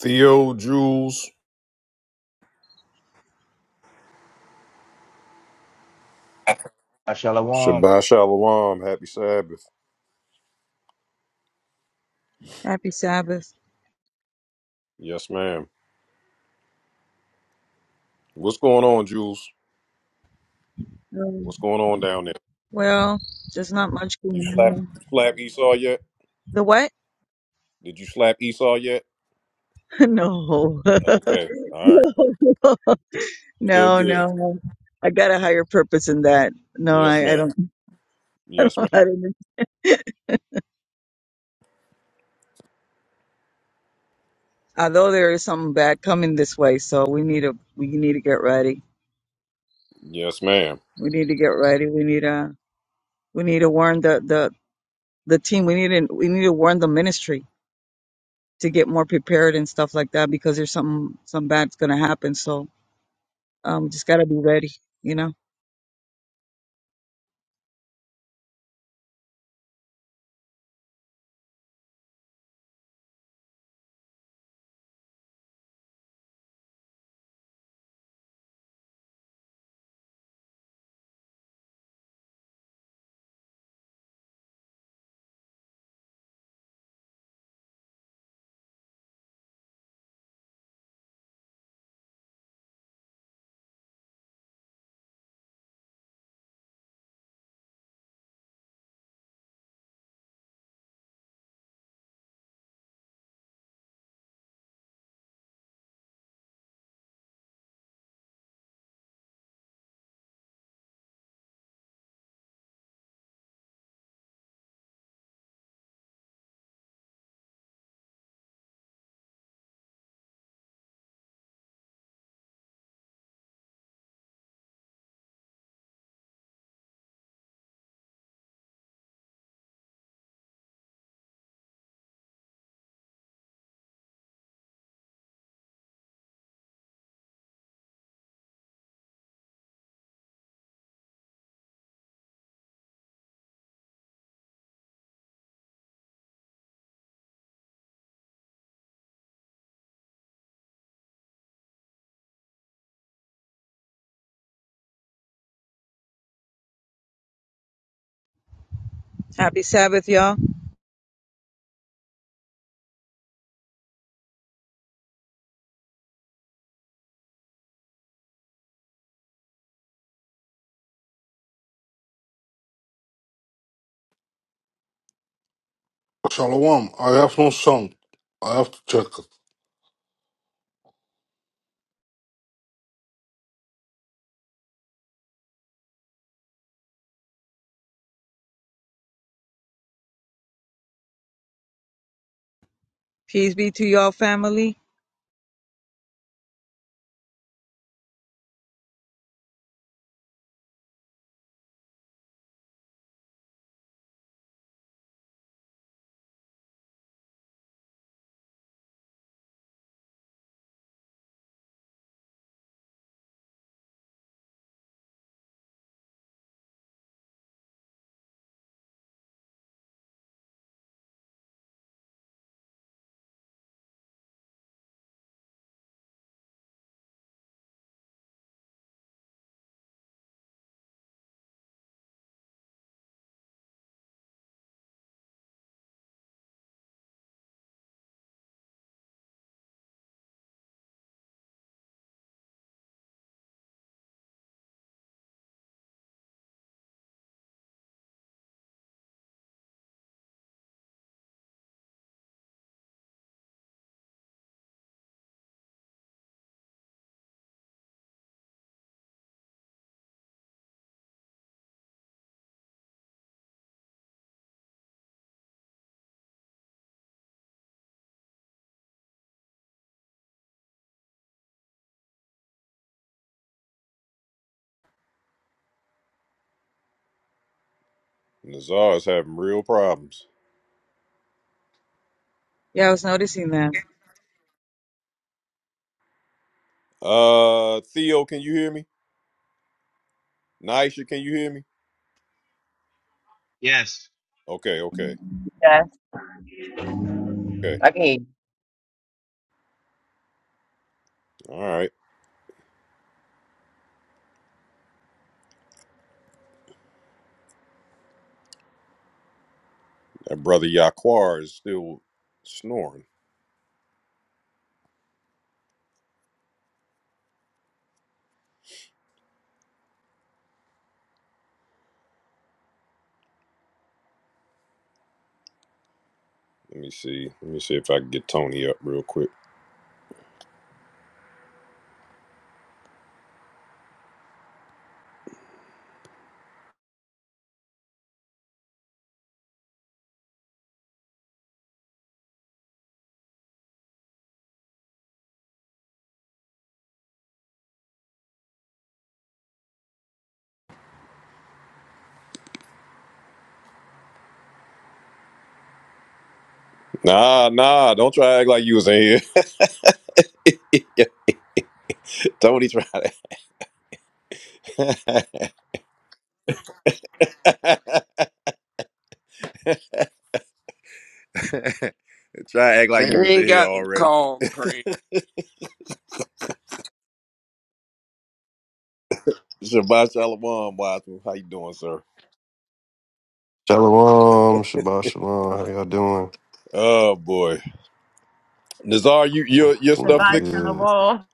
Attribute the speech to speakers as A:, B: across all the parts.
A: Theo, Jules,
B: Shalom.
A: Shabbat Shalom. Happy Sabbath.
C: Happy Sabbath.
A: Yes, ma'am. What's going on, Jules?
C: Um,
A: What's going on down there?
C: well, there's not much
A: You
C: going
A: slap,
C: on.
A: you slap Esau yet?
C: The what?
A: Did you slap Esau yet?
C: no.
A: Okay. All right. Still
C: no,
A: good.
C: no. I got a higher purpose in that. No,
A: Yes,
C: I, I
A: ma'am.
C: don't. I
A: Yes, ma'am.
C: don't. I don't. Although there is something bad coming this way, so we need to we need to get ready.
A: Yes, ma'am.
C: We need to get ready. We need to we need to warn the the the team. We need to we need to warn the ministry to get more prepared and stuff like that because there's something some bad's gonna happen. So um, just gotta be ready. You know. Happy Sabbath, y'all.
D: Shalom. I have no song. I have to check it.
C: Peace be to y'all family.
A: Nazar is having real problems.
C: Yeah, I was noticing that.
A: Uh, Theo, can you hear me? Nisha, can you hear me?
B: Yes,
A: Okay, okay,
E: Yes.
A: okay.
E: I can
A: All right. That brother Yaquar is still snoring. Let me see. Let me see if I can get Tony up real quick. Nah, nah, don't try to act like you was in here. Yeah, Tony tried to try to act
F: I
A: like you was in
F: ain't
A: here
F: got to
A: already.
F: call, Craig.
A: Shabbat Shalom, Watson. How you doing, sir?
G: Shalom, Shabbat Shalom. How y'all doing?
A: Oh boy, Nazar, you your your
E: The
G: Doing
A: stuff
E: vibes on
A: fixed?
E: the
G: good.
E: wall.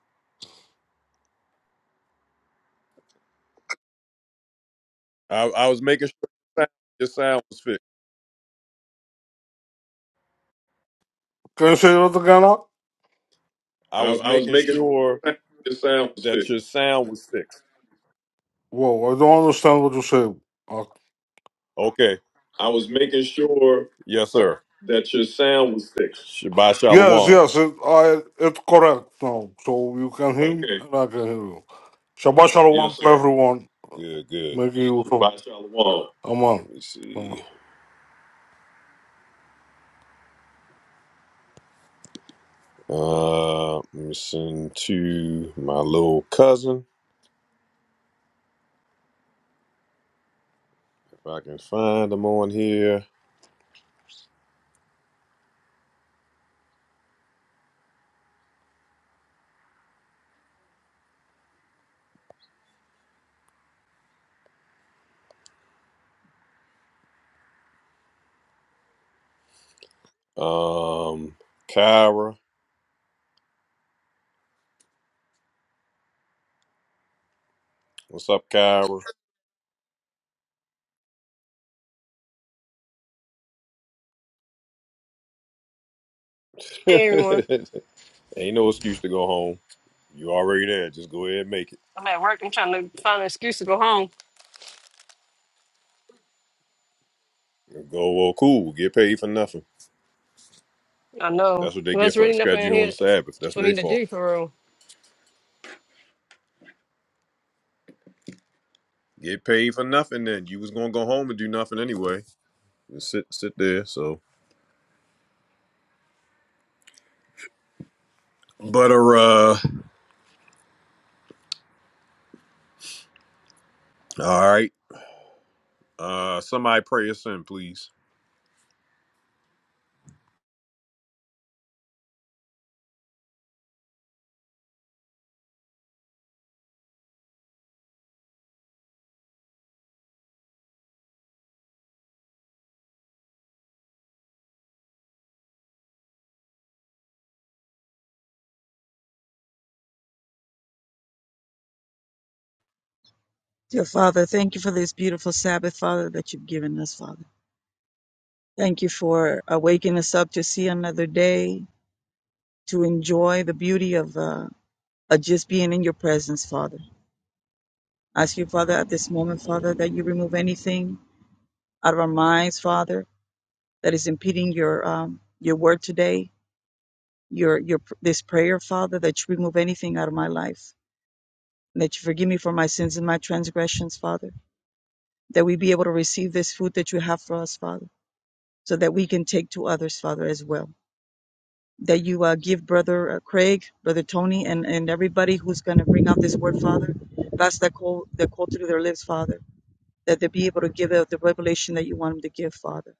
A: I, I was making sure your sound was fixed.
D: Can you say that again? now?
A: I
D: I,
A: was
D: I was
A: making
D: making
A: sure
D: sure the sound was
A: that
D: fixed.
A: your sound was fixed.
D: Whoa, I don't understand what you say. Uh,
A: Okay,
D: I was making sure
A: yes, sir.
D: that your sound was fixed.
A: Shabbat
D: yes,
A: Shalom.
D: yes, it, I, it's correct now. So you can hear me Okay. and I can hear you. Shabbat Shalom Yes, to sir. everyone.
A: Good, good.
D: Make you useful. By Shalom. Amen.
A: Let me see.
D: Amen.
A: Uh, let me send to my little cousin. If I can find them on here. Um, Kyra. What's up, Kyra?
H: Hey everyone,
A: Ain't no excuse to go home. You already there. Just go ahead and make it.
H: I'm at work. I'm trying to find an excuse to go home.
A: Go, well, cool. Get paid for nothing.
H: I know
A: That's what they get
H: there's
A: for
H: really nothing
A: schedule
H: in
A: you on
H: here
A: the Sabbath. That's
H: for me
A: their
H: to
A: fault.
H: do for real.
A: Get paid for nothing then. You was gonna go home and do nothing anyway. Just sit sit there. So but uh all right. Uh somebody pray us in, please.
C: Dear Father, thank you for this beautiful Sabbath, Father, that you've given us, Father. Thank you for uh, waking us up to see another day, to enjoy the beauty of, uh, of just being in your presence, Father. I ask you, Father, at this moment, Father, that you remove anything out of our minds, Father, that is impeding your um, your word today, your your pr- this prayer, Father, that you remove anything out of my life, and that you forgive me for my sins and my transgressions, Father. that we be able to receive this food that you have for us, Father, so that we can take to others, Father, as well. That you uh, give Brother uh, Craig, Brother Tony, and, and everybody who's going to bring out this word, Father, pass that call, that call through their lips, Father, that they be able to give out the revelation that you want them to give, Father.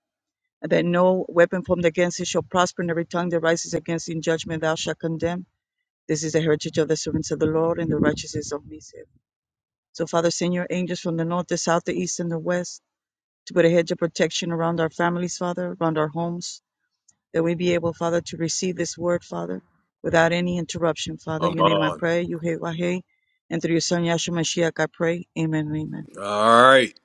C: And that no weapon formed against it shall prosper, and every tongue that rises against it in judgment thou shalt condemn. This is the heritage of the servants of the Lord, and the righteousness of me. So, Father, send your angels from the north, the south, the east, and the west to put a hedge of protection around our families, Father, around our homes, that we be able, Father, to receive this word, Father, without any interruption, Father. In Your name I
A: Aman.
C: pray, you hey, Wahe, and through your son Yahshua Mashiach I pray. Amen and amen.
A: All right.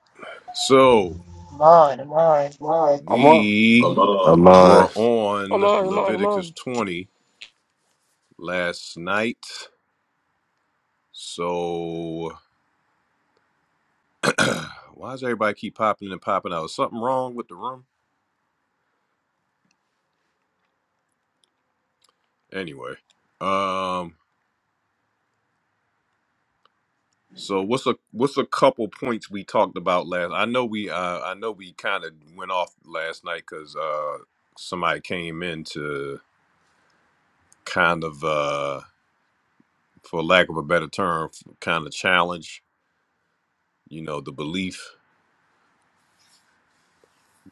A: So
E: Come on, come on.
D: Why? Amen.
A: We
D: Aman.
A: were
G: Alive.
H: I'm
A: on
H: on, I'm on, I'm
A: Leviticus
H: on.
A: 20 last night. So, why does everybody keep popping and popping out? Is something wrong with the room? Anyway, um, so what's a what's a couple points we talked about last? I know we uh, I know we kind of went off last night because uh, somebody came in to kind of uh, for lack of a better term, kind of challenge you know the belief,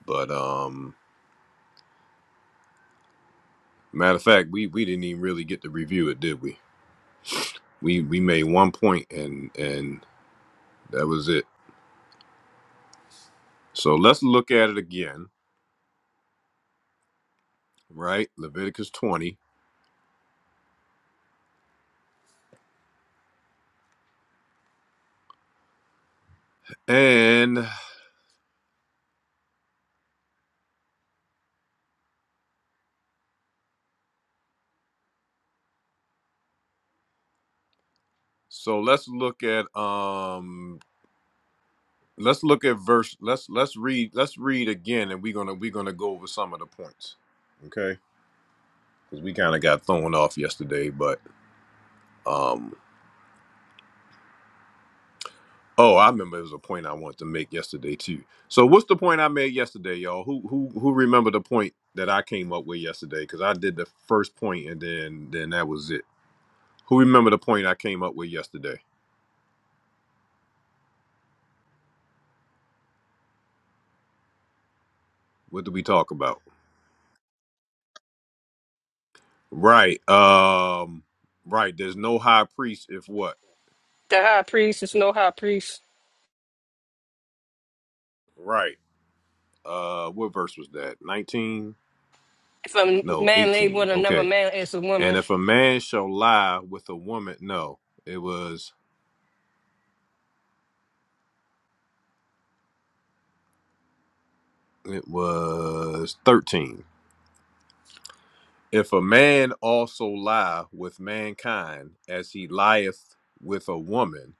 A: but um. Matter of fact, we, we didn't even really get to review it, did we? We we made one point and and that was it. So let's look at it again, right? Leviticus 20. And so let's look at um let's look at verse let's let's read let's read again and we're gonna we're gonna go over some of the points. Okay? Because we kind of got thrown off yesterday, but um. Oh, I remember it was a point I wanted to make yesterday too. So what's the point I made yesterday, y'all? Who who who remember the point that I came up with yesterday? Because I did the first point and then then that was it. Who remember the point I came up with yesterday? What did we talk about? Right. Um right, there's no high priest if what?
H: The high priest is no high priest.
A: Right. Uh what verse was that? 19?
H: If a
A: No,
H: man laid
A: 18.
H: with another
A: Okay.
H: man is a
A: And
H: woman,
A: if a man shall lie with a woman, no. It was it was 13 If a man also lie with mankind as he lieth with a woman,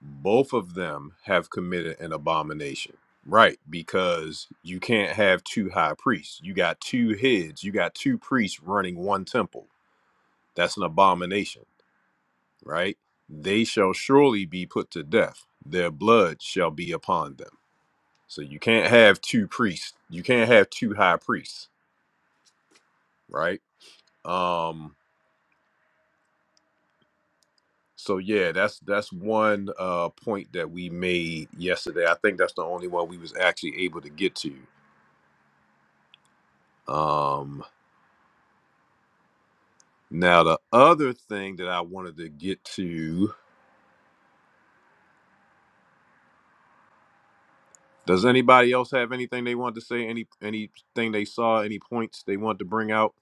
A: both of them have committed an abomination. Right, because you can't have two high priests. You got two heads, you got two priests running one temple. That's an abomination, right? They shall surely be put to death. Their blood shall be upon them. So you can't have two priests. You can't have two high priests, right? Um So yeah, that's that's one uh, point that we made yesterday. I think that's the only one we was actually able to get to. Um, now the other thing that I wanted to get to. Does anybody else have anything they want to say? Any anything they saw? Any points they want to bring out?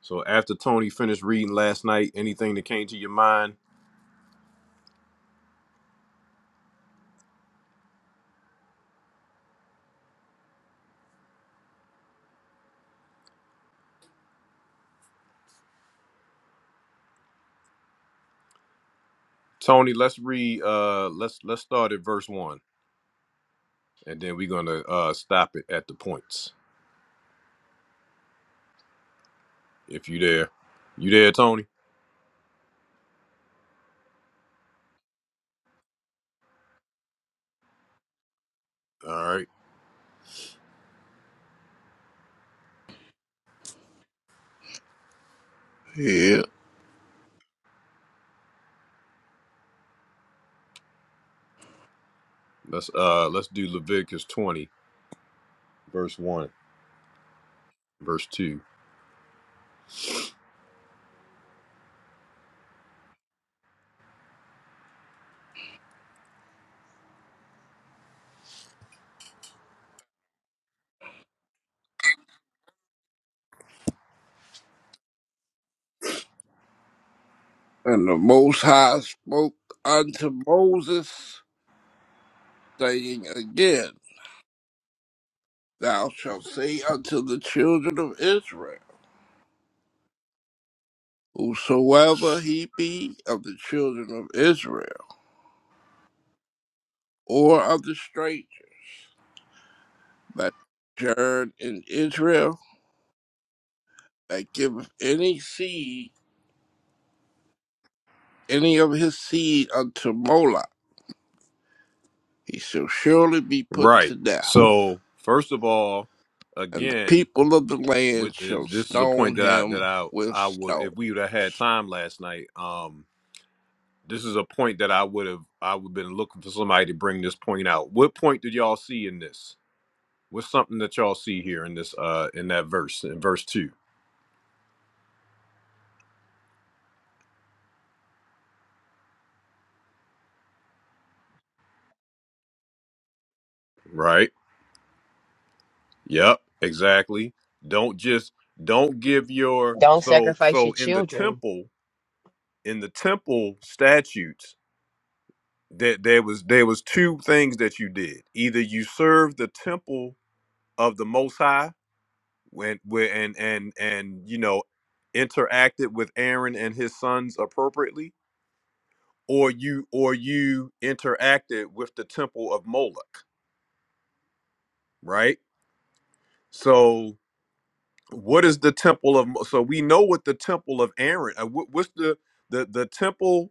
A: So after Tony finished reading last night, anything that came to your mind? Tony, let's read. Uh, let's let's start at verse one, and then we're gonna uh, stop it at the points. If you there, you there, Tony? All right.
F: Yeah.
A: Let's uh let's do Leviticus 20 verse 1, verse 2.
F: And the Most High spoke unto Moses, saying again, Thou shalt say unto the children of Israel, Whosoever he be of the children of Israel, or of the stranger that sojourn in Israel, that giveth any seed, any of his seed unto Moloch, he shall surely be put
A: Right.
F: to death.
A: So, first of all,
F: and the
A: again,
F: people of the
A: with
F: land shall
A: is- this is a
F: stone
A: point that I that
F: him
A: I
F: with
A: I would
F: stone.
A: if we would have had time last night, um this is a point that I would have I would have been looking for somebody to bring this point out. What point did y'all see in this? What's something that y'all see here in this uh in that verse in verse 2, right? Yep, exactly. Don't just don't give your
E: Don't
A: so
E: sacrifice your
A: so in the
E: children,
A: temple in the temple statutes that there was there was two things that you did either you served the temple of the most high when, when and and and you know interacted with aaron and his sons appropriately or you or you interacted with the temple of moloch right so what is the temple of Mo- so we know what the temple of aaron uh, what, what's the the the temple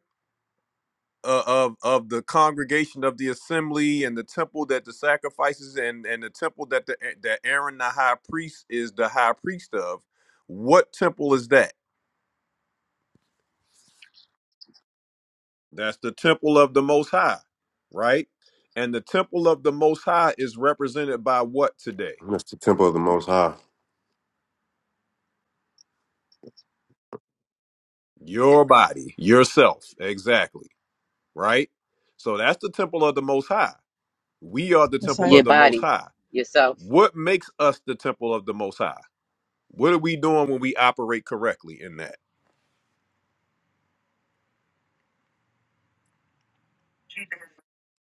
A: uh, of of the congregation of the assembly and the temple that the sacrifices and and the temple that the that Aaron the high priest is the high priest of. What temple is that? That's the temple of the Most High, right? And the temple of the Most High is represented by what today?
G: That's the temple of the Most High.
A: Your body, yourself, exactly, right? So that's the temple of the Most High. We are the
C: That's
A: temple
C: I
A: of
E: your
A: the Most
E: bodies,
A: High.
E: yourself.
A: What makes us the temple of the Most High? What are we doing when we operate correctly in that?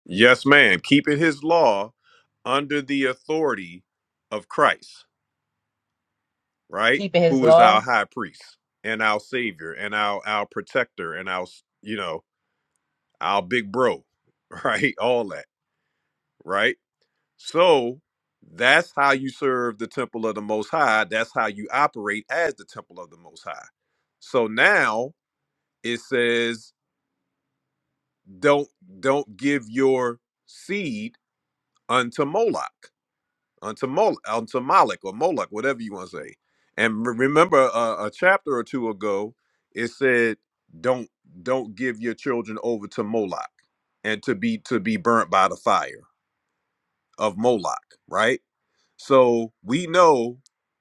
A: Yes, ma'am. Keeping his law under the authority of Christ, right?
E: Keeping his
A: Who is our
E: law,
A: high priest and our savior and our our protector and our you know, our big bro, right? All that, right? So that's how you serve the temple of the most high. That's how you operate as the temple of the most high. So now it says don't don't give your seed unto Moloch, unto Mol, unto Moloch or Moloch, whatever you want to say. And re- remember, uh, a chapter or two ago, it said, "Don't don't give your children over to Moloch, and to be to be burnt by the fire of Moloch." Right. So we know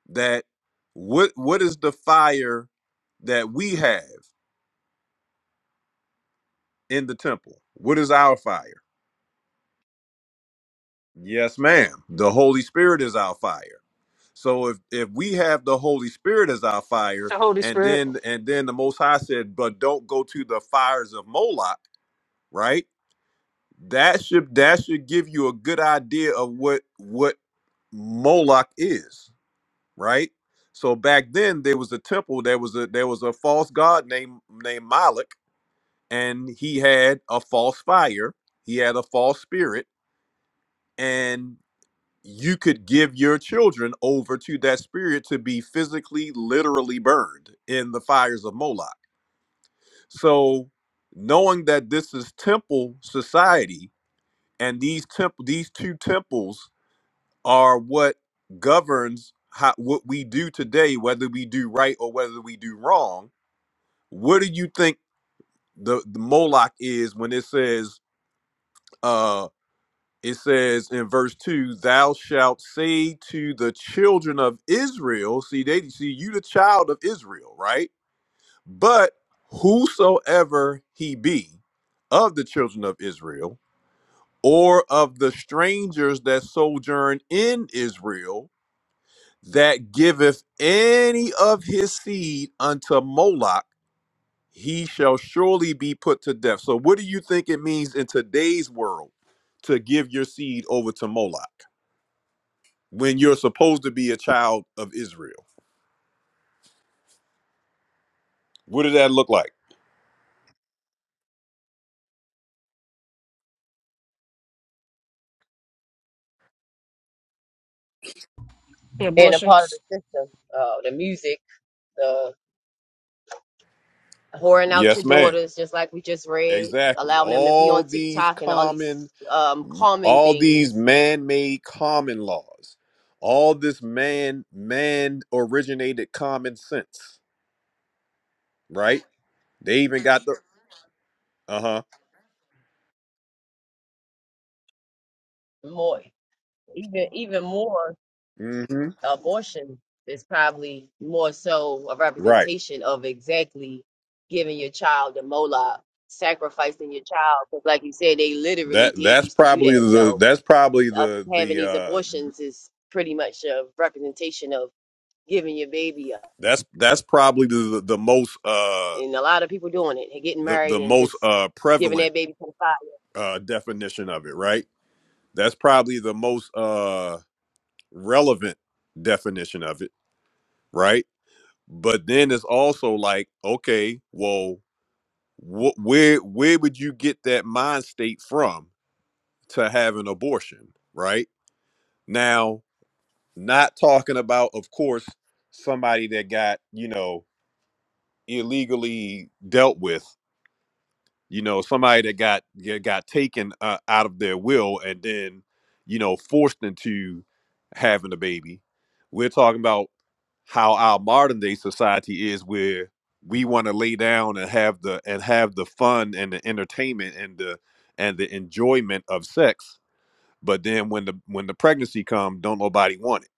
A: that what what is the fire that we have in the temple? What is our fire? Yes, ma'am. The Holy Spirit is our fire. So if if we have the Holy Spirit as our fire,
H: the Holy
A: and
H: Spirit,
A: then and then the Most High said, "But don't go to the fires of Moloch," right? That should that should give you a good idea of what what Moloch is, right? So back then there was a temple, there was a there was a false god named named Moloch, and he had a false fire, he had a false spirit, you could give your children over to that spirit to be physically, literally burned in the fires of Moloch. So, knowing that this is temple society, and these temple, these two temples are what governs how, what we do today, whether we do right or whether we do wrong. What do you think the, the Moloch is when it says? uh, it says in verse 2 thou shalt say to the children of israel see they see you the child of israel right but whosoever he be of the children of israel or of the strangers that sojourn in israel that giveth any of his seed unto moloch he shall surely be put to death so what do you think it means in today's world to give your seed over to moloch when you're supposed to be a child of Israel. What did that look like?
H: and
E: being a part of
H: abortions.
E: the system, uh, the music, the whoring out your
A: Yes, ma'am.
E: daughters, just like we just read,
A: Exactly.
E: allowing them to be
A: All
E: on
A: these
E: TikTok and all these
A: common,
E: um, common
A: all these
E: things.
A: man-made common laws, all this man, man-originated common sense. Right? They even got the uh-huh.
E: More, even even more.
A: hmm
E: abortion is probably more so a
A: Right.
E: representation of exactly giving your child a mola, sacrificing your child. Because, like you said, they literally
A: That
E: did
A: that's
E: used to do
A: probably
E: that.
A: the
E: So,
A: that's probably
E: us
A: the
E: having
A: the
E: these
A: uh
E: abortions is pretty much a representation of giving your baby up.
A: that's that's probably the the most uh
E: And a lot of people doing it, and getting
A: the the
E: married and
A: most
E: just
A: uh
E: giving
A: prevalent
E: that baby to the fire.
A: uh definition of it, right? That's probably the most uh relevant definition of it, right? But then it's also like, okay, well, wh- where where would you get that mind state from to have an abortion, right? Now, not talking about, of course, somebody that got you know illegally dealt with you know somebody that got yeah, got taken uh, out of their will and then you know forced into having a baby we're talking about how our modern day society is where we want to lay down and have the and have the fun and the entertainment and the and the enjoyment of sex but then when the when the pregnancy comes don't nobody want it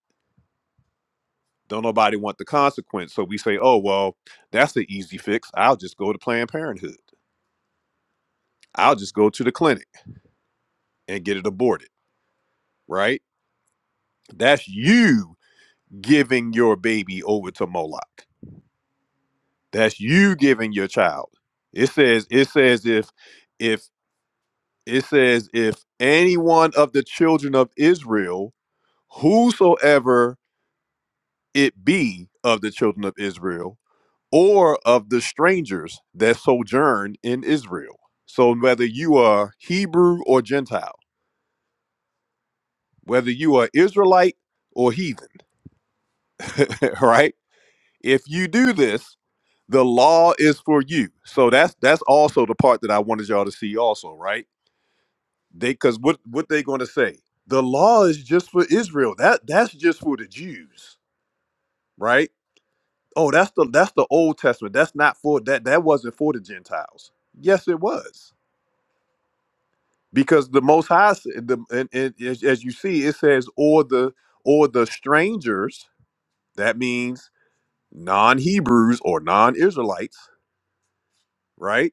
A: don't nobody want the consequence so we say oh well that's the easy fix i'll just go to planned parenthood i'll just go to the clinic and get it aborted right? That's you giving your baby over to Moloch. That's you giving your child. It says, it says if if it says if any one of the children of Israel, whosoever it be of the children of Israel, or of the strangers that sojourn in Israel. So whether you are Hebrew or Gentile, whether you are Israelite or heathen, right? If you do this, the law is for you. So that's that's also the part that I wanted y'all to see also, right? They cuz what what they going to say? The law is just for Israel. That that's just for the Jews, right? Oh, that's the that's the Old Testament. That's not for that that wasn't for the Gentiles. Yes, it was. Because the most high s- the and, and as, as you see it says or the or the strangers, that means non-Hebrews or non-Israelites, right?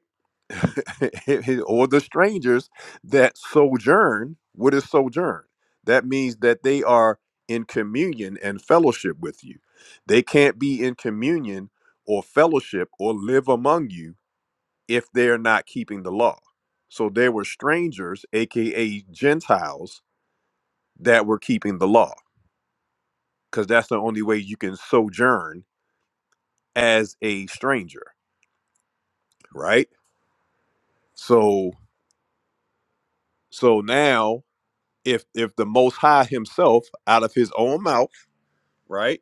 A: or the strangers that sojourn. What is sojourn? That means that they are in communion and fellowship with you. They can't be in communion or fellowship or live among you if they're not keeping the law. So there were strangers, aka Gentiles, that were keeping the law because that's the only way you can sojourn as a stranger, right? So so now if if the most high himself out of his own mouth right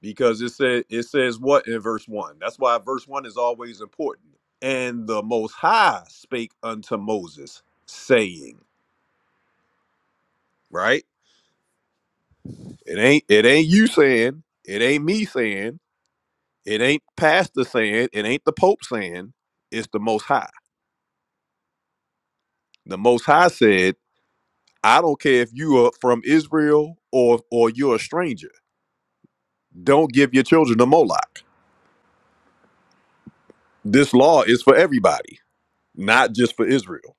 A: because it said it says what in verse one that's why verse one is always important and the most high spake unto moses saying right it ain't it ain't you saying it ain't me saying it ain't pastor saying it ain't the pope saying it's the most high the most high said i don't care if you are from israel or or you're a stranger don't give your children to moloch this law is for everybody not just for Israel,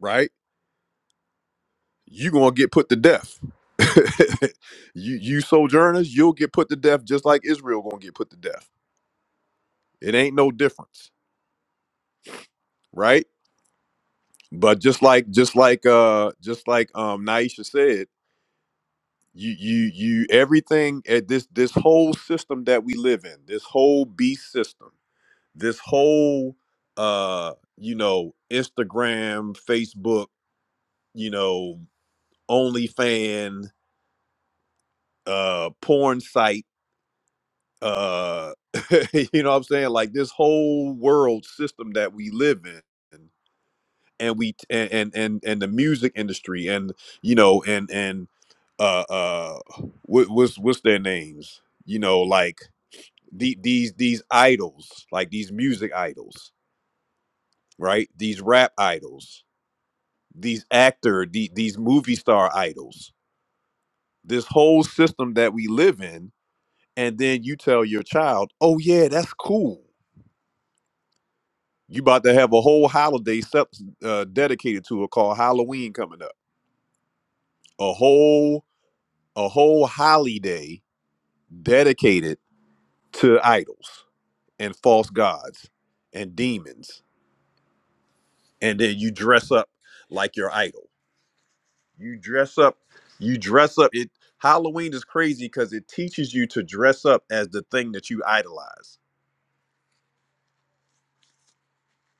A: right? You're gonna get put to death. you you sojourners, you'll get put to death just like Israel gonna get put to death. It ain't no difference, right? But just like just like uh just like um Naisha said, you you you everything at this this whole system that we live in, this whole beast system, this whole uh you know Instagram, Facebook, you know OnlyFan, uh porn site uh you know what i'm saying like this whole world system that we live in and we and and and, and the music industry and you know and and uh uh what, what's what's their names you know like the, these these idols like these music idols right these rap idols these actor the, these movie star idols this whole system that we live in and then you tell your child oh yeah that's cool You about to have a whole holiday sep- uh, dedicated to it called Halloween coming up. A whole a whole holiday dedicated to idols and false gods and demons. And then you dress up like your idol. You dress up. You dress up. It Halloween is crazy because it teaches you to dress up as the thing that you idolize.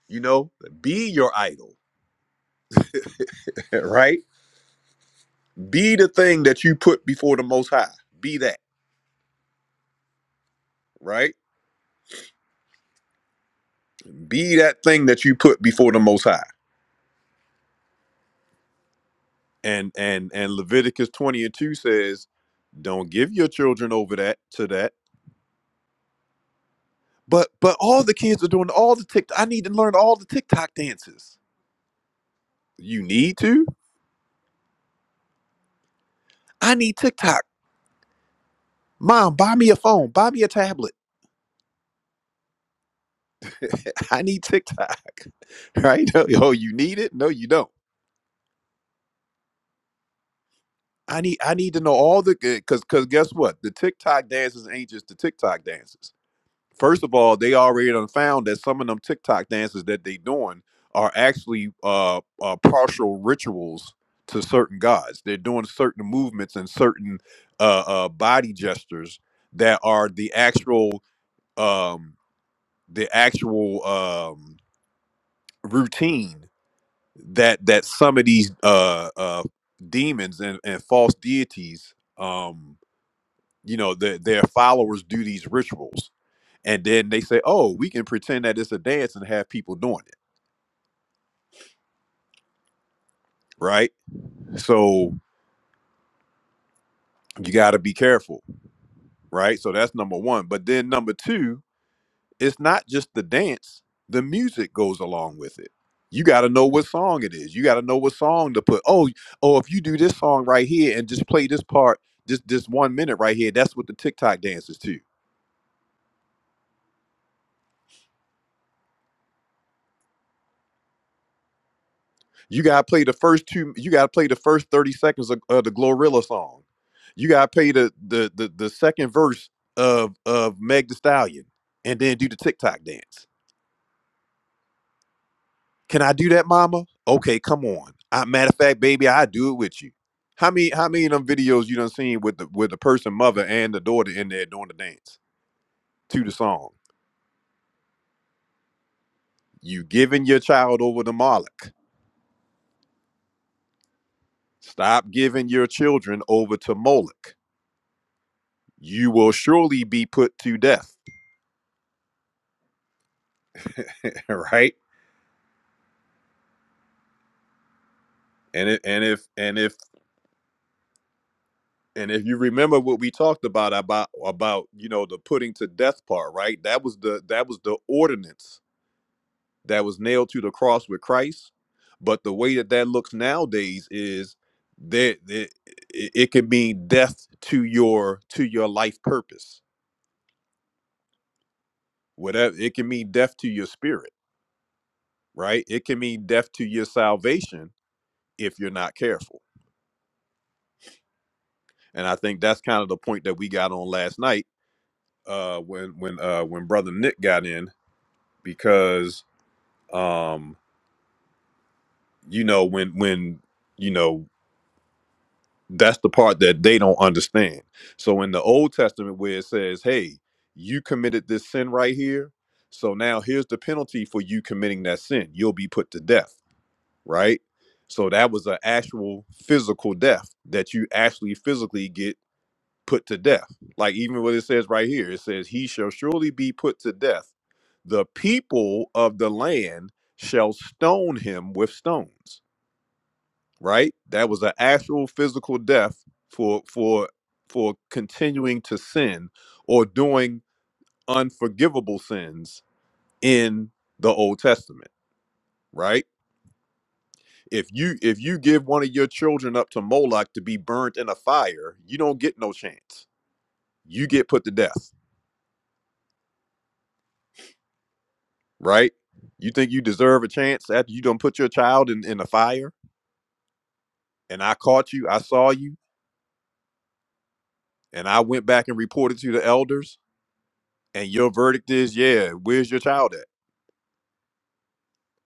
A: You know, be your idol, right? Be the thing that you put before the Most High. Be that, right? Be that thing that you put before the Most High. And and and Leviticus twenty and two says, don't give your children over that to that. But but all the kids are doing all the TikTok. I need to learn all the TikTok dances. You need to. I need TikTok. Mom, buy me a phone. Buy me a tablet. I need TikTok. Right? Oh, you need it? No, you don't. I need I need to know all the because because guess what? The TikTok dances ain't just the TikTok dances. First of all, they already done found that some of them TikTok dances that they doing are actually uh, uh partial rituals to certain gods. They're doing certain movements and certain uh, uh body gestures that are the actual um the actual um routine that that some of these uh uh demons and, and false deities um you know the, their followers do these rituals and then they say, "Oh, we can pretend that it's a dance and have people doing it." Right? So you got to be careful, right? So that's number 1. But then number 2, it's not just the dance, the music goes along with it. You got to know what song it is. You got to know what song to put. Oh, oh, if you do this song right here and just play this part, just this 1 minute right here, that's what the TikTok dance is to You gotta play the first two. You gotta play the first thirty seconds of, of the Glorilla song. You gotta play the, the the the second verse of of Meg The Stallion, and then do the TikTok dance. Can I do that, Mama? Okay, come on. I, matter of fact, baby, I do it with you. How many how many of them videos you done seen with the with the person mother and the daughter in there doing the dance to the song? You giving your child over to Moloch. Stop giving your children over to Moloch. You will surely be put to death. right? And it, and if and if and if you remember what we talked about about about you know the putting to death part, right? That was the that was the ordinance that was nailed to the cross with Christ. But the way that that looks nowadays is that it, it it can mean death to your to your life purpose. Whatever it can mean death to your spirit, right? It can mean death to your salvation if you're not careful. And I think that's kind of the point that we got on last night uh when when uh when brother Nick got in because um you know when when you know that's the part that they don't understand. So in the Old Testament where it says, "Hey, you committed this sin right here, so now here's the penalty for you committing that sin. You'll be put to death." Right? So that was an actual physical death that you actually physically get put to death. Like even what it says right here, it says, He shall surely be put to death. The people of the land shall stone him with stones. Right? That was an actual physical death for for for continuing to sin or doing unforgivable sins in the Old Testament, right? If you if you give one of your children up to Moloch to be burnt in a fire, you don't get no chance. You get put to death right? You think you deserve a chance after you done put your child in, in the fire and I caught you, I saw you, and I went back and reported to the elders, and your verdict is, yeah, where's your child at?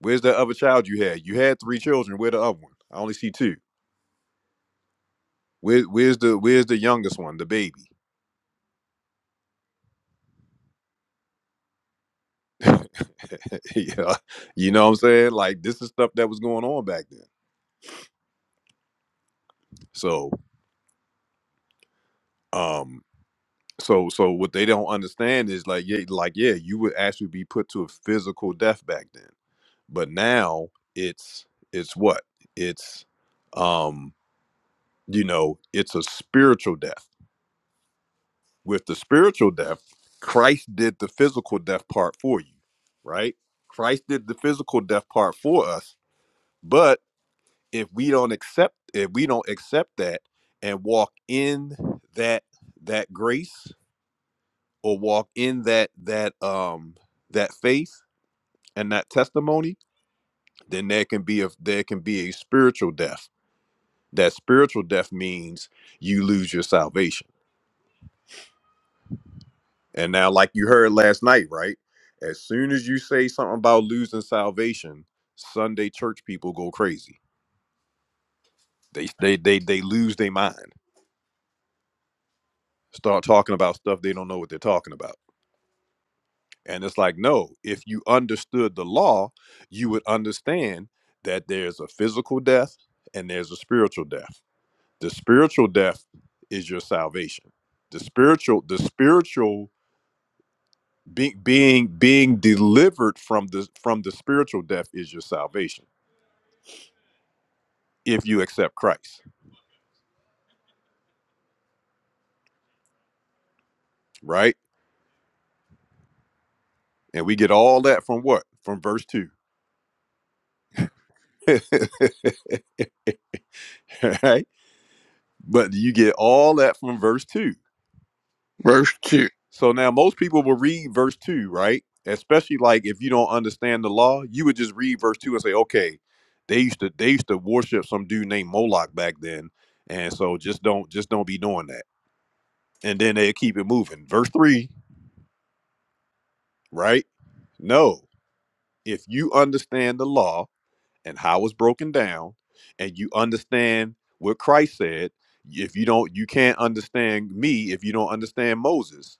A: Where's the other child you had? You had three children, where the other one? I only see two. Where, where's the where's the youngest one, the baby? yeah. You know what I'm saying? Like this is stuff that was going on back then. So um so so what they don't understand is like yeah, like yeah, you would actually be put to a physical death back then but now it's it's what it's um you know it's a spiritual death with the spiritual death christ did the physical death part for you right christ did the physical death part for us but if we don't accept if we don't accept that and walk in that that grace or walk in that that um that faith and that testimony then there can be a there can be a spiritual death That spiritual death means you lose your salvation. And now, like you heard last night, right? As soon as you say something about losing salvation, Sunday church people go crazy. They they they they lose their mind. Start talking about stuff they don't know what they're talking about. And it's like, no, if you understood the law, you would understand that there's a physical death and there's a spiritual death. The spiritual death is your salvation. The spiritual, the spiritual being being being delivered from the from the spiritual death is your salvation if you accept Christ, right? And we get all that from what? From verse 2. right? But you get all that from verse 2.
F: Verse 2.
A: So now most people will read verse 2, right? Especially like if you don't understand the law, you would just read verse 2 and say, "Okay, they used to they used to worship some dude named Moloch back then, and so just don't just don't be doing that." And then they keep it moving. Verse 3, right? No. if you understand the law and how it's broken down and you understand what christ said if you don't you can't understand me if you don't understand moses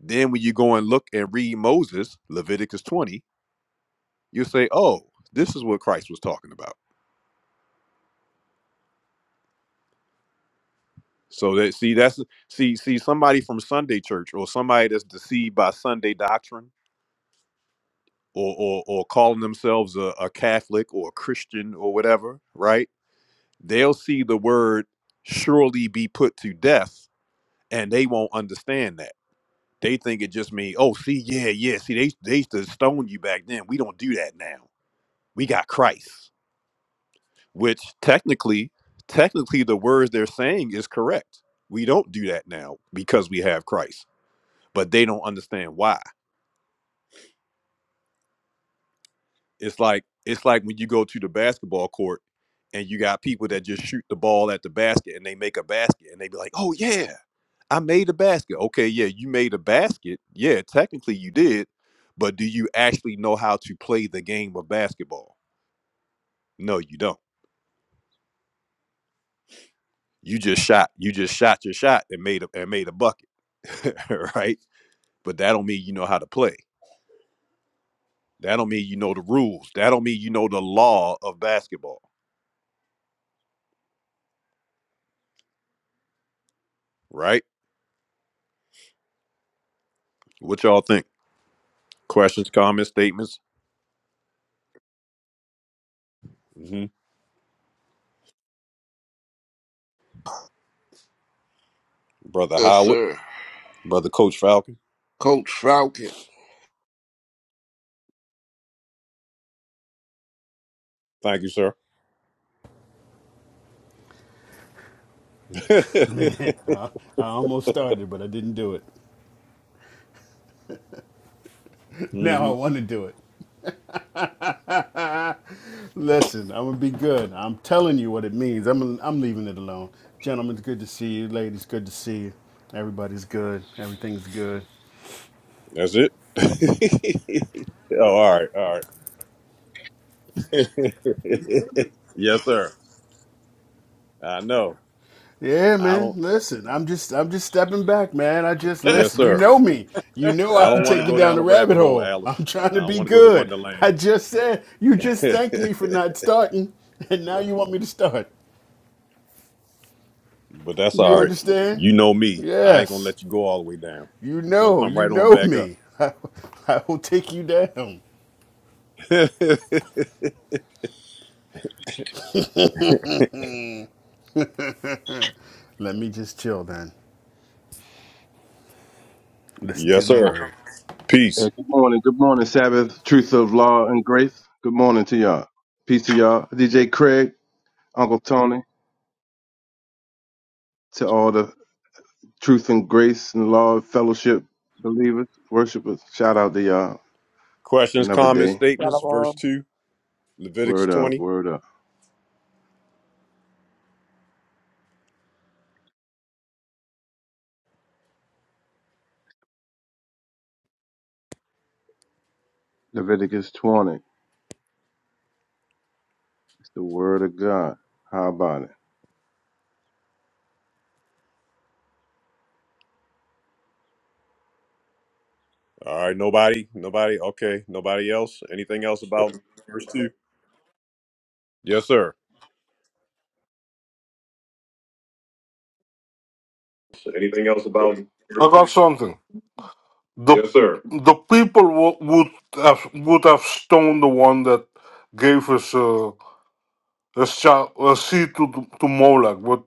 A: then when you go and look and read moses leviticus 20 you'll say oh this is what christ was talking about so that see that's see see somebody from sunday church or somebody that's deceived by sunday doctrine or or, or calling themselves a, a catholic or a christian or whatever right they'll see the word surely be put to death and they won't understand that they think it just means oh see yeah yeah see they, they used to stone you back then we don't do that now we got christ which technically technically the words they're saying is correct we don't do that now because we have christ but they don't understand why it's like it's like when you go to the basketball court and you got people that just shoot the ball at the basket and they make a basket and they be like oh yeah I made a basket. Okay, yeah, you made a basket. Yeah, technically you did, but do you actually know how to play the game of basketball? No, you don't. You just shot. You just shot your shot and made a and made a bucket, right? But that don't mean you know how to play. That don't mean you know the rules. That don't mean you know the law of basketball, right? What y'all think? Questions, comments, statements. hmm Brother
F: Yes,
A: Howard,
F: sir.
A: brother Coach Falcon.
F: Coach Falcon.
A: Thank you, sir.
I: Man, I, I almost started, but I didn't do it. Now I
A: Mhm.
I: want to do it. Listen, I'm gonna be good. I'm telling you what it means. I'm I'm leaving it alone. Gentlemen, it's good to see you. Ladies, good to see you. Everybody's good. Everything's good.
A: That's it. oh, all right, all right. yes, sir. I know.
I: Yeah,
A: I
I: man.
A: don't.
I: Listen, I'm just I'm just stepping back, man. I just
F: an
A: Yes,
I: listen. You
A: sir.
I: know me. You know
A: I
I: I
A: don't
I: can
A: want to
I: take you
A: go
I: down
A: down
I: the
A: the rabbit
I: rabbit
A: hole,
I: hole. I'm
A: Alice.
I: trying to
A: I don't
I: be
A: want to go to
I: good. I
A: Wonderland.
I: just said you just thanked me
A: but
I: for not starting, and now you want me to start.
A: that's
I: You
A: all right.
I: understand?
A: You know me. I ain't gonna
I: Yes.
A: let you go all the way down.
I: You
A: You're gonna
I: know,
A: come
I: you
A: right on
I: know
A: back up.
I: me. I, I will take you down. Let me just chill then. Listen to
A: yes,
I: the
A: sir.
I: word.
J: Yeah,
A: Peace.
J: good morning. Good morning, Sabbath, truth of law and grace. Good morning to y'all. Peace to y'all. DJ Craig, Uncle Tony, to all the truth and grace and law fellowship believers, worshipers. Shout out to y'all.
A: Questions,
J: Another
A: comments,
J: day.
A: statements.
E: Bella
A: Verse two, Leviticus
J: Word up,
A: twenty.
J: word up. Leviticus 20. It's the word of God. How about it?
A: All right. Nobody. Nobody. Okay. Nobody else. Anything else about verse two? Yes, sir.
D: So anything else about I got something. the Yes, sir. the people wo- would have would have stoned the one that gave us uh, a, shot, a seed to to Moloch, but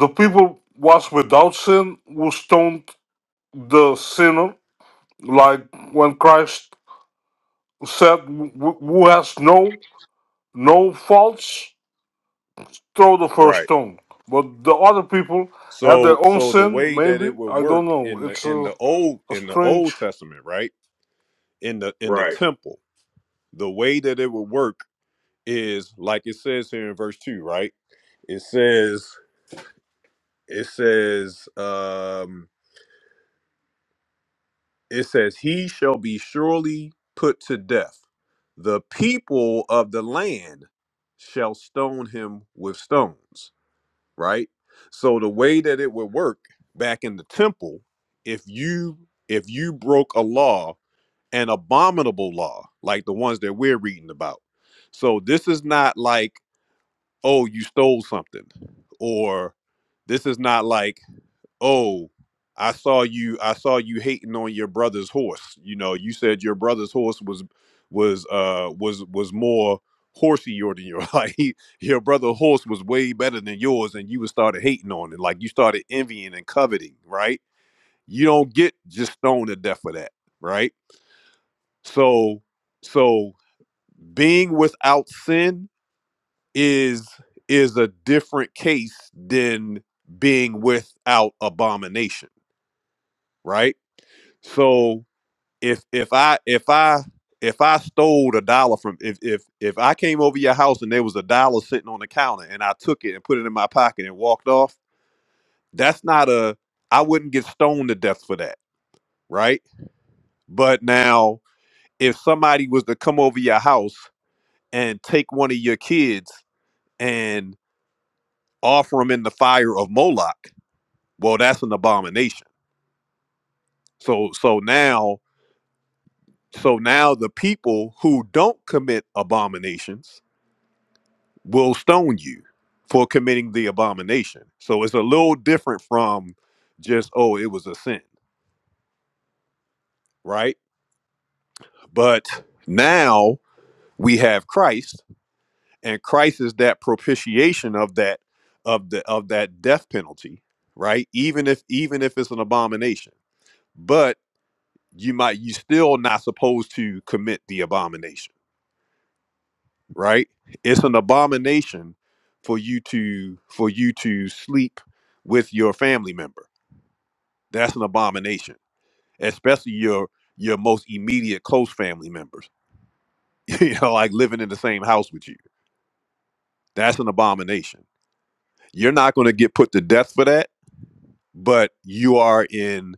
D: the people was without sin who stoned the sinner, like when Christ said, "Wh- "Who has no no faults, throw the first
A: Right.
D: stone." But the other people had their
A: So
D: own
A: so the
D: sin,
A: way that
D: maybe
A: it would
D: I don't
A: work
D: know.
A: in the
D: It's
A: in
D: a,
A: the old
D: a
A: in the
D: strange
A: Old Testament, right? In the in the
D: Right.
A: temple, the way that it would work is like it says here in verse 2, right? It says it says um it says he shall be surely put to death. The people of the land shall stone him with stones, right? So the way that it would work back in the temple, if you if you broke a law an abominable law like the ones that we're reading about. So this is not like, oh, you stole something, or this is not like, oh, I saw you, I saw you hating on your brother's horse. You know, you said your brother's horse was was uh was was more horseier than your like he, your brother's horse was way better than yours and you was started hating on it like you started envying and coveting right you don't get just stoned to death for that right so so being without sin is is a different case than being without abomination, right? So if if I if I if I stole a dollar from if if if I came over your house and there was a dollar sitting on the counter and I took it and put it in my pocket and walked off, that's not a I wouldn't get stoned to death for that, right? But now if somebody was to come over your house and take one of your kids and offer them in the fire of Moloch, well, that's an abomination. So so now so now the people who don't commit abominations will stone you for committing the abomination. So it's a little different from just oh it was a sin, right? But now we have Christ and Christ is that propitiation of that of the of that death penalty, right? Even if even if it's an abomination. But you might you still not supposed to commit the abomination right it's an abomination for you to for you to sleep with your family member that's an abomination especially your your most immediate close family members you know like living in the same house with you that's an abomination you're not going to get put to death for that but you are in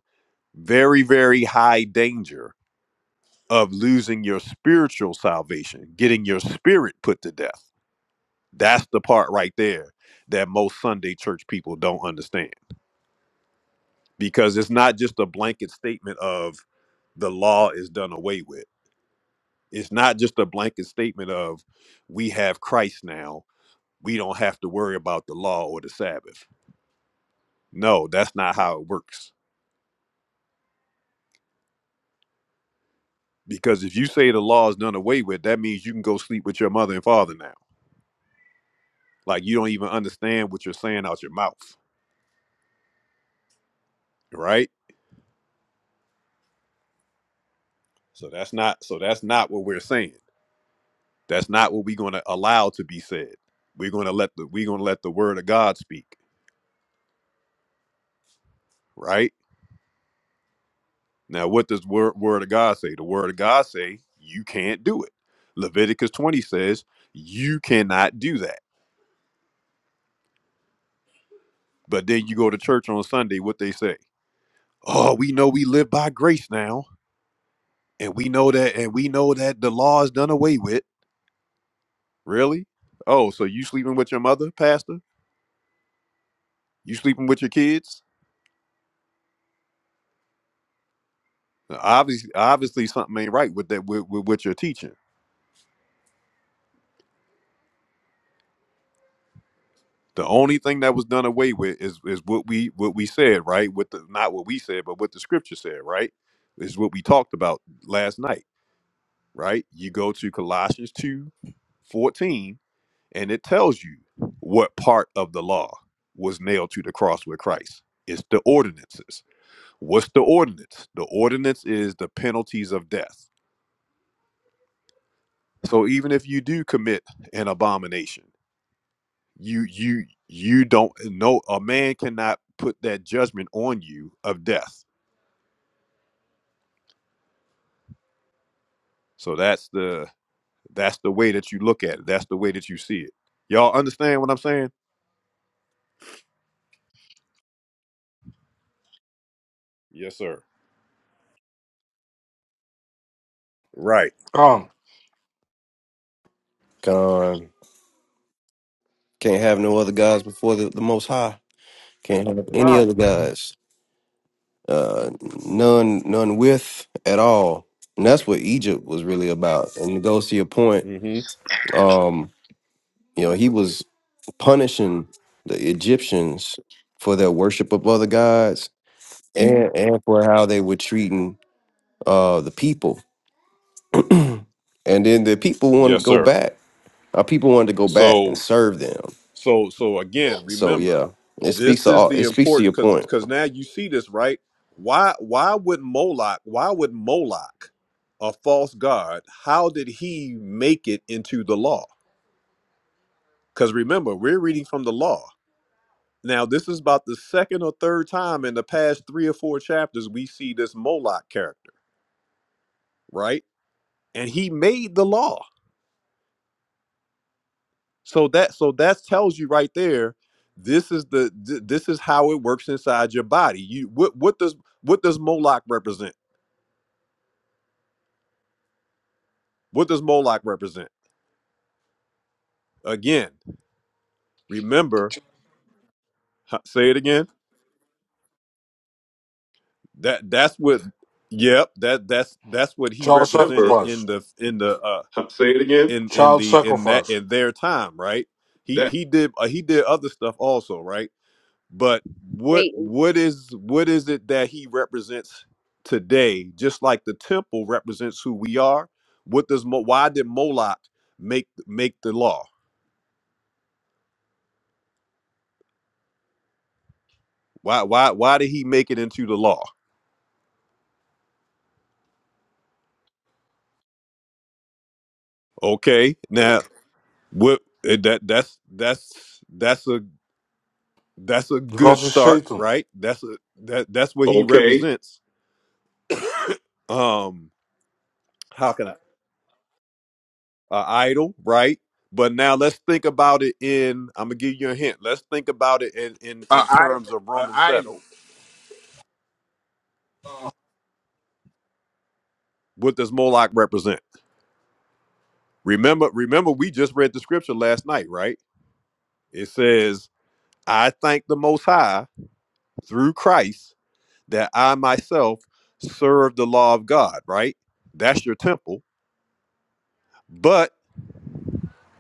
A: very very high danger of losing your spiritual salvation getting your spirit put to death That's the part right there that most Sunday church people don't understand because it's not just a blanket statement of the law is done away with. It's not just a blanket statement of we have Christ now. We don't have to worry about the law or the Sabbath. No, that's not how it works. Because if you say the law is done away with, that means you can go sleep with your mother and father now. Like you don't even understand what you're saying out your mouth, right? So that's not so that's not what we're saying. That's not what we're going to allow to be said. We're going to let the we're going to let the word of God speak, right? Now, what does word word of God say? The word of God say you can't do it. Leviticus 20 says you cannot do that. But then you go to church on Sunday, what they say? Oh, we know we live by grace now, and we know that and we know that the law is done away with. Really? Oh, so you sleeping with your mother, pastor? You sleeping with your kids? Now, Obviously, obviously something ain't right with that with, with what you're teaching The only thing that was done away with is is what we what we said, right? With the not what we said, but what the scripture said, right? Is what we talked about last night, right? You go to Colossians 2 14 and it tells you what part of the law was nailed to the cross with Christ. It's the ordinances. What's the ordinance? The ordinance is the penalties of death. So even if you do commit an abomination, you you you don't know a man cannot put that judgment on you of death so that's the that's the way that you look at it that's the way that you see it y'all understand what i'm saying yes sir right
D: um,
G: God Can't have no other gods before the, the Most High. Can't have any other
E: Thorne.
G: gods. Uh, none, none with at all. And that's what Egypt was really about. And it goes to your point.
A: mm-hmm
G: Um, you know, he was punishing the Egyptians for their worship of other gods and, and for how they were treating uh, the people. And then the people wanted to
A: yes
G: go
A: sir
G: back. Our people wanted to go back and
A: so
G: serve them.
A: so so again
G: So
A: remember
G: yeah, it speaks
A: this
G: to
A: is
G: all.
A: the
G: It speaks to your
A: important because
G: point,
A: because now you see this right why why would moloch why would moloch a false god how did he make it into the law because remember, we're reading from the law. Now, this is about the second or third time in the past three or four chapters we see this Moloch character, right? And he made the law. So that so that tells you right there, this is the th- this is how it works inside your body. You what what does what does Moloch represent? What does Moloch represent? Again, remember, huh, say it again. That that's what yep, that that's that's what he
D: child Remember,
A: represented
D: sacrifice.
A: in the in the uh
D: Say it again.
A: in in
D: Child
A: the in that
D: sacrifice.
A: in their time, right? He
D: That
A: he did uh, he did other stuff also, right? But what
E: Satan.
A: what is what is it that he represents today? Just like the temple represents who we are. What does Mo, why did Moloch make make the law? Why why why did he make it into the law? Okay, now what eh, that that's that's that's a that's a good
D: Because it's
A: start,
D: Satan.
A: right? That's a that that's what he
D: okay?
A: represents. Um, how can I? uh, idol, right? But now let's think about it in. I'm gonna give you a hint. Let's think about it in in in terms
F: idol,
A: of
F: an
A: Romans seven.
F: idol.
A: What does Moloch represent? Remember, remember, we just read the scripture last night, right? It says, "I thank the Most High through Christ that I myself serve the law of God." Right? That's your temple, but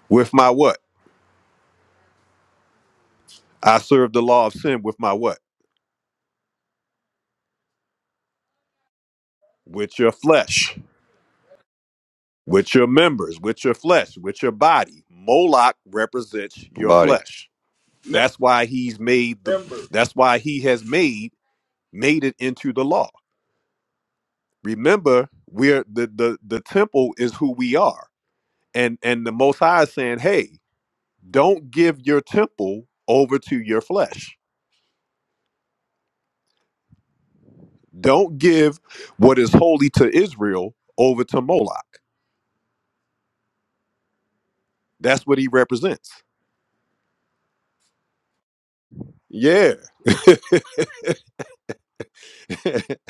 A: with my what? I serve the law of sin with my what? With your flesh with your members, with your flesh, with your body. Moloch represents your
G: body.
A: flesh. That's why he's made the
F: Remember,
A: that's why he has made made it into the law. Remember, we're the the, the temple is who we are. And and the most high is saying, hey, don't give your temple over to your flesh. Don't give what is holy to Israel over to Moloch. That's what he represents. Yeah.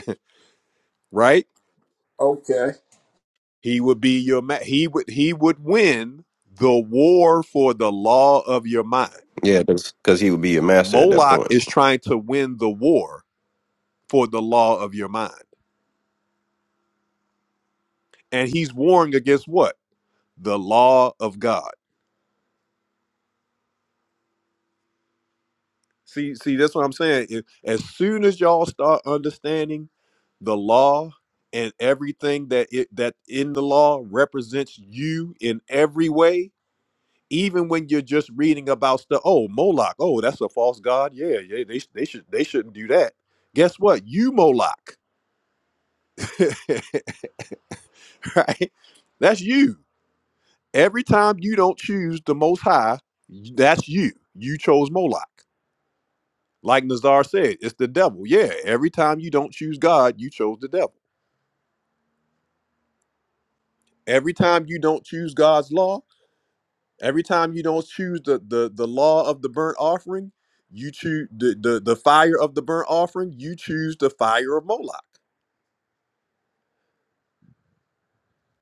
A: right?
F: Okay.
A: He would be your ma- he would he would win the war for the law of your mind.
G: Yeah, because he would be your master at that
A: Moloch
G: point.
A: is trying to win the war for the law of your mind. And he's warring against what? The law of God. See see that's what I'm saying. If- As soon as y'all start understanding the law and everything that it that in the law represents you in every way, even when you're just reading about stuff, oh Moloch, oh that's a false god. Yeah, yeah, they sh- they should they shouldn't do that. Guess what? You Moloch, right? That's you. Every time you don't choose the Most High, that's you. You chose Moloch. Like Nazar said, it's the devil. Yeah, every time you don't choose God, you chose the devil. Every time you don't choose God's law, Every time you don't choose the the the law of the burnt offering, you choose the, the the fire of the burnt offering. You choose the fire of Moloch.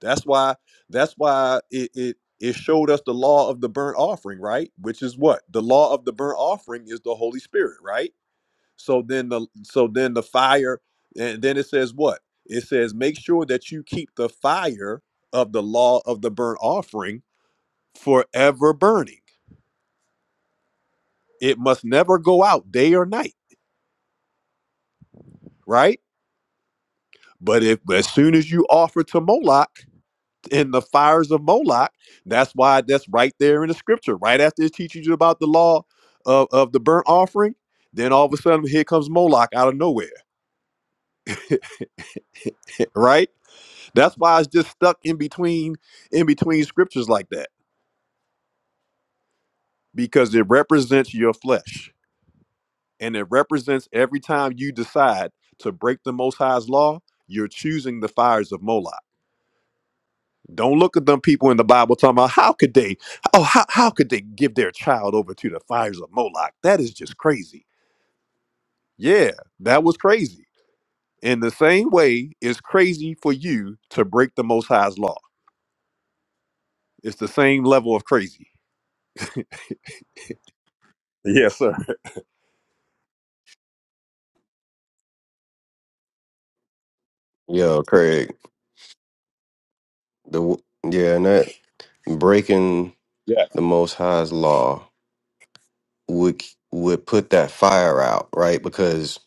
A: That's why that's why it it it showed us the law of the burnt offering, right? Which is what the law of the burnt offering is the Holy Spirit, right? So then the so then the fire and then it says what it says. Make sure that you keep the fire of the law of the burnt offering forever burning. It must never go out day or night, right? But if as soon as you offer to Moloch in the fires of Moloch, that's why that's right there in the scripture. Right after it teaches you about the law of, of the burnt offering, then all of a sudden here comes Moloch out of nowhere. Right? That's why it's just stuck in between in between scriptures like that. Because it represents your flesh. And it represents every time you decide to break the most high's law, you're choosing the fires of Moloch. Don't look at them people in the Bible talking about how could they, oh, how, how could they give their child over to the fires of Moloch? That is just crazy. Yeah, that was crazy. In the same way, it's crazy for you to break the Most High's law. It's the same level of crazy. Yes, sir.
G: Yeah, Craig. The w- yeah, and that breaking
A: Yes.
G: the Most High's law would would put that fire out, right? Because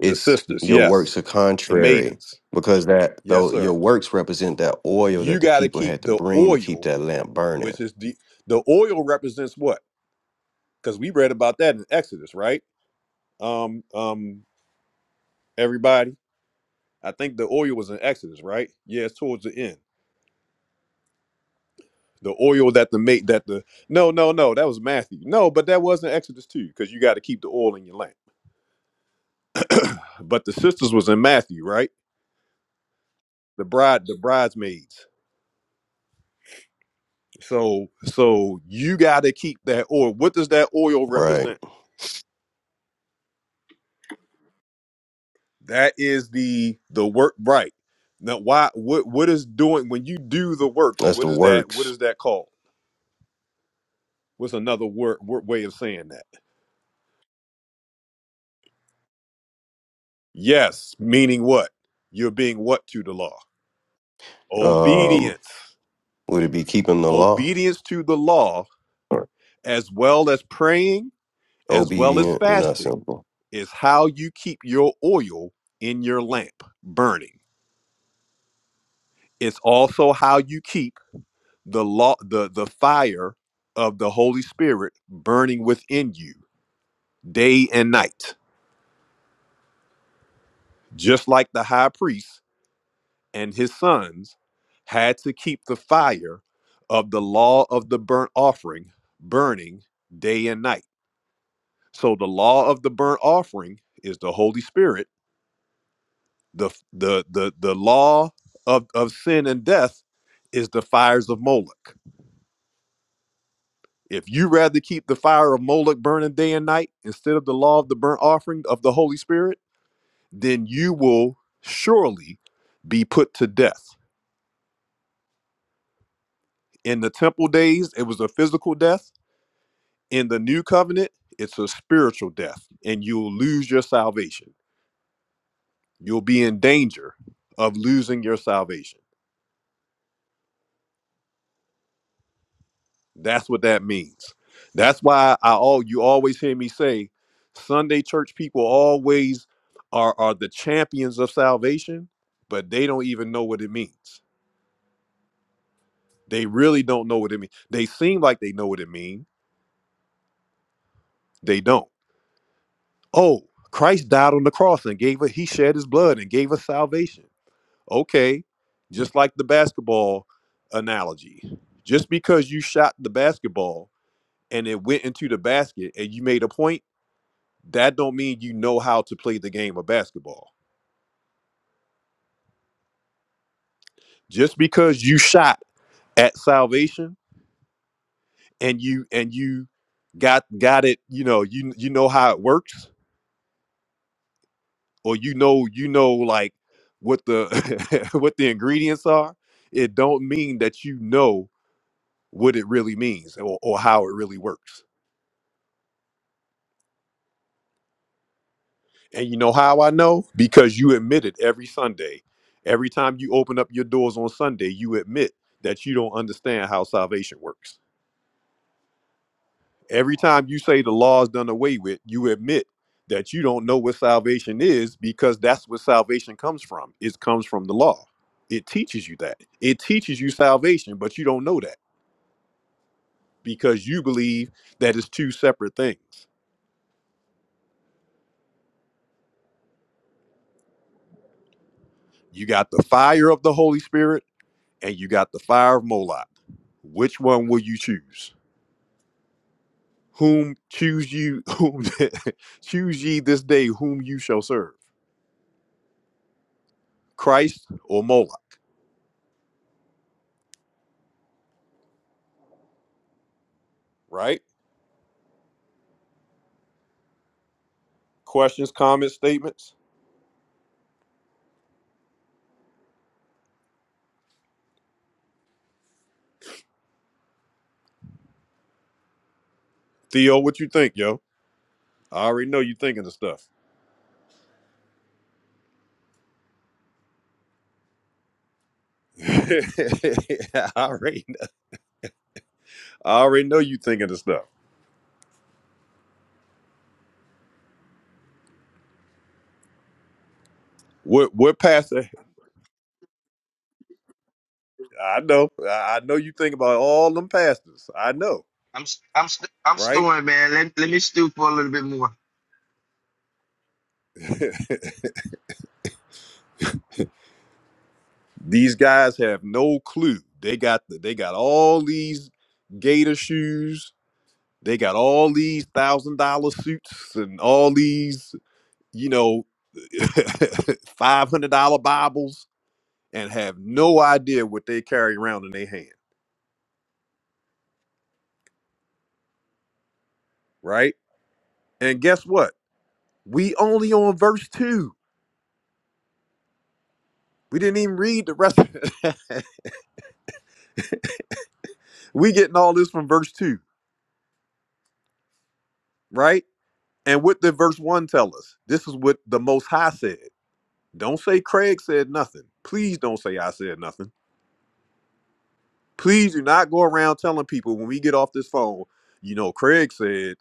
A: The sisters,
G: your works
A: yes.
G: are
A: The
G: contrary.
A: maidens,
G: Because that
A: yes,
G: though your
A: sir.
G: works represent that oil that
A: You
G: the
A: got to
G: people
A: keep
G: had to
A: the
G: bring to keep
A: oil,
G: that lamp burning,
A: which is the the oil represents what? Because we read about that in Exodus, right? Um, um, everybody. I think the oil was in Exodus, right? Yeah, it's towards the end. The oil that the mate that the no no no that was Matthew no but that wasn't Exodus too because you got to keep the oil in your lamp. But the sisters was in Matthew, right? The bride the bridesmaids. So so you got to keep that oil. What does that oil
G: right?
A: represent? That is the the work right. Now why what what is doing when you do the works?
G: That's the
A: What is that? What
G: works.
A: is that called? What's another word, word way of saying that? Yes, meaning what? You're being what to the law?
G: Um,
A: Obedience.
G: Would it be keeping the law
A: Obedience to the law,
G: or
A: as well as praying, as well as
G: obedient? You're not
A: fasting,
G: simple.
A: is how you keep your oil in your lamp burning. It's also how you keep the law, the, the fire of the Holy Spirit burning within you day and night. Just like the high priest and his sons had to keep the fire of the law of the burnt offering burning day and night. So the law of the burnt offering is the Holy Spirit. The the the the law of, of sin and death is the fires of Moloch. If you rather keep the fire of Moloch burning day and night instead of the law of the burnt offering of the Holy Spirit, then you will surely be put to death. In the temple days, it was a physical death In the new covenant, it's a spiritual death, and you'll lose your salvation. You'll be in danger of losing your salvation. That's what that means. That's why I all you always hear me say, Sunday church people always are are the champions of salvation, but they don't even know what it means. They really don't know what it means. They seem like they know what it means. They don't. Oh, Christ died on the cross and gave us, he shed his blood and gave us salvation Okay, just like the basketball analogy, just because you shot the basketball and it went into the basket and you made a point, that don't mean you know how to play the game of basketball. Just because you shot at salvation and you and you got got it, you know, you you know how it works or you know you know like what the what the ingredients are, it don't mean that you know what it really means or, or how it really works And you know how I know? Because you admit it every Sunday. Every time you open up your doors on Sunday, you admit that you don't understand how salvation works. Every time you say the law is done away with, you admit that you don't know what salvation is because that's what salvation comes from. It comes from the law. It teaches you that. It teaches you salvation, but you don't know that because you believe that it's two separate things. You got the fire of the Holy Spirit and you got the fire of Moloch. Which one will you choose? whom choose you whom choose ye this day whom you shall serve christ or moloch right questions comments statements theo what you think yo i already know you thinking of stuff I, already, I already know you thinking of stuff what what pastor i know i I know you think about all them pastors i know
B: I'm s- I'm st- I'm
A: right
B: stewing, man. Let, let me stew for a little bit more.
A: these guys have no clue they got the, they got all these gator shoes They got all these thousand dollar suits and all these, you know, five hundred dollar Bibles, and have no idea what they carry around in their hand, right? And guess what? We only on verse two. We didn't even read the rest. of it. we getting all this from verse two, right? And what did verse one tell us? This is what the Most High said. Don't say Craig said nothing. Please don't say I said nothing Please do not go around telling people when we get off this phone, you know, Craig said,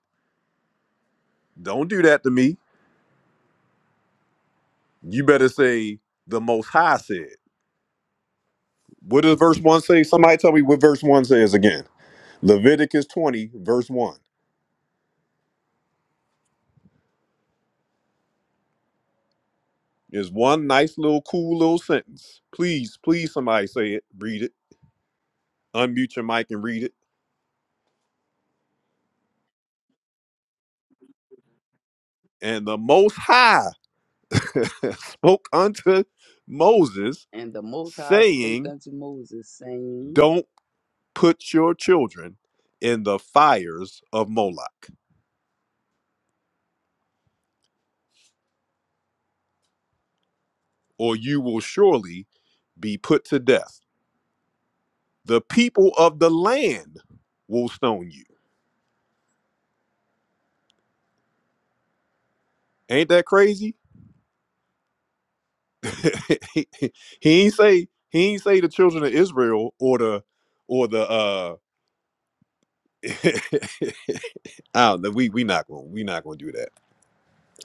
A: don't do that to me. You better say, the Most High said. What does verse 1 say? Somebody tell me what verse 1 says again. Leviticus 20, verse 1. Is one nice little cool little sentence. Please, please, somebody say it, read it, unmute your mic and read it. And the Most High spoke unto Moses,
K: And the Most High spake
A: saying,
K: unto Moses, saying,
A: "Don't." put your children in the fires of Moloch, or you will surely be put to death. The people of the land will stone you. Ain't that crazy? he ain't say he ain't say the children of Israel or the or the uh I don't know. We we not gonna we not gonna do that.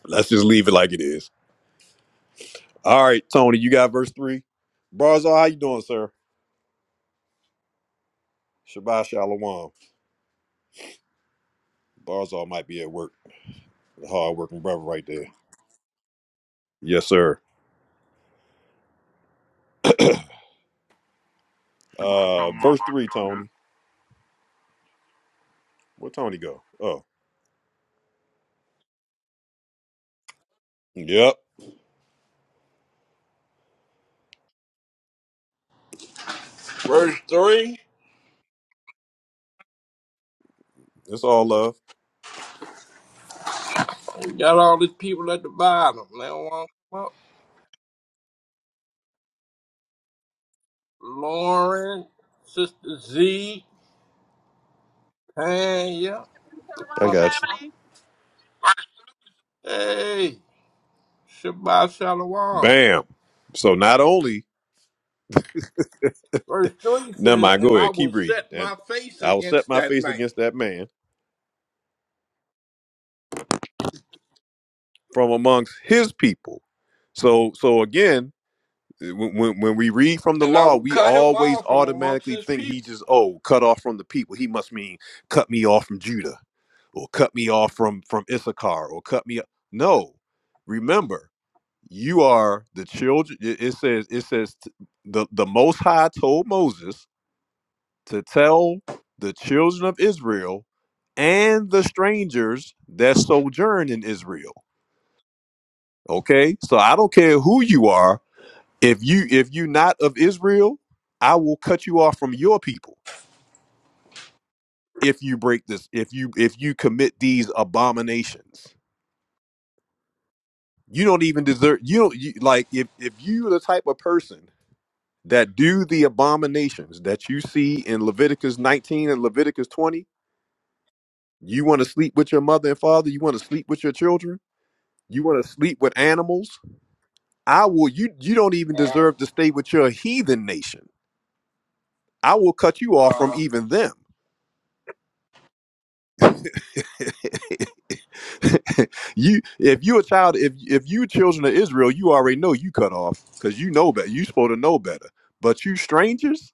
A: Let's just leave it like it is. All right, Tony, you got verse three. Barzal, how you doing, sir? Shabbat shalom. Barzal might be at work. Hard working brother right there. Yes, sir. Uh verse three, Tony. Where Tony go? Oh. Yep.
F: verse 3,
A: It's all love.
F: we got all these people at the bottom. They don't want to come up. Lauren, Sister Z, Tanya,
G: I
L: Shalom,
F: Bob.
G: got you.
L: family.
F: hey, Shabbat Shalom.
A: Bam. So not only
F: Verse 3
A: never
F: says,
A: mind,
F: And
A: go
F: I
A: ahead,
F: will
A: keep reading.
F: set
A: And
F: my face
A: I will set
F: against
A: my
F: that
A: face
F: man.
A: against that man from amongst his people. So so again, eh, when, when when we read from the
F: and I
A: law,
F: will
A: we
F: cut him
A: always
F: off from amongst
A: automatically
F: his
A: think he
F: people.
A: just oh cut off from the people. He must mean cut me off from Judah or cut me off from from Issachar or cut me. No, remember you are the children it it says it says t- the the most high told moses to tell the children of israel and the strangers that sojourn in israel okay so i don't care who you are if you if you not of israel i will cut you off from your people if you break this if you if you commit these abominations you don't even deserve you don't you, like if if you the type of person that do the abominations that you see in Leviticus 19 and Leviticus 20. You want to sleep with your mother and father, you want to sleep with your children, you want to sleep with animals. I will you you don't even
F: Uh,
A: deserve to stay with your heathen nation. I will cut you off from
F: uh,
A: even them. you if you a child if if you children of Israel, you already know you cut off cuz you know better. You supposed to know better. But you strangers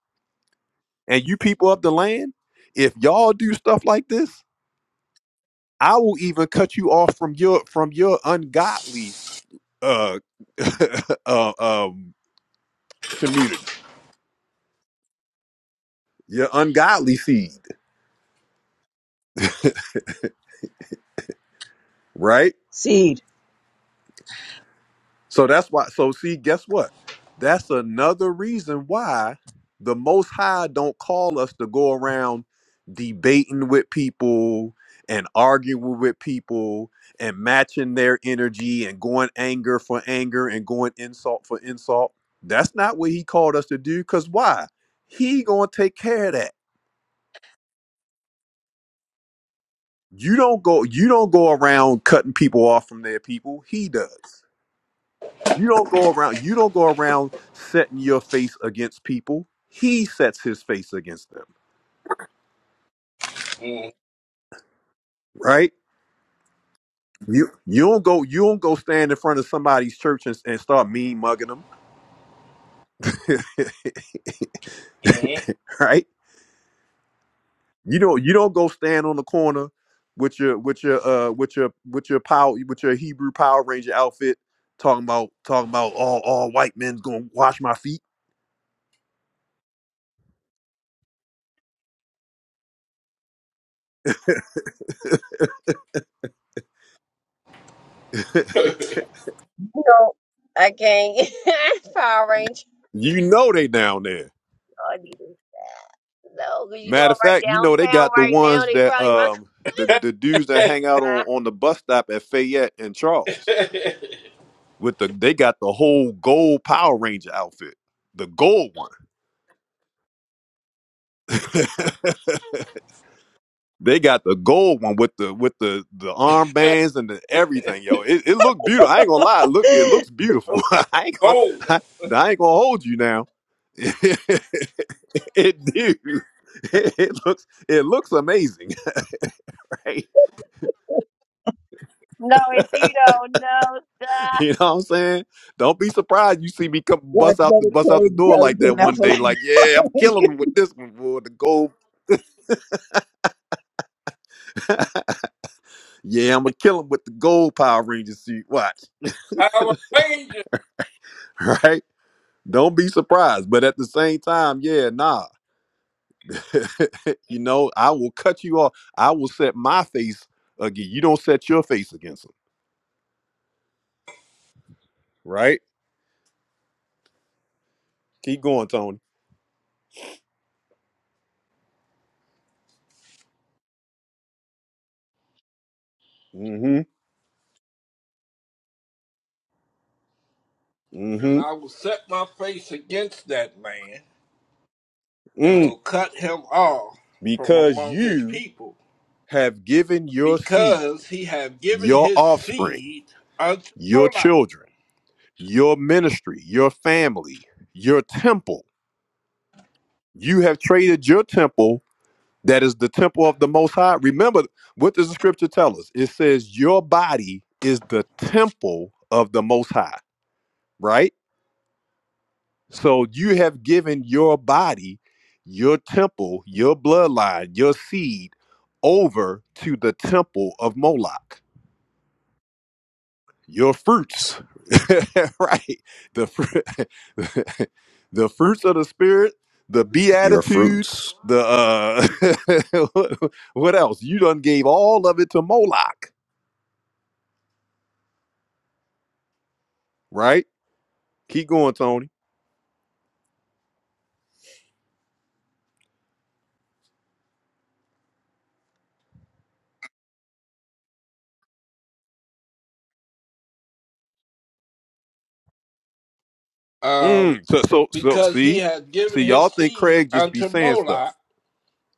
A: and you people of the land, if y'all do stuff like this, I will even cut you off from your from your ungodly uh, uh um community, your ungodly seed, right?
C: seed.
A: So that's why. So see, guess what? That's another reason why the Most High don't call us to go around debating with people and arguing with people and matching their energy and going anger for anger and going insult for insult. That's not what He called us to do. Cause why? He gonna take care of that. You don't go. You don't go around cutting people off from their people. He does. You don't go around. You don't go around setting your face against people. He sets his face against them,
F: mm,
A: right? You you don't go you don't go stand in front of somebody's church and, and start mean mugging them,
F: mhm.
A: right? You don't you don't go stand on the corner with your with your uh with your with your power with your Hebrew Power Ranger outfit talking about talking about all all white men's gonna wash my feet.
E: You know, I can't. Power Ranger.
A: You know they down there.
E: No, because you know
A: Matter
E: I'm
A: of
E: right
A: fact, you know they
E: downtown
A: got the
E: right now.
A: ones
E: They
A: that
E: probably run.
A: um the the dudes that hang out on on the bus stop at Fayette and Charles with the they got the whole gold Power Ranger outfit, the gold one. they got the gold one with the with the the armbands and the everything, yo. It it looked beautiful. I ain't gonna lie, it look it looks beautiful. I ain't gonna
F: Gold
A: I,
F: one.
A: I ain't gonna hold you now. it do. It, it looks it looks amazing.
E: No, and you don't know. Duh.
A: You know what I'm saying? Don't be surprised you see me come
C: Watch
A: bust out the
C: Brother
A: bust out the
C: Craig
A: door
C: try to
A: like
C: get
A: that
C: an
A: one day.
C: alpha
A: Like, yeah, I'm killing them with this one, boy. The gold, yeah, I'm gonna kill them with the gold Power Ranger suit. Watch,
F: Power Ranger.
A: right? Don't be surprised. But at the same time, yeah, nah. you know, I will cut you off. I will set my face again. You don't set your face against them, right? Keep going, Tony. Mm-hmm.
F: And I
A: Mm-hmm.
F: will set my face against that man and will
A: Mm.
F: cut him off from
A: Because
F: among his
A: you
F: people
A: have given your seed,
F: because he have given
A: your
F: his
A: offspring.
F: seed unto
A: your
F: Moloch.
A: children, your ministry, your family, your temple. You have traded your temple, that is the temple of the Most High. Remember, what does the scripture tell us? It says, Your body is the temple of the Most High, right? So you have given your body, your temple, your bloodline, your seed over to the temple of Moloch your fruits right the fruit the fruits of the spirit the
G: Your
A: beatitudes
G: fruits.
A: the uh what else you done gave all of it to moloch right keep going tony
F: Um,
A: mm, so so so
F: because he
A: see
F: hath given
A: see
F: his
A: y'all think
F: seed
A: craig just be
F: unto
A: saying
F: Moloch
A: stuff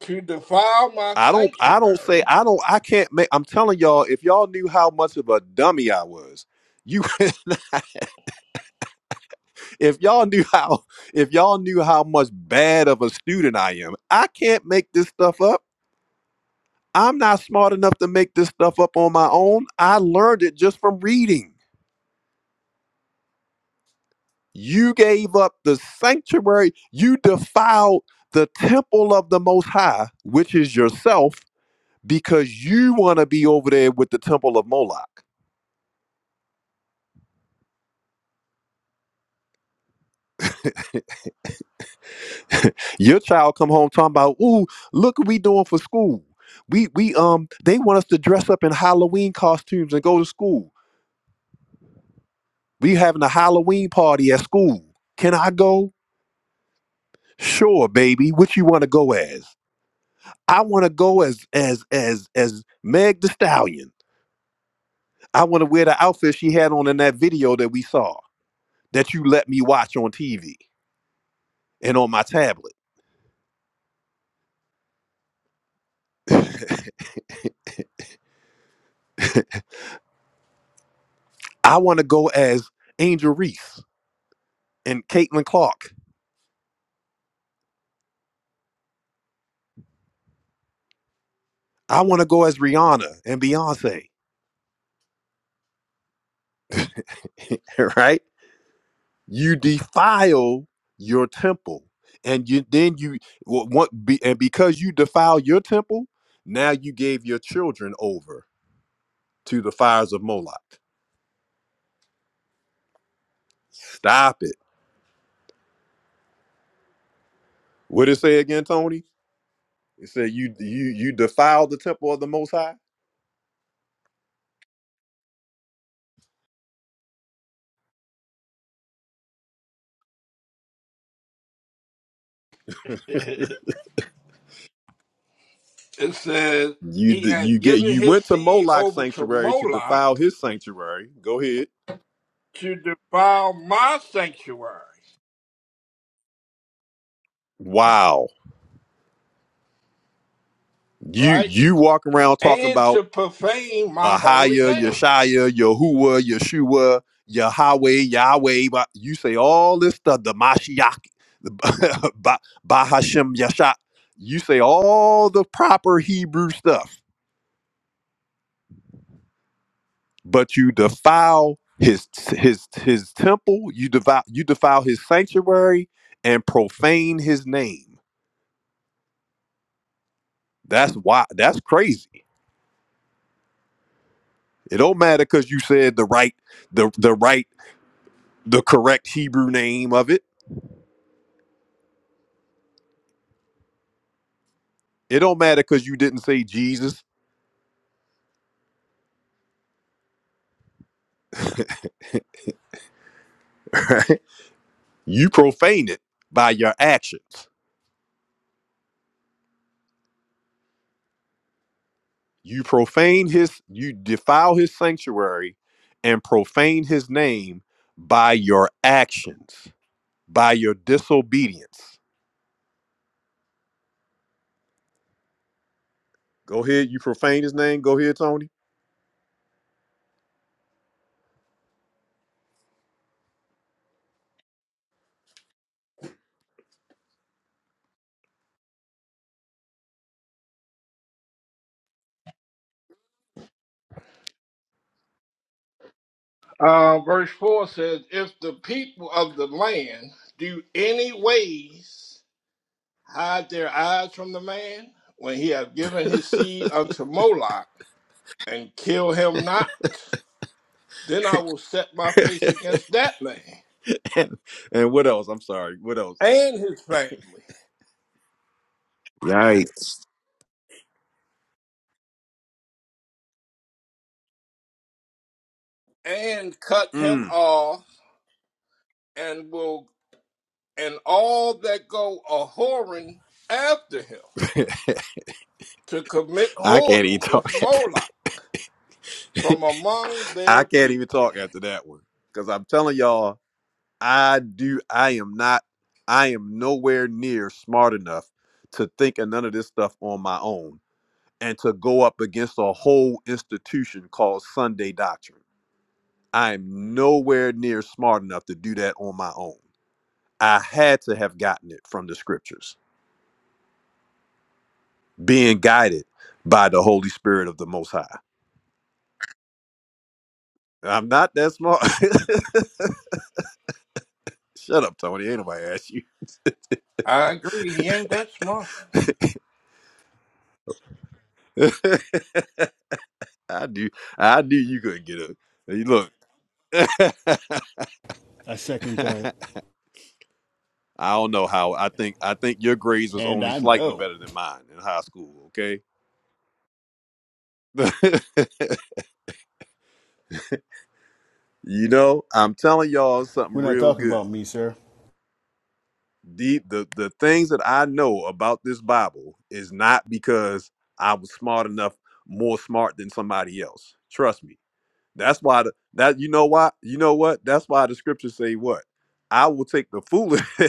F: to defile my
A: i don't i don't say
F: sanctuary
A: i don't i can't make i'm telling y'all if y'all knew how much of a dummy i was you If y'all knew how, if y'all knew how much bad of a student I am, I can't make this stuff up. I'm not smart enough to make this stuff up on my own. I learned it just from reading. You gave up the sanctuary, you defiled the temple of the Most High, which is yourself, because you want to be over there with the temple of Moloch. Your child come home talking about, ooh, look what we doing for school. We we um they want us to dress up in Halloween costumes and go to school. We having a Halloween party at school. Can I go? Sure, baby. What you want to go as? I want to go as as as as Meg the Stallion. I want to wear the outfit she had on in that video that we saw that you let me watch on TV and on my tablet. I want to go as Angel Reese and Caitlin Clark. I want to go as Rihanna and Beyonce. right? you defile your temple and you then you wa- want be and because you defile your temple now you gave your children over to the fires of moloch stop it what did it say again tony it said you you you defile the temple of the most high
F: It says
A: you
F: he
A: d- you
F: had
A: get
F: given
A: you
F: his
A: went to
F: seed
A: moloch's
F: over to
A: sanctuary to defile
F: Moloch
A: his sanctuary go ahead
F: to defile my sanctuary,
A: wow you
F: right?
A: you walk around talking
F: And
A: about
F: to profane my holy
A: Ahia,
F: name.
A: Yeshaya, Yahuwah, Yeshua, Yahweh, Yahweh. Ba- You say all this stuff, the Mashiach, the Ba- Bahashem Yasha. You say all the proper Hebrew stuff, but you defile his his his temple. You defile you defile his sanctuary and profane his name. That's why. That's crazy. It don't matter because you said the right the the right the correct Hebrew name of it It don't matter because you didn't say Jesus. You profane it by your actions. You profane his, you defile his sanctuary and profane his name by your actions, by your disobedience. Go ahead, you profane his name. Go ahead, Tony.
F: Uh, verse 4 says, If the people of the land do any ways hide their eyes from the man, when he hath given his seed unto Moloch, and kill him not, then I will set my face against that man
A: And, and what else? I'm sorry. What else?
F: and his family,
G: Yikes.
F: and cut him
A: Mm.
F: off and will and all that go a whoring after him to commit
A: I can't even
F: whoredom
A: talk.
F: with Moloch from among
A: I
F: their
A: can't even
F: people.
A: talk after that one. Because I'm telling y'all, I do. I am not. I am nowhere near smart enough to think of none of this stuff on my own and to go up against a whole institution called Sunday Doctrine. I'm nowhere near smart enough to do that on my own. I had to have gotten it from the scriptures, being guided by the Holy Spirit of the Most High. I'm not that smart. Shut up, Tony. Ain't nobody asked you.
F: I agree, he ain't that smart.
A: I do. I knew you couldn't get up. Hey,
I: I second
A: Look.
I: that.
A: I don't know how. I think I think your grades was
I: And
A: only
I: I
A: slightly
I: know.
A: better than mine in high school. Okay, you know I'm telling y'all something
I: We're not
A: real
I: talking
A: good.
I: about me, sir.
A: The, the the things that I know about this Bible is not because I was smart enough, more smart than somebody else. Trust me. That's why the, that you know why you know what. That's why the scriptures say what I will take the foolish.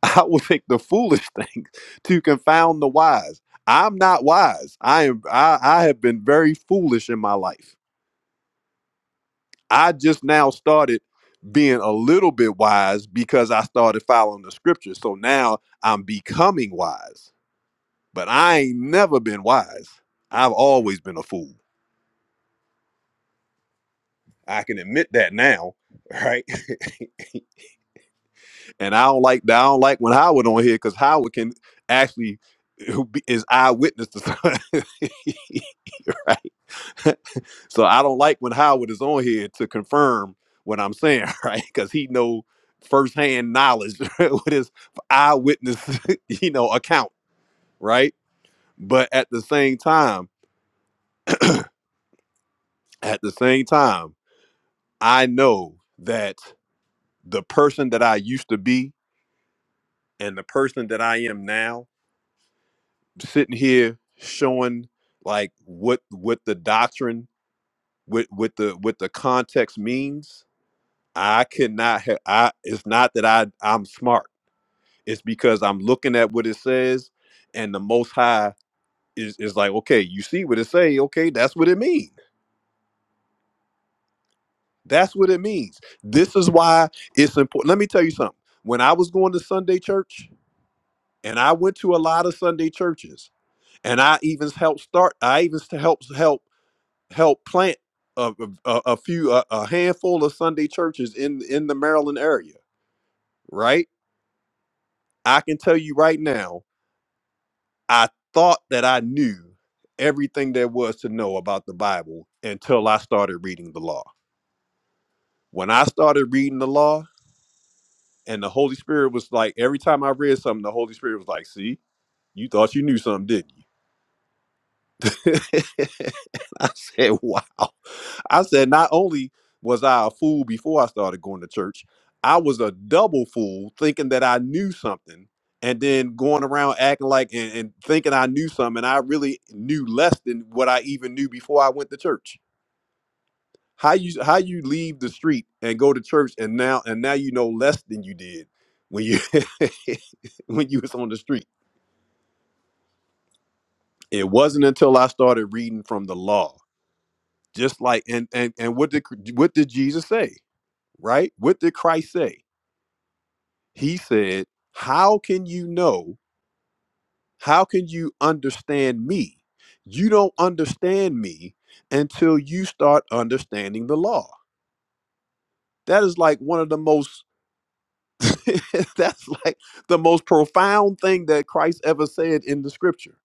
A: I will take the foolish things to confound the wise. I'm not wise. I am I, I have been very foolish in my life. I just now started being a little bit wise because I started following the scriptures. So now I'm becoming wise. But I ain't never been wise. I've always been a fool. I can admit that now, right? and I don't like I don't like when Howard on here because Howard can actually is eyewitness to something. So I don't like when Howard is on here to confirm what I'm saying, right? Because he know firsthand knowledge with his eyewitness, you know, account, right? But at the same time, at the same time, I know that the person that I used to be and the person that I am now, sitting here showing like what what the doctrine with with the with the context means, I could not have I it's not that I I'm smart It's because I'm looking at what it says, and the Most High is is like, okay, you see what it say, okay, that's what it means. That's what it means. This is why it's important. Let me tell you something. When I was going to Sunday church, and I went to a lot of Sunday churches, and I even helped start. I even helped help help plant a, a, a few a, a handful of Sunday churches in in the Maryland area. Right? I can tell you right now I thought that I knew everything there was to know about the Bible until I started reading the law. When I started reading the law, and the Holy Spirit was like, every time I read something, the Holy Spirit was like, see, you thought you knew something, didn't you? I said, wow. I said, not only was I a fool before I started going to church, I was a double fool thinking that I knew something and then going around acting like and, and thinking I knew something. And I really knew less than what I even knew before I went to church. How you how you leave the street and go to church and now and now you know less than you did when you when you was on the street. It wasn't until I started reading from the law. Just like and and and what did what did Jesus say? Right? What did Christ say? He said, How can you know? How can you understand me? You don't understand me until you start understanding the law. That is like one of the most that's like the most profound thing that Christ ever said in the scripture.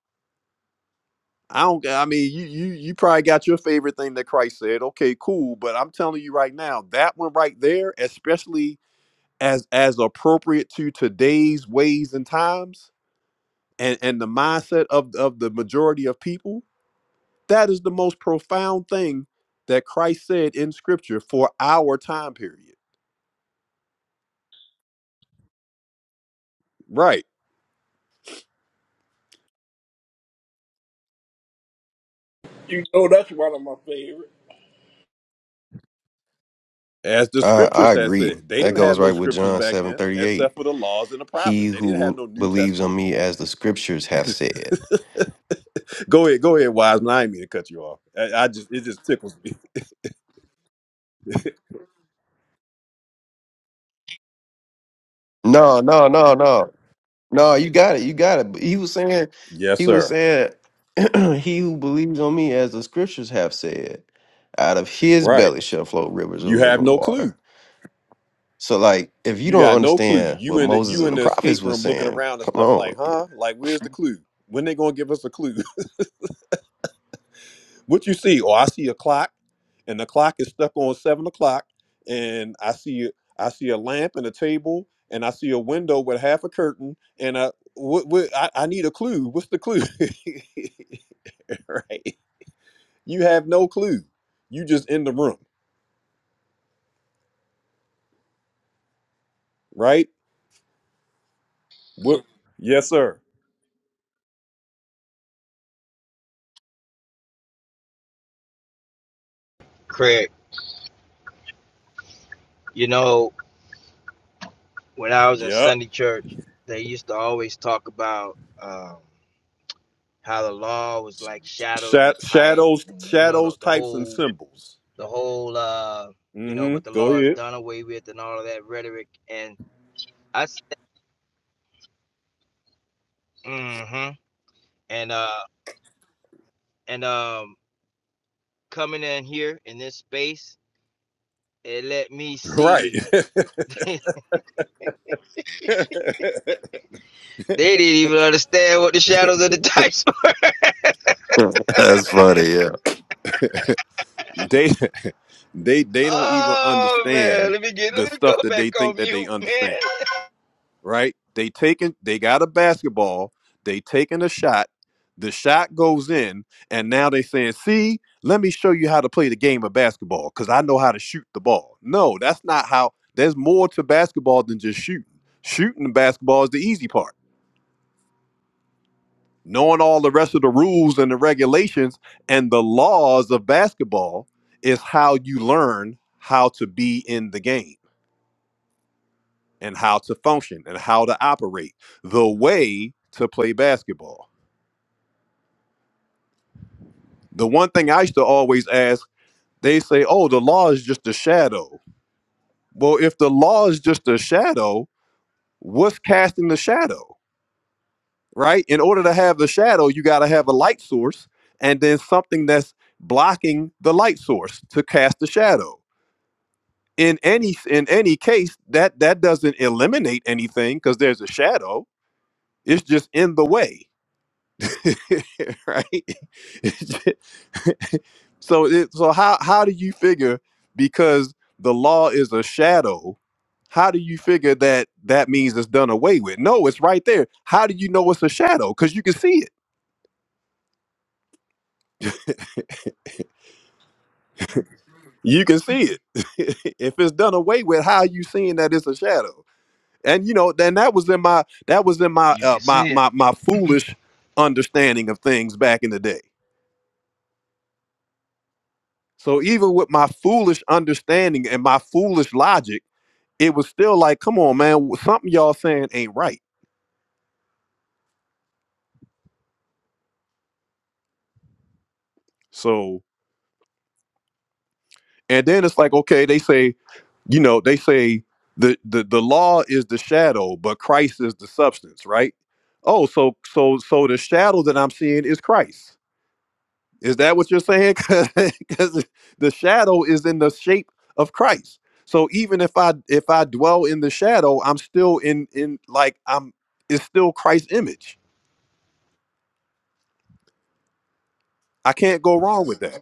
A: I don't I mean you you you probably got your favorite thing that Christ said. Okay, cool, but I'm telling you right now, that one right there, especially as as appropriate to today's ways and times, and and the mindset of of the majority of people that is the most profound thing that christ said in scripture for our time period Right.
F: You know that's one of my favorites.
A: As the
G: I, I
A: scriptures had
G: agree.
A: said, they
G: That
A: didn't have
G: goes
A: no
G: right with
A: scriptures
G: John
A: back
G: seven
A: then,
G: thirty
A: except
G: eight.
A: for the laws and the
G: He
A: prophets. They didn't have
G: who
A: no New
G: believes on
A: Testament.
G: me as the scriptures have said.
A: Go ahead, go ahead, Wiseman. I didn't mean to cut you off. I, I just it just tickles me.
G: No, no, no, no. No, you got it. You got it. He was saying,
A: Yes,
G: he was
A: sir.
G: saying, he who believes on me as the scriptures have said, out of his
A: Right.
G: belly shall flow rivers of
A: You have
G: living
A: no clue.
G: water. So like, if you
A: You
G: don't
A: got no clue.
G: understand
A: You
G: what
A: in the
G: Moses
A: you
G: and
A: in
G: the
A: the
G: prophets
A: escape
G: was
A: room looking
G: saying,
A: around and
G: come
A: stuff
G: on.
A: like, huh? Like, where's the clue? When they gonna give us a clue? What you see? Oh, I see a clock, and the clock is stuck on seven o'clock, and I see I see a lamp and a table, and I see a window with half a curtain, and I what, what I, I need a clue. What's the clue? right? You have no clue. You just in the room, right? What? Yes, sir.
B: Craig, you know, when I was in
A: Yep.
B: Sunday church, they used to always talk about um, how the law was like shadows
A: Sha-
B: and types,
A: shadows,
B: and you know the
A: shadows,
B: the
A: types, and
B: whole
A: symbols.
B: the whole uh you know,
A: Mm-hmm.
B: but the
A: Go
B: law is
A: ahead.
B: done away with and all of that rhetoric. And I s- mhm. and uh and um coming in here in this space, it let me
A: Right.
B: see. They didn't even understand what the shadows of the dice were.
G: That's funny. Yeah.
A: They they they don't even
B: Oh man,
A: understand
B: let me get
A: the
B: let me go
A: stuff that
B: back
A: they
B: on
A: think that
B: mute,
A: they
B: man.
A: understand, right? They taking they got a basketball, they taking a shot, the shot goes in, and now they saying, see, let me show you how to play the game of basketball, because I know how to shoot the ball. No, that's not how there's more to basketball than just shooting. Shooting the basketball is the easy part knowing all the rest of the rules and the regulations and the laws of basketball is how you learn how to be in the game and how to function and how to operate the way to play basketball. The one thing I used to always ask, they say, oh, the law is just a shadow. Well, if the law is just a shadow, what's casting the shadow, right? In order to have the shadow, you got to have a light source and then something that's blocking the light source to cast the shadow in any in any case that that doesn't eliminate anything because there's a shadow it's just in the way right It's ju- so it, so how how do you figure because the law is a shadow how do you figure that that means it's done away with no it's right there how do you know it's a shadow because you can see it you can see it if it's done away with how are you seeing that it's a shadow and you know then that was in my that was in my
B: You can
A: uh, my
B: see it.
A: my my foolish understanding of things back in the day so even with my foolish understanding and my foolish logic it was still like come on man something y'all saying ain't right so and then it's like okay they say you know they say the the, the law is the shadow but christ is the substance right oh so so so the shadow that i'm seeing is christ Is that what you're saying? Because the shadow is in the shape of Christ. So even if I if I dwell in the shadow, I'm still in in like I'm it's still Christ's image. I can't go wrong with that.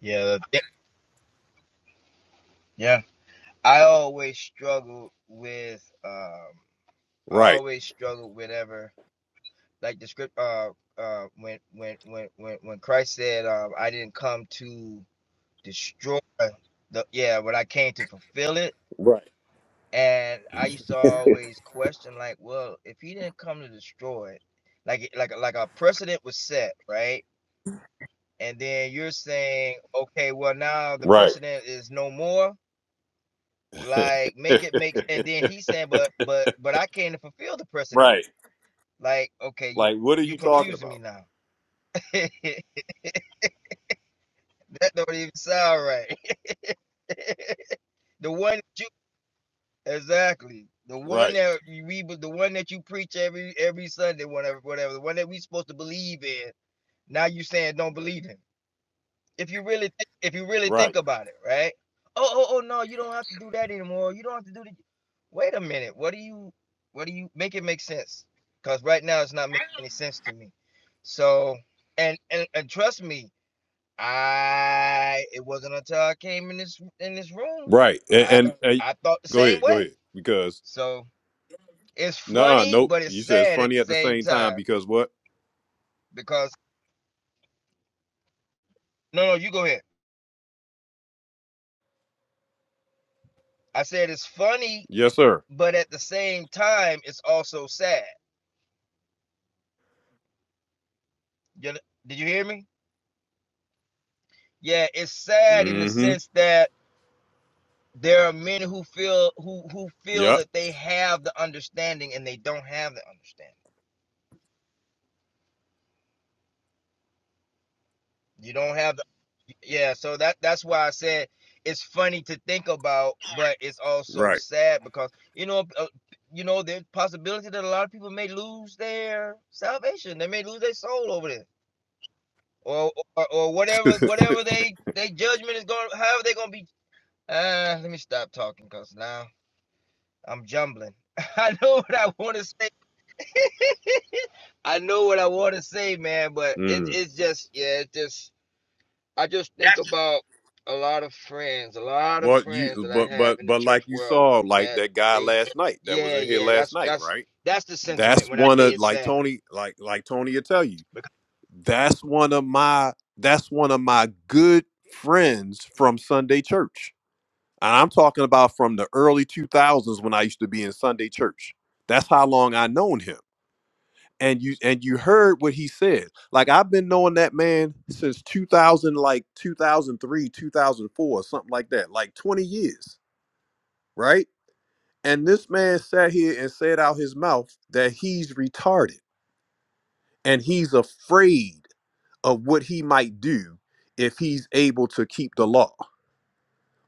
B: Yeah, the yeah. I always struggled with um I
A: Right,
B: always struggled whenever like the script uh uh when when when when when Christ said um I didn't come to destroy the yeah, when I came to fulfill it.
A: right,
B: And I used to always question, like, well, if he didn't come to destroy it, like like like a precedent was set, right? And then you're saying, okay, well now the
A: right,
B: precedent is no more. Like make it makes and then he's saying, but but but I came to fulfill the precedent.
A: right.
B: Like, okay, you
A: Like, what are
B: you
A: you talking
B: confusing me
A: about?
B: now. that don't even sound right. The one that you exactly. The one
A: Right,
B: that you read, the one that you preach every every Sunday, whatever, whatever. The one that we supposed to believe in Now you saying don't believe him. If you really thi- if you really
A: right,
B: think about it, right? Oh, oh, oh no, you don't have to do that anymore. You don't have to do the wait a minute. What do you what do you make it make sense? Because right now it's not making any sense to me. So and and, and trust me, I it wasn't until I came in this in this room.
A: right. And,
B: I
A: and, and
B: I thought the
A: go
B: same
A: ahead, go
B: way.
A: ahead. Because
B: So it's
A: nah,
B: funny,
A: nope.
B: but it's
A: You said it's
B: sad at
A: funny
B: the
A: at the
B: same
A: same time
B: time.
A: because what?
B: Because no no, you go ahead. I said it's funny
A: Yes, sir.
B: but at the same time, it's also sad. Did you hear me? Yeah, it's sad in the
A: Mm-hmm.
B: sense that there are men who feel who who feel
A: Yep.
B: that they have the understanding and they don't have the understanding. You don't have the yeah. So that that's why I said it's funny to think about, but it's also
A: Right.
B: sad because you know uh, you know there's possibility that a lot of people may lose their salvation. They may lose their soul over this or or, or whatever whatever they they judgment is going however they're going to be Uh, let me stop talking because now I'm jumbling. I know what I want to say. I know what I want to say, man, but it, it's just, yeah, it's just, I just think
A: That's just
B: about a lot of friends, a lot of
A: Well,
B: friends
A: you
B: that I
A: but
B: have
A: but
B: in the
A: but
B: church
A: like you
B: world
A: saw, like
B: that
A: that guy
B: they,
A: last night that was
B: yeah,
A: in here
B: yeah,
A: last
B: that's,
A: night,
B: that's,
A: right?
B: that's the
A: That's
B: sentiment when I
A: one
B: say
A: of
B: it's
A: like
B: sad.
A: Tony, like like Tony will tell you. That's one of my that's one of my good friends from Sunday church, and I'm talking about from the early 2000s when I used to be in Sunday church. That's how long I known him, and you and you heard what he said. Like I've been knowing that man since 2000, like 2003, 2004, something like that, like 20 years right? And this man sat here and said out his mouth that he's retarded and he's afraid of what he might do if he's able to keep the law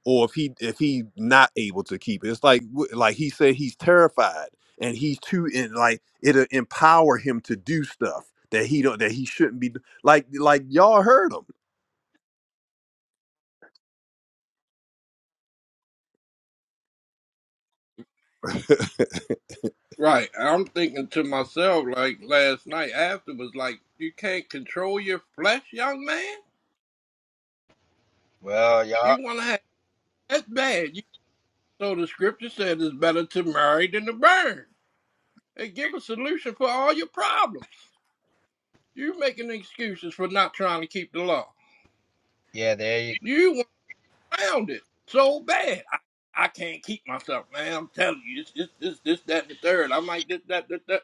A: or if he if he not able to keep it. It's like wh- like he said he's terrified and he's too in like it'll empower him to do stuff that he don't that he shouldn't be do- like like y'all heard him.
F: Right. I'm thinking to myself like last night after was like, you can't control your flesh, young man?
B: Well, y'all,
F: You wanna have that bad. You, so the scripture said it's better to marry than to burn. They give a solution for all your problems. You are making excuses for not trying to keep the law.
B: yeah, there you,
F: You went around it so bad. I, I can't keep myself, man. I'm telling you, it's this, this, this, that, and the third. I'm like this, that, that, that.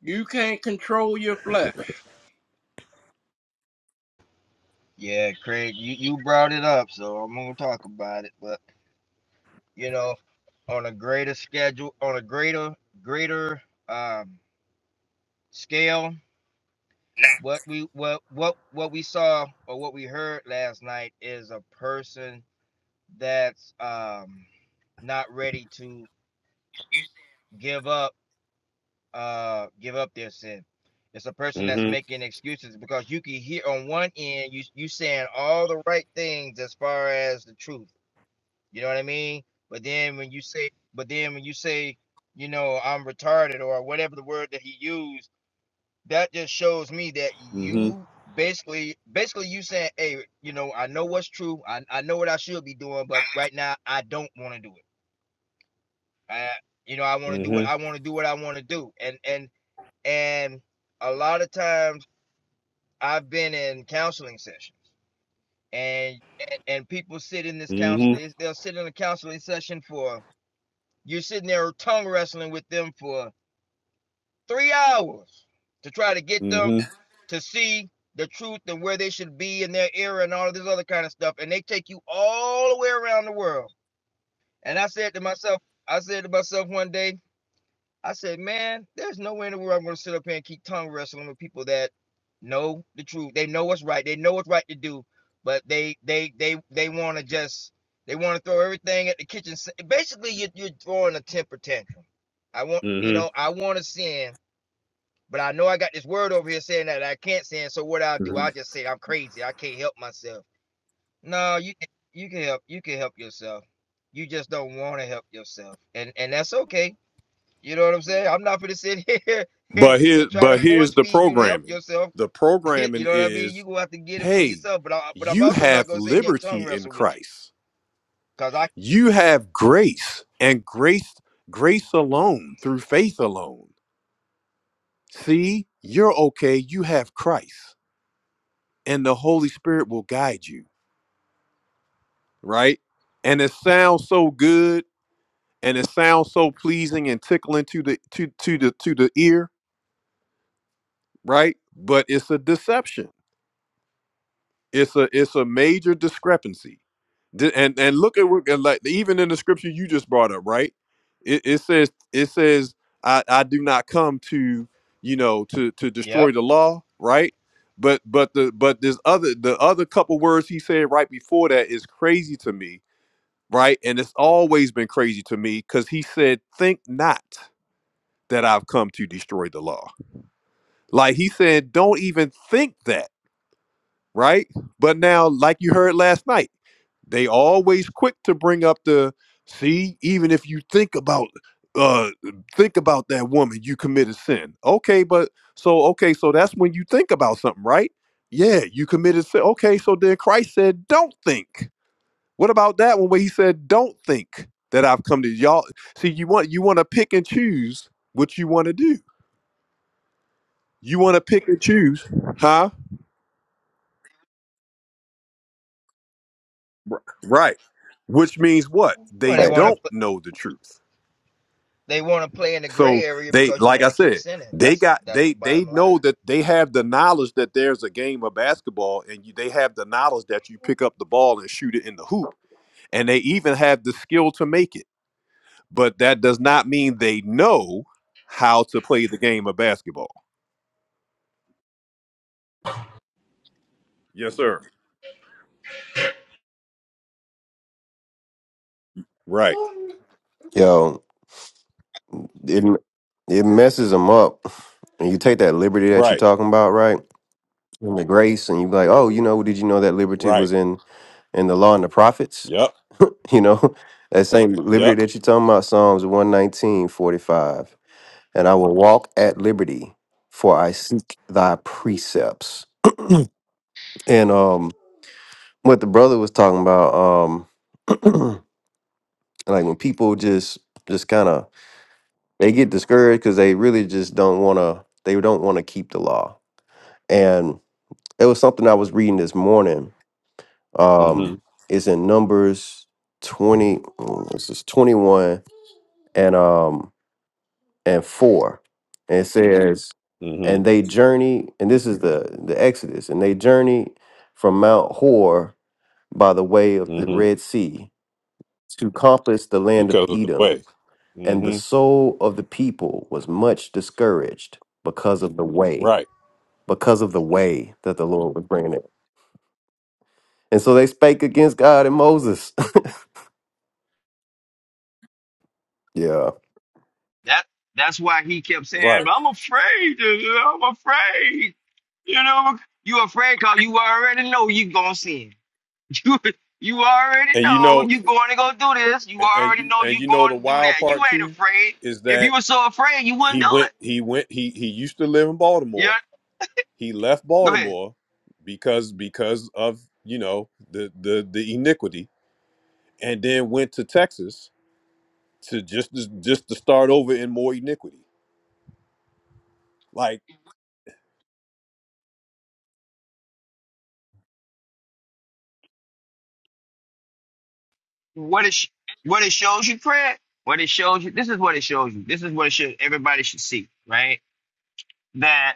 F: You can't control your flesh.
B: yeah, Craig, you, you brought it up, so I'm going to talk about it, but, you know, on a greater schedule, on a greater, greater, um, scale what we what what what we saw or what we heard last night is a person that's um not ready to give up uh give up their sin it's a person that's
A: Mm-hmm.
B: making excuses because you can hear on one end you you saying all the right things as far as the truth you know what i mean but then when you say but then when you say you know i'm retarded or whatever the word that he used that just shows me that
A: Mm-hmm.
B: you basically basically you saying hey you know i know what's true i, I know what i should be doing but right now i don't want to do it i you know i want to do what i
A: Mm-hmm.
B: want to do what i want to do and and and a lot of times i've been in counseling sessions and and people sit in this counsel
A: Mm-hmm.
B: they'll sit in a counseling session for you're sitting there tongue wrestling with them for three hours to try to get them
A: Mm-hmm.
B: to see the truth and where they should be in their era and all of this other kind of stuff. And they take you all the way around the world. And I said to myself, I said to myself one day, I said, man, there's no way in the world I'm going to sit up here and keep tongue wrestling with people that know the truth. They know what's right. They know what's right to do, but they they they they want to just they want to throw everything at the kitchen. Basically, you're, you're throwing a temper tantrum. I want you know I want to sin but I know I got this word over here saying that I can't sin. So what I'll
A: Mm-hmm.
B: do, I'll just say I'm crazy. I can't help myself. No, you can you can help you can help yourself. You just don't want to help yourself. And and that's okay. You know what I'm saying? I'm not gonna sit here
A: But here,
B: and try to
A: but
B: force
A: here's the
B: feed you to help
A: programming.
B: yourself.
A: The
B: you
A: programming
B: know what I mean? You
A: is,
B: gonna have to get it for
A: hey,
B: yourself. But I but I'm
A: you
B: also not
A: have
B: gonna sit here and tongue
A: liberty in
B: wrestle with you.
A: Christ.
B: Cause I
A: You have grace and grace, grace alone through faith alone. See, you're okay. You have Christ and the Holy Spirit will guide you, right? And it sounds so good and it sounds so pleasing and tickling to the to to the to the ear, right? But it's a deception It's a it's a major discrepancy. Di- And and look at what and like even in the scripture you just brought up, right? It, it says it says I I do not come to you know to to
B: Yep.
A: destroy the law, right? But but the but this other the other couple words he said right before that is crazy to me, right? And it's always been crazy to me because he said, "Think not that I've come to destroy the law." Like he said, "Don't even think that." right? But now, like you heard last night, they always quick to bring up the see, even if you think about uh think about that woman, you committed sin. Okay, but so okay, so that's when you think about something, right? Yeah, you committed sin. Okay, so then Christ said, Don't think. What about that one where he said, Don't think that I've come to y'all. See, you want you want to pick and choose what you want to do. You want to pick and choose, huh? R- Right. Which means what?
B: Well
A: They
B: they
G: Right.
B: wanna
A: don't
B: put
A: know the truth.
B: they wanna play in the gray
A: So
B: area
A: they
B: because you
A: like I
B: wanna keep
A: said,
B: sinning.
A: they
B: That's
A: got
B: that's
A: they
B: the
A: they
B: bottom line.
A: know that they have the knowledge that there's a game of basketball and you, they have the knowledge that you pick up the ball and shoot it in the hoop and they even have the skill to make it. But that does not mean they know how to play the game of basketball. Yes, sir. Right.
G: Yo, It it messes them up. And you take that liberty that you're
A: Right.
G: talking about, right? And the grace, and you be like, oh, you know, did you know that liberty
A: Right.
G: was in in the law and the prophets?
A: Yep.
G: You know, that same liberty
A: Yep.
G: that you're talking about, Psalms one nineteen forty five, And I will walk at liberty, for I seek thy precepts. And um what the brother was talking about, um, like when people just just kind of they get discouraged because they really just don't wanna they don't wanna keep the law. It was something I was reading this morning. Um,
A: Mhm.
G: it's in Numbers twenty. mm, This is twenty one and um and four, and it says, and
A: Mhm.
G: they journey, and this is the the Exodus, and they journey from Mount Hor by the way of the
A: Mhm.
G: Red Sea to compass the land of
A: Because of the
G: Edom,
A: way.
G: and the
A: Mhm.
G: soul of the people was much discouraged because of the way,
A: Right.
G: because of the way that the Lord was bringing And so they spake against God and Moses. yeah.
B: That that's why he kept
A: Right.
B: saying, "I'm afraid. I'm afraid." You know, you afraid cause you already know you gonna sin. You you already
A: And you
B: know
A: know,
B: you going to go do this. You
A: and
B: already
A: you
B: know
A: and
B: you
A: you know the
B: going to do
A: wild
B: that. You
A: part
B: ain't
A: too
B: afraid.
A: is
B: If you
A: that
B: were so afraid, you wouldn't
A: he
B: do
A: went,
B: it.
A: he went, he he used to live in
B: Yeah.
A: Baltimore. He left
B: Go ahead.
A: Baltimore because because of you know the the the iniquity, and then went to Texas to just just to start over in more iniquity. Like,
B: What it sh- what it shows you, Fred. What it shows you. This is what it shows you. This is what it should everybody should see, right? That.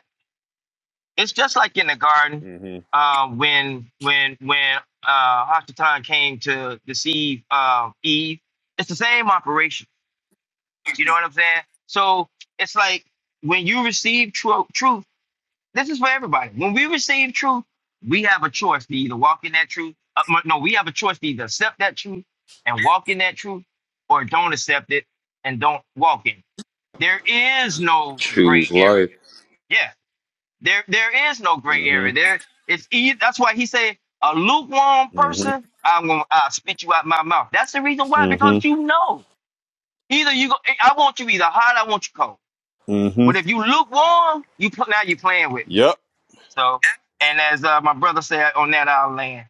B: it's just like in the garden
A: mm-hmm,
B: uh, when when when uh, Hasatan came to deceive uh, Eve. It's the same operation. You know what I'm saying? So it's like when you receive tru- truth. This is for everybody. When we receive truth, we have a choice to either walk in that truth. Uh, m- no, we have a choice to either accept that truth and walk in that truth, or don't accept it and don't walk in. it. There is no gray
M: Choose
B: area.
M: life.
B: Yeah. There, there is no gray area.
A: mm-hmm,
B: There, it's easy. That's why he said, a lukewarm
A: mm-hmm,
B: person, I'm gonna I'll spit you out my mouth. That's the reason why,
A: mm-hmm,
B: because you know, either you go, I want you either hot, I want you cold.
A: hmm
B: But if you lukewarm, you pl- now you're playing with me.
A: Yep.
B: So, and as uh, my brother said on that, I'll land.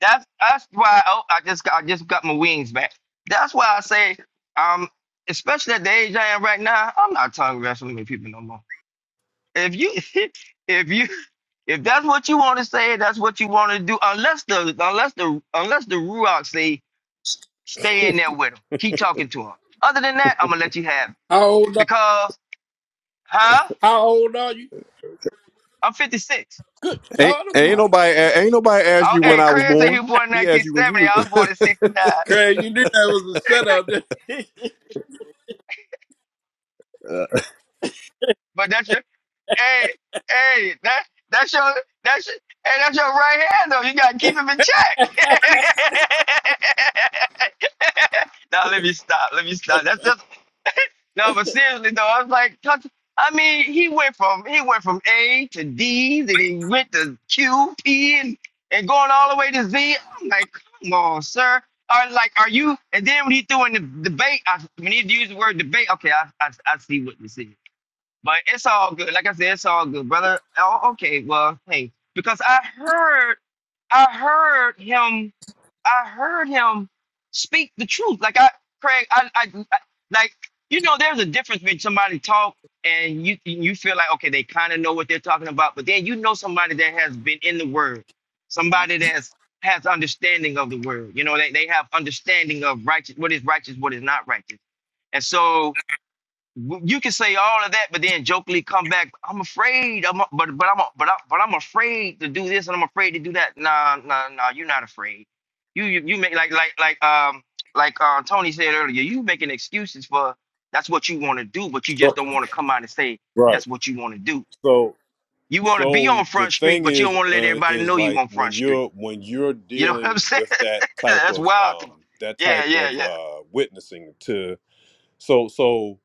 B: That's that's why oh, I just got, I just got my wings back. That's why I say, um, especially at the age I am right now, I'm not tongue wrestling with people no more. if you if you if that's what you want to say, that's what you want to do. Unless the unless the unless the Ruach say stay in there with him, keep talking to him. Other than that, I'm gonna let you have it
F: How old? Are,
B: because huh?
F: how old are you?
B: I'm 56.
F: Good
A: Ain't
F: God
A: ain't
F: Almighty,
A: nobody ain't nobody asked
B: I,
A: you when
B: hey,
A: I was
B: Craig said he
A: born.
B: was born in
A: He asked you when
B: 1970.
A: you
B: I
A: was.
B: was born in '69.
F: Craig! You knew that was a setup. didn't you?
A: Uh,
B: But that's your hey hey that that's your that's your, hey that's your right hand though. You gotta keep him in check. now let me stop. Let me stop. That's No, but seriously though, I was like, touch- I mean, he went from he went from A to D, then he went to Q, P, and and going all the way to Z. I'm like, come on, sir. Are like, are you? And then when he threw in the debate, I, when he used the word debate, okay, I, I I see what you see. But it's all good. Like I said, it's all good, brother. Oh, okay, well, hey, because I heard I heard him. I heard him speak the truth. Like I, Craig, I, I, I like you know, there's a difference between somebody talk and you you feel like okay, they kind of know what they're talking about, but then you know somebody that has been in the word, somebody that's has understanding of the word. You know, they, they have understanding of righteous what is righteous, what is not righteous. And so you can say all of that, but then jokingly come back. I'm afraid. I'm but but I'm but I, but I'm afraid to do this and I'm afraid to do that. Nah nah nah. You're not afraid. You you, you make like like like um like uh, Tony said earlier. You making excuses for that's what you want to do, but you just
A: so-
B: don't want to come out and say
A: right.
B: that's what you want to do.
A: So
B: You want to be
A: So
B: on
A: the
B: Front Street,
A: thing
B: but you
A: is,
B: don't want to let
A: uh,
B: everybody
A: is
B: know you
A: like
B: on
A: when
B: Front Street.
A: you're when you're
B: You know what I'm
A: dealing
B: saying?
A: with that type
B: that's
A: of
B: wild.
A: um, that
B: Yeah
A: type
B: yeah
A: of
B: yeah.
A: uh, witnessing to so so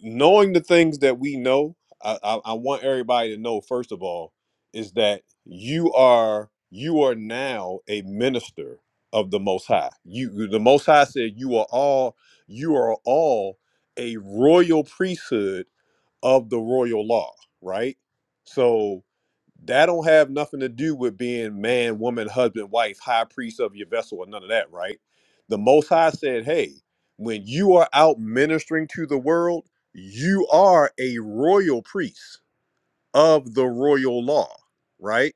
A: knowing the things that we know, I, I, I want everybody to know first of all is that you are you are now a minister of the Most High. You the Most High said you are all you are all a royal priesthood of the royal law, right? So that don't have nothing to do with being man, woman, husband, wife, high priest of your vessel, or none of that, right? The Most High said, hey, when you are out ministering to the world, you are a royal priest of the royal law, right?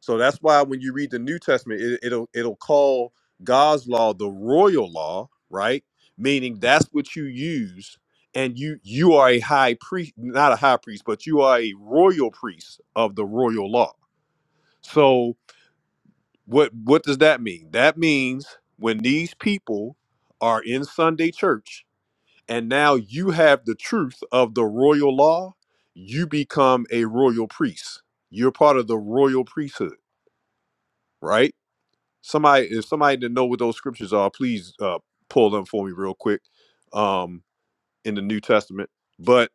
A: So that's why when you read the New Testament, it, it'll it'll call God's law the royal law, right? Meaning that's what you use and you you are a high priest not a high priest but you are a royal priest of the royal law so what what does that mean? That means when these people are in Sunday church and now you have the truth of the royal law, you become a royal priest. You're part of the royal priesthood, right? Somebody if somebody didn't know what those scriptures are, please uh pull them for me real quick um in the New Testament. But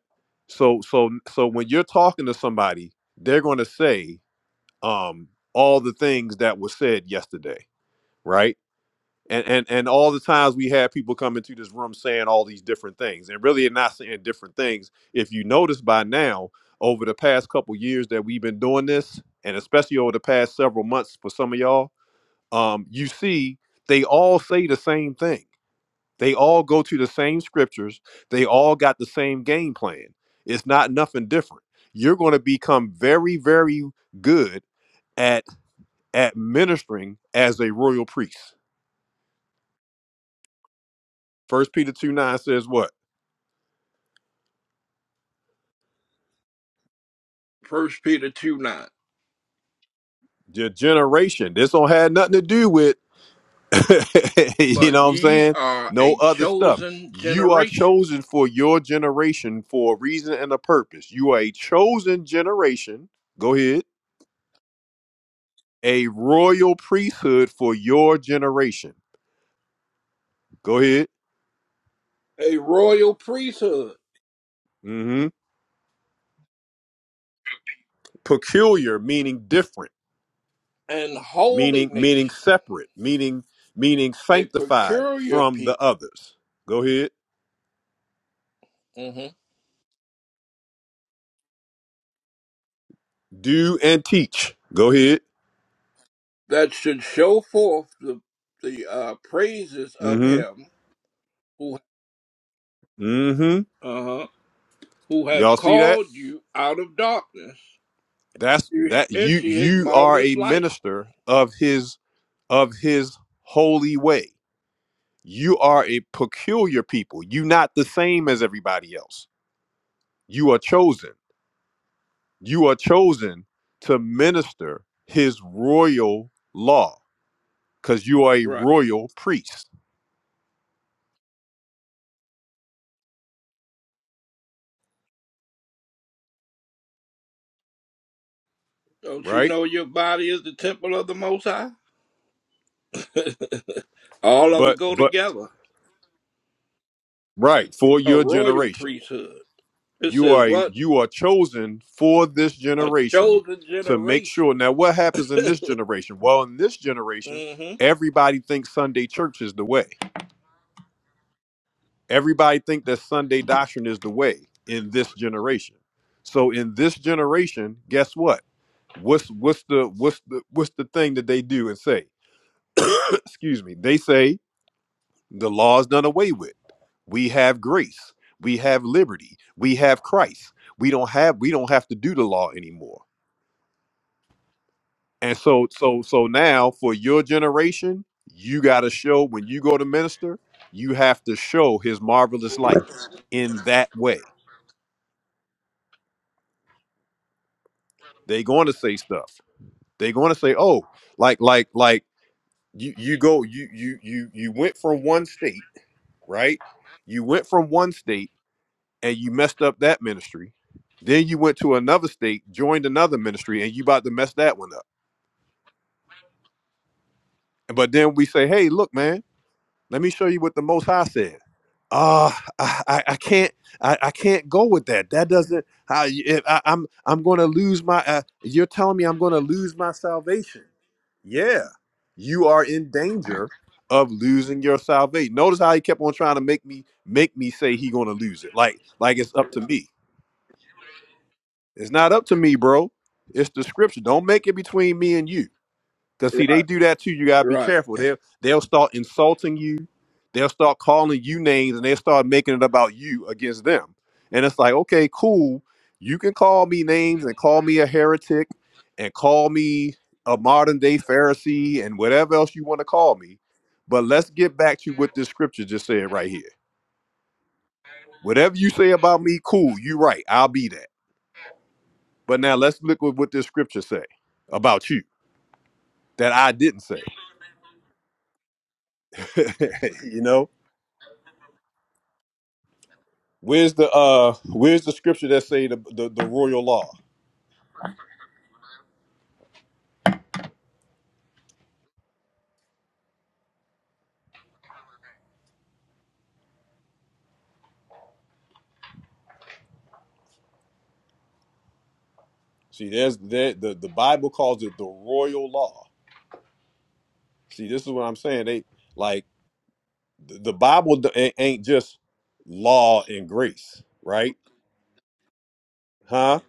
A: so so so when you're talking to somebody, they're going to say um all the things that were said yesterday right? and and and all the times we had people come into this room saying all these different things and really they're not saying different things if you notice by now over the past couple years that we've been doing this and especially over the past several months for some of y'all um you see they all say the same thing they all go to the same scriptures they all got the same game plan it's not nothing different you're going to become very very good at at ministering as a royal priest first peter 2 9 says what
F: First Peter two nine.
A: your generation. This don't have nothing to do with, you
F: But
A: know what I'm
F: ye
A: saying?
F: are
A: No
F: a
A: other stuff.
F: chosen
A: You are
F: generation,
A: chosen for your generation for a reason and a purpose. You are a chosen generation. Go ahead. A royal priesthood for your generation. Go ahead.
F: a royal priesthood,
A: hmm Peculiar, meaning different,
F: and holy
A: meaning meaning
F: nation,
A: separate, meaning meaning
F: a
A: sanctified
F: peculiar
A: from the
F: people.
A: others. Go ahead.
F: Mhm.
A: Do and teach. Go ahead.
F: that should show forth the the uh, praises of
A: hmm
F: him who
A: hmm
F: uh who have
A: Y'all see that?
F: called you out of darkness
A: That's
F: you
A: that you
F: into his
A: you are
F: marvelous
A: a
F: light.
A: minister of his of his holy way. You are a peculiar people. You not the same as everybody else. You are chosen. You are chosen to minister his royal law cuz you are a
F: Right.
A: royal priest,
F: Don't you
A: right?
F: know your body is the temple of the Most High? All of it
A: But
F: go
A: but
F: together.
A: right, for
F: A
A: your
F: royal
A: generation.
F: priesthood. It
A: You
F: says
A: are
F: what?
A: you are chosen for this
F: A
A: generation
F: chosen
A: to make
F: generation.
A: sure. Now, what happens in this generation? Well, in this generation,
F: hmm
A: everybody thinks Sunday church is the way. Everybody think that Sunday doctrine is the way in this generation. So in this generation, guess what? What's what's the what's the what's the thing that they do and say? Excuse me. They say the law is done away with. We have grace. We have liberty. We have Christ. We don't have we don't have to do the law anymore And so, so, so now for your generation, you got to show when you go to minister, you have to show his marvelous light in that way. They're going to say stuff. They're going to say, oh, like, like, like you, you go, you, you, you, you went from one state, right? You went from one state and you messed up that ministry. Then you went to another state, joined another ministry, and you about to mess that one up. But then we say, hey, look, man, let me show you what the Most High says uh I, I I can't I, I can't go with that. That doesn't how if I, I'm I'm going to lose my. Uh, you're telling me I'm going to lose my salvation. Yeah, you are in danger of losing your salvation. Notice how he kept on trying to make me make me say he going to lose it. Like like it's up to me. It's not up to me, bro. It's the scripture. Don't make it between me and you. Cause see, they
F: Right.
A: do that too. You gotta be
F: Right.
A: careful. They'll they'll start insulting you. They'll start calling you names, and they'll start making it about you against them. And it's like, okay, cool. You can call me names and call me a heretic, and call me a modern day Pharisee, and whatever else you want to call me. But let's get back to what this scripture just said right here. Whatever you say about me, cool. You right. I'll be that. But now let's look at what this scripture say about you that I didn't say. you know. Where's the uh where's the scripture that say the the, the royal law? See, there's that the, the Bible calls it the royal law. See, this is what I'm saying. They like the, the Bible d- a- ain't just law and grace, right? Huh?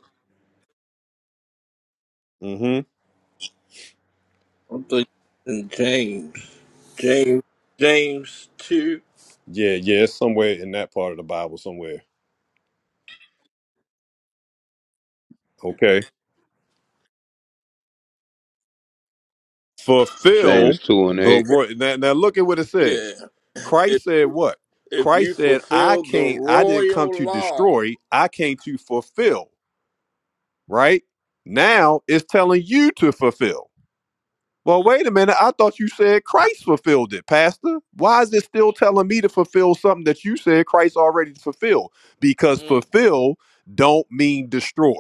A: Mm-hmm.
F: I'm thinking in James. James. James two.
A: Yeah, yeah, it's somewhere in that part of the Bible somewhere. Okay.
M: James
A: Fulfill
M: two and
A: the
M: eight.
F: Okay.
A: royal now, now look at what it says.
F: Yeah.
A: Christ said what?
F: If you
A: Christ said, I
F: fulfill the
A: can't, I didn't come
F: royal
A: to
F: law,
A: destroy, I came to fulfill. right? Now it's telling you to fulfill. Well, wait a minute. I thought you said Christ fulfilled it, Pastor. Why is it still telling me to fulfill something that you said Christ already fulfilled? Because
F: mm,
A: fulfill don't mean destroy.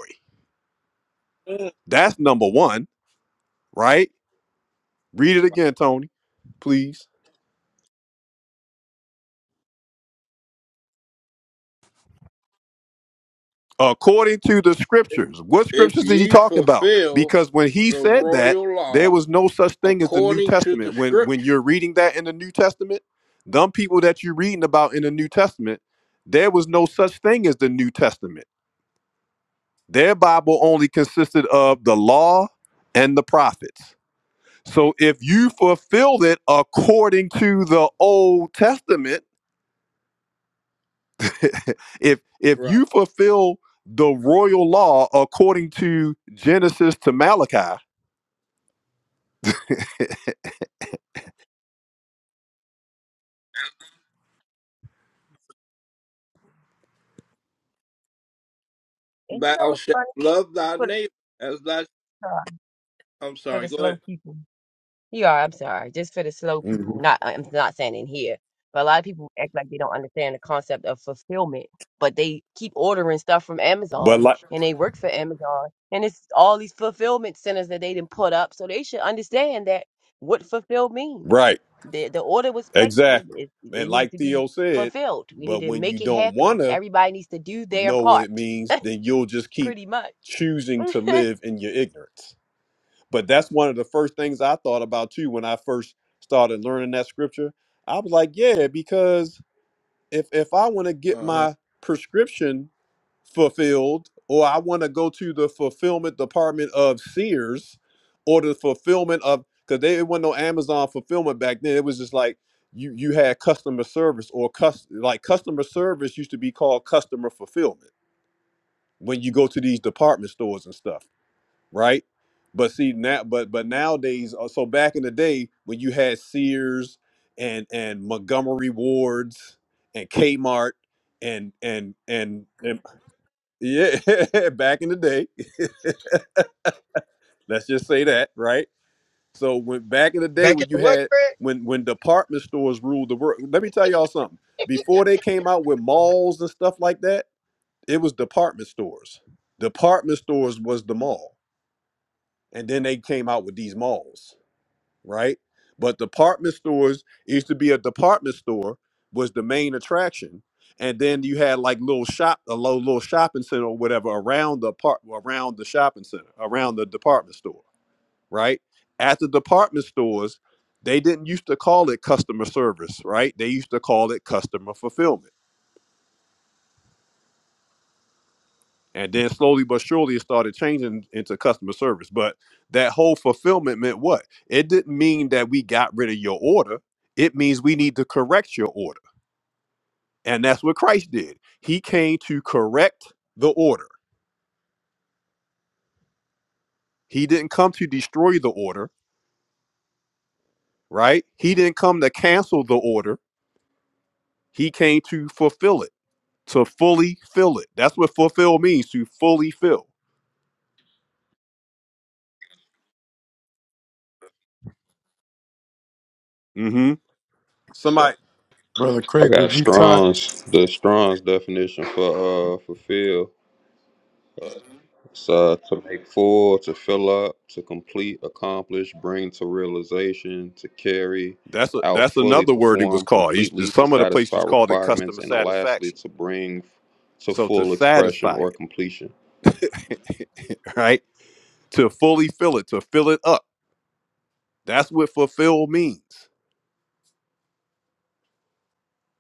F: Mm.
A: That's number one, right? Read it again, Tony, please. according to the scriptures. What
F: if
A: scriptures is he
F: you
A: talking about?
F: fulfill
A: Because when he
F: the
A: said that,
F: royal
A: there
F: law
A: was no such thing as the New
F: according to the
A: Testament. When when
F: scripture,
A: you're reading that in the New Testament, them people that you're reading about in the New Testament, there was no such thing as the New Testament. Their Bible only consisted of the law and the prophets. So if you fulfilled it according to the Old Testament, if if
F: right?
A: you fulfill the royal law according to Genesis to Malachi,
E: And you know
F: Thou
E: what's
F: shalt
E: funny
F: love thy
E: for the,
F: neighbor as thy.
E: uh,
F: I'm
E: for
F: sorry.
E: the
F: Go
E: slow
F: ahead.
E: people? You are. I'm sorry. Just for the slow people.
A: Mhm.
E: Not. I'm not saying in here, but a lot of people act like they don't understand the concept of fulfillment. But they keep ordering stuff from
A: But
E: Amazon,
A: like,
E: and they work for Amazon, and it's all these fulfillment centers that they didn't put up. So they should understand that what fulfill means.
A: right,
E: The the order was placed.
A: exactly.
E: It,
A: And
E: it needs
A: like
E: to be
A: Theo said,
E: fulfilled. We need
A: but
E: to
A: when you
E: make it
A: don't want
E: happen.
A: to
E: Everybody needs to do their
A: know what it
E: part.
A: means, then you'll just keep
E: Pretty much.
A: choosing to live in your ignorance. But that's one of the first things I thought about too when I first started learning that scripture. I was like, yeah, because if if I want to get
F: Uh-huh.
A: my prescription fulfilled, or I want to go to the fulfillment department of Sears or the fulfillment of because there wasn't no Amazon fulfillment back then. It was just like you you had customer service or cus like customer service used to be called customer fulfillment when you go to these department stores and stuff, right? But see now, but but nowadays, uh, so back in the day when you had Sears and and Montgomery Wards and Kmart and and and and, yeah, back in the day. Let's just say that, right? So when back in the day
B: Back
A: when
B: at
A: you
B: the what,
A: had
B: Craig?
A: when when department stores ruled the world, let me tell y'all something. Before they came out with malls and stuff like that, it was department stores. Department stores was the mall. And then they came out with these malls. right? But department stores it used to be a department store was the main attraction, and then you had like little shop, a low little shopping center or whatever around the part around the shopping center, around the department store, right? At the department stores, they didn't used to call it customer service, right? They used to call it customer fulfillment And then slowly but surely it started changing into customer service. But that whole fulfillment meant what? It didn't mean that we got rid of your order. It means we need to correct your order. And that's what Christ did. He came to correct the order. He didn't come to destroy the order, right? He didn't come to cancel the order. He came to fulfill it, to fully fill it. That's what fulfill means, to fully fill. hmm Somebody
N: Brother
M: I
N: Craig,
M: got
N: would you talk?
M: Strong's the Strong's definition for uh fulfill. It's uh to make full, to fill up, to complete, accomplish, bring to realization, to carry
A: That's a,
M: out
A: that's
M: fully,
A: another word it was
M: perform
A: called. You,
M: completely, to
A: some of the
M: satisfy
A: places called it
M: requirements,
A: customer
M: and lastly
A: satisfaction.
M: to bring to
A: So to
M: full expression
A: satisfy
M: or
A: it,
M: completion.
A: right? To fully fill it, to fill it up. That's what fulfill means,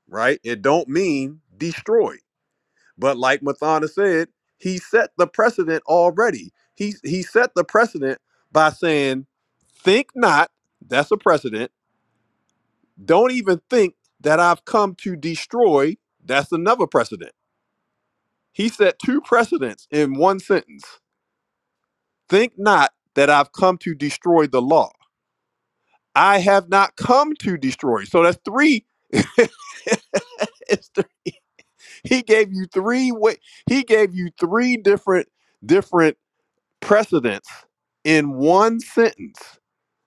A: right? It don't mean destroy. But like Mathana said, he set the precedent already. He he set the precedent by saying, "Think not." That's a precedent. Don't even think that I've come to destroy. That's another precedent. He set two precedents in one sentence Think not that I've come to destroy the law. I have not come to destroy. So that's three. It's three. He gave you three way. He gave you three different different precedents in one sentence,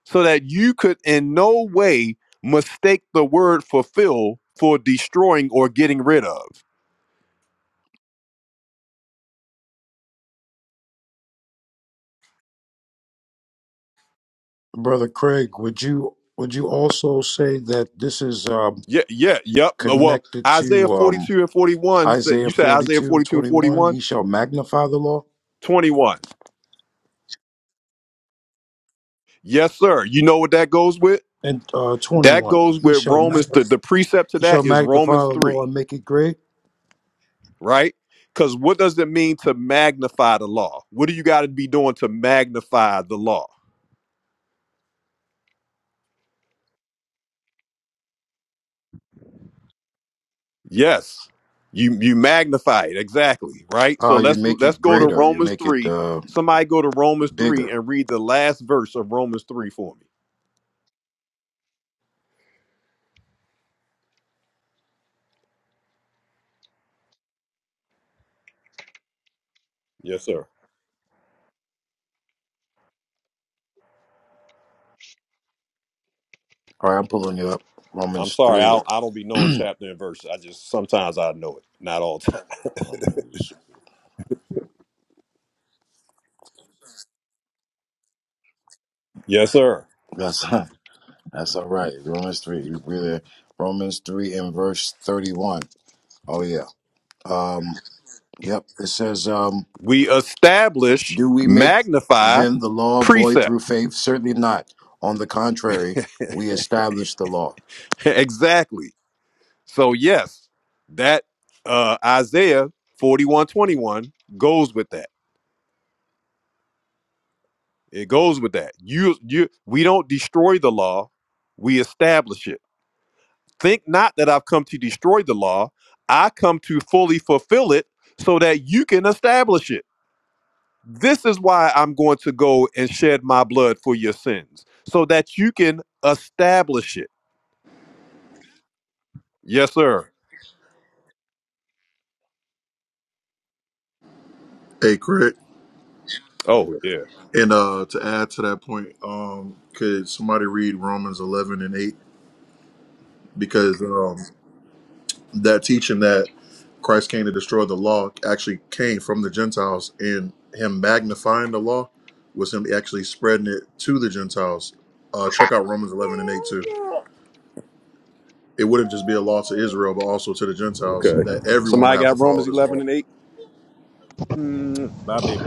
A: so that you could in no way mistake the word fulfill for destroying or getting rid of.
N: Brother Craig, would you would you also say that this is um,
A: Yeah, yeah, yep. Well,
N: connected to
A: Isaiah
N: um,
A: 42 and 41 said
N: Isaiah
A: you said
N: forty
A: Isaiah
N: two
A: 42 and
N: twenty one?
A: 41,
N: He shall magnify the law
A: twenty-one. Yes, sir. You know what that goes with?
N: and uh, twenty
A: That
N: one.
A: goes
N: He
A: with
N: shall
A: Romans. The,
N: magnify.
A: the precept to
N: He
A: that
N: shall
A: is
N: magnify
A: Romans
N: the
A: 3,
N: law and make it great.
A: right? Because what does it mean to magnify the law? What do you got to be doing to magnify the law? Yes. You you magnify it, exactly, right? So
N: Uh, you
A: let's
N: make
A: let's
N: it
A: go to
N: greater. You
A: Romans
N: make it
A: 3.
N: uh,
A: Somebody go to Romans 3
N: bigger.
A: and read the last verse of Romans 3 for me. Yes, sir.
N: All right, I'm pulling you up.
A: I'm
N: Romans
A: sorry,
N: three.
A: I, I don't be knowing chapter and verse. I just sometimes I know it, not all the time.
N: Romans.
A: Yes, sir.
N: That's that's all right. Romans three. We're there. Romans three and verse thirty one. Oh yeah. Um, Yep. It says, um,
A: We establish,
N: Do we make
A: magnify,
N: then the law void through
A: precept.
N: faith? Certainly not. On the contrary, we establish the law.
A: exactly. So yes, that uh Isaiah 4121 goes with that. It goes with that. You you we don't destroy the law, we establish it. Think not that I've come to destroy the law. I come to fully fulfill it so that you can establish it. This is why I'm going to go and shed my blood for your sins, so that you can establish it. Yes, sir.
O: Hey, Craig.
A: Oh yeah.
O: And uh, to add to that point, um, could somebody read Romans 11 and 8? Because um, that teaching that Christ came to destroy the law actually came from the Gentiles, and him magnifying the law was him actually spreading it to the Gentiles. Uh, check out Romans 11 and 8 too. It wouldn't just be a law to Israel, but also to the Gentiles
A: Okay.
O: that everyone would
A: Somebody
O: have to
A: got
O: follow
A: Romans
O: this
A: eleven
O: law.
A: and eight. Mm, bye, baby.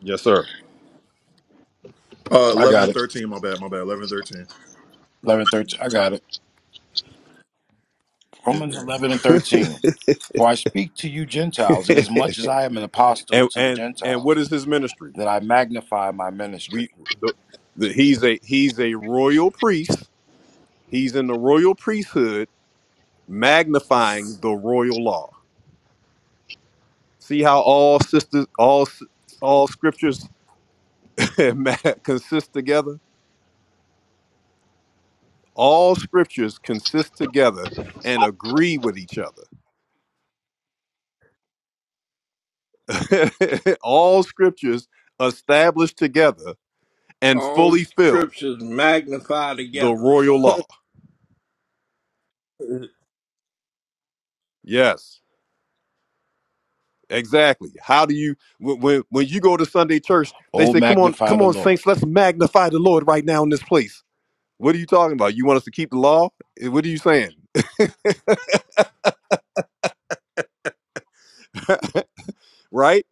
A: Yes, sir.
O: Uh,
N: I
O: 11
N: got
O: and
N: it.
O: 13, my bad, my bad, 11 and 13.
N: 11, 13. I got it. Romans 11 and 13. For I speak to you Gentiles, and as much as I am an apostle
A: and
N: to the
A: and and what
N: Gentiles,
A: is his ministry?
N: that I magnify my
A: We
N: ministry.
A: the, the, he's a he's a royal priest. He's in the royal priesthood, magnifying the royal law. See how all sisters all s- all scriptures ma- consist together. All scriptures consist together and agree with each other. all scriptures established together and
F: All
A: fully fill
F: scriptures magnify
A: the
F: together.
A: royal law. Yes, exactly. How do you when when when you go to Sunday church, they
N: Oh,
A: say, "Come on,
N: magnify
A: come
N: the
A: on,
N: Lord.
A: saints, let's magnify the Lord right now in this place." What are you talking about? You want us to keep the law? Eh, What are you saying? right?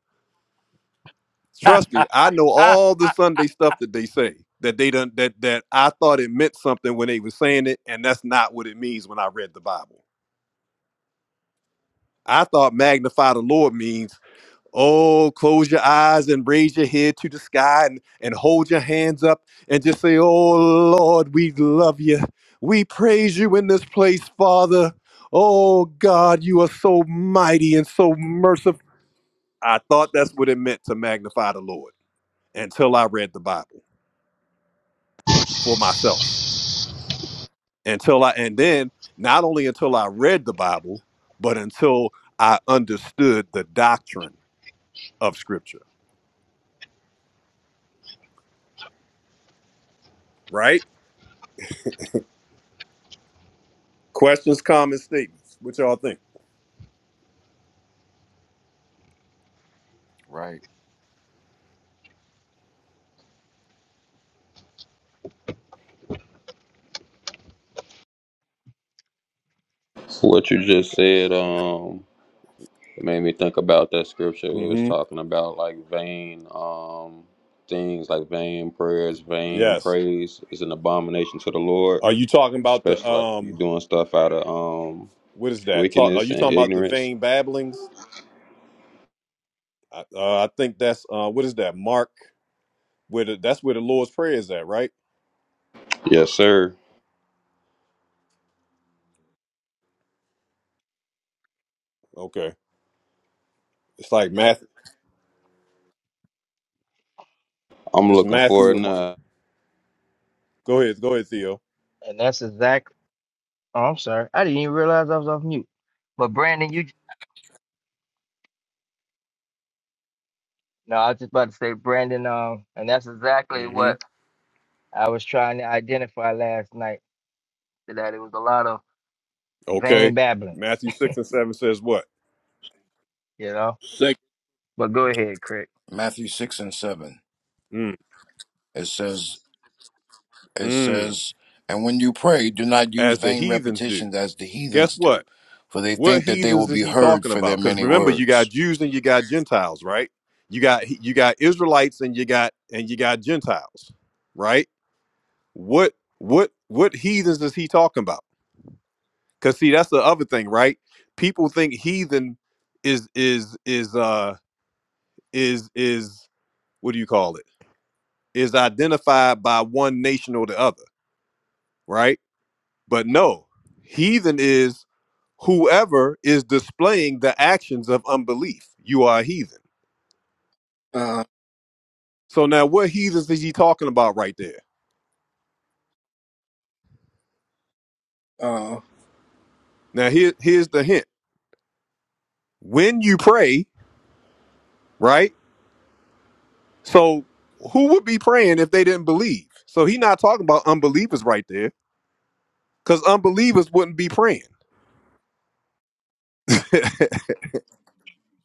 A: Trust me, I know all the Sunday stuff that they say that they done that that I thought it meant something when they were saying it, and that's not what it means when I read the Bible. I thought magnify the Lord means Oh, close your eyes and raise your head to the sky and, and hold your hands up and just say, Oh Lord, we love you. We praise you in this place, Father. Oh God, you are so mighty and so merciful. I thought that's what it meant to magnify the Lord until I read the Bible for myself. Until I, and then not only until I read the Bible, but until I understood the doctrine of Scripture, right? Questions, comments, statements. What y'all think?
N: right.
M: What you just said, um It made me think about that scripture we was
A: hmm
M: talking about, like vain um things, like vain prayers, vain
A: Yes.
M: praise is an abomination to the Lord,
A: Are you talking about the
M: especially like if you're
A: um?
M: doing stuff out of um
A: What is that? Talk. Are
M: wickedness
A: you
M: and
A: talking about the
M: ignorance.
A: vain babblings? I, uh, I think that's uh. What is that? Mark. Where the, that's where the Lord's prayer is at, right?
M: Yes, sir.
A: Okay. It's like Matthew.
M: I'm
A: It's
M: looking for it
A: Matthew. or Mark.
M: now.
A: Go ahead. Go ahead, Theo.
B: And that's exactly. Oh, I'm sorry. I didn't even realize I was off mute. But Brandon, you no, I was just about to say Brandon, um, and that's exactly
A: hmm
B: what I was trying to identify last night, that it was a lot of vain
A: Okay.
B: babbling,
A: Matthew six and seven says what?
B: you know.
F: Second,
B: But go ahead, Craig.
N: Matthew 6 and 7.
A: Mm.
N: It says, It
A: Mm.
N: says, And when you pray, do not use
A: As the
N: vain
A: heathens do.
N: repetitions as the
A: Guess
N: heathens
A: what?
N: do, for they
A: What
N: think that they will
A: heathens is
N: be
A: he
N: heard
A: talking
N: for their
A: about? Because
N: many
A: remember, you got
N: words.
A: Jews and you got Gentiles, right? You got you got Israelites and you got and you got Gentiles, right? What what what heathens is he talking about? Because see, that's the other thing, right? People think heathen is is is uh is is what do you call it? Is identified by one nation or the other, right? But no, heathen is whoever is displaying the actions of unbelief. You are a heathen
F: uh,
A: So now what heathens is he talking about right there?
F: uh,
A: Now here, here's the hint. When you pray, right? So who would be praying if they didn't believe? So he's not talking about unbelievers right there, because unbelievers wouldn't be praying.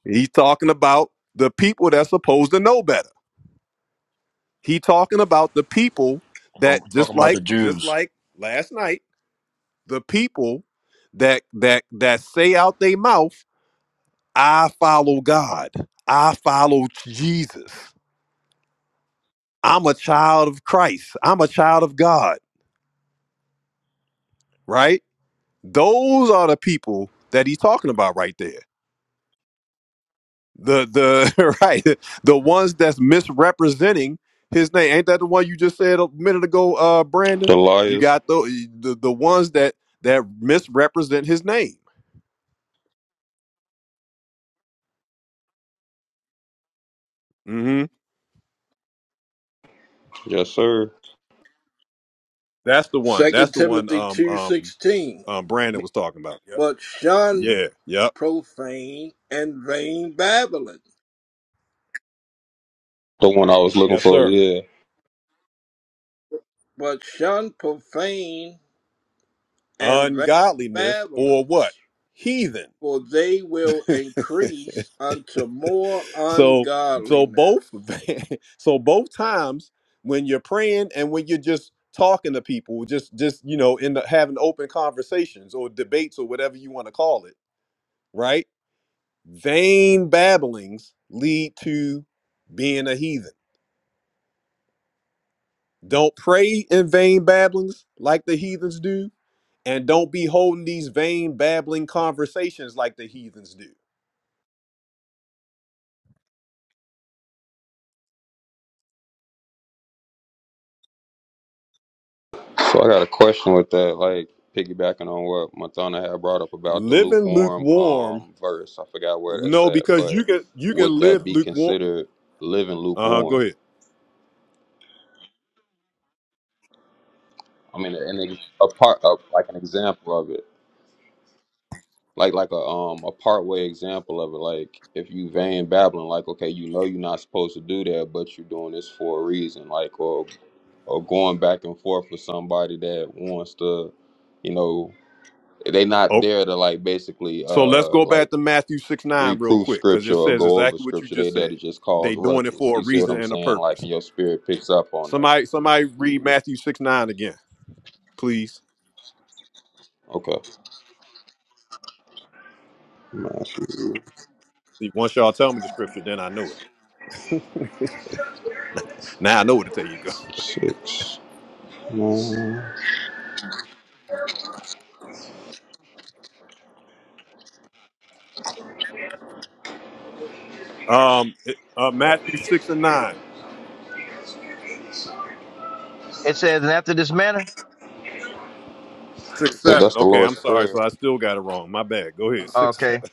A: He's talking about the people that's supposed to know better. He talking about the people
N: So I'm
A: that just
N: talking about the
A: like just
N: Jews.
A: like last night, the people that that that say out their mouth, I follow God. I follow Jesus. I'm a child of Christ. I'm a child of God, right? Those are the people that he's talking about right there. The the right the ones that's misrepresenting his name. Ain't that the one you just said a minute ago, uh, Brandon?
M: The
A: You
M: lawyers.
A: got the the, the ones that that misrepresent his name. hmm
M: Yes, sir.
A: That's the one. That's
F: Second
A: the one.
F: Timothy
A: Um,
F: two
A: um,
F: sixteen.
A: um, Brandon was talking about. Yep.
F: But shun
A: Yeah. Yep.
F: profane and vain babbling
M: The one I was looking
A: Yes,
M: for.
A: sir.
M: Yeah.
F: but shun profane and vain
A: Ungodliness or what?
F: babblings,
A: Heathen
F: for they will increase unto more
A: So so
F: ungodliness.
A: both so both times when you're praying and when you're just talking to people, just just you know, in the having open conversations or debates or whatever you want to call it, right? Vain babblings lead to being a heathen. Don't pray in vain babblings like the heathens do, and don't be holding these vain babbling conversations like the heathens do.
M: So I got a question with that, like piggybacking on what Matana had brought up about the
A: Living
M: lukewarm
A: lukewarm,
M: um verse. I forgot where that's
A: no,
M: at,
A: because you
M: but
A: can you can
M: would that
A: live
M: be
A: lukewarm.
M: considered living
A: Uh huh.
M: lukewarm?
A: Go ahead.
M: I mean, an ex- a part of like an example of it, like like a um a part way example of it. Like if you vain babbling, like okay, you know you're not supposed to do that, but you're doing this for a reason, like or or going back and forth with somebody that wants to, you know, they not
A: Oh,
M: there to like basically
A: so let's
M: uh
A: go
M: like
A: back to Matthew 6 9 real
M: reproof
A: quick, because
M: scripture
A: it
M: or
A: says
M: go over
A: exactly what you
M: scripture. They
A: just
M: there to
A: said.
M: just cause
A: They doing it
M: ruckus.
A: for a
M: You see what
A: reason
M: I'm
A: and a
M: saying?
A: purpose.
M: Like, and your spirit picks up on that.
A: Somebody somebody read Matthew 6 9 again, please.
M: Okay. Matthew
A: See, Once y'all tell me the scripture, then I know it. now I know what to tell you go.
M: six. nine. I
A: Um it- uh, Matthew 6 and nine,
B: It says, and after this manner,
A: six
M: think
A: seven.
M: that's the
A: Okay,
M: Lord's
A: I'm sorry.
M: prayer.
A: So I still got it wrong. My bad. Go ahead. 6 7.
B: okay.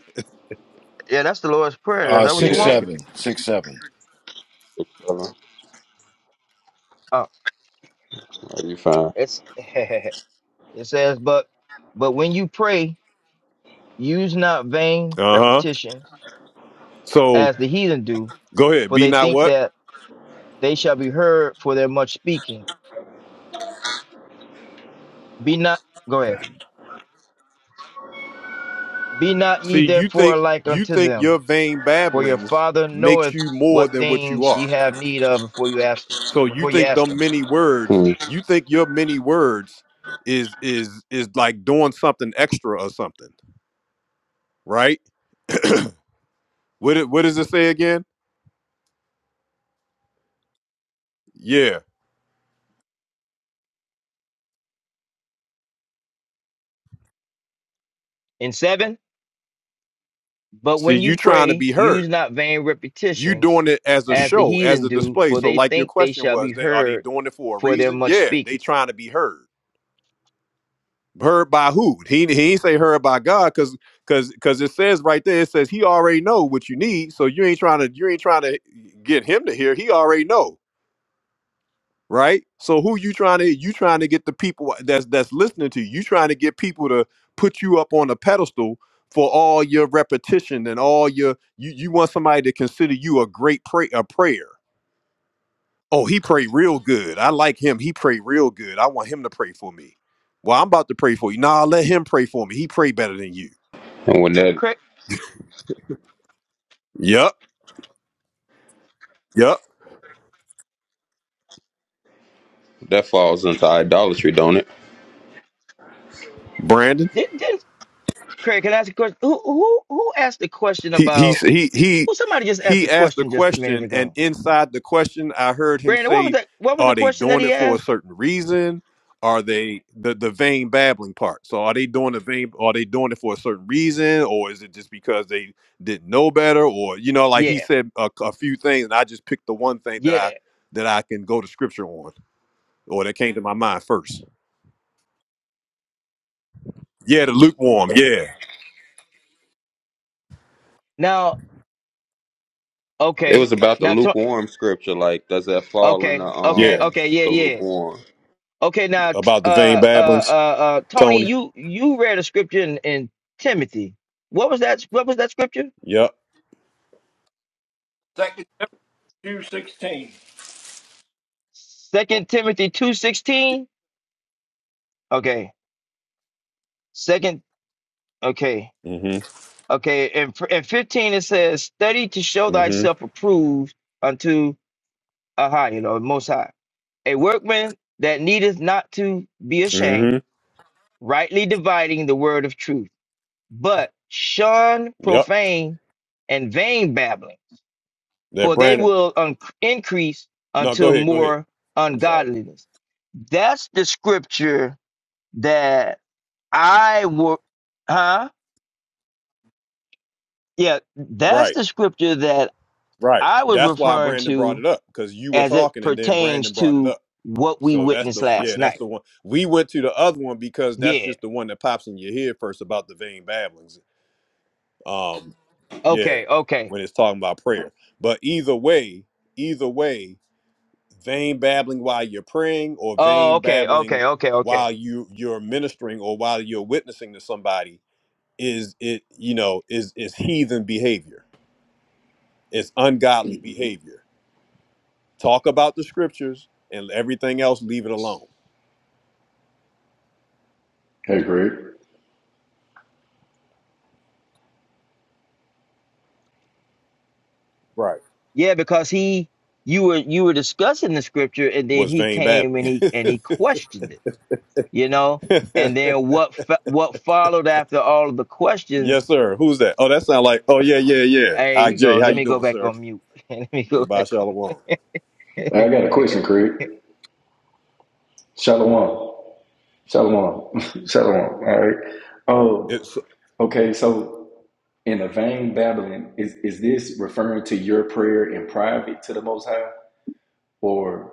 B: Yeah, that's the Lord's Prayer. Is
N: Uh,
B: that what you
N: six,
B: want?
M: Yeah.
N: seven, six, seven.
M: Six, seven.
B: Oh,
M: Are you fine?
B: it's it says, but but when you pray, use not vain
A: Uh-huh.
B: repetitions
A: So
B: as the heathen do,
A: go ahead.
B: for
A: Be
B: they
A: not
B: think
A: what?
B: that they shall be heard for their much speaking Be not go ahead. Be not ye
A: See, you
B: therefore
A: think
B: alike
A: you
B: unto
A: think
B: them,
A: your vain
B: for your
A: babblings
B: father
A: makes
B: knoweth
A: you more
B: what
A: than what you
B: things
A: are
B: ye have need of before you ask him
A: So you
B: before you
A: think
B: ask
A: them
B: him.
A: many words,
M: Hmm.
A: you think your many words is is is like doing something extra or something, right? what it, what does it say again? Yeah.
B: in seven, but
A: See,
B: when you
A: you trying to
B: pray,
A: be
B: use
A: heard.
B: not vain
A: You
B: repetitions
A: doing it as a
B: as the
A: show, as
B: heathen
A: a
B: do,
A: display.
B: for
A: So
B: they
A: like your
B: think they
A: question
B: shall be
A: was, they are they
B: heard
A: doing it for a
B: for their
A: reason?
B: much
A: Yeah,
B: speaking.
A: they trying to be heard. Heard by who? He he ain't say heard by God cuz cuz cuz it says right there it says he already know what you need, so you ain't trying to you ain't trying to get him to hear. He already know. right? So who you trying to you trying to get the people that's that's listening to you. You trying to get people to put you up on a pedestal for all your repetition and all your you you want somebody to consider you a great pray a prayer. Oh, he prayed real good. I like him. He prayed real good. I want him to pray for me. Well, I'm about to pray for you. Nah, let him pray for me. He prayed better than you.
M: And when that
B: Craig
A: Yep. Yep.
M: that falls into idolatry, don't it?
A: Brandon.
B: did, did Craig, can I ask a question? Who who who asked the question
A: He he
B: about
A: he he
B: who somebody just asked the
A: he asked a
B: question just a minute
A: question, and
B: ago?
A: inside the question, I heard him
B: Brandon, what was
A: say,
B: that what was the
A: "Are they
B: question that
A: doing
B: he
A: it for a
B: asked?
A: certain reason? Are they the the vain babbling part? So are they doing the vain? Are they doing it for a certain reason, or is it just because they didn't know better? Or you know, like he
B: Yeah,
A: said a, a few things, and I just picked the one thing that I
B: yeah.
A: that I can go to scripture on, or that came to my mind first. Yeah, the lukewarm. Yeah,
B: Now
M: It
B: Okay.
M: was about the
B: Now, to-
M: lukewarm scripture. Like, does that fall in the
B: okay, okay,
A: yeah,
M: um
B: okay, yeah,
M: the
B: yeah.
M: lukewarm?
B: Okay, now, t-
A: about the vain
B: uh, uh,
A: babblings,
B: uh, uh, Tony,
A: Tony.
B: you you read a scripture in, in Timothy. What was that? What was that scripture?
A: Yep.
F: Second Timothy 16.
B: Second Timothy two sixteen. Okay, second. Okay,
A: Mm-hmm.
B: okay. And f- and fifteen it says, "Study to show
A: Mm-hmm.
B: thyself approved unto a high, you know, Most High, a workman that needeth not to be
A: Mm-hmm.
B: ashamed, rightly dividing the word of truth." but shun
A: Yep.
B: profane and vain babblings,
A: That
B: for they
A: Brandon.
B: will un- increase
A: No, go
B: until
A: ahead. Go ahead.
B: more
A: I'm sorry.
B: ungodliness. That's the scripture that I were, huh? Yeah, that's
A: Right.
B: the scripture that
A: Right.
B: I was
A: That's why
B: referring
A: Brandon brought
B: to
A: it up because you were
B: as it
A: talking and then
B: pertains
A: Brandon brought it
B: to
A: up.
B: what we
A: So that's
B: witnessed
A: the
B: last
A: yeah, that's
B: night.
A: the one. We went to the other one because that's
B: Yeah.
A: just the one that pops in your head first about the vain babblings. Um, yeah,
B: Okay. Okay.
A: when it's talking about prayer. But either way, either way, vain babbling while you're praying or
B: Oh,
A: vain
B: okay.
A: babbling
B: Okay. Okay. Okay.
A: while you you're ministering or while you're witnessing to somebody is it you know is is heathen behavior it's ungodly behavior talk about the scriptures and everything else leave it alone
P: Hey, Craig.
A: Right.
B: Yeah, because he you were you were discussing the scripture and then
A: was
B: he
A: vain
B: came and
A: babbling
B: he and he questioned it, you know? And then what fo- what followed after all of the questions?
A: yes sir who's that oh that sound like oh yeah yeah yeah
B: There you go.
A: ij how
B: Let
A: you
B: me go
A: doing
B: back
A: sir
B: on mute. Let me go
A: goodbye
B: back on.
A: shalom
P: I got a question, Craig. Shalom. Shalom. Shalom. All right.
A: It,
P: Oh, okay. So, in the vain babbling, is, is this referring to your prayer in private to the Most High? Or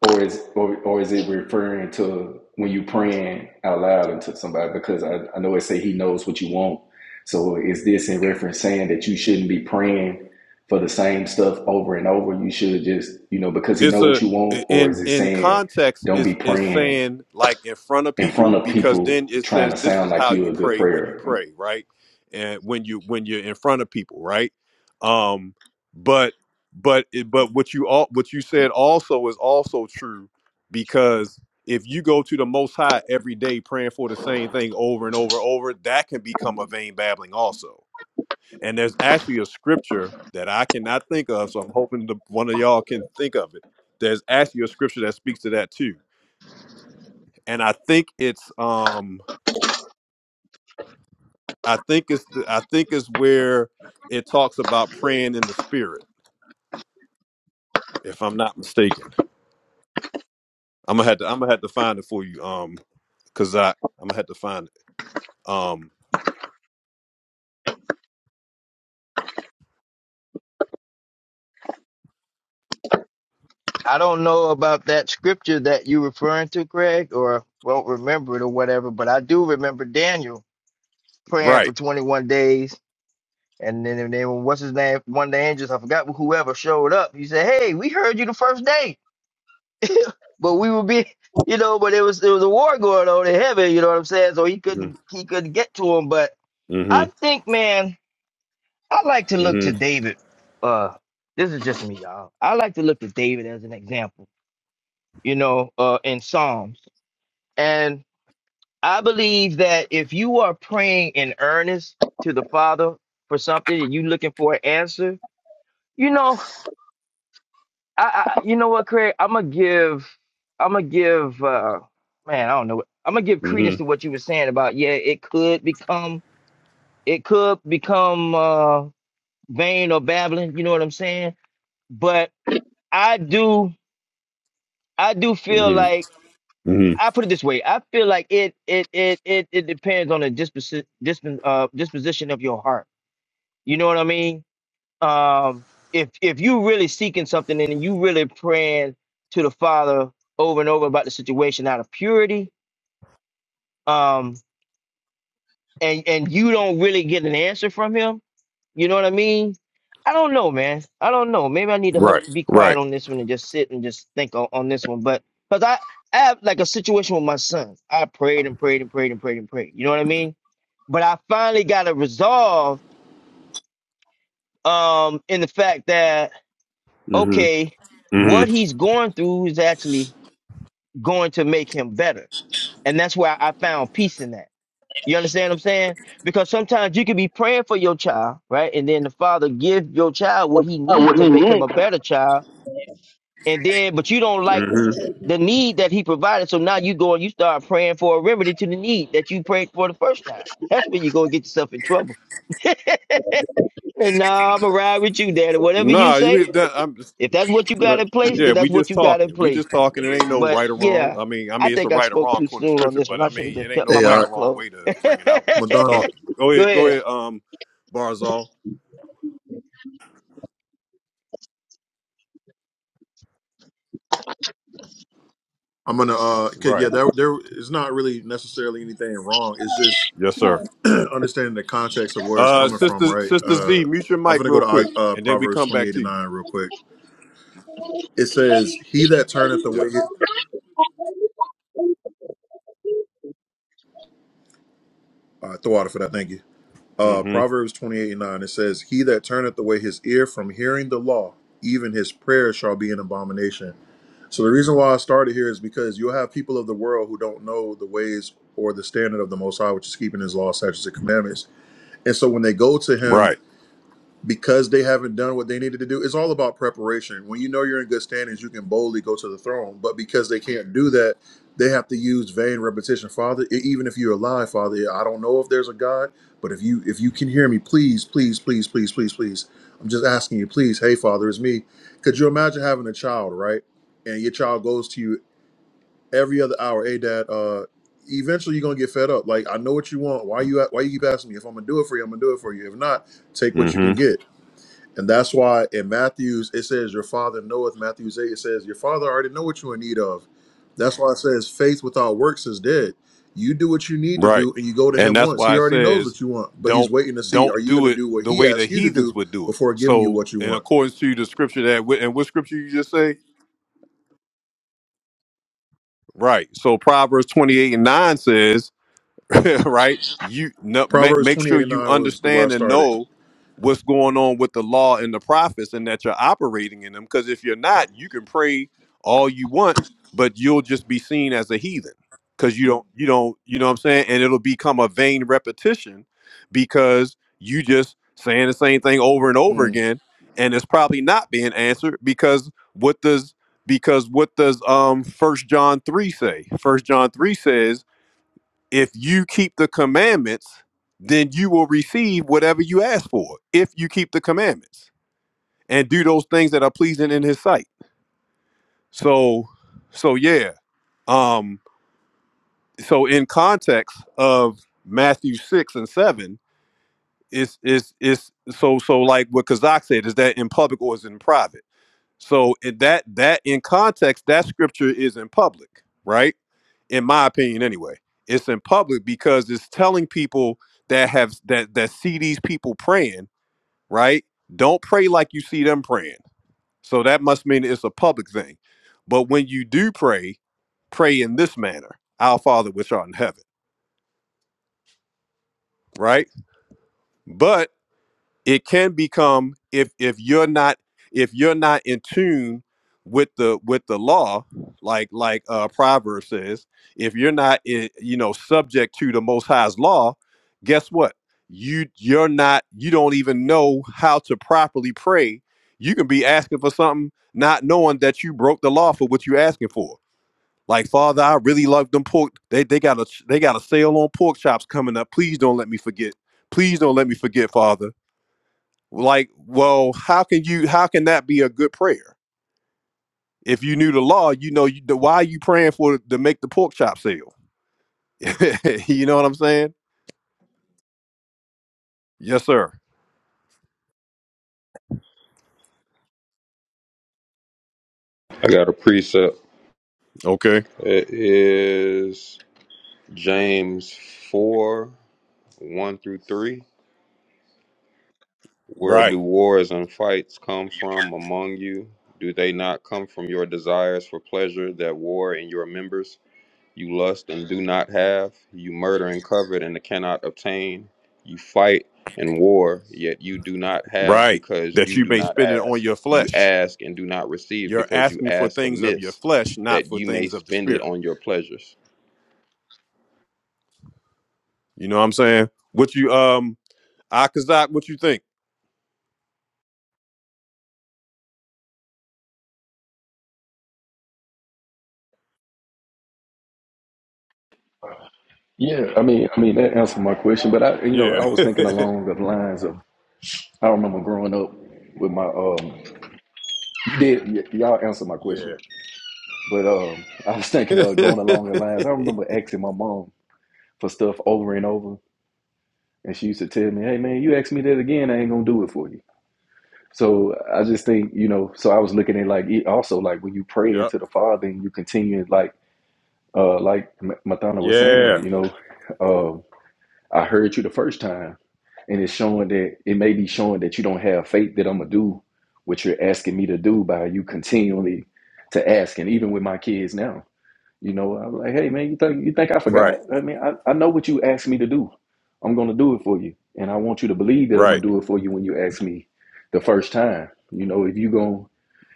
P: or is or, or is it referring to when you praying out loud into somebody because I, I know it say he knows what you want so is this in reference saying that you shouldn't be praying for the same stuff over and over you should just you know because he
A: it's
P: know what
A: a
P: you want or
A: in
P: is it
A: in
P: saying
A: context
P: don't be
A: is is
P: praying
A: saying like in front of
P: in front
A: people
P: of
A: because then
P: people
A: it
P: trying
A: says
P: to
A: this
P: sound
A: is
P: like
A: how
P: you
A: you
P: a good
A: pray when you
P: prayer
A: pray right and when you when you're in front of people right um but but it, but what you all what you said also is also true because if you go to the most high every day praying for the same thing over and over and over that can become a vain babbling also and there's actually a scripture that I cannot think of, so I'm hoping the, one of y'all can think of it. There's actually a scripture that speaks to that too, and I think it's um I think it's the, I think it's where it talks about praying in the spirit, if I'm not mistaken. I'm gonna have to I'm gonna have to find it for you, um, cause I I'm gonna have to find it. Um,
B: I don't know about that scripture that you're referring to, Craig, or won't remember it or whatever, but I do remember Daniel praying for
A: right.
B: 21 days. And then, and then what's his name? One of the angels, I forgot whoever showed up. He said, Hey, we heard you the first day but we would be, you know, but it was there was a war going on in heaven, you know what I'm saying? So he
A: Mm-hmm.
B: couldn't he couldn't get to him. But I
A: Mm-hmm.
B: think, man, I like to look to
A: Mm-hmm.
B: David. Uh, this is just me, y'all. I like to look to David as an example, you know, uh, in Psalms. And I believe that if you are praying in earnest to the Father for something and you looking for an answer, you know. I, I you know what, Craig? I'm gonna give, I'm gonna give, uh, man, I don't know. I'm gonna give credence to
A: Mm-hmm.
B: what you were saying about yeah, it could become, it could become uh, vain or babbling. You know what I'm saying? But I do, I do feel
A: Mm-hmm.
B: like
A: Mm-hmm.
B: I put it this way. I feel like it, it, it, it, it depends on the disposition, disp, uh, disposition of your heart. You know what I mean? um, if if you really seeking something and you really praying to the Father over and over about the situation out of purity, um, and and you don't really get an answer from Him, you know what I mean? I don't know, man. I don't know. Maybe I need to hush,
A: Right.
B: be quiet
A: Right.
B: on this one, and just sit and just think on, on this one. But because I, I have like a situation with my son, I prayed and prayed and prayed and prayed and prayed. You know what I mean? But I finally got a resolve um, in the fact that
A: Mm-hmm.
B: okay, what
A: Mm-hmm.
B: he's going through is actually going to make him better. And that's where I found peace in that. You understand what I'm saying? Because sometimes you can be praying for your child, right? And then the father give your child what he
L: I
B: need to
L: wouldn't
B: make him
L: even
B: a better child. And then, but you don't like
A: Mm-hmm.
B: the need that he provided. So now you go and you start praying for a remedy to the need that you prayed for the first time. That's where you go get yourself in trouble. And now I'm gonna ride with you, daddy. Whatever you
A: No, you
B: say,
A: mean that? I'm
B: If that's what you got
A: But
B: in place,
A: yeah,
B: then
A: we
B: that's what
A: just
B: you got in
A: talking. We
B: place.
A: just
B: Eh,
A: talking. It
B: eh,
A: ain't no
B: But
A: right or wrong.
B: yeah,
A: I mean, I
B: I
A: mean, it's a
B: think I
A: right or
B: spoke
A: wrong
B: too
A: according to
B: soon on
A: scripture,
B: this
A: but
B: one.
A: I
B: I should have
A: mean, it
B: just
A: ain't
B: kept
A: no
B: my
O: Hey,
A: right
O: uh,
A: or
B: mouth
A: wrong
B: closed.
A: way to
B: Go
A: bring it out. We just
O: Madonna.
A: talking. Go ahead, go
B: ahead.
A: ahead, um, Barzal.
O: I'm gonna uh, 'cause, yeah,
A: Right.
O: there there is not really necessarily anything wrong. It's just
A: Yes, sir.
O: understanding the context of where it's
A: Uh,
O: coming
A: sister,
O: from, right?
A: sister
O: Uh,
A: Z, mute your
O: I'm
A: mic
O: gonna go
A: real quick,
O: to uh,
A: and then we
O: Proverbs
A: come back
O: 28
A: to
O: and
A: you.
O: 9 real quick. It says, "He that turneth away
A: Yes.
O: his uh, throw out for that. Thank you." Uh,
A: Mm-hmm.
O: Proverbs 28 and 9. It says, "He that turneth away his ear from hearing the law, even his prayer shall be an abomination." So the reason why I started here is because you'll have people of the world who don't know the ways or the standard of the Most High, which is keeping His law, statutes, and commandments. And so when they go to Him
A: Right.
O: because they haven't done what they needed to do. It's all about preparation. When you know you're in good standings, you can boldly go to the throne. But because they can't do that, they have to use vain repetition. Father, e- even if you're alive, Father, I don't know if there's a God, but if you if you can hear me, please, please, please, please, please, please. I'm just asking you, please, hey Father, it's me. Could you imagine having a child, right? And your child goes to you every other hour, hey dad, uh, eventually you're gonna get fed up. Like, I know what you want. Why you at, why you keep asking me? If I'm gonna do it for you, I'm gonna do it for you. If not, take what you can
A: Mm-hmm.
O: get and that's why in Matthew's, it says, Your father knoweth, Matthew's 8, it says, Your father already know what you're in need of. That's why it says, Faith without works is dead. You do what you need to
A: Right.
O: do and you go to
A: And
O: him
A: that's
O: once. He
A: why it
O: already knows
A: says,
O: what you want, but he's
A: don't
O: waiting to see, Are
A: don't
O: you going
A: do
O: to
A: it
O: do what
A: the
O: he
A: way the
O: asks you to
A: heathens
O: do
A: would do it.
O: before giving you
A: So,
O: what you
A: in
O: want?
A: accordance to the scripture that, and what scripture you just say? Right. So Proverbs 28 and 9 says, right? You no, make,
O: Proverbs
A: make
O: 28
A: sure
O: and
A: you
O: 9 was the where I
A: understand and
O: started.
A: know what's going on with the law and the prophets and that you're operating in them. Because if you're not, you can pray all you want, but you'll just be seen as a heathen because you don't, you don't, you know what I'm saying? And it'll become a vain repetition because you just saying the same thing over and over
O: Mm.
A: again. And it's probably not being answered because what does because what does um first john 3 say first john 3 says if you keep the commandments, then you will receive whatever you ask for if you keep the commandments and do those things that are pleasing in his sight. So so yeah. Um so in context of Matthew 6 and 7 it's it's it's so so like what Kazak said is that in public or is it in private. So in that that in context that scripture is in public, right? in my opinion anyway it's in public because it's telling people that have that that see these people praying right don't pray like you see them praying so that must mean it's a public thing but when you do pray pray in this manner our father which art in heaven right but it can become if if you're not if you're not in tune with the with the law like like uh proverb says if you're not i- you know subject to the most high's law guess what you you're not you don't even know how to properly pray you can be asking for something not knowing that you broke the law for what you're asking for like father i really love them pork they they got a they got a sale on pork chops coming up please don't let me forget please don't let me forget father like well how can you how can that be a good prayer if you knew the law you know you, the, why are you praying for to make the pork chop sale you know what i'm saying yes sir
M: I got a precept.
A: okay
M: It is James four one through three. Where do
A: right
M: wars and fights come from among you? Do they not come from your desires for pleasure that war in your members? You lust and do not have. You murder and covet and cannot obtain. You fight and war, yet you do not have
A: right
M: because
A: that
M: you
A: you
M: do
A: may
M: not
A: spend it on
M: ask.
A: your
M: You
A: flesh
M: ask and do not receive
A: you're
M: because you
A: asking for
M: ask
A: things of your
M: amiss,
A: flesh not
M: that
A: for
M: you may
A: things of the
M: spend it
A: spirit
M: on your pleasures.
A: you know what i'm saying what you um akazak what you think
P: Yeah, I mean, I mean that answered my question, but I, you know,
A: yeah
P: I was thinking along the lines of I remember growing up with my um. You did y- y'all answered my question? But um, I was
A: yeah
P: thinking of going along the lines. I remember asking my mom for stuff over and over, and she used to tell me, "Hey man, you ask me that again, I ain't gonna do it for you." So I just think, you know, so I was looking at like it also like when you pray
A: yep
P: into the Father and you continue like uh like M- Mathana was saying,
A: yeah
P: you know, um, I heard you the first time, and it's showing that it may be showing that you don't have faith that I'm gonna do what you're asking me to do by you continually to ask, and even with my kids now. You know, I was like, hey man, you think you think I forgot?
A: right
P: I mean, I, I know what you asked me to do. I'm gonna do it for you. And I want you to believe that I'm gonna
A: right
P: do it for you when you ask me the first time. You know, if you gonna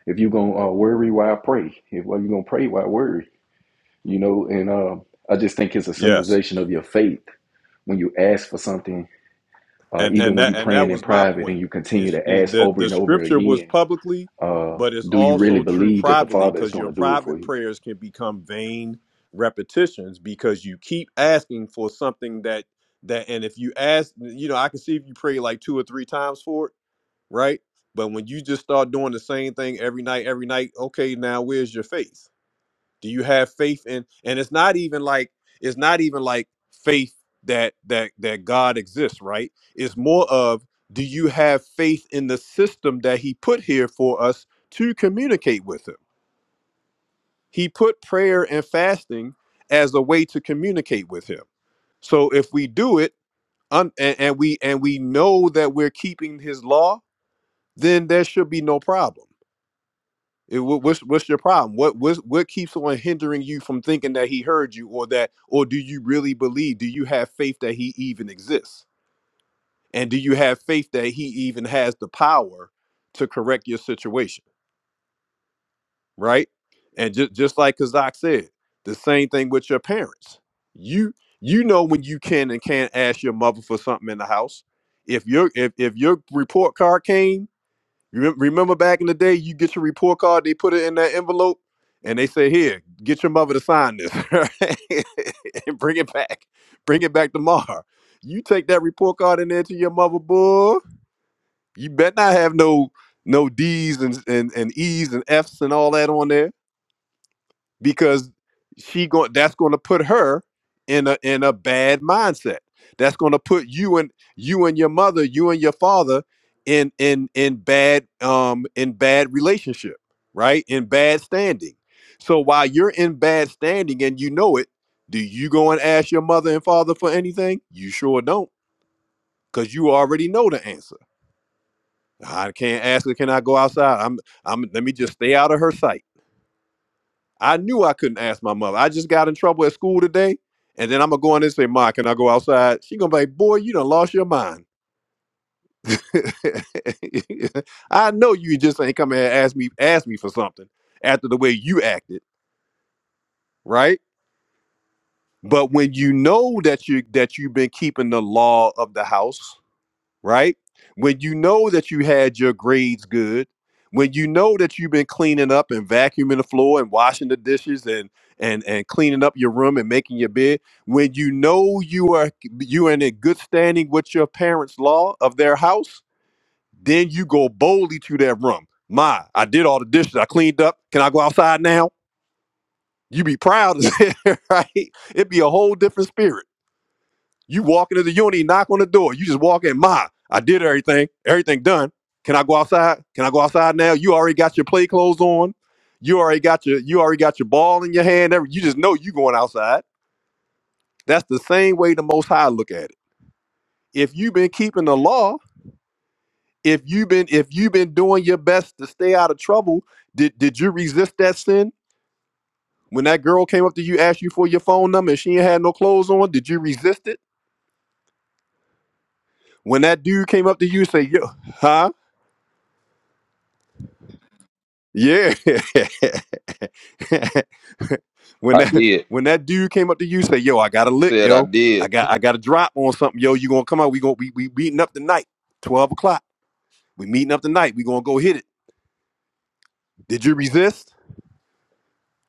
P: if you gonna uh, worry why pray, if well, you gonna pray why worry, you know, and um I just think it's a
A: yes
P: symbolization of your faith when you ask for something, uh,
A: and
P: even
A: and
P: when you
A: that and that
P: praying in
A: was my
P: private
A: point
P: and you continue
A: is
P: to
A: is
P: ask
A: the
P: over
A: the
P: and over
A: scripture was
P: again,
A: publicly
P: uh,
A: but it's
P: do you really
A: also true
P: believe that the
A: privately
P: Father is
A: because your
P: gonna do it for
A: private
P: you?
A: prayers can become vain repetitions because you keep asking for something that that and if you ask you know i can see if you pray like two or three times for it right but when you just start doing the same thing every night every night okay now where's your faith do you have faith in and it's not even like it's not even like faith that that that god exists right it's more of do you have faith in the system that he put here for us to communicate with him he put prayer and fasting as a way to communicate with him so if we do it un, and, and we and we know that we're keeping his law then there should be no problem It- wha- what's what's your problem? What what what keeps on hindering you from thinking that he heard you, or that, or do you really believe? Do you have faith that he even exists, and do you have faith that he even has the power to correct your situation? Right, and just just like Kazak said, the same thing with your parents. You you know when you can and can't ask your mother for something in the house. If your if if your report card came Remem- Remember back in the day, you get your report card, they put it in that envelope, and they say, "Here, get your mother to sign this, right? and bring it back. Bring it back tomorrow." You take that report card in there to your mother, boy. You bet not have no no D's and and, and E's and F's and all that on there because she going that's going to put her in a in a bad mindset. That's going to put you and you and your mother, you and your father in in in bad um in bad relationship, right? In bad standing. So while you're in bad standing and you know it, do you go and ask your mother and father for anything? You sure don't cuz you already know the answer. I can't ask her, can I go outside? I'm I'm let me just stay out of her sight I knew I couldn't ask my mother. I just got in trouble at school today. And then I'm gonna go in and say, Ma, can I go outside? She gonna be like, boy, you done lost your mind. I know you just ain't come here and ask me ask me for something after the way you acted, right? But when you know that you that you've been keeping the law of the house, right? When you know that you had your grades good, when you know that you've been cleaning up and vacuuming the floor and washing the dishes and and and cleaning up your room and making your bed, when you know you are you are in a good standing with your parents' law of their house, then you go boldly to their room. My, I did all the dishes. I cleaned up. Can I go outside now? You be proud, right? It'd be a whole different spirit you walk into the unit, knock on the door. You just walk in, Ma, I did everything. Everything done. Can I go outside? Can I go outside now? You already got your play clothes on. You already got your you already got your ball in your hand. every- You just know you going outside. That's the same way the most high look at it. If you've been keeping the law, if you've been if you've been doing your best to stay out of trouble, did did you resist that sin? When that girl came up to you, asked you for your phone number, and she ain't had no clothes on, did you resist it? When that dude came up to you, say, "Yo, huh? Yeah. when
M: I
A: that
M: did.
A: when that dude came up to you, say, yo, I got a lick,
M: Said I
A: yo.
M: did.
A: I got I got a drop on something, yo. You gonna come out, we gonna we we meeting up tonight, 12 o'clock. We meeting up tonight. We gonna go hit it. Did you resist?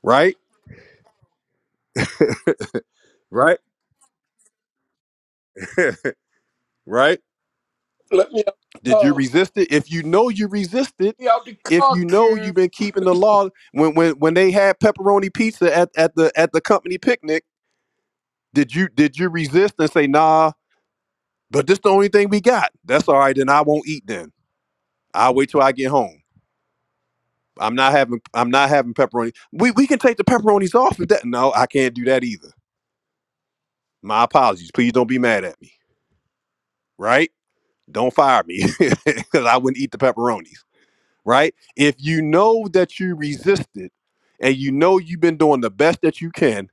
A: Right? Right? right?
F: Let me
A: Did you
F: uh
A: resist it? If you know you resisted,
F: me out the
A: if
F: car
A: you know you've
F: cube.
A: been keeping the law, when when when they had pepperoni pizza at, at the at the company picnic, did you did you resist and say, nah? But this the only thing we got. That's all right. Then I won't eat. Then I'll wait till I get home. I'm not having. I'm not having pepperoni. We we can take the pepperonis off. If that no, I can't do that either. My apologies. Please don't be mad at me. Right? Don't fire me because I wouldn't eat the pepperonis. Right? If you know that you resisted, and you know you've been doing the best that you can,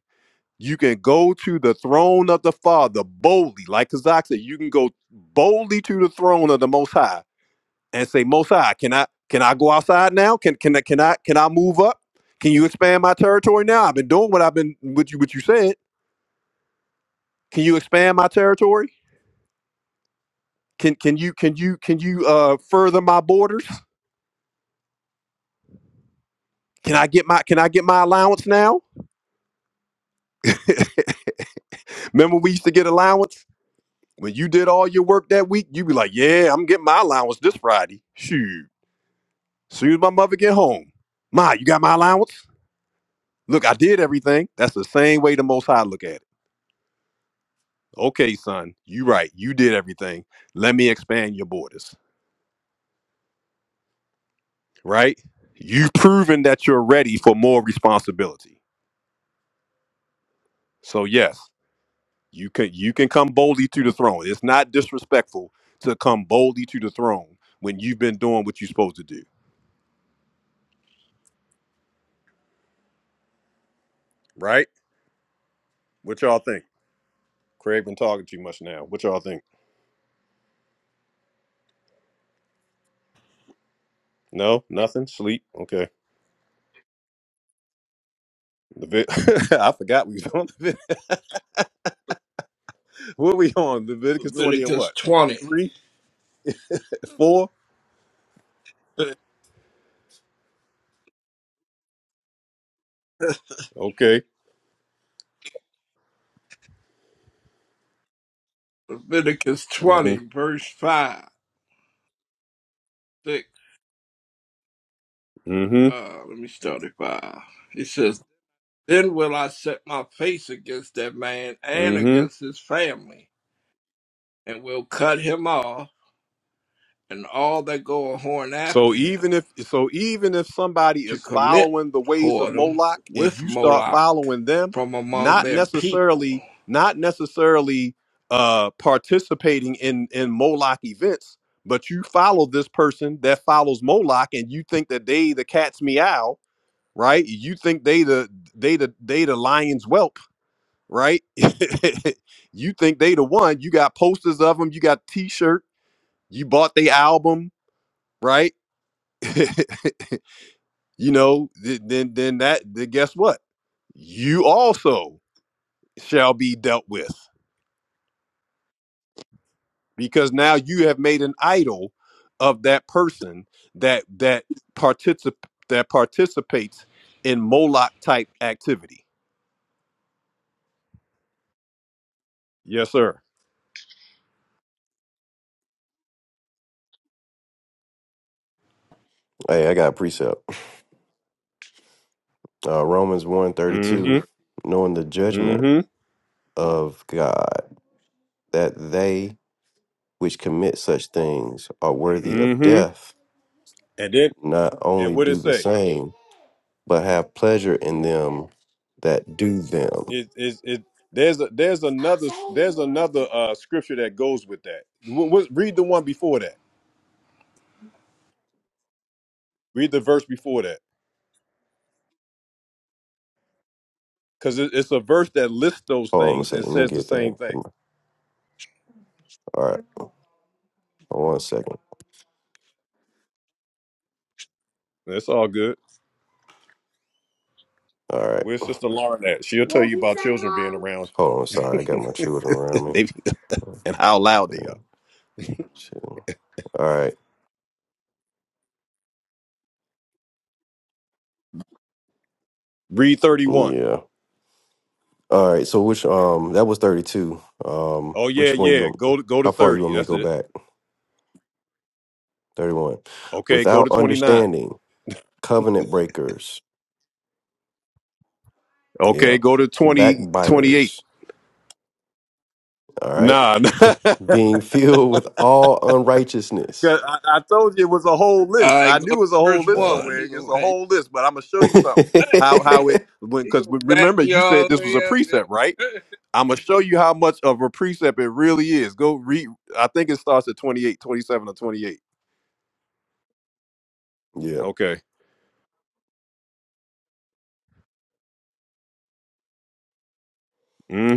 A: you can go to the throne of the Father boldly, like Kazak said. You can go boldly to the throne of the Most High and say, Most High, can I can I go outside now? Can can I can I can I move up? Can you expand my territory now? I've been doing what I've been what you what you said. Can you expand my territory? Can can you can you can you uh further my borders? Can I get my can I get my allowance now? Remember we used to get allowance? When you did all your work that week, you'd be like, Yeah, I'm getting my allowance this Friday. Shoot. Soon as my mother get home. Ma, you got my allowance? Look, I did everything. That's the same way the most high look at it. okay, son, you right. You did everything. Let me expand your borders, right? You've proven that you're ready for more responsibility. So yes, you can you can come boldly to the throne. It's not disrespectful to come boldly to the throne when you've been doing what you're supposed to do, right? What y'all think? Craig been talking too much now. What y'all think? No, nothing. Sleep. Okay. Levit- I forgot we was on Levit- What we on? Leviticus 20 and
F: Leviticus
A: what?
F: twenty.
A: Three? Four? Okay.
F: Leviticus
A: Mm-hmm.
F: twenty, verse five, six.
A: hmm
F: Uh, let me start at five. He says, "Then will I set my face against that man and
A: hmm
F: against his family, and will cut him off." and all that go a horn
A: So
F: after him,
A: even if so even if somebody
F: to
A: is
F: commit
A: following the ways of
F: whoredom
A: Moloch and
F: with
A: you start
F: Moloch
A: following them,
F: from among
A: not
F: their people.
A: necessarily not necessarily uh participating in in Moloch events, but you follow this person that follows Moloch and you think that they the cat's meow, right? You think they the they the they the lion's whelp, right? you think they the one. You got posters of them, you got t-shirt, you bought the album, right? you know, th- then then that then guess what? You also shall be dealt with because now you have made an idol of that person that that particip that participates in Moloch type activity. Yes, sir.
G: Hey, I got a precept. Uh, Romans one thirty two,
A: Mm-hmm.
G: knowing the judgment
A: Mm-hmm.
G: of God, that they which commit such things are worthy of
A: Mm-hmm.
G: death,
A: And then
G: not
A: and
G: only
A: what it
G: do the
A: say?
G: same, but have pleasure in them that do them.
A: It is it, it there's a, there's another there's another uh scripture that goes with that. What, what, read the one before that. Read the verse before that. because it, it's a verse that lists those
G: Hold on a
A: things and
G: second. Let me
A: says the
G: get there.
A: same thing.
G: Come on. All right. Hold on One second.
A: It's all good.
G: All right.
A: Where's Sister Lauren at? She'll tell
G: What
A: you
G: you
A: about
G: say,
A: children being
G: Mom?
A: around
G: Hold on. Sorry. I got my children around me.
A: They-
G: One,
A: and how loud
G: three,
A: they are.
G: two. All right.
A: Read 31.
G: Yeah. All right. So which um that was thirty two. Um,
A: Oh yeah,
G: which one you
A: yeah.
G: want?
A: Go to go to
G: How far you
A: 30.
G: want me to
A: That's
G: go
A: it.
G: back? Thirty one.
A: Okay, go
G: Without
A: to 29.
G: understanding, covenant breakers. Yeah,
A: Okay, go to twenty twenty-eight.
G: backbiters. All
A: 28.
G: right.
A: Nah,
G: Being filled with all unrighteousness.
A: 'Cause I, I told you it was a whole list.
F: I
A: I
F: go
A: knew
F: to
A: it was a whole
F: verse
A: list
G: All
F: one.
A: somewhere.
F: He
A: It's
F: goes,
A: a
F: hey,
A: whole list, but I'm gonna
G: right.
A: show you something.
F: he
A: How
F: go
A: how it went
F: he
A: because
F: go back
A: remember you said
F: y'all
A: this was
F: way
A: a
F: up.
A: precept, right?
F: Yo.
A: I'm gonna show you how much of a precept it really is. Go read. I think it starts at twenty eight, twenty seven, or 28.
G: yeah.
A: Okay.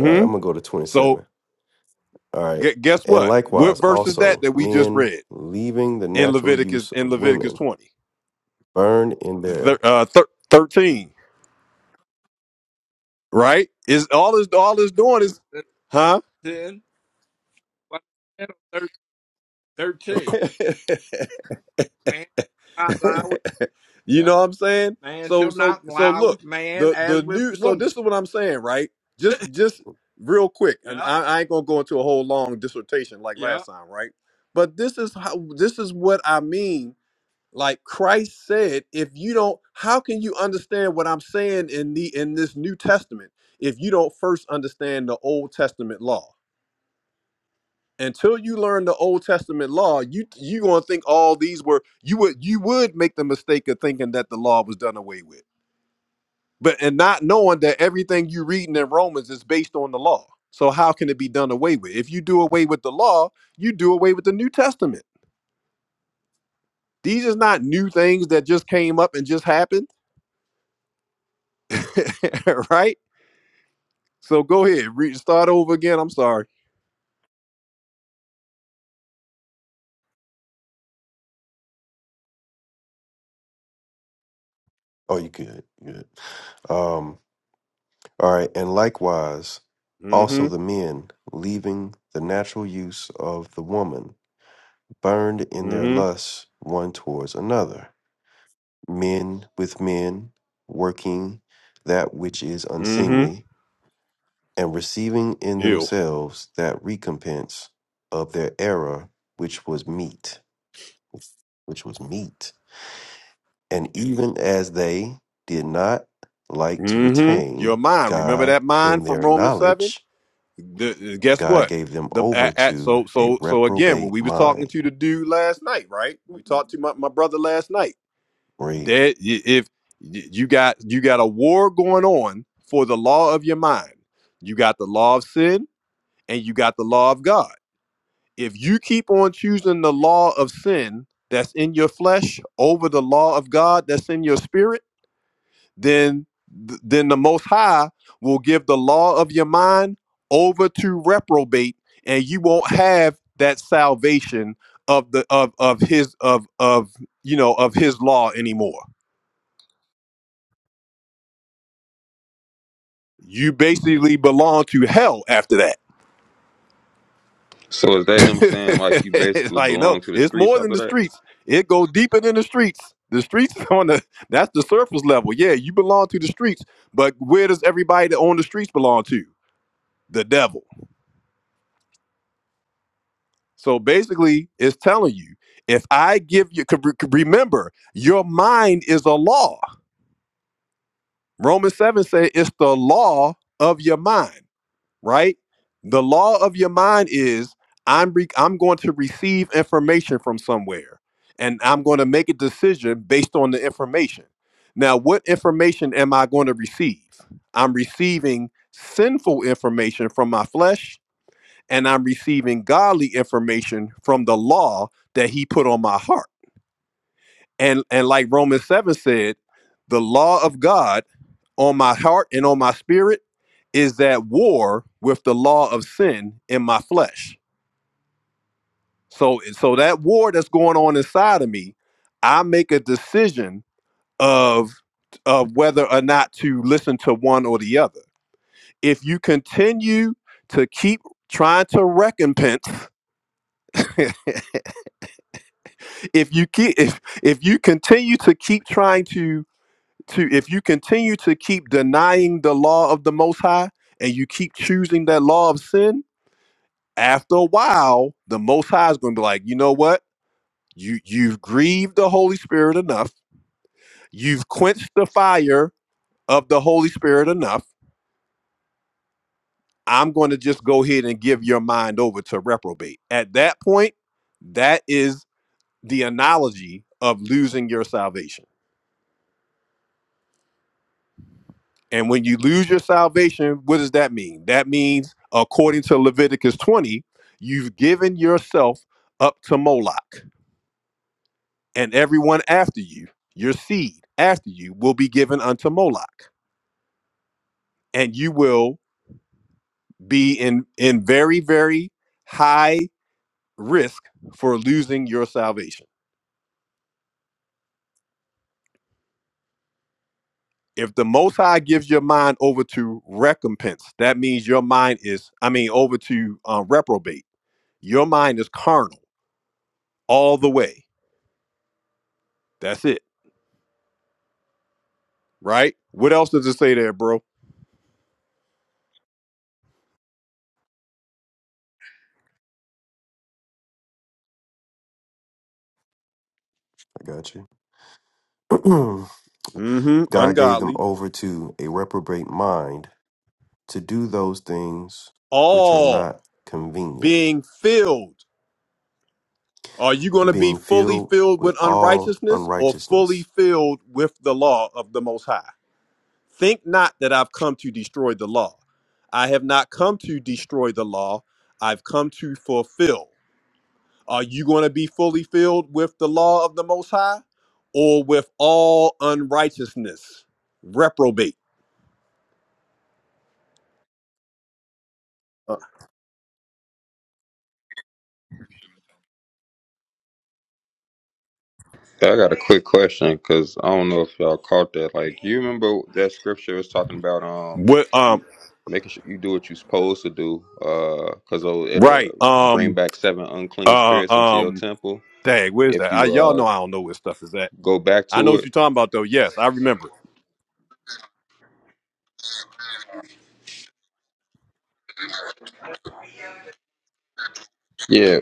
G: All right. I'm gonna go to twenty
A: So
G: seven. All right.
A: gu- guess
G: And
A: what? What
G: likewise,
A: verse is that
G: also
A: that we just
G: men
A: read
G: leaving the
A: in
G: natural
A: Leviticus
G: use
A: in
G: of
A: Leviticus
G: women,
A: 20,
G: burned in
A: Thir-
G: their.
A: uh, thir- 13? Right? Is all is all is doing is, huh?
F: Ten, what, ten or thir- thirteen. Man shall not lie with
A: you
F: yeah.
A: know what I'm saying?
F: Man
A: So
F: shall
A: so
F: not
A: so
F: lie
A: look,
F: with man
A: the
F: as
A: the
F: with
A: new so this
F: woman.
A: is what I'm saying, right? Just just real quick, and
F: Yeah,
A: I, I ain't gonna go into a whole long dissertation like
F: yeah.
A: last time, right? But this is how this is what I mean. Like Christ said, if you don't, how can you understand what I'm saying in the in this New Testament if you don't first understand the Old Testament law? until you learn the Old Testament law, you you gonna think all these were you would you would make the mistake of thinking that the law was done away with, but and not knowing that everything you reading in Romans is based on the law. So how can it be done away with? If you do away with the law, you do away with the New Testament. These is not new things that just came up and just happened, right? So go ahead, re- start over again. I'm sorry.
G: Oh, you good? You Good. Um. All right, and likewise also
A: Mm-hmm.
G: the men, leaving the natural use of the woman, burned in their
A: Mm-hmm.
G: lusts one towards another, men with men, working that which is
A: Mm-hmm.
G: unseemly, and receiving in
A: You.
G: themselves that recompense of their error which was meet, which was meet. And even as they did not like to
A: Mm-hmm. Your
G: retain
A: mind. Remember
G: God
A: that
G: in
A: mind from
G: their
A: Romans seven
G: knowledge,
A: The, guess
G: God
A: what?
G: gave them
A: The
G: over
A: at, at,
G: to
A: so
G: a
A: so so again, when
G: reprobate
A: we was talking
G: mind.
A: to the dude last night, right? We talked to my, my brother last night.
G: Right?
A: That y- if y- you got you got a war going on for the law of your mind, you got the law of sin and you got the law of God. If you keep on choosing the law of sin that's in your flesh over the law of God that's in your spirit then th- then the most high will give the law of your mind over to reprobate and you won't have that salvation of the of of his of of you know of his law anymore you basically belong to hell after that
M: So is that him saying like you
A: it's
M: basically
A: like no
M: belong to the
A: it's
M: streets
A: more than
M: after
A: the
M: that?
A: streets it goes deeper than the streets the streets on the that's the surface level yeah you belong to the streets but where does everybody that own the streets belong to the devil So basically, it's telling you if I give you, re- 'cause remember, your mind is a law. Romans 7 says it's the law of your mind, right? The law of your mind is I'm, re- I'm going to receive information from somewhere and I'm going to make a decision based on the information. Now, what information am I going to receive? I'm receiving sinful information from my flesh and I'm receiving godly information from the law that he put on my heart. And and like Romans 7 said, the law of God on my heart and on my spirit is that war with the law of sin in my flesh. So so that war that's going on inside of me, I make a decision of of whether or not to listen to one or the other. If you continue to keep trying to recompense if you keep if if you continue to keep trying to to if you continue to keep denying the law of the most high and you keep choosing that law of sin after a while the most high is going to be like you know what you you've grieved the holy spirit enough you've quenched the fire of the holy spirit enough i'm going to just go ahead and give your mind over to reprobate at that point that is the analogy of losing your salvation And when you lose your salvation, what does that mean? That means, according to Leviticus 20, you've given yourself up to Moloch, and everyone after you, your seed after you, will be given unto Moloch. And you will be in, in very, very high risk for losing your salvation. If the Most High gives your mind over to recompense, that means your mind is, I mean, over to uh, reprobate. Your mind is carnal all the way. That's it right? What else does it say there, bro?
G: I got you.
A: Mm-hmm.
G: God gave them
A: Ungodly.
G: over to a reprobate mind to do those things which are
A: All
G: not convenient,
A: being filled. Are you going to be
G: being
A: fully
G: filled
A: filled with
G: with all
A: unrighteousness or fully
G: unrighteousness.
A: filled with the law of the Most High? Think not that I've come to destroy the law. I have not come to destroy the law. I've come to fulfill. Are you going to be fully filled with the law of the Most High or with all unrighteousness? Reprobate. Uh,
M: Yeah, I got a quick question because I don't know if y'all caught that. Like, you remember that scripture was talking about um
A: What um
M: making sure you do what you're supposed to do, uh, because it'll, it'll
A: right.
M: bring
A: Um
M: back seven unclean
A: Uh,
M: spirits into your
A: um,
M: temple
A: dang, where's
M: if
A: that? I,
M: you
A: y'all
M: uh
A: know I don't know where stuff is at.
M: go back
A: I know
M: to
A: what
M: it.
A: you're talking about though. Yes, I remember it.
M: Yeah,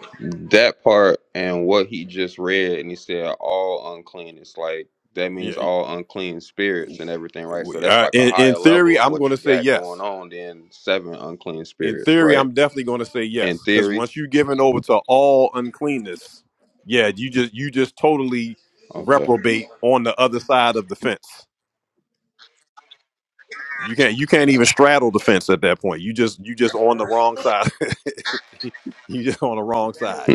M: that part and what he just read, and he said all unclean. It's like that means
A: Yeah,
M: all unclean spirits and everything, right? So
A: we-
M: that's
A: uh,
M: like a
A: in in
M: higher level
A: theory,
M: of
A: I'm going
M: what
A: to
M: you
A: say
M: got going
A: yes.
M: on than seven unclean
A: In
M: spirits,
A: theory,
M: right?
A: I'm definitely going to say
M: In
A: yes because
M: theory.
A: once you're given over to all uncleanness, yeah, you just you just totally
M: Okay.
A: reprobate on the other side of the fence. You can't you can't even straddle the fence at that point. You just you just on the wrong side. you just on the wrong side,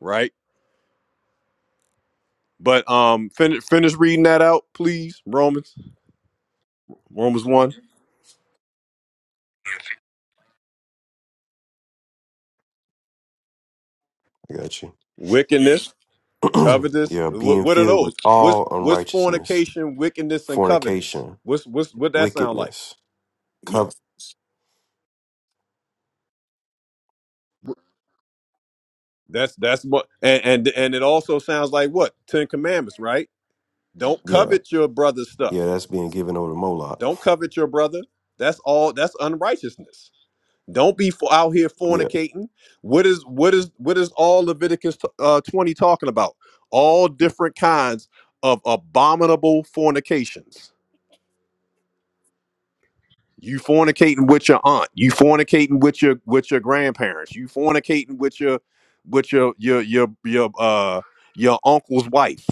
A: right? But um, fin- finish reading that out, please, Romans. Romans one,
G: I got you.
A: wickedness, covetous.
G: yeah,
A: What,
G: being
A: what are
G: filled with
A: those? What's
G: all
A: what's
G: unrighteousness,
A: fornication, wickedness, and covetous?
G: fornication,
A: What's what's what that sound like?
G: wickedness, cov-
A: That's that's what and and, and it also sounds like what Ten Commandments, right? Don't
G: yeah,
A: covet your brother's stuff.
G: yeah, that's being given over to Moloch.
A: Don't covet your brother. That's all. That's unrighteousness. Don't be for, out here
G: Yeah,
A: fornicating. What is what is what is all Leviticus t- uh, twenty talking about? All different kinds of abominable fornications You fornicating with your aunt. You fornicating with your with your grandparents. You fornicating with your with your your your your uh your uncle's wife,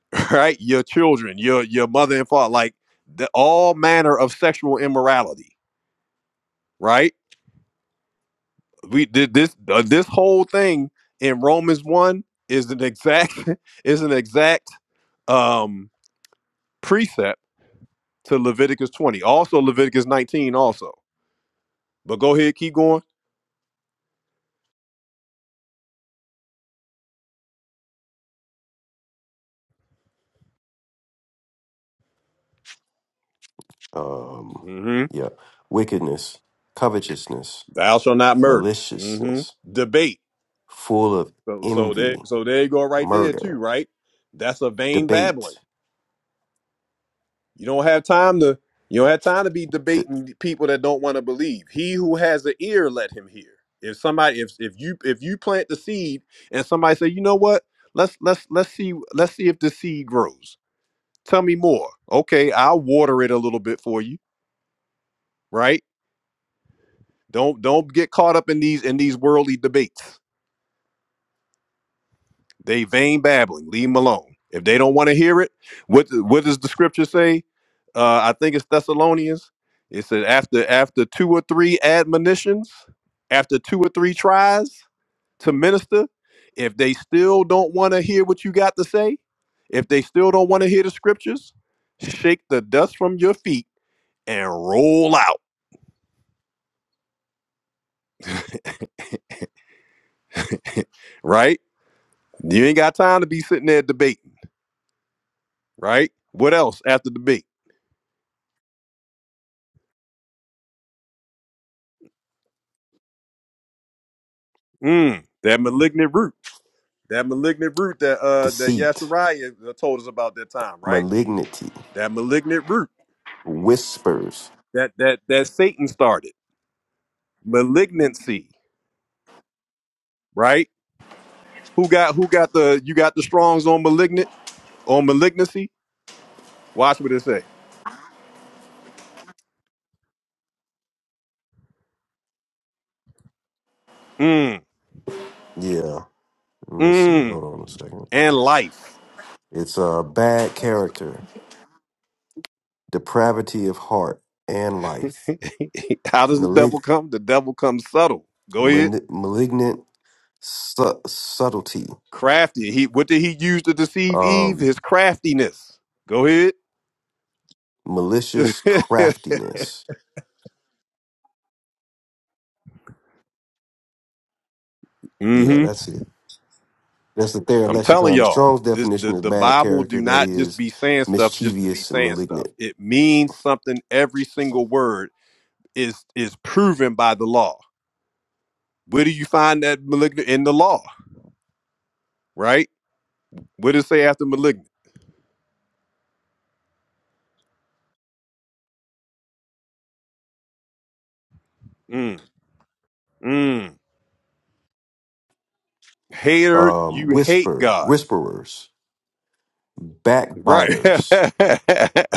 A: right? Your children, your your mother and father, like the, all manner of sexual immorality, right? We did this uh, this whole thing in Romans one is an exact is an exact um precept to Leviticus twenty, also Leviticus nineteen, also. But go ahead, keep going.
G: um
A: Mm-hmm.
G: yeah wickedness covetousness
A: Thou shall not murder. hmm
G: maliciousness
A: Debate.
G: full of
A: So so
G: envy
A: there so there you go right there
G: murder
A: too, right? That's a vain babbling.
G: debate
A: You don't have time to you don't have time to be
G: de-
A: debating people that don't want to believe. He who has an ear, let him hear. If somebody if if you if you plant the seed and somebody say, you know what? Let's let's let's see let's see if the seed grows. Tell me more. Okay, I'll water it a little bit for you, right? Don't don't get caught up in these in these worldly debates They vain babbling. Leave them alone. If they don't want to hear it, what what does the scripture say? Uh, I think it's Thessalonians. It said after after two or three admonitions, after two or three tries to minister, if they still don't want to hear what you got to say, if they still don't want to hear the scriptures, shake the dust from your feet and roll out. Right? You ain't got time to be sitting there debating. Right? What else after debate? Mm, that malignant root. That malignant root that uh that
G: deceit
A: Yashariah uh, told us about that time, right?
G: malignity
A: That malignant root
G: whispers
A: that that that Satan started. Malignancy, right? Who got who got the you got the strongs on malignant on malignancy? Watch what it say. Mm,
G: yeah let me see
A: mm,
G: hold on a second
A: and life.
G: it's a uh, bad character depravity of heart and life
A: How does the
G: malig-
A: devil come? The devil comes subtle. Go ahead.
G: mani- malignant su- subtlety
A: Crafty. He what did he use to deceive Eve?
G: um
A: His craftiness. Go ahead.
G: malicious craftiness yeah
A: mm-hmm.
G: that's it That's the Thayer
A: I'm telling
G: lexicon. The
A: y'all,
G: Strong's
A: this the,
G: definition is
A: the
G: bad
A: Bible
G: character
A: do
G: that
A: not just
G: is
A: be saying stuff just to be
G: mischievous and
A: saying
G: malignant.
A: stuff. It means something. Every single word is is proven by the law. Where do you find that malignant in the law? Right? What does it say after malignant? Mm, mm. Hater,
G: Um,
A: you hate
G: whisper,
A: God.
G: whisperers,
A: Right.
G: backbiters,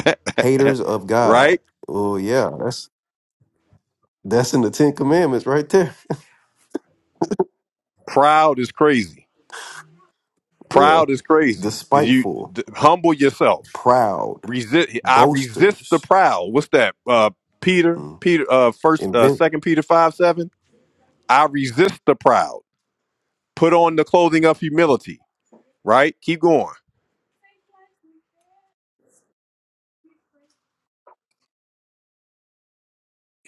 G: haters of God.
A: right?
G: Oh yeah, that's that's in the Ten Commandments right there.
A: Proud is crazy.
G: Yeah,
A: Proud is crazy. You
G: despiteful,
A: d- humble yourself.
G: proud,
A: Resist. I resist the
G: boasters,
A: proud. What's that? Uh, Peter.
G: mm.
A: Peter. Uh, first. Uh,
G: invent.
A: second Peter five seven. I resist the proud. Put on the clothing of humility. Right. Keep going.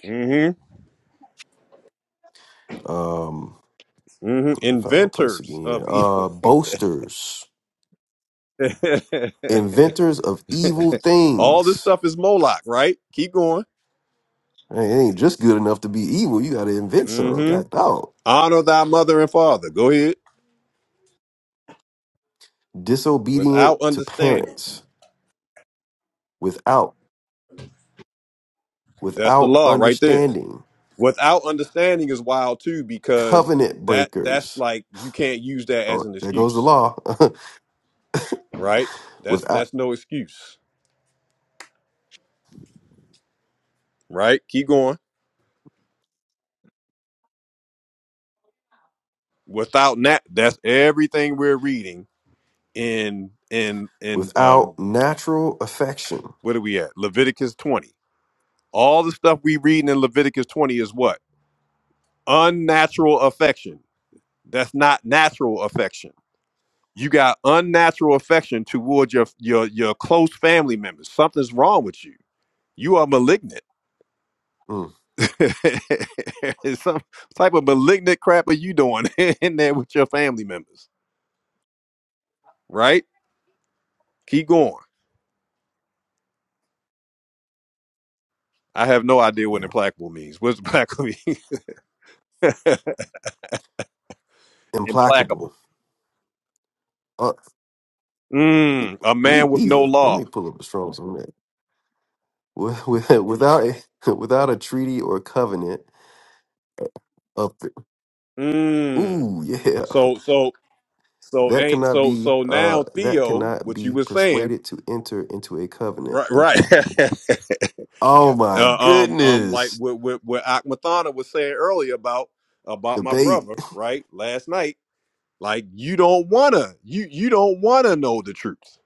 A: Mm-hmm.
G: Um,
A: Mm-hmm.
G: let me find my place
A: Inventors
G: again.
A: of evil.
G: Uh, boasters, inventors of evil
A: All this
G: things.
A: stuff is Moloch. Right. Keep going.
G: Hey, It ain't just good enough to be evil. You got to invent some.
A: mm-hmm.
G: God dog.
A: Honor thy mother and father. Go ahead.
G: Disobedient
A: Without
G: to
A: understanding.
G: parents without
A: That's the
G: without
A: law right there.
G: understanding.
A: Without understanding is wild too because
G: Covenant
A: that that's
G: breakers.
A: like you can't use that as
G: Oh,
A: an
G: there goes the
A: excuse.
G: law.
A: right? That's
G: without
A: that's no excuse, right? Keep going. Without that, that's everything we're reading in in in um
G: without natural affection.
A: what are we at? Leviticus 20. All the stuff we reading in Leviticus 20 is what? Unnatural affection. That's not natural affection. You got unnatural affection toward your your your close family members. Something's wrong with you. You are malignant.
G: Mm,
A: Some type of malignant crap are you doing in there with your family members? right? Keep going. I have no idea what
G: yeah.
A: implacable means. What's implacable mean?
G: Implacable.
A: implacable.
G: Uh, me
A: Mm, a
G: me
A: man with no
G: either. Let
A: law.
G: me pull up the Strong's on that. With- with- Without without a treaty or covenant of
A: Mm.
G: ooh yeah
A: So so so
G: that
A: ain't
G: cannot
A: so
G: be
A: so
G: uh
A: now
G: that
A: Theo,
G: cannot
A: what you
G: be
A: were saying,
G: persuaded to enter into a covenant
A: right? Right.
G: implacable oh my
A: uh, um um like
G: goodness
A: what what what Akmathana was saying earlier about about my
G: debate
A: brother, right? Last night, like you don't wanna you you don't wanna know the truth.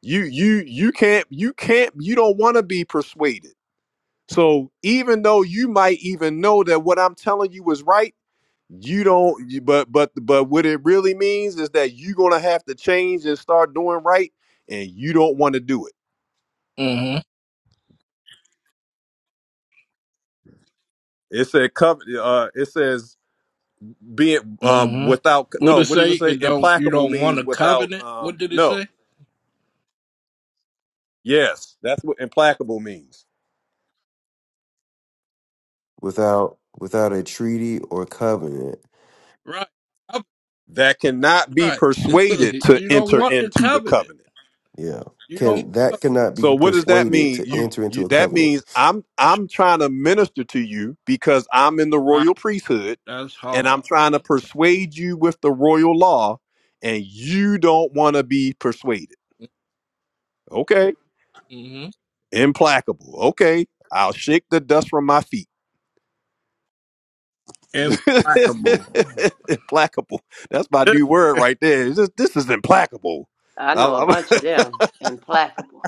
A: You you you can't you can't you don't wanna be persuaded So even though you might even know that what I'm telling you is right, you don't. You, but but but what it really means is that you're gonna have to change and start doing right, and you don't want to do it.
F: Mm-hmm.
A: It said covet. Uh, it says being um without
F: Mm-hmm. What
A: no.
F: did it
A: What does it
F: say?
A: say?
F: It don't. You
A: Implacable
F: don't want
A: means
F: a
A: without
F: covenant. What
A: um
F: did it say?
A: no. Yes, that's what implacable means.
G: without without a treaty or covenant
F: Right. Covenant,
A: That cannot be
F: Right.
A: persuaded to
F: you don't
A: enter
F: want the
A: into the
F: covenant.
A: covenant.
G: yeah
F: You don't
G: can that
F: want
G: cannot be
A: So what
F: you
A: does
F: don't
A: that
G: persuaded
A: mean?
G: to
A: You
F: want.
G: enter
A: you
G: into a
A: that
G: covenant
A: means I'm I'm trying to minister to you because I'm in the
F: Wow,
A: royal priesthood
F: that's
A: and I'm
F: hard.
A: trying to persuade you with the royal law and you don't want to be persuaded. Okay?
F: Mm-hmm.
A: Implacable. Okay. I'll shake the dust from my feet.
F: Implacable.
A: implacable. That's my new word right there. It's just- this is implacable.
E: I
A: i
E: know a bunch of
A: I'm-
E: them. Implacable.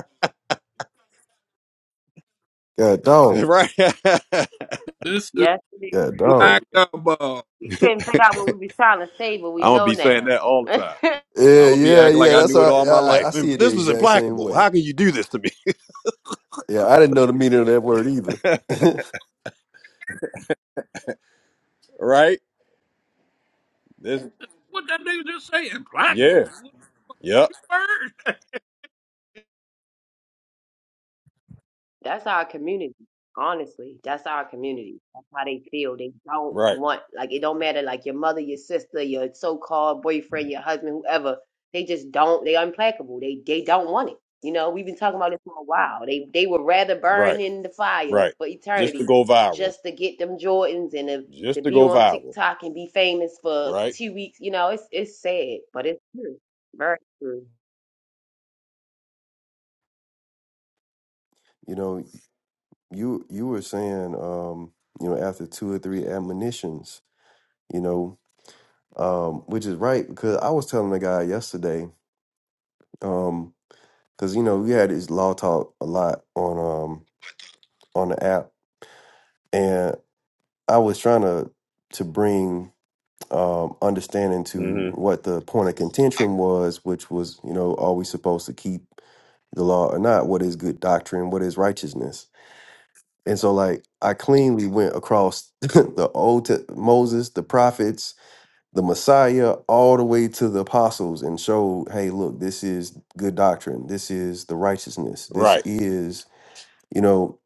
G: yeah dog
A: right.
F: This, this is
E: Yes, it is.
G: yeah dog
F: implacable.
E: We couldn't figure out what we was trying to say, but we
A: I'm gonna
E: know
A: be saying
E: now.
A: that all the time. I'm
G: yeah
A: gonna be
G: yeah
A: acting like
G: yeah
A: I
G: that's
A: knew it
G: how I,
A: all my
G: I i
A: life.
G: see
A: And
G: it the
A: this was
G: exact same
A: implacable.
G: way
A: How can you do this to me?
G: yeah i didn't know the meaning of that word either
A: Right? This
F: What that nigga just say? Implacable.
A: yeah.
F: What
A: Yep.
F: the word?
E: that's our community. Honestly, that's our community. That's how they feel. They don't
A: Right.
E: want like it don't matter like your mother, your sister, your so-called boyfriend, your husband, whoever. They just don't. They implacable. They they don't want it. You know, we've been talking about this for a while. They they would rather
A: Right.
E: burn in the fire
A: Right.
E: for
A: Just to
E: eternity
A: go viral.
E: just to get them Jordans and to, to
A: Just to
E: be
A: go
E: on
A: viral.
E: TikTok and be famous for
A: Right?
E: two weeks. You know, it's it's sad, but it's true. Very true.
G: you know you you were saying um you know after two or three admonitions you know um, which is right because I was telling the guy yesterday, um, because you know we had this law talk a lot on um on the app, and I was trying to to bring um understanding to
A: hmm
G: what the point of contention was, which was you know are we supposed to keep the law or not? What is good doctrine? What is righteousness? And so like I cleanly went across the old Te- Moses, the prophets. the Messiah all the way to the apostles and showed, hey, look, this is good doctrine. This is the righteousness. This
A: Right.
G: is, you know,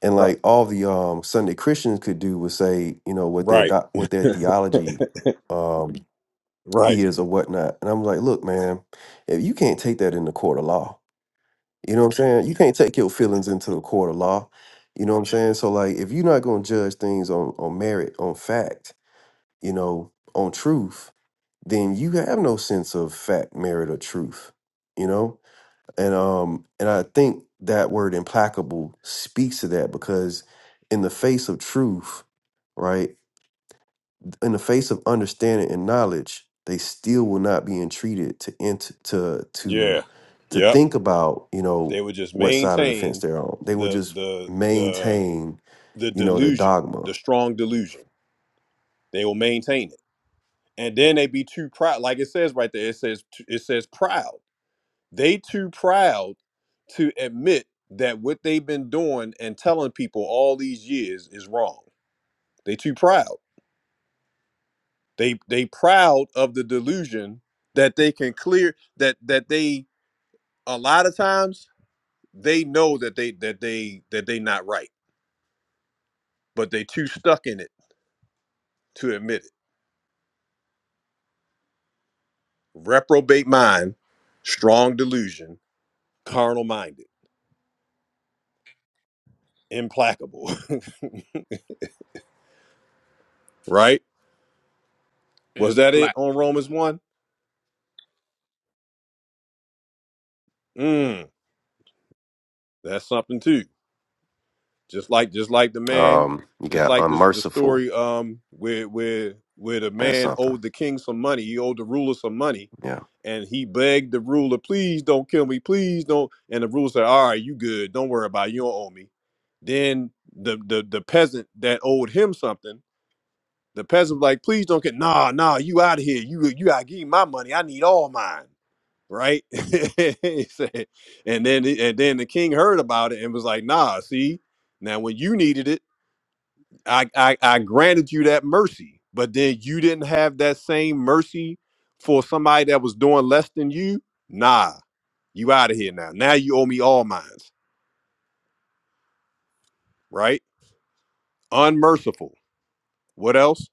G: and
A: Right.
G: like all the um Sunday Christians could do was say, you know, what their
A: Right.
G: doc- what their theology um
A: Right.
G: is or whatnot. And I'm like, look, man, if you can't take that in the court of law, you know what I'm saying? You can't take your feelings into the court of law. You know what I'm saying? So like if you're not gonna judge things on on merit, on fact, you know, on truth, then you have no sense of fact, merit, or truth. You know, and um, and I think that word implacable speaks to that because in the face of truth, right, in the face of understanding and knowledge, they still will not be entreated to ent- to to
A: Yeah.
G: to
A: Yep.
G: think about you know
A: They would just
G: what side of the fence
A: maintain
G: they're on. They will
A: the
G: just
A: the the
G: maintain
A: the
G: you know the
A: delusion,
G: dogma.
A: the strong delusion. They will maintain it. And then they be too proud. Like it says right there, it says it says proud. They too proud to admit that what they've been doing and telling people all these years is wrong. They too proud. They they proud of the delusion that they can clear that that they a lot of times they know that they that they that they not right, but they too stuck in it to admit it. Reprobate mind, strong delusion, carnal minded, implacable. right? Was that it on
F: Implacable.
A: Romans 1? Mm, that's something too. Just like just like the man,
G: Um, you
A: just
G: got
A: like this the
G: unmerciful.
A: story um where where where the
G: That's
A: man
G: something.
A: owed the king some money. He owed the ruler some money.
G: yeah.
A: And he begged the ruler, please don't kill me, please don't. And the ruler said, All right, you good. Don't worry about it. You don't owe me. Then the the the peasant that owed him something, the peasant was like, please don't get nah, nah, you out of here. You you gotta give me my money. I need all mine right? He said- and then and then the king heard about it and was like, nah, see, now when you needed it, I, I I granted you that mercy, but then you didn't have that same mercy for somebody that was doing less than you. Nah, you out of here now. Now you owe me all mines, right? Unmerciful. What else?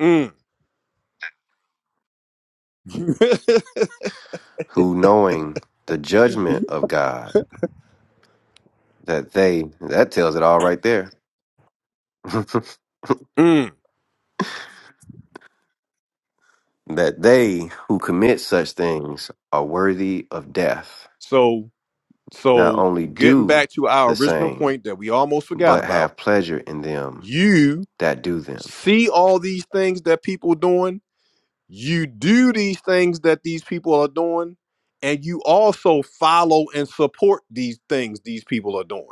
A: Mm.
G: who knowing the judgment of God, that they, that tells it all right there,
A: mm.
G: that they who commit such things are worthy of death,
A: So
G: not
A: so
G: only
A: getting
G: do
A: back to our
G: the
A: original
G: same,
A: point that we almost forgot
G: but
A: about,
G: have pleasure in them
A: you.
G: that do them,
A: see all these things that people doing you do these things that these people are doing and you also follow and support these things these people are doing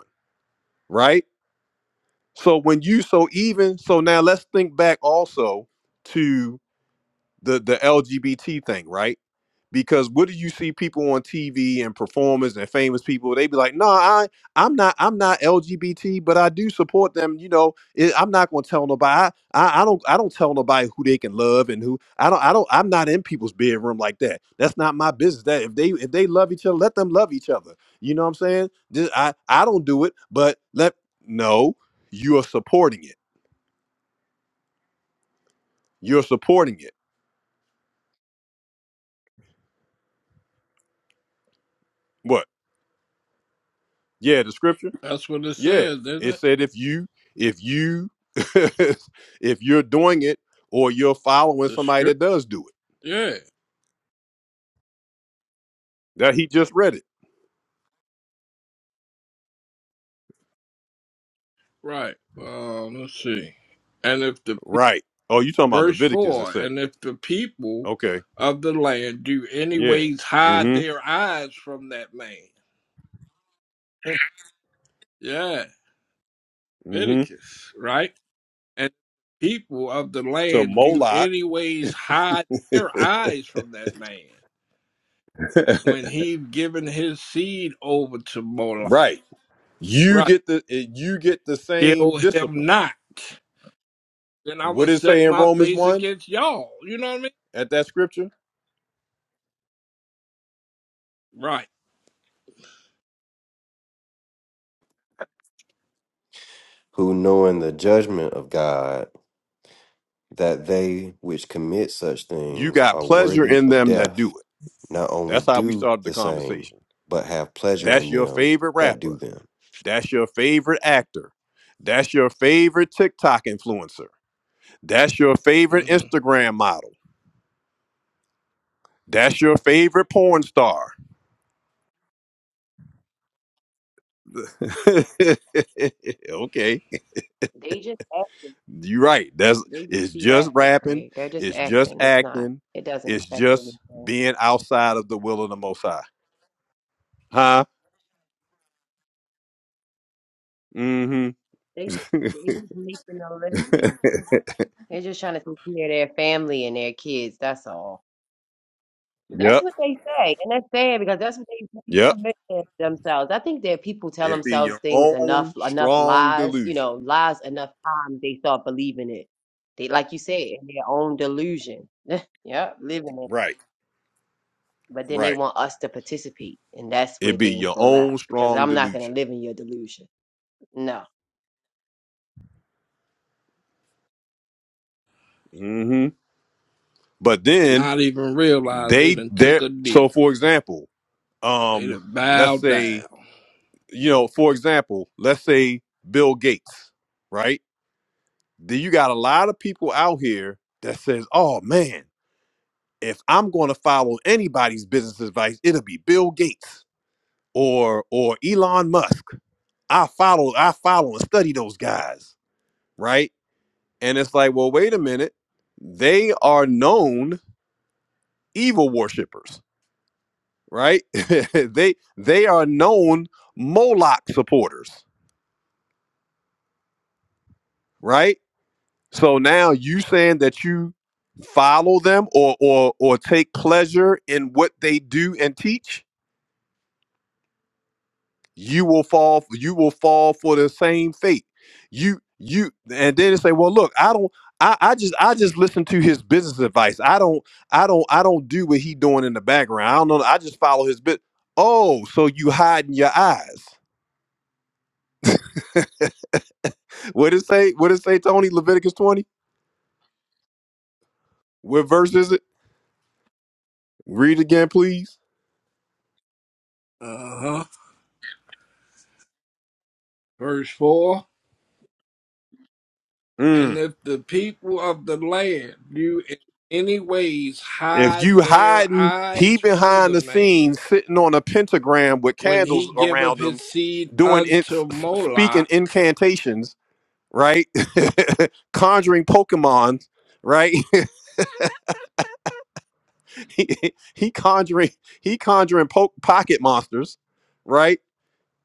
A: right so when you so even so now let's think back also the the LGBT thing, right? Because what do you see people on TV and performers and famous people? They be like, "No, I I'm not I'm not LGBT, but I do support them. You know, it, I'm not gonna tell nobody. I, I I don't I don't tell nobody who they can love and who I don't I don't I'm not in people's bedroom like that. That's not my business. That if they if they love each other, let them love each other. You know what I'm saying? This, I I don't do it, but let no, you are supporting it. You're supporting it. What? Yeah, the scripture.
F: That's what it
A: Yeah,
F: says, isn't
A: it
F: it?
A: said if you if you if you're doing it or you're following
F: The
A: somebody
F: script.
A: that does do it.
F: Yeah.
A: That he just read it.
F: Right. Um, let's see. And if the
A: Right. Oh, you talking about
F: Verse
A: Leviticus that
F: 4
A: said it.
F: And if the people
A: Okay.
F: of the land do
A: Yeah.
F: anyways hide
A: Mm-hmm.
F: their eyes from that man. Yeah,
A: Mm-hmm.
F: Leviticus, right? And people of the
A: To
F: land do
A: Moloch.
F: anyways hide their eyes from that man when he's given his seed over to Moloch.
A: right. You
F: Right.
A: get the eh, you get the
F: Kill
A: same
F: him
A: discipline.
F: not. Then I'm
A: What
F: going to
A: did it
F: set
A: say in
F: my
A: Romans
F: face
A: 1
F: against y'all. You know what I mean?
A: at that scripture?
F: Right.
G: who knowing the judgment of God, that they which commit such
A: You
G: things
A: got
G: are
A: pleasure
G: worthy
A: in
G: of
A: them that do
G: death,
A: it.
G: not only
A: That's how we
G: do
A: started the
G: the same,
A: conversation.
G: but have pleasure in
A: That's your
G: them
A: favorite
G: that do
A: rapper.
G: them.
A: That's your favorite actor. That's your favorite TikTok influencer. That's your favorite
F: hmm
A: Instagram model. That's your favorite porn star. okay.
E: They just acting.
A: You're right. That's
E: They just
A: it's
E: be
A: just
E: rapping,
A: rapping,
E: Craig. They're just
A: it's just
E: acting. It's not.
A: acting,
E: It doesn't
A: it's
E: affect
A: just
E: anything.
A: being outside of the will of the most high. Huh? Mm-hmm.
E: They just they just making a living. They're just trying to take care of their family and their kids. That's all. That's
A: yep.
E: what they say, and that's sad because that's what they really
A: Yep.
E: commit to themselves. I think that people tell
A: It be
E: themselves
A: your
E: things enough,
A: own
E: enough
A: strong
E: lies. You know,
A: delusion.
E: lies enough times they start believing it. They, like you said, in their own delusion. Yep, living it.
A: Right.
E: but then they
A: Right.
E: want us to participate, and that's where
A: It be
E: things
A: your
E: go left
A: own
E: because
A: strong
E: I'm not gonna
A: delusion.
E: live in your delusion. No,
A: hmm But then
F: Not even realize they
A: they
F: done took
A: there.
F: a
A: So
F: knee.
A: for example,
F: They
A: um,
F: done
A: let's
F: bowed
A: say
F: down.
A: you know, for example, let's say Bill Gates, right? Then you got a lot of people out here that says, "Oh man, if I'm going to follow anybody's business advice, it'll be Bill Gates or or Elon Musk. I follow, I follow and study those guys, right?" And it's like, well, wait a minute. They are known evil worshippers right? they they are known Moloch supporters, right? So now you saying that you follow them or or or take pleasure in what they do and teach, you will fall you will fall for the same fate. You you and then they say, well, look, I don't. I, I just I just listen to his business advice. I don't I don't I don't do what he doing in the background. I don't know. I just follow his bit. Oh, so you hiding your eyes? What it say? What it say, Tony? Leviticus 20? What verse is it? Read it again, please.
F: Uh huh. Verse 4 And
A: Mm.
F: if the people of the land do in any ways
A: If
F: hide
A: you
F: their
A: hiding, he
F: eyes from
A: behind
F: the
A: the
F: man,
A: scenes sitting on a pentagram with
F: when
A: candles
F: he giveth
A: around
F: his
A: him,
F: seed
A: doing it,
F: unto
A: s- speaking
F: Moloch,
A: incantations, right? conjuring Pokemon, right? he, he conjuring, he conjuring po- pocket monsters, right?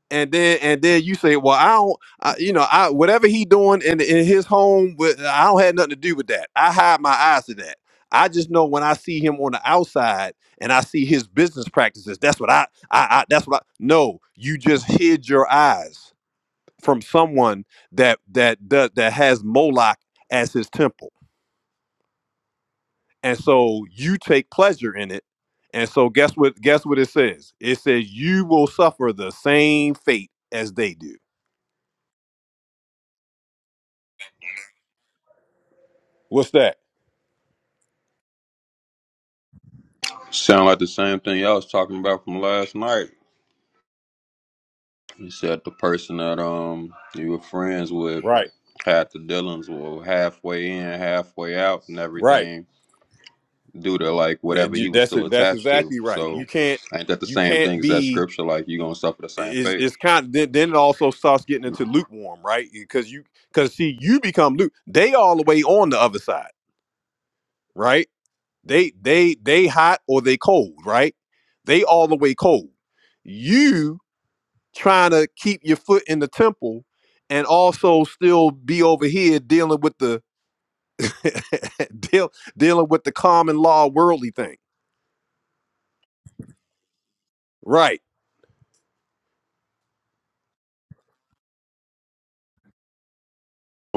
A: and then and then you say, well, I don't, I, you know, I whatever he doing in in his home, with, I don't have nothing to do with that. I hide my eyes to that. I just know when I see him on the outside and I see his business practices, that's what I, I, I that's what I. No, you just hid your eyes from someone that that does that has Moloch as his temple, and so you take pleasure in it. And so guess what? Guess what it says? It says you will suffer the same fate as they do. What's that?
M: Sound like the same thing y'all was talking about from last night. You said the person that um you were friends with
A: Right,
M: had the dealings with halfway in, halfway out, and
A: right.
M: everything due to like
A: That
M: whatever
A: you-
M: he was
A: That's
M: still
A: it. That's
M: attached to.
A: exactly right.
M: So
A: You can't.
M: ain't that the
A: You
M: same
A: can't
M: thing as that
A: be.
M: scripture? Like you gonna suffer the same
A: Is
M: fate
A: it's kind of then, then it also starts getting
M: for
A: into lukewarm, right? Because you because see you become luke. They all the way on the other side, right? They they they hot or they cold, right? They all the way cold. You trying to keep your foot in the temple and also still be over here dealing with the deal dealing with the common law worldly thing, right?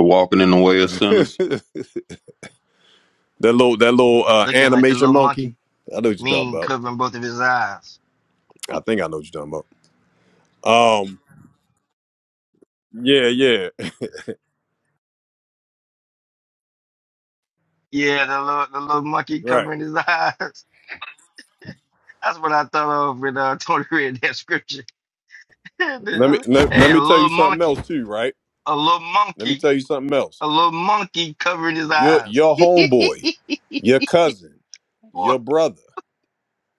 M: walking in the way of sinners.
A: That little that little uh,
B: Looking like the
A: animation
B: little
A: monkey.
B: monkey,
A: I know what you're talking
B: mean
A: about.
B: covering both of his eyes.
A: I think I know what you're talking about. Um, yeah, yeah,
B: Yeah, the little the little monkey
A: right.
B: covering his eyes. That's what I thought of when uh, Tony read that scripture. hey, a
A: Let me let, let me tell you
B: little
A: something
B: monkey,
A: else too. Right.
B: a little
A: Let me
B: monkey,
A: tell you something else.
B: a little monkey covering his
A: Your
B: eyes.
A: your homeboy, your cousin,
B: Boy.
A: your brother,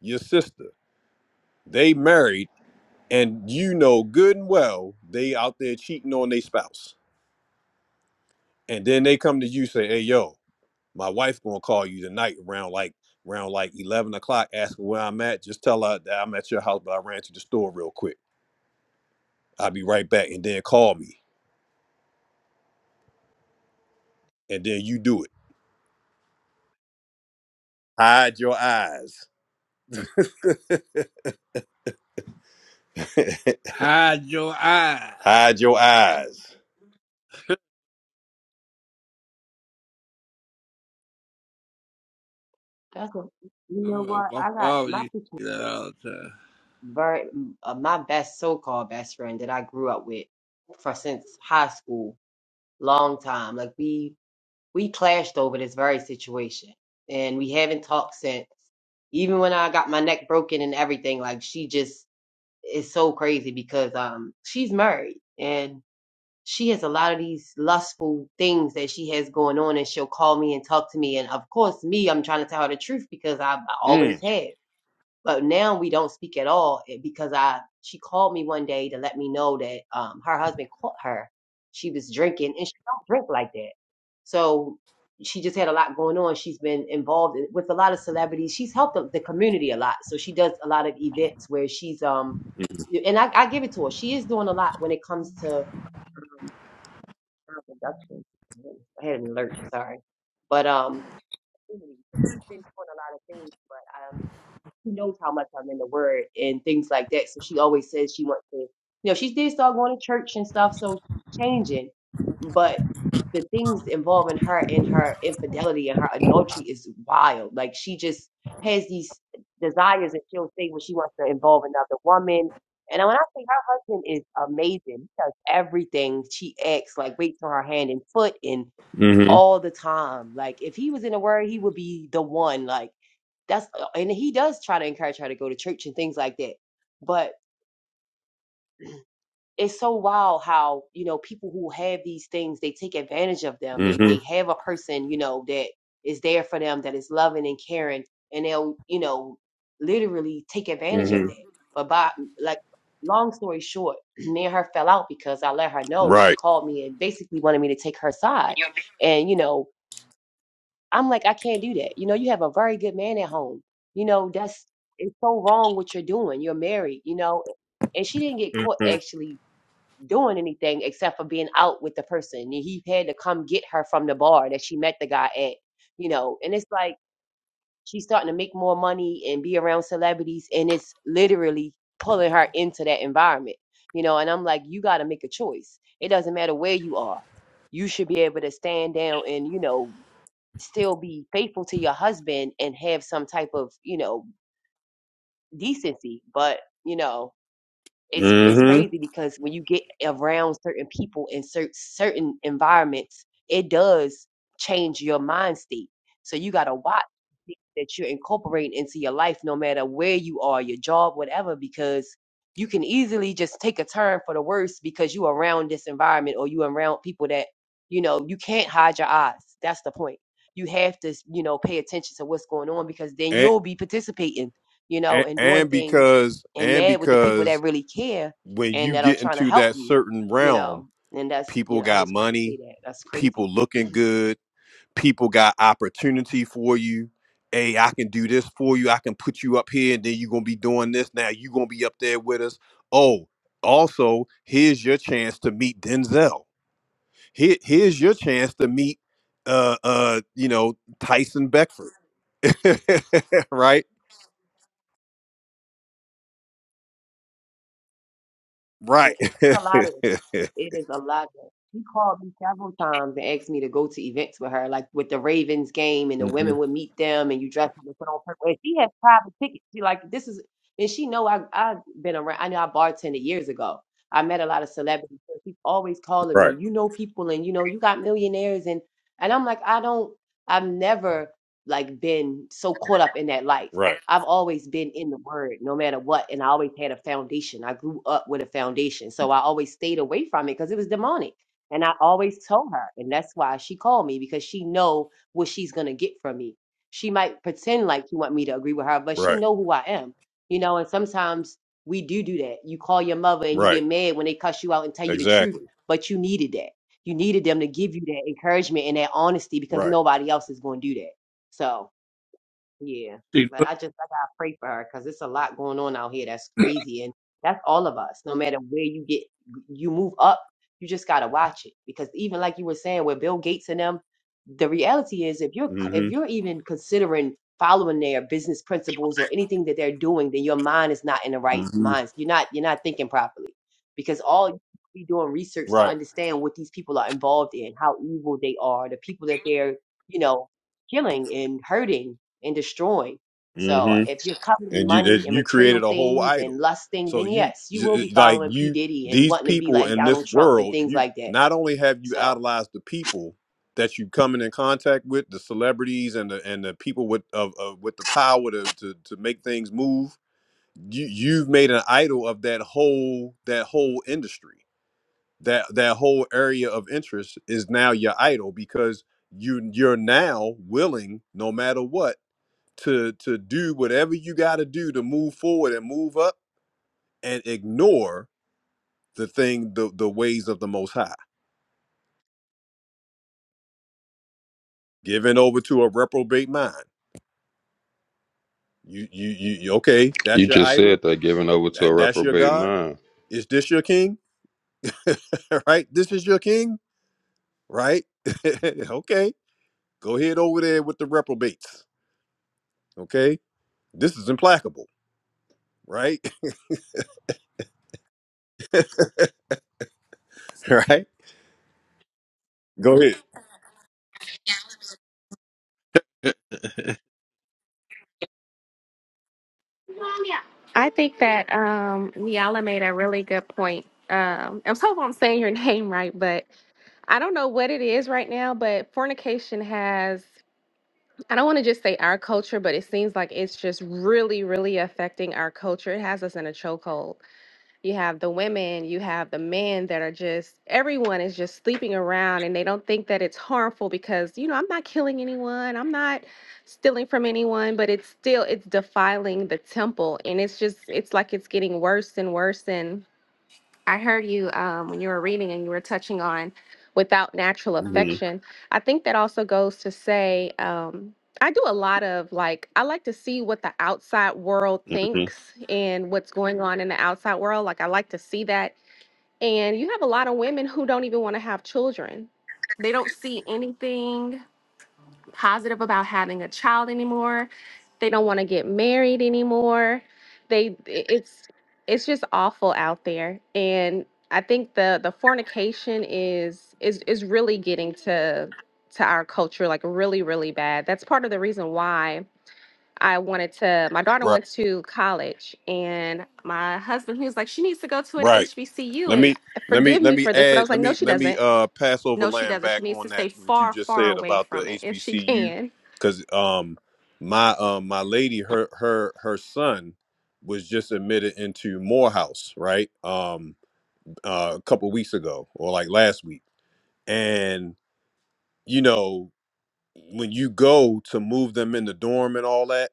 A: your sister. They married, and you know good and well they out there cheating on their spouse. And then they come to you say, "Hey, yo, My wife gonna call you tonight around like around like eleven o'clock, asking where I'm at. Just tell her that I'm at your house, but I ran to the store real quick. I'll be right back, and then call me, and then you do it. Hide your eyes.
F: hide your eyes.
A: Hide your eyes.
E: that's what you
F: I
E: know.
F: remember
E: What
F: my
E: I got
F: father
E: my
F: used
E: petition
F: to do that
E: is
F: all the time.
E: very uh, my best so-called best friend that I grew up with for since high school, long time. Like we we clashed over this very situation, and we haven't talked since. Even when I got my neck broken and everything, like she just is so crazy because um she's married and she has a lot of these lustful things that she has going on and she'll call me and talk to me and of course me i'm trying to tell her the truth because i, I always
A: Mm.
E: have but now we don't speak at all eh, because i she called me one day to let me know that um her husband caught her she was drinking and she don't drink like that so she just had a lot going on she's been involved in- with a lot of celebrities she's helped the, the community a lot so she does a lot of events where she's um
A: Mm-hmm.
E: and I, I give it to her she is doing a lot when it comes to Earl Productions. I had an alert, sorry. But um, so he's been doing a lot of things, but um, she knows how much I'm in the word and things like that. So she always says she wants to, you know, she did start going to church and stuff, so she's changing. But the things involving her in her infidelity and her adultery is wild. Like she just has these desires and she'll say when she wants to involve another woman. And when I say her husband is amazing, he does everything she asks, like waits on her hand and foot and all the time. Like if he was in the word, he would be the one. Like that's uh, and he does try to encourage her to go to church and things like that. But it's so wild how, you know, people who have these things, they take advantage of them. They
A: Mm-hmm.
E: they have a person, you know, that is there for them, that is loving and caring, and they'll, you know, literally take advantage of
A: Mm-hmm.
E: that. But by like long story short, me and her fell out because I let her know she
A: Right.
E: called me and basically wanted me to take her side. And, you know, I'm like, I can't do that. You know, you have a very good man at home. You know, that's it's so wrong what you're doing. You're married, you know. And she didn't get caught
A: Mm-hmm.
E: actually doing anything except for being out with the person. And he had to come get her from the bar that she met the guy at, you know. And it's like she's starting to make more money and be around celebrities and it's literally pulling her into that environment. You know, and I'm like, you gotta make a choice. It doesn't matter where you are. You should be able to stand down and, you know, still be faithful to your husband and have some type of you know decency but you know it's it's
A: Mm-hmm.
E: crazy because when you get around certain people in cer- certain environments, it does change your mind state. So you gotta watch the things that you're incorporating into your life, no matter where you are, your job, whatever, because you can easily just take a turn for the worse because you around this environment or you around people that you know you can't hide your eyes. That's the point. You have to, you know, pay attention to what's going on because then
A: And,
E: you'll be participating, you know,
A: and
E: and doing
A: and
E: things
A: because
E: and
A: and
E: mad with the people that
A: because
E: really care
A: when
E: and
A: you
E: that are
A: get
E: trying to
A: into
E: help
A: that
E: you,
A: certain
E: you
A: realm,
E: know. And that's, you
A: people
E: know, I
A: got
E: just wanted to say
A: money,
E: that. That's
A: people
E: crazy.
A: looking good people got opportunity for you. Hey, I can do this for you. I can put you up here, and then you're gonna be doing this. Now you're gonna be up there with us. Oh, also, here's your chance to meet Denzel. Here, here's your chance to meet uh uh, you know, Tyson Beckford. right? Right.
E: It, it's a lot of it. It is a lot of it. She called me several times and asked me to go to events with her, like with the Ravens game, and the
A: Mhm.
E: women would meet them, and you dress up and put on purple. And she has private tickets. She like this is, and she know I I've been around. I know I bartended years ago. I met a lot of celebrities. So she's always calling me.
A: Right.
E: You know people, and you know you got millionaires, and and I'm like I don't. I've never like been so caught up in that life.
A: Right.
E: I've always been in the word no matter what. And I always had a foundation. I grew up with a foundation. So I always stayed away from it because it was demonic. And I always told her. And that's why she called me because she know what she's going to get from me. She might pretend like she want me to agree with her, but she
A: Right.
E: know who I am. You know, and sometimes we do do that. You call your mother and you
A: Right.
E: get mad when they cuss you out and tell you the truth,
A: Exactly.
E: but you needed that. You needed them to give you that encouragement and that honesty because
A: Right.
E: nobody else is going to do that. So, yeah,
F: He
E: but I just I gotta pray for her because it's a lot going on out here that's
F: looked-
E: crazy, and that's all of us. No matter where you get, you move up, you just gotta watch it because even like you were saying with Bill Gates and them, the reality is if you're c- if
A: Mm-hmm.
E: you're even considering following their business principles or anything that they're doing, then your mind is not in the right
A: Mm-hmm.
E: minds. You're not you're not thinking properly because all you be doing research to
A: Right.
E: understand what these people are involved in, how evil they are, the people that they're you know killing and hurting and destroying. So
A: Mm-hmm.
E: if you're coveting
A: and you
E: money
A: that
E: and
A: you
E: material
A: created a whole
E: things
A: idol.
E: and lusting,
A: So
E: then
A: you,
E: yes, you will be
A: you like
E: following P.
A: you
E: Diddy and
A: these
E: wanting to be
A: people
E: like
A: in
E: Donald
A: this
E: Trump and
A: world.
E: things
A: You
E: like that.
A: not only have you
E: So
A: idolized the people that you coming in contact with, the celebrities and the and the people with of, of with the power to, to to make things move. You you've made an idol of that whole that whole industry. That that whole area of interest is now your idol because you you're now willing, no matter what to to do whatever you got to do to move forward and move up and ignore the thing the the ways of the most high given over to a reprobate mind you you you you- okay
M: You
A: that's your
M: just
A: idol
M: said that giving over to a
A: that, that's your
M: reprobate
A: god
M: mind,
A: is this your king right this is your king right okay go ahead over there with the reprobates okay this is implacable right right go ahead
Q: I think that um Niala made a really good point. Um I'm so hope I'm saying your name right, but I don't know what it is right now, but fornication has I don't want to just say our culture, but it seems like it's just really, really affecting our culture. It has us in a chokehold you have the women, you have the men that are just everyone is just sleeping around and they don't think that it's harmful because you know, I'm not killing anyone, I'm not stealing from anyone, but it's still it's defiling the temple and it's just it's like it's getting worse and worse and. I heard you um, when you were reading and you were touching on without natural
A: Mhm,
Q: affection. I think that also goes to say, um, I do a lot of like, I like to see what the outside world
A: mhm.
Q: thinks and what's going on in the outside world. Like, I like to see that. And you have a lot of women who don't even want to have children, they don't see anything positive about having a child anymore. They don't want to get married anymore. They it's it's just awful out there. And I think the the fornication is is is really getting to to our culture like really really bad. That's part of the reason why I wanted to my daughter
A: right
Q: went to college and my husband he was like she needs to go to an
A: right
Q: HBCU
A: Let
Q: and
A: me let me
Q: forgive
A: let
Q: me
A: me
Q: for this but I
A: add
Q: was
A: let
Q: like no
A: me
Q: she
A: let me
Q: doesn't.
A: uh pass over
Q: No she
A: land
Q: doesn't. She
A: back
Q: needs to
A: on that
Q: stay
A: what you
Q: far
A: just
Q: far
A: said
Q: away
A: about the
Q: from it if she
A: HBCU
Q: can.
A: because um my um my lady her her her son was just admitted into Morehouse right um uh, a couple weeks ago or like last week and you know when you go to move them in the dorm and all that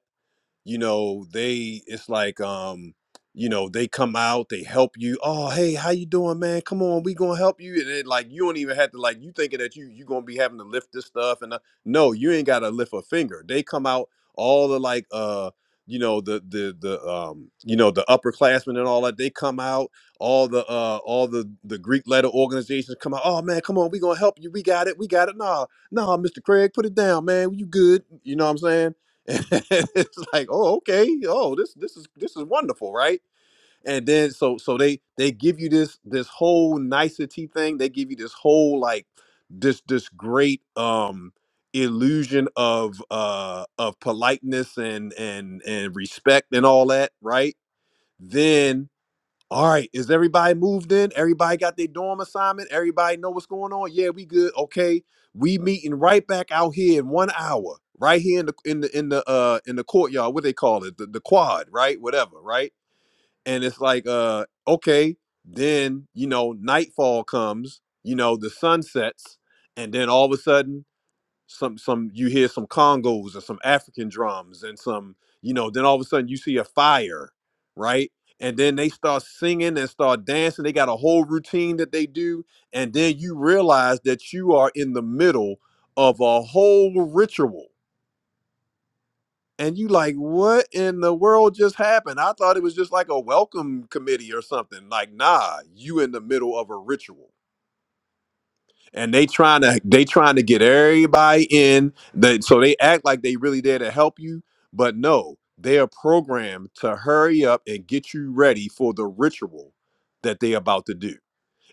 A: you know they it's like um you know they come out they help you oh hey how you doing man come on we gonna help you and it, like you don't even have to like you thinking that you you gonna be having to lift this stuff and uh, no you ain't gotta lift a finger they come out all the like uh you know the the the um you know the upperclassmen and all that they come out all the uh all the the greek letter organizations come out oh man come on we gonna help you we got it we got it nah nah mr craig put it down man you good you know what i'm saying it's like, oh, okay, oh, this this is this is wonderful, right? And then so so they they give you this this whole nicety thing. They give you this whole like this this great um illusion of uh of politeness and and and respect and all that, right? Then all right, is everybody moved in? Everybody got their dorm assignment? Everybody know what's going on? Yeah, we good. Okay, we meeting right back out here in one hour, right here in the in the in the uh in the courtyard. What they call it, the, the quad, right? Whatever, right? And it's like, uh, okay, then you know, nightfall comes. You know, the sun sets, and then all of a sudden some some you hear some congos or some african drums and some you know then all of a sudden you see a fire right and then they start singing and start dancing they got a whole routine that they do and then you realize that you are in the middle of a whole ritual and you like what in the world just happened i thought it was just like a welcome committee or something like nah you in the middle of a ritual and they trying to they trying to get everybody in that so they act like they really there to help you but no they are programmed to hurry up and get you ready for the ritual that they about to do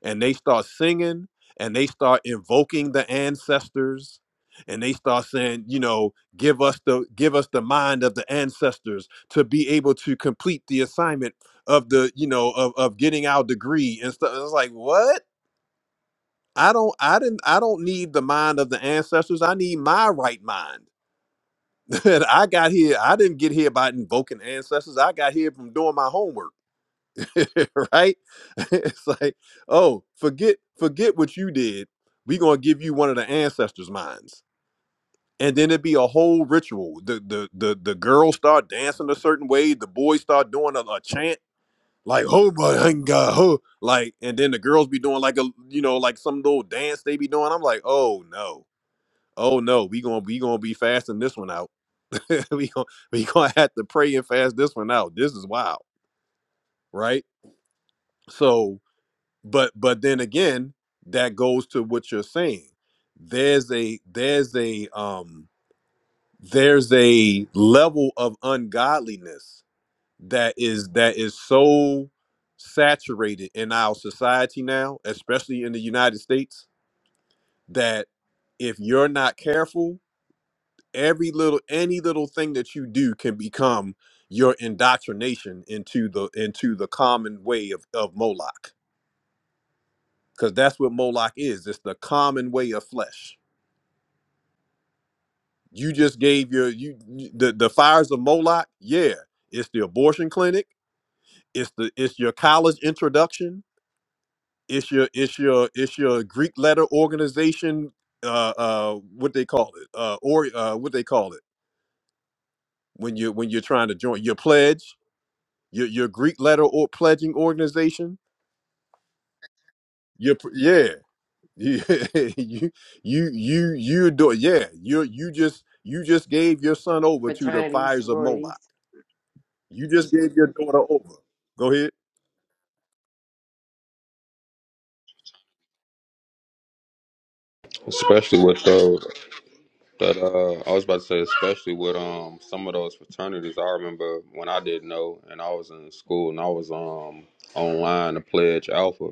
A: and they start singing and they start invoking the ancestors and they start saying you know give us the give us the mind of the ancestors to be able to complete the assignment of the you know of, of getting our degree and stuff it's like what I don't I didn't I don't need the mind of the ancestors. I need my right mind. And I got here, I didn't get here by invoking ancestors. I got here from doing my homework. right? it's like, oh, forget forget what you did. We're gonna give you one of the ancestors' minds. And then it'd be a whole ritual. The the the the girls start dancing a certain way, the boys start doing a, a chant, like, oh my thank God, oh like and then the girls be doing like a you know, like some little dance they be doing. I'm like, oh no Oh no, we gonna we gonna be fasting this one out. we gonna we gonna have to pray and fast this one out. This is wild, right? So, but but then again, that goes to what you're saying. There's a there's a um there's a level of ungodliness that is that is so saturated in our society now, especially in the United States, that if you're not careful every little any little thing that you do can become your indoctrination into the into the common way of of Moloch because that's what Moloch is it's the common way of flesh you just gave your you you- the the fires of Moloch yeah it's the abortion clinic it's the it's your college introduction it's your it's your it's your Greek letter organization uh uh what they call it uh or uh what they call it when you when you're trying to join your pledge your your Greek letter or pledging organization. Your pr- yeah, you you you you do yeah. You you just you just gave your son over to the
E: fraternities,
A: fires of Moloch.
E: sororities,
A: You just gave your daughter over. Go ahead.
M: especially with those. But uh, I was about to say, especially with um some of those fraternities, I remember when I didn't know, and I was in school, and I was um online to pledge Alpha,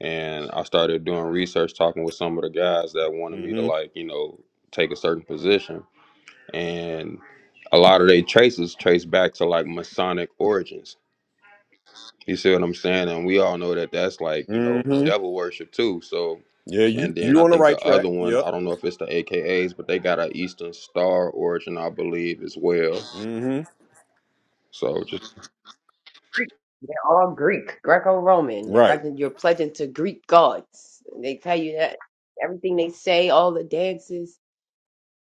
M: and I started doing research, talking with some of the guys that wanted me to
A: hmm
M: like you know take a certain position, and a lot of their traces trace back to like Masonic origins. You see what I'm saying? And we all know that that's like, you know,
A: hmm
M: devil worship too. So,
A: Yeah, you
M: and then
A: you
M: I
A: on the
M: think
A: right
M: the
A: track.
M: other one,
A: Yep.
M: I don't know if it's the AKAs, but they got an Eastern Star origin, I believe, as well.
A: hmm
M: So just
E: they're all Greek, Greco-Roman. They're
A: Right.
E: repping- you're pledging to Greek gods. They tell you that everything they say, all the dances.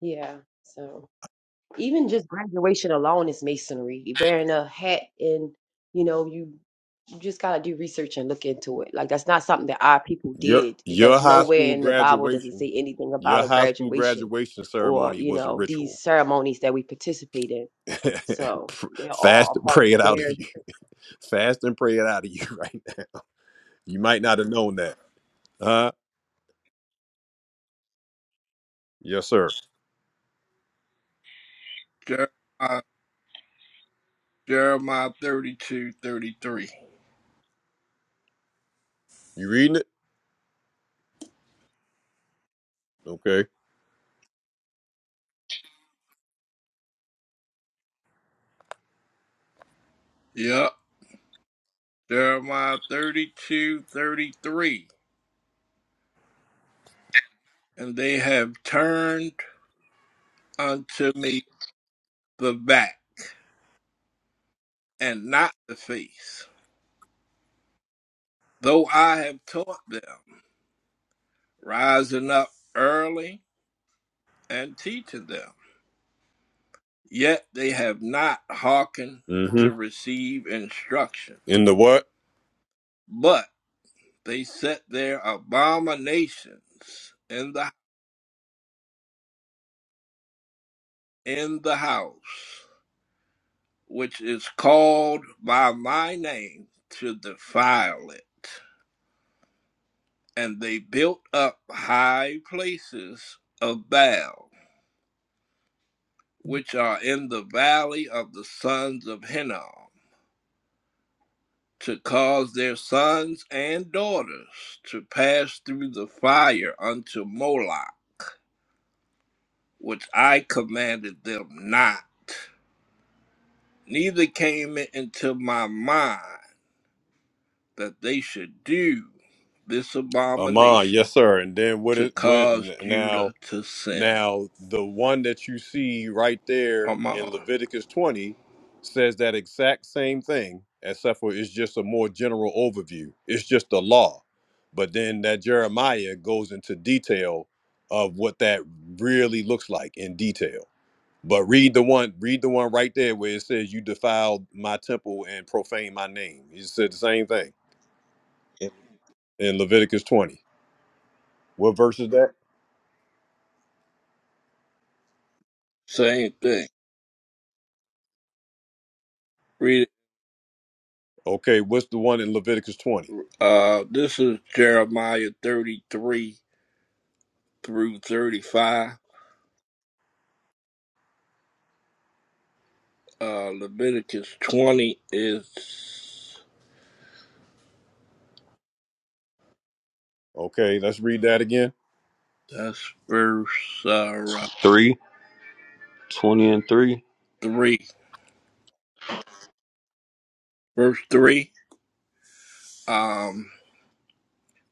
E: Yeah. So even just graduation alone is masonry. You're Wearing a hat and you know you you just gotta do research and look into it. Like that's not something that our people
A: Your
E: did. It
A: your
E: does
A: high
E: nowhere
A: school
E: in the Bible does it
A: graduation.
E: say anything
A: Your
E: about a
A: high school
E: graduation
A: graduation
E: or
A: ceremony
E: you
A: was a
E: know these
A: ritual.
E: ceremonies that we participate in. So they're all
A: Fast
E: a
A: and
E: part of
A: pray it out of
E: their.
A: you. Fast and pray it out of you, right? You might not have known that. Huh? Yes, sir.
F: Jeremiah, Jeremiah 32, thirty-three.
A: You reading it? Okay.
F: Yep, Jeremiah 32 33, And they have turned unto me the back and not the face. Though I have taught them, rising up early and teaching them, yet they have not hearkened to
A: Mm-hmm.
F: receive instruction,
A: In the what?
F: but they set their abominations in the in the house, which is called by my name, to defile it. And they built up high places of Baal which are in the valley of the sons of Hinnom, to cause their sons and daughters to pass through the fire unto Moloch, which I commanded them not. Neither came it into my mind that they should do this
A: Amon. Yes,
F: abomination
A: sir. And then what
F: to
A: is what
F: cause
A: now
F: Judah to sin.
A: now the one that you see right there in
F: Amon.
A: Leviticus 20 says that exact same thing, except for it's just a more general overview. It's just the law. But then that Jeremiah goes into detail of what that really looks like in detail. But read the one, read the one right there where it says, "You defiled my temple and profane my name." He said the same thing in, in Leviticus twenty. What verse is that?
F: Same thing. Read it.
A: Okay, what's the one in Leviticus twenty?
F: Uh, this is Jeremiah 33 through 35. Uh, Leviticus 20 is
A: Okay, let's read that again.
F: that's verse uh,
M: three, twenty and three.
F: 3. Verse 3. Um,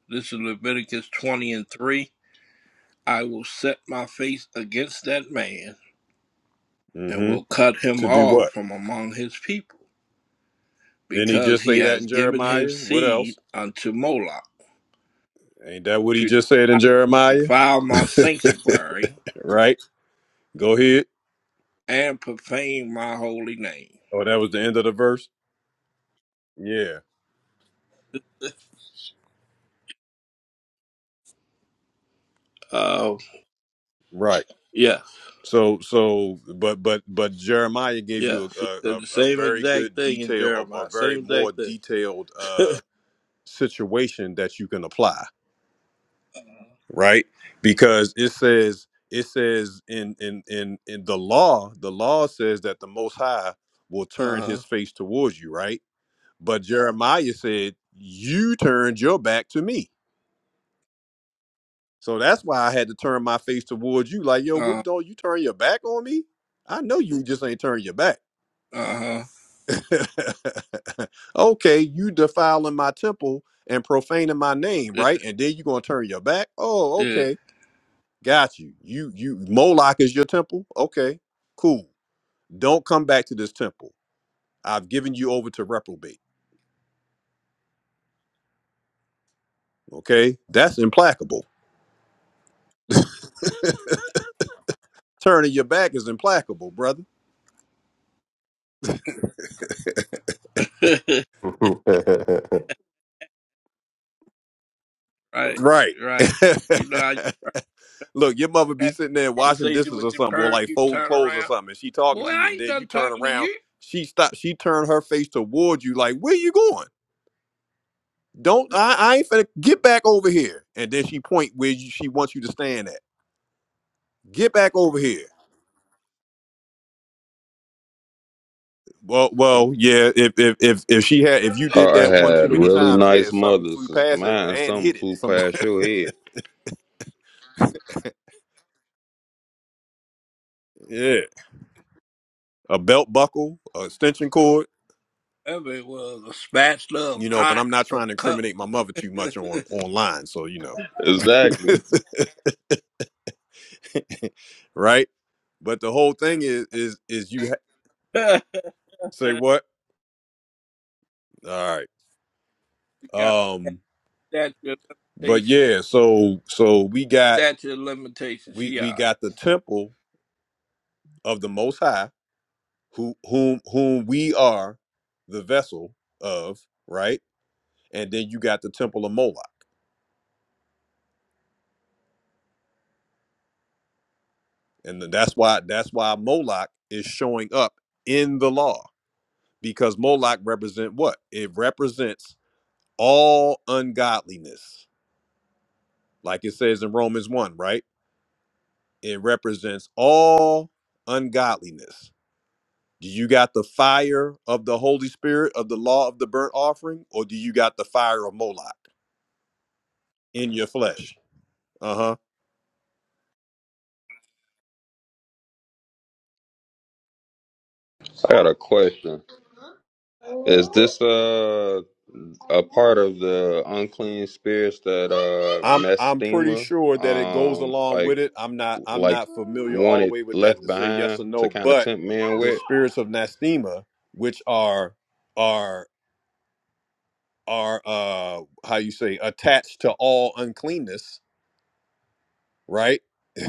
F: this is Leviticus 20 and 3. I will set my face against that man and
A: Mm-hmm.
F: will cut him
A: To do
F: off
A: what?
F: from among his people
A: Didn't he
F: because
A: just
F: he
A: say that in
F: has given
A: Jeremiah?
F: his
A: What
F: seed
A: else?
F: unto Moloch
A: Ain't that what he
F: to
A: just said in Jeremiah?
F: defile my sanctuary
A: Right. Go ahead.
F: and profane my holy name.
A: Oh, that was the end of the verse. Yeah.
F: Uh,
A: Right.
F: yes.
A: So, so, but, but, but Jeremiah gave
F: Yeah,
A: you a,
F: she
A: a,
F: said the
A: a a
F: same
A: very
F: exact
A: good
F: thing in
A: detail or a
F: Jeremiah.
A: very
F: Same
A: more
F: exact thing.
A: detailed uh, situation that you can apply, right? Because it says, it says in, in, in, in the law, the law says that the Most High will
F: Uh
A: turn
F: huh.
A: his face towards you, right? But Jeremiah said, you turned your back to me. So that's why I had to turn my face towards you. Like, yo, what, don't you turn your back on me? I know you just ain't turn your back.
F: Uh huh.
A: okay, you defiling my temple and profaning my name,
F: Yeah.
A: right? And then you're gonna turn your back. Oh,
F: Yeah.
A: okay, got you. You you Moloch is your temple. Okay, cool. Don't come back to this temple. I've given you over to reprobate. Okay, that's implacable. Turning your back is implacable, brother.
F: right.
A: Right.
F: Right. You know, I
A: Look, your mother be
F: have
A: sitting there
F: a
A: washing
F: conversation
A: dishes or
F: with your
A: something, or
F: parents.
A: like
F: You
A: folding
F: turn
A: clothes or
F: around.
A: something, and she talking
F: Boy,
A: to you,
F: I
A: and
F: ain't
A: then you
F: done
A: turn
F: talking to
A: around,
F: you.
A: she stop, she turn her face towards you, like, where you going? Don't I, I ain't finna get back over here. And then she point where you, she wants you to stand at. Get back over here. Well, well, yeah. If if if if she had, if you did
M: Oh, I
A: that one too
M: had
A: many
M: really
A: times, yeah,
M: nice
A: something
M: mothers.
A: flew past it
M: Man,
A: and
M: something
A: hit it.
M: flew
A: Sometimes,
M: past your head.
A: yeah, a belt buckle, a extension cord,
F: I mean, it was a spatula, a
A: you know. But
F: pot,
A: I'm not
F: a
A: trying to
F: cup.
A: incriminate my mother too much on online, so you know.
M: Exactly.
A: right? But the whole thing is is is you ha- say what? All right.
F: Got
A: Um
F: that your
A: but
F: limitation.
A: yeah, so so we got
F: That's your limitation.
A: we
F: She all
A: we
F: right.
A: got the temple of the most high who whom whom we are the vessel of, right? And then you got the temple of Moloch. And th- that's why that's why Moloch is showing up in the law because Moloch represent what? It represents all ungodliness. Like it says in Romans 1, right? It represents all ungodliness. Do you got the fire of the Holy Spirit of the law of the burnt offering, or do you got the fire of Moloch in your flesh? Uh huh.
M: I got a question. Is this uh a part of the unclean spirits that uh
A: I'm I'm pretty
M: mestima
A: sure that it goes
M: um
A: along
M: like
A: with it. I'm not I'm
M: like
A: not familiar all the
M: wanted
A: way with that
M: left
A: to say yes
M: behind
A: or
M: to
A: no,
M: kind of
A: but
M: tempt men
A: the
M: with.
A: spirits of Nastema, which are are are uh how you say attached to all uncleanness, right?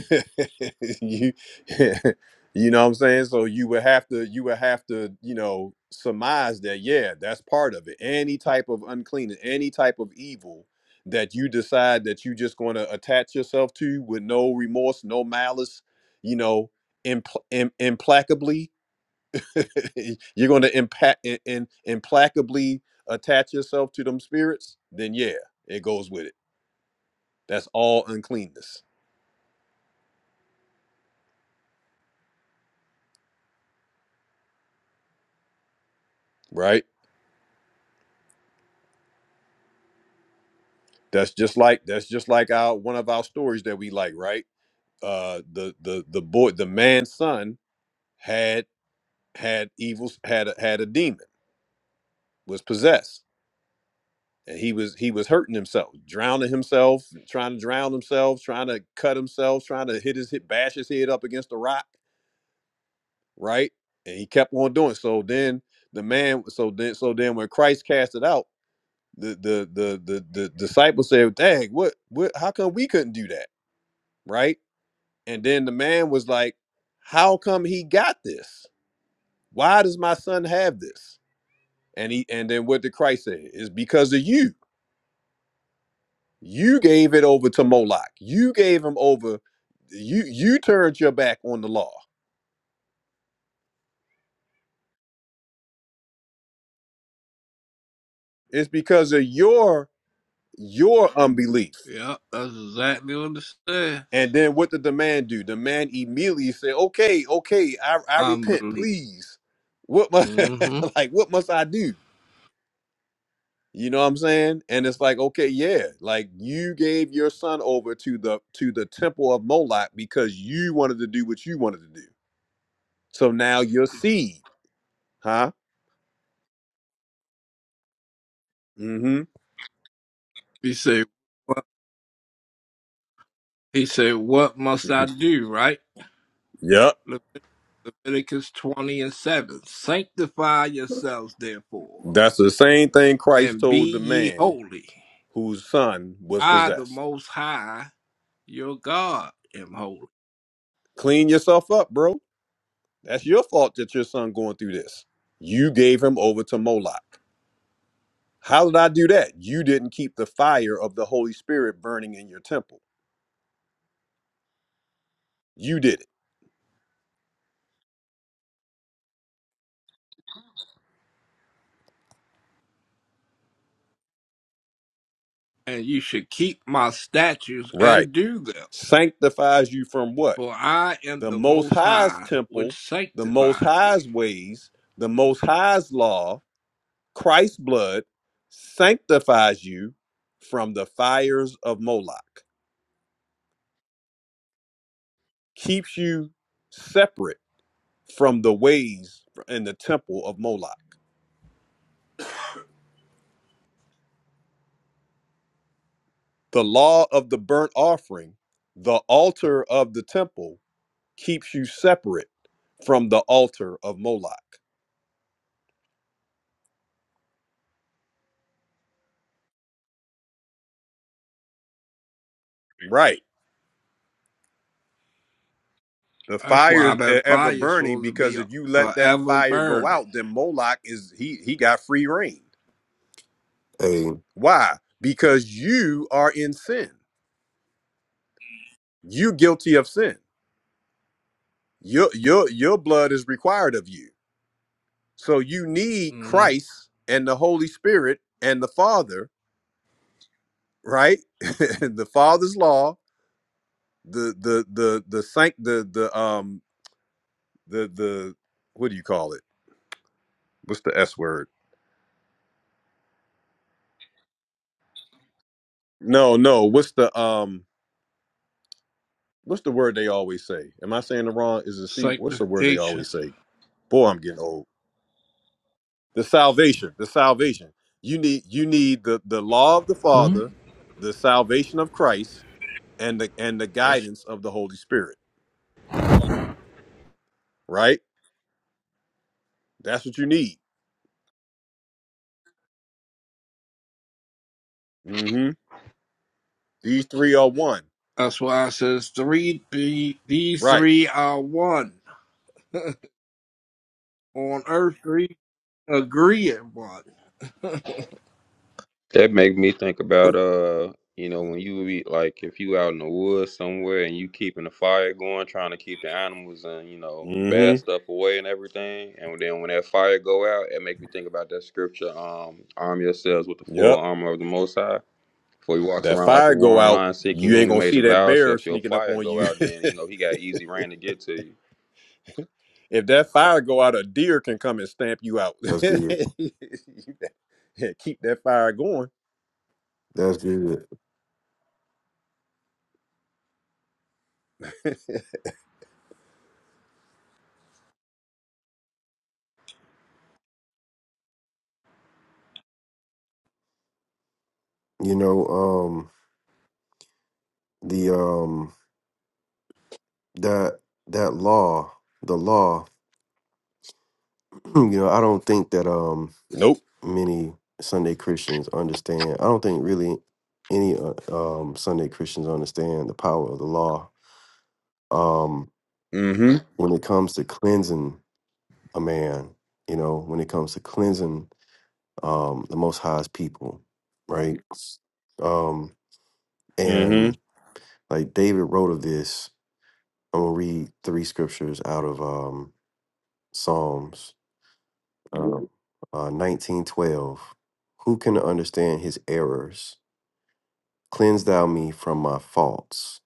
A: you you know what I'm saying? So you would have to you would have to, you know, surmise that yeah, that's part of it. Any type of uncleanness, any type of evil that you decide that you just going to attach yourself to with no remorse, no malice, you know, impl- im- implacably, you're going to impact in, in, implacably attach yourself to them spirits, then yeah, it goes with it. That's all uncleanness, right? That's just like that's just like our one of our stories that we like, right? Uh, the the the boy, the man's son had had evils, had a, had a demon, was possessed, and he was he was hurting himself, drowning himself, trying to drown himself, trying to cut himself, trying to hit his hit bash his head up against a rock, right? And he kept on doing. it. So then the man, so then so then when Christ cast it out, the the the the, the disciples said, "Dang, what what? How come we couldn't do that?" Right? And then the man was like, How come he got this? Why does my son have this? And he and then what did Christ say? Is because of you. You gave it over to Moloch. You gave him over. You you turned your back on the law. It's because of your your unbelief.
F: Yeah, that's exactly what it says.
A: And then what did the man do? The man immediately said, Okay, okay, I, I repent,
F: Unbelievable.
A: please. What must
F: Mm-hmm.
A: like what must I do? You know what I'm saying? And it's like, okay, yeah, like you gave your son over to the to the temple of Moloch because you wanted to do what you wanted to do. So now your seed, huh? Mm-hmm.
F: You say, He said, What must I do, right?
A: yep.
F: Levit- Leviticus 20 and 7. Sanctify yourselves, therefore,
A: That's the same thing Christ
F: and be
A: told the
F: ye
A: man
F: holy.
A: whose son was
F: I, the
A: possessed.
F: Most High, your God, am holy.
A: Clean yourself up, bro. That's your fault that your son going through this. You gave him over to Moloch. How did I do that? You didn't keep the fire of the Holy Spirit burning in your temple. You did it.
F: And you should keep my statutes
A: Right.
F: and do them,
A: sanctifies you from what?
F: for I am
A: The
F: the
A: Most
F: Most
A: High's
F: High, which
A: temple, the Most
F: sanctifies you.
A: High's ways, the Most High's law, Christ's blood sanctifies you from the fires of Moloch, keeps you separate from the ways and the temple of Moloch. The law of the burnt offering, the altar of the temple, keeps you separate from the altar of Moloch. Right. The
F: That's
A: fire
F: why that
A: ever
F: fire is
A: burning
F: supposed to be
A: because if you let that
F: forever
A: fire go
F: burning.
A: out, then Moloch is he he got free reign.
G: Hey,
A: Why? Because you are in sin. You guilty of sin. Your your your blood is required of you. So you need
F: hmm
A: Christ and the Holy Spirit and the Father, right? the Father's law, the the the the sanct the the um the the what do you call it? What's the S word? No, no. What's the um? what's the word they always say? Am I saying the wrong? Is it see? What's the word they
F: Sanctification.
A: always say? Boy, I'm getting old. The salvation, the salvation. You need you need the the law of the
R: Hmm?
A: Father, the salvation of Christ, and the and the
F: That's
A: guidance of the Holy Spirit. Right? That's what you need. Mm-hmm. These three are one.
F: That's why it says three. The, these
A: Right.
F: three are one on earth. Three agree at one.
M: That make me think about uh, you know, when you be like if you out in the woods somewhere and you keeping the fire going, trying to keep the animals and you know the bad
A: Mm-hmm.
M: stuff away and everything, and then when that fire go out, it make me think about that scripture, um, arm yourselves with the full
A: Yep.
M: armor of the Most High. For he walks
A: That
M: around like a
A: fire go
M: roaring
A: out.
M: lion, seeking
A: You
M: whom
A: ain't
M: he
A: gonna
M: may
A: see that
M: devour. So
A: bear
M: if your
A: sneaking up
M: fire
A: on
M: go
A: you.
M: out, then you know he got easy rain to get to you.
A: if that fire go out, a deer can come and stamp you out.
G: that's good.
A: You better Keep that fire going.
G: That's good. You know, um, the um that that law, the law, you know, I don't think that um
A: Nope.
G: many Sunday Christians understand. I don't think really any uh, um Sunday Christians understand the power of the law. Um,
A: Mm-hmm.
G: when it comes to cleansing a man, you know, when it comes to cleansing um the Most High's people, right? Um,
A: Mm-hmm.
G: and like David wrote of this I'm gonna read three scriptures out of um, Psalms um, uh, nineteen twelve. Who can understand his errors? Cleanse thou me from my faults.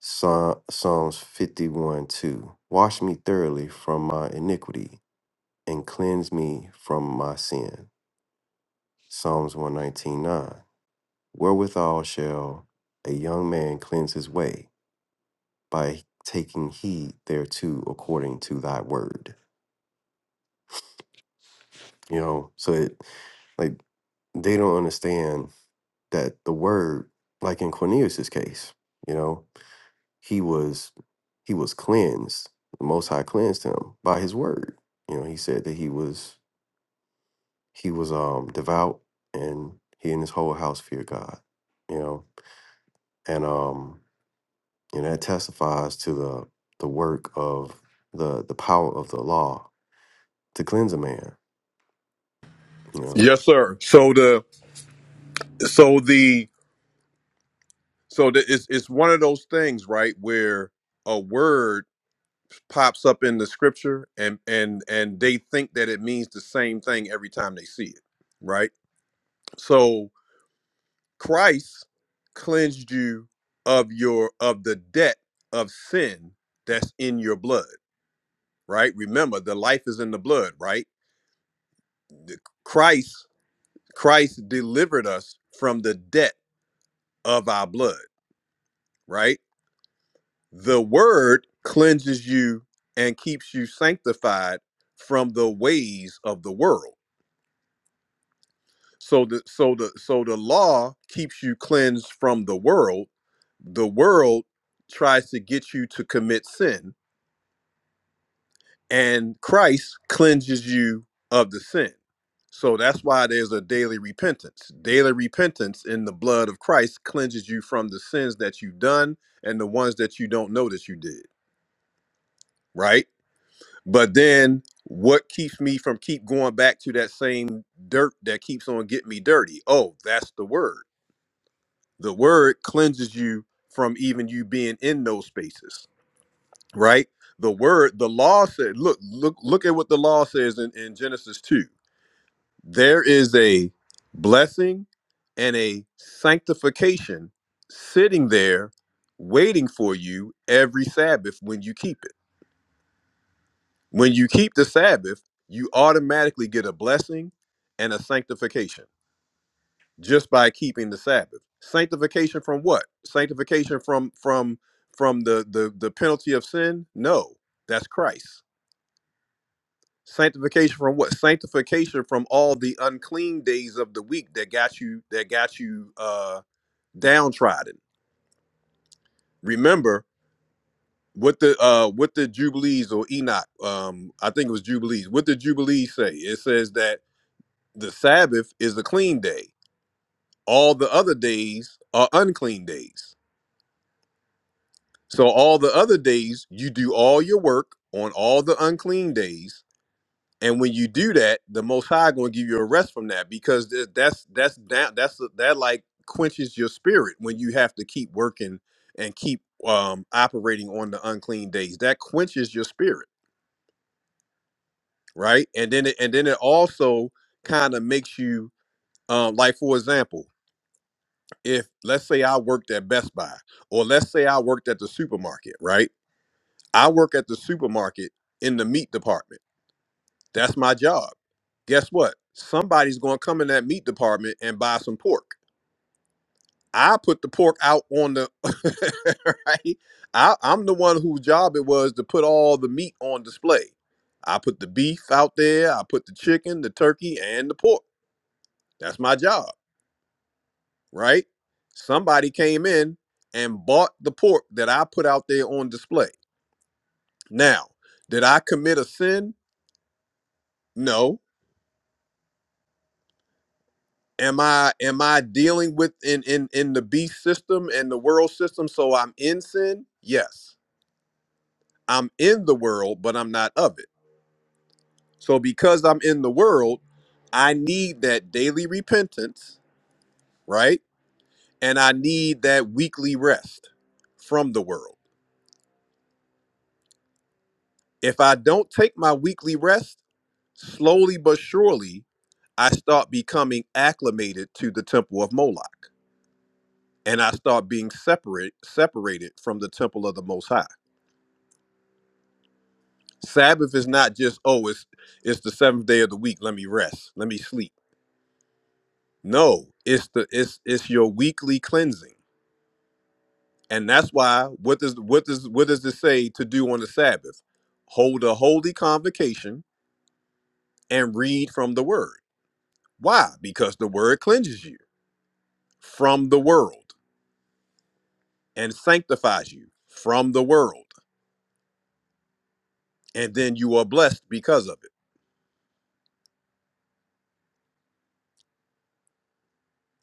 G: Psa- Psalms fifty one two. Wash me thoroughly from my iniquity and cleanse me from my sin. Psalms one nineteen nine. Wherewithal shall a young man cleanse his way by taking heed thereto according to thy word. you know so it, like they don't understand that the word like in cornelius's case you know he was he was cleansed the most high cleansed him by his word you know he said that he was he was um devout and he and his whole house feared god you know and um and that testifies to the the work of the the power of the law to cleanse a man you know
A: Yes, sir. So the so the so the it's it's one of those things, right, where a word pops up in the scripture and and and they think that it means the same thing every time they see it. Right? So Christ cleansed you of your of the debt of sin that's in your blood right? Remember, the life is in the blood, right? The- Christ, Christ delivered us from the debt of our blood, right? The word cleanses you and keeps you sanctified from the ways of the world. So the so the so the law keeps you cleansed from the world. The world tries to get you to commit sin and Christ cleanses you of the sin. So that's why there's a daily repentance. Daily repentance in the blood of Christ cleanses you from the sins that you've done and the ones that you don't know that you did, right? But then what keeps me from keep going back to that same dirt that keeps on getting me dirty? Oh, that's the word. The word cleanses you from even you being in those spaces, right? The word, the law said, look, look, look at what the law says in, in Genesis 2 there is a blessing and a sanctification sitting there waiting for you every Sabbath when you keep it. When you keep the Sabbath, you automatically get a blessing and a sanctification just by keeping the Sabbath. Sanctification from what? Sanctification from from from the the the penalty of sin? No, that's Christ. Sanctification from what? Sanctification from all the unclean days of the week that got you that got you uh downtrodden. Remember what the uh what the Jubilees or Enoch, um, I think it was Jubilees, what the Jubilees say? It says that the Sabbath is a clean day. All the other days are unclean days. So all the other days you do all your work on all the unclean days And when you do that, the Most High going to give you a rest from that because th- that's that's that that's that like quenches your spirit when you have to keep working and keep um operating on the unclean days. That quenches your spirit, right? And then it, and then it also kind of makes you um like for example, if let's say I worked at Best Buy or let's say I worked at the supermarket, right? I work at the supermarket in the meat department That's my job. Guess what? Somebody's going to come in that meat department and buy some pork. I put the pork out on the right. I, I'm the one whose job it was to put all the meat on display. I put the beef out there. I put the chicken, the turkey, and the pork. That's my job, right? Somebody came in and bought the pork that I put out there on display. Now, did I commit a sin? No am i am i dealing with in in in the beast system and the world system so i'm in sin yes i'm in the world but i'm not of it so because i'm in the world i need that daily repentance right and i need that weekly rest from the world if i don't take my weekly rest slowly but surely i start becoming acclimated to the temple of moloch and i start being separate separated from the temple of the most high Sabbath is not just oh it's it's the seventh day of the week. Let me rest. Let me sleep. No, it's the it's it's your weekly cleansing, and that's why what does what does what does it say to do on the Sabbath? Hold a holy convocation and read from the Word. Why? Because the Word cleanses you from the world and sanctifies you from the world, and then you are blessed because of it.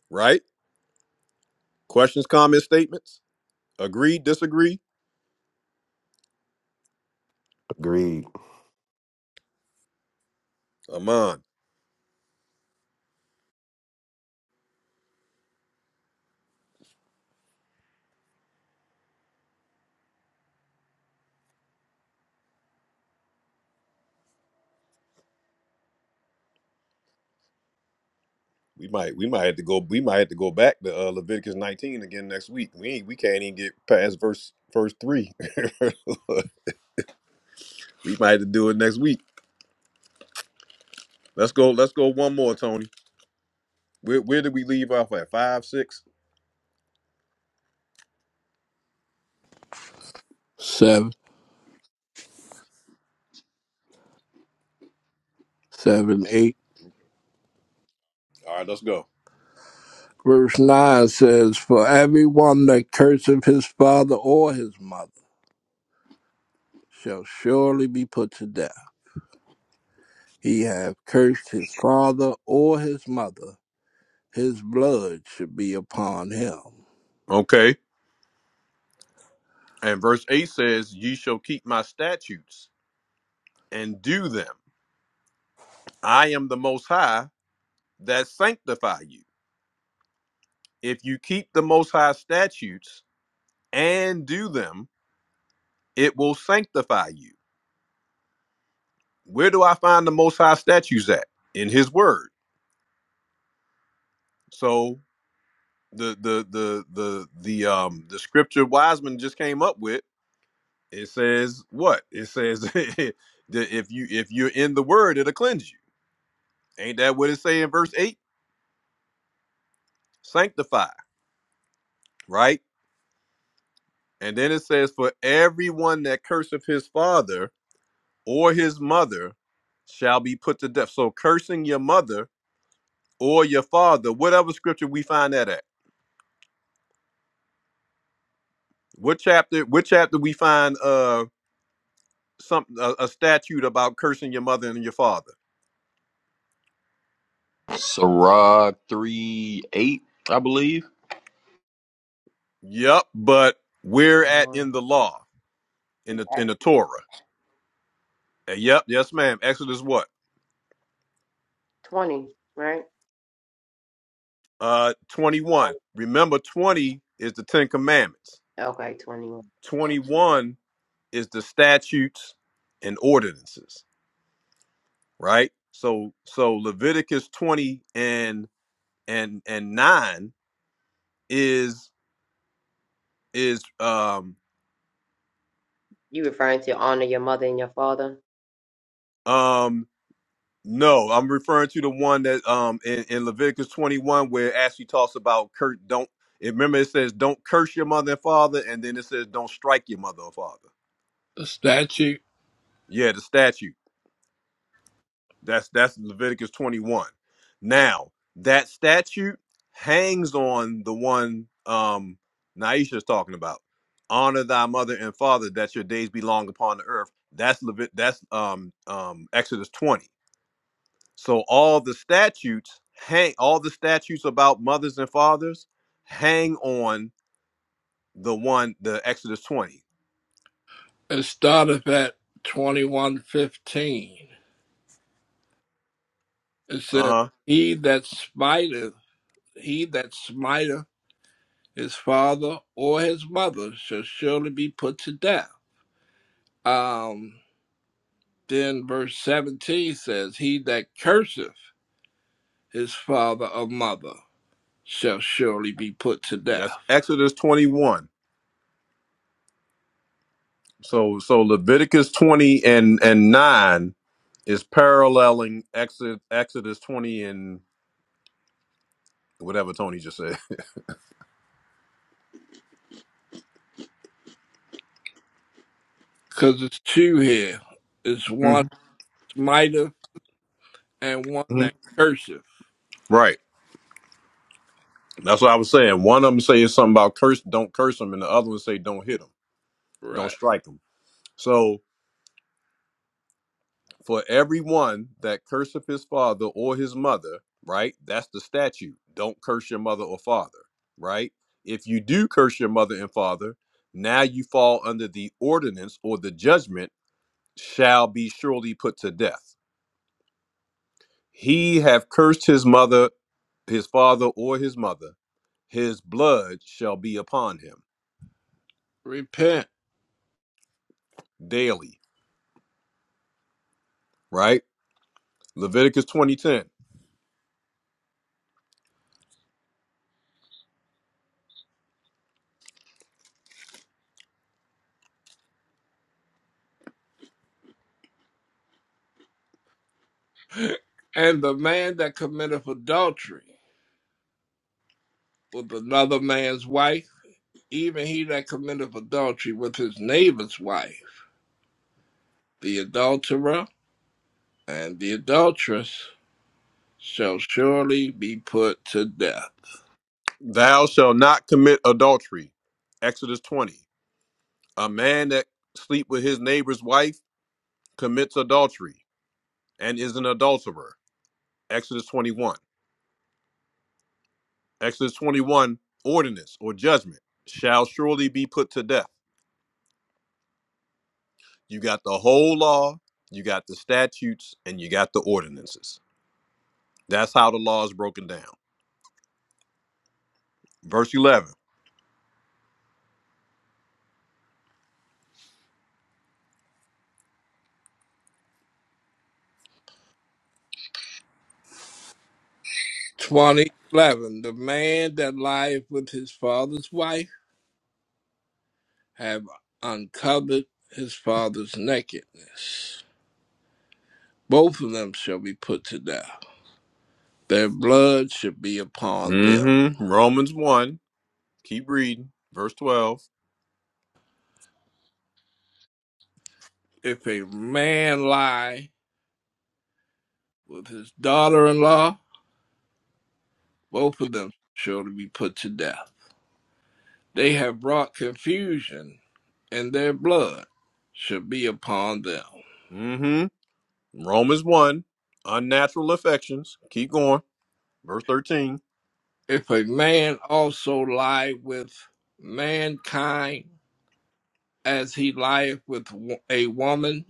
A: Right? Questions, comments, statements? Agree? Disagree?
G: agreed
A: Aman. We might we might have to go we might have to go back to uh, Leviticus 19 again next week. We ain't, we can't even get past verse verse 3. we might have to do it next week. Let's go let's go one more Tony. Where where did we leave off at? 5 6.
F: Seven, seven, eight.
A: All right, let's go.
F: Verse nine says, "For everyone that curseth his father or his mother shall surely be put to death. He hath cursed his father or his mother; his blood should be upon him."
A: Okay. And verse 8 says, "Ye shall keep my statutes and do them. I am the most high that sanctify you. If you keep the most high statutes and do them, it will sanctify you." where do I find the most high statues at? In his word. So the the the the the um the scripture Wiseman just came up with, it says what? It says that if you if you're in the word, it'll cleanse you. Ain't that what it say in verse 8? Sanctify, right? And then it says, For everyone that curseth his father or his mother shall be put to death. So cursing your mother or your father, whatever scripture we find that at. What chapter? What chapter we find? Uh, some a, a statute about cursing your mother and your father.
M: Sirach 3 8, I believe.
A: Yep, but we're
E: I'm
A: at
E: on
A: in the law in
E: in
A: the in the
E: Exodus
A: Torah. Uh, Yep, yes, ma'am. Exodus what?
E: twenty, right?
A: Uh, twenty one.
E: Twenty.
A: Remember, twenty is the Ten Commandments.
E: Okay, twenty-one.
A: Twenty one is the statutes and ordinances. Right. So so Leviticus twenty and and and nine is is um
E: You referring to honor your mother and your father
A: um No, I'm referring to the one that um in, in Leviticus 21 where it actually talks about curse, don't remember it says don't curse your mother and father and then it says don't strike your mother or father.
F: The statute
A: Yeah, the statute. That's that's Leviticus 21. Now, that statute hangs on the one um Naisha's talking about. Honor thy mother and father that your days be long upon the earth. That's Levit that's um um Exodus 20 So all the statutes hang all the statutes about mothers and fathers hang on the one the Exodus 20.
F: it started at twenty-one fifteen. It says,
A: Uh-huh.
F: "He that spiteth." he that smiteth his father or his mother shall surely be put to death. Um, then verse 17 says, He that curseth his father or mother shall surely be put to death.
A: That's Exodus 21. So so Leviticus 20 and and 9 is paralleling Exodus Exodus 20 and whatever Tony just said.
F: Because it's two here. It's one
A: Mhm.
F: smiteth and one
A: Mhm.
F: that curseth.
A: Right. That's what I was saying. One of them says something about curse don't curse them and the other one say don't hit them. Don't
F: Right.
A: strike them. So. For everyone that curseth his father or his mother, right? That's the statute. Don't curse your mother or father, right? If you do curse your mother and father, now you fall under the ordinance or the judgment shall be surely put to death. He have cursed his mother, his father, or his mother. His blood shall be upon him
F: Repent.
A: daily, right? Leviticus 20:10.
F: and the man that committeth adultery with another man's wife, even he that committeth adultery with his neighbor's wife. the adulterer and the adulteress shall surely be put to death.
A: Thou shalt not commit adultery. Exodus 20. A man that sleep with his neighbor's wife commits adultery and is an adulterer. Exodus 21. Exodus 21, ordinance or judgment shall surely be put to death. You got the whole law, you got the statutes, and you got the ordinances. That's how the law is broken down. Verse 11.
F: 2011 The man that lieth with his father's wife have uncovered his father's nakedness. Both of them shall be put to death. Their blood should be upon them.
A: Mm-hmm. Romans 1. Keep reading. Verse 12.
F: If a man lie with his daughter in law, both of them shall be put to death. They have brought confusion and their blood shall be upon them.
A: Mm-hmm. Romans 1. Unnatural affections. Keep going. Verse 13.
F: If a man also lie with mankind as he lieth with a woman,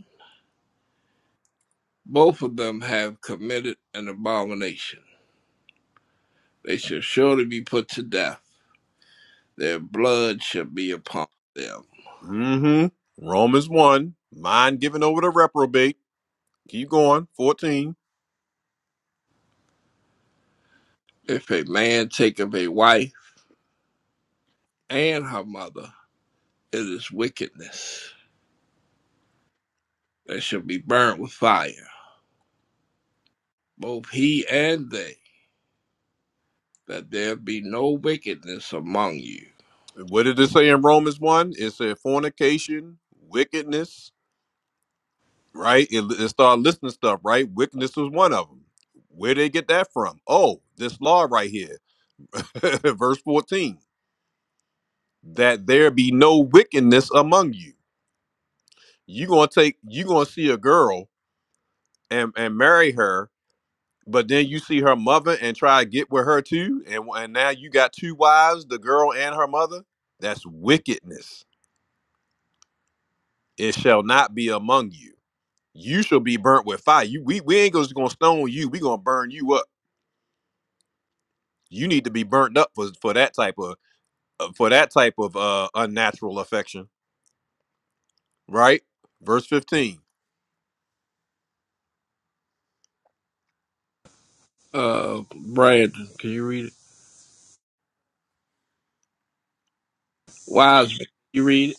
F: both of them have committed an abomination. They shall surely be put to death. Their blood shall be upon them.
A: Mm-hmm. Romans 1, mind given over to reprobate. Keep going. 14.
F: If a man take of a wife and her mother, it is wickedness. They shall be burnt with fire, both he and they, that there be no wickedness among you
A: What did it say in Romans 1? It said fornication, wickedness, right? It, it started listing stuff, right? Wickedness was one of them. Where did they get that from? Oh, this law right here. Verse 14. That there be no wickedness among you. you gonna take you gonna see a girl and, and marry her But then you see her mother and try to get with her too, and and now you got two wives, the girl and her mother. That's wickedness. It shall not be among you. You shall be burnt with fire. You we, we ain't just gonna stone you. We gonna burn you up. You need to be burnt up for for that type of uh, for that type of uh unnatural affection, right? Verse fifteen.
F: uh Brandon, can you read it? Wiseman, can you read it?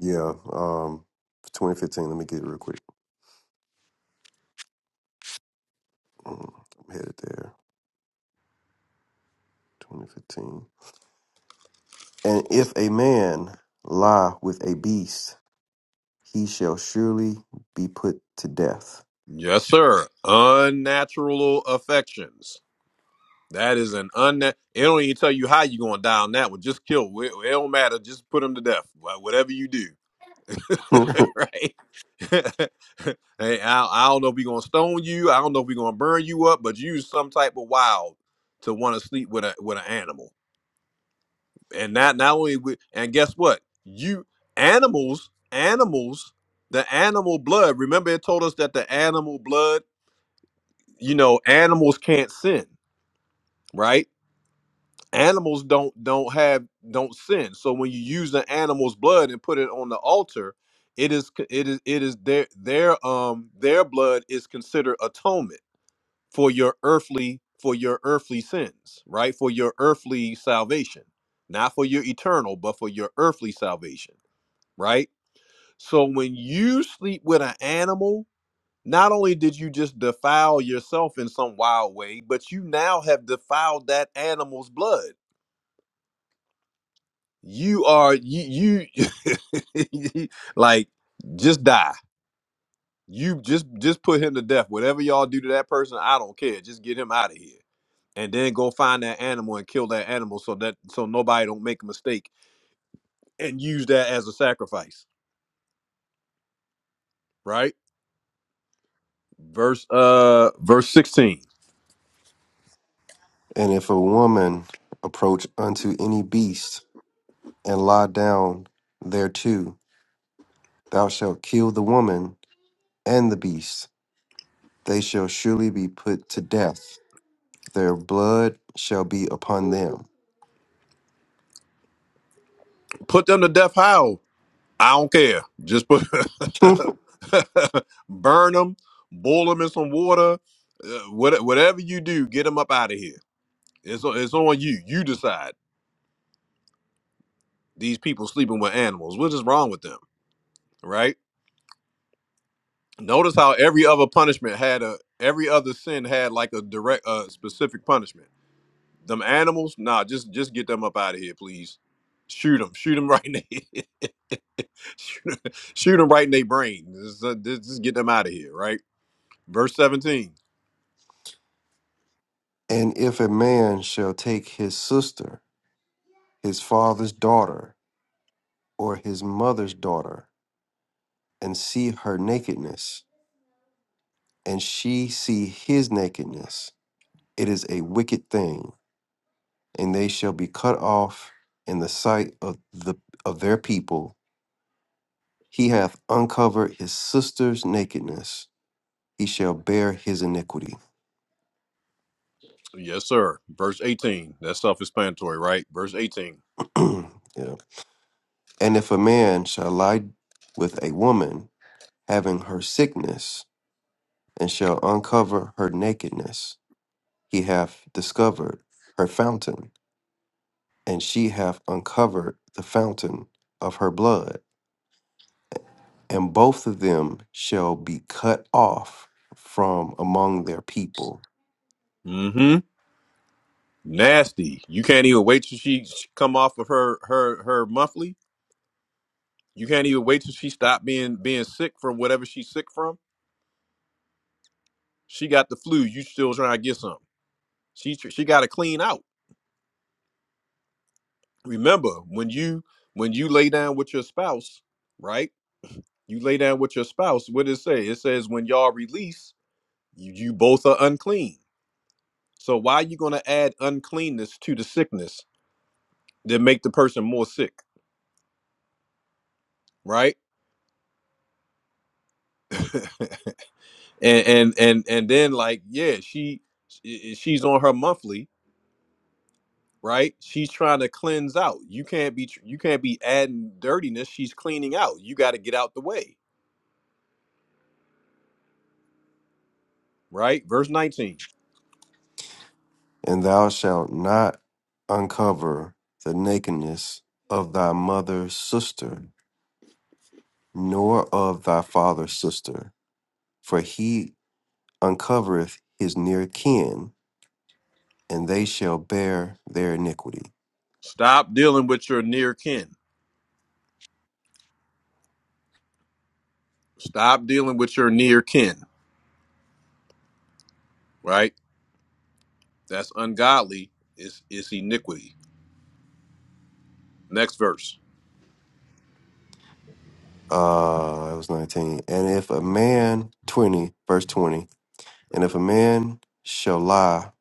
G: Yeah, um, 2015. Let me get it real quick. Mm, I'm headed there. 2015. And if a man lie with a beast, he shall surely be put to death.
A: Yes, sir. Unnatural affections. That is an unna It don't even tell you how you gonna die on that one. Just kill. It, it don't matter. Just put him to death. Wha- Whatever you do,
G: and
A: right? hey, I, I don't know if we gonna stone you. I don't know if we gonna burn you up. But you some type of wild to want to sleep with a with an animal. And that not only with, and guess what? You animals, animals, the animal blood. Remember, it told us that the animal blood. You know, animals can't sin, right? animals don't don't have don't sin so when you use an animal's blood and put it on the altar it is c- it is it is their their um their blood is considered atonement for your earthly for your earthly sins right for your earthly salvation not for your eternal but for your earthly salvation right so when you sleep with an animal not only did you just defile yourself in some wild way but you now have defiled that animal's blood you are you you like just die. You just just put him to death. Whatever y'all do to that person, I don't care. Just get him out of here. And then go find that animal and kill that animal so that so nobody don't make a mistake and use that as a sacrifice. Right? Verse uh verse 16.
G: if a woman approach unto any beast and lie down thereto, thou shalt kill the woman and the beast. They shall surely be put to death. Their blood shall be upon them.
A: Put them to death how? I don't care. Just put burn them, boil them in some water, uh, what, whatever you do, get them up out of here It's on, it's on you. You decide. These people sleeping with animals. What is wrong with them, right? Notice how every other punishment had a every other sin had like a direct uh specific punishment. Them animals, nah, just just get them up out of here, please. Shoot them, shoot them right in the shoot, 'em- shoot them right in their brain. Just, uh, just just get them out of here, right? Verse seventeen,
G: And if a man shall take his sister, his father's daughter, or his mother's daughter, and see her nakedness, and she see his nakedness, it is a wicked thing, and they shall be cut off in the sight of the of their people. He hath uncovered his sister's nakedness, he shall bear his iniquity.
A: yes sir. Verse eighteen, that's self-explanatory, right? Verse 18
G: yeah. And if a man shall lie with a woman, having her sickness, and shall uncover her nakedness. He hath discovered her fountain, and she hath uncovered the fountain of her blood. And both of them shall be cut off from among their people.
A: Mm-hmm. Nasty. You can't even wait till she she come off of her her her monthly. You can't even wait till she stop being being sick from whatever she's sick from. She got the flu. You still trying to get some? She tr- she got to clean out. Remember when you when you lay down with your spouse, right? You lay down with your spouse. What does it say? It says when y'all release, you, you both are unclean. So why are you gonna add uncleanness to the sickness that make the person more sick, right? and and and and then like yeah she she's on her monthly right she's trying to cleanse out you can't be tr- you can't be adding dirtiness she's cleaning out you got to get out the way right verse 19
G: And thou shalt not uncover the nakedness of thy mother's sister, nor of thy father's sister, for he uncovereth his near kin, and they shall bear their iniquity.
A: stop dealing with your near kin stop dealing with your near kin right that's ungodly it's it's iniquity next verse
G: Uh, it was 19. And if a man, 20, verse 20, and if a man shall lie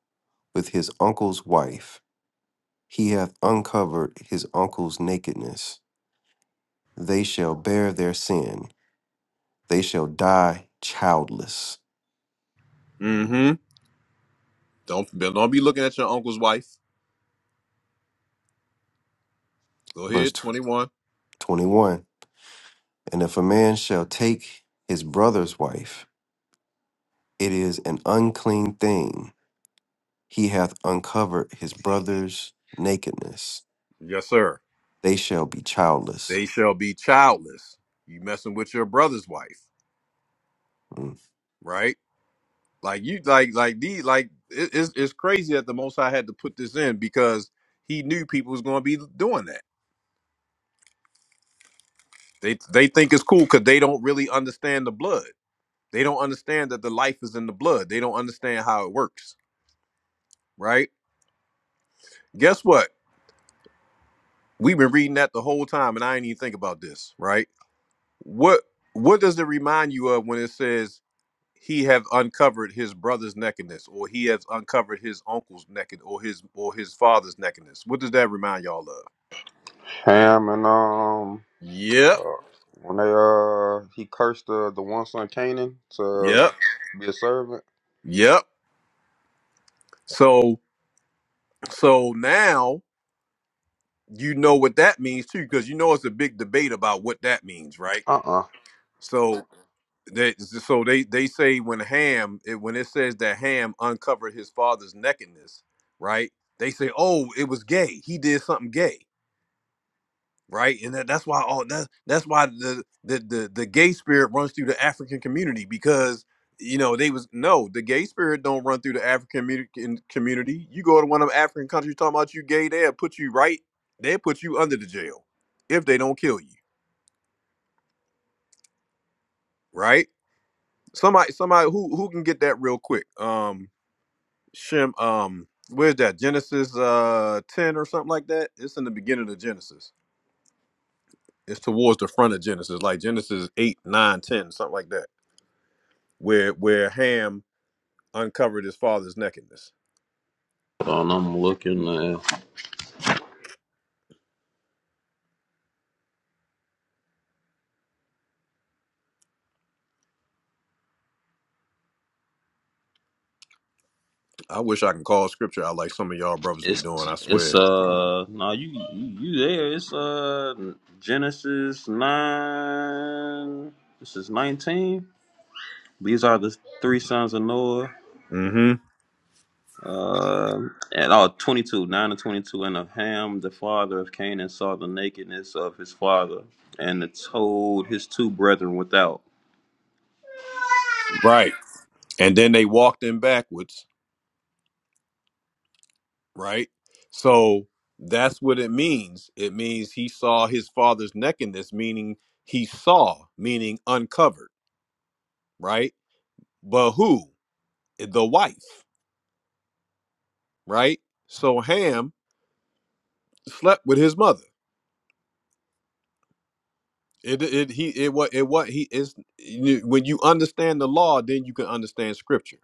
G: with his uncle's wife, he hath uncovered his uncle's nakedness. They shall bear their sin. They shall die childless.
A: mm-hmm don't don't be looking at your uncle's wife go
G: Verse
A: ahead
G: tw-
A: 21
G: 21. And if a man shall take his brother's wife, it is an unclean thing. He hath uncovered his brother's nakedness.
A: yes sir
G: They shall be childless.
A: they shall be childless you messing with your brother's wife
G: Mm,
A: right? Like you, like like the like it, it's it's crazy that the Most High had to put this in because he knew people was going to be doing that. They they think it's cool because they don't really understand the blood. They don't understand that the life is in the blood. They don't understand how it works, right? Guess what? We've been reading that the whole time, and I didn't even think about this, right? What what does it remind you of when it says he have uncovered his brother's nakedness, or he has uncovered his uncle's naked, or his or his father's nakedness? What does that remind y'all of?
M: Ham and um,
A: Yep.
M: uh, when they uh, he cursed uh, the one son Canaan to
A: Yep.
M: be a servant.
A: Yep. So so now you know what that means too, because you know it's a big debate about what that means, right?
M: Uh uh
A: So they so they they say when Ham it, when it says that Ham uncovered his father's nakedness, right? They say, oh, it was gay. He did something gay. right? And that, that's why all that's that's why the, the the the gay spirit runs through the African community because you know they was no the gay spirit don't run through the African community. community. You go to one of them African countries talking about you gay, they'll put you right, they'll put you under the jail if they don't kill you, right? Somebody somebody who who can get that real quick. Um, Shem, um, where's that Genesis uh ten or something like that? It's in the beginning of Genesis. It's towards the front of Genesis, like Genesis 8, 9 10 something like that. where where Ham uncovered his father's nakedness.
M: Hold on, I'm looking. Uh,
A: I wish I can call scripture out like some of y'all brothers be
M: it's
A: doing. I
M: it's
A: swear.
M: uh no you you you there. It's uh Genesis nine. This is nineteen. These are the three sons of Noah.
A: hmm
M: Uh, at all, 22, 9 and 22. And of Ham, the father of Canaan, saw the nakedness of his father and told his two brethren without.
A: Right. And then they walked in backwards. Right. So that's what it means. It means he saw his father's nakedness, meaning he saw, meaning uncovered. Right. But who? Eh, The wife. Right. So Ham slept with his mother. It it he it what it what he is when you understand the law, then you can understand scripture.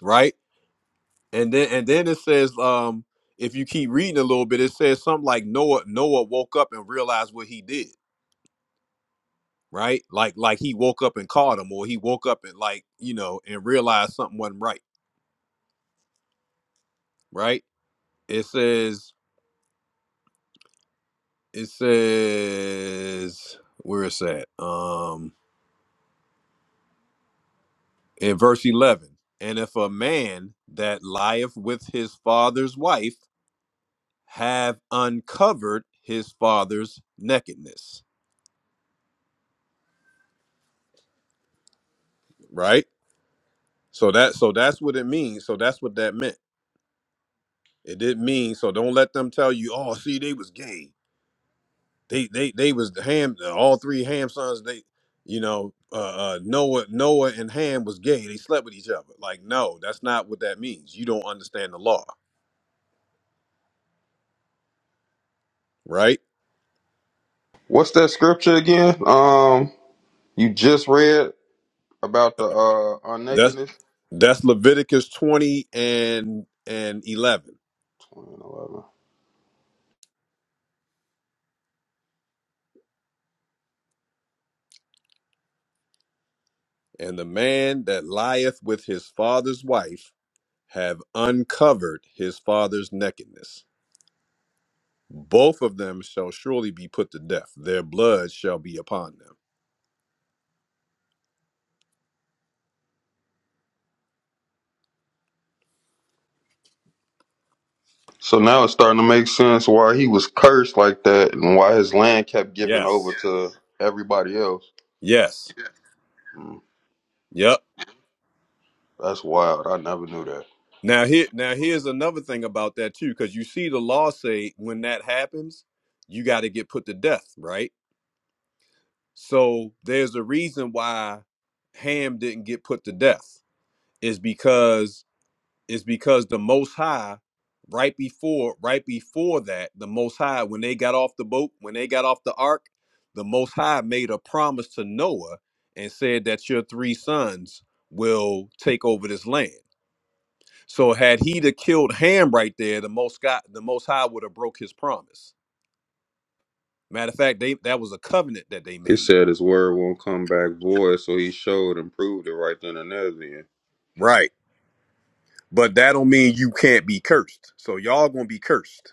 A: right? And then and then it says, um, if you keep reading a little bit, it says something like Noah Noah woke up and realized what he did, right? Like like he woke up and caught him, or he woke up and like you know and realized something wasn't right, right? It says it says where is that? Um, in verse eleven, and if a man that lieth with his father's wife have uncovered his father's nakedness, right? So that so that's what it means. So that's what that meant. It didn't mean so don't let them tell you, oh, see, they was gay. They they they was the ham all three ham sons, they you know, uh, uh Noah Noah and Ham was gay. They slept with each other. Like, no, that's not what that means. You don't understand the law, right?
M: What's that scripture again? Um, you just read about the uh our
A: That's
M: nakedness.
A: that's Leviticus 20 and and 11.
M: 20 and 11.
A: And the man that lieth with his father's wife have uncovered his father's nakedness. both of them shall surely be put to death. Their blood shall be upon them.
M: So now it's starting to make sense why he was cursed like that and why his land kept giving over
A: Yes.
M: to everybody else.
A: Yes.
M: Mm,
A: Yep.
M: that's wild. I never knew that.
A: Now here now here's another thing about that too, because you see the law say when that happens, you got to get put to death, right? So there's a reason why Ham didn't get put to death. Is because is because the most high right before right before that the most high when they got off the boat when they got off the ark the most high made a promise to noah and said that your three sons will take over this land so had he to killed ham right there the most god the most high would have broke his promise matter of fact they that was a covenant that they
M: He
A: made
M: said his word won't come back void, so he showed and proved it right then and there. Then.
A: right but that don't mean you can't be cursed so y'all gonna be cursed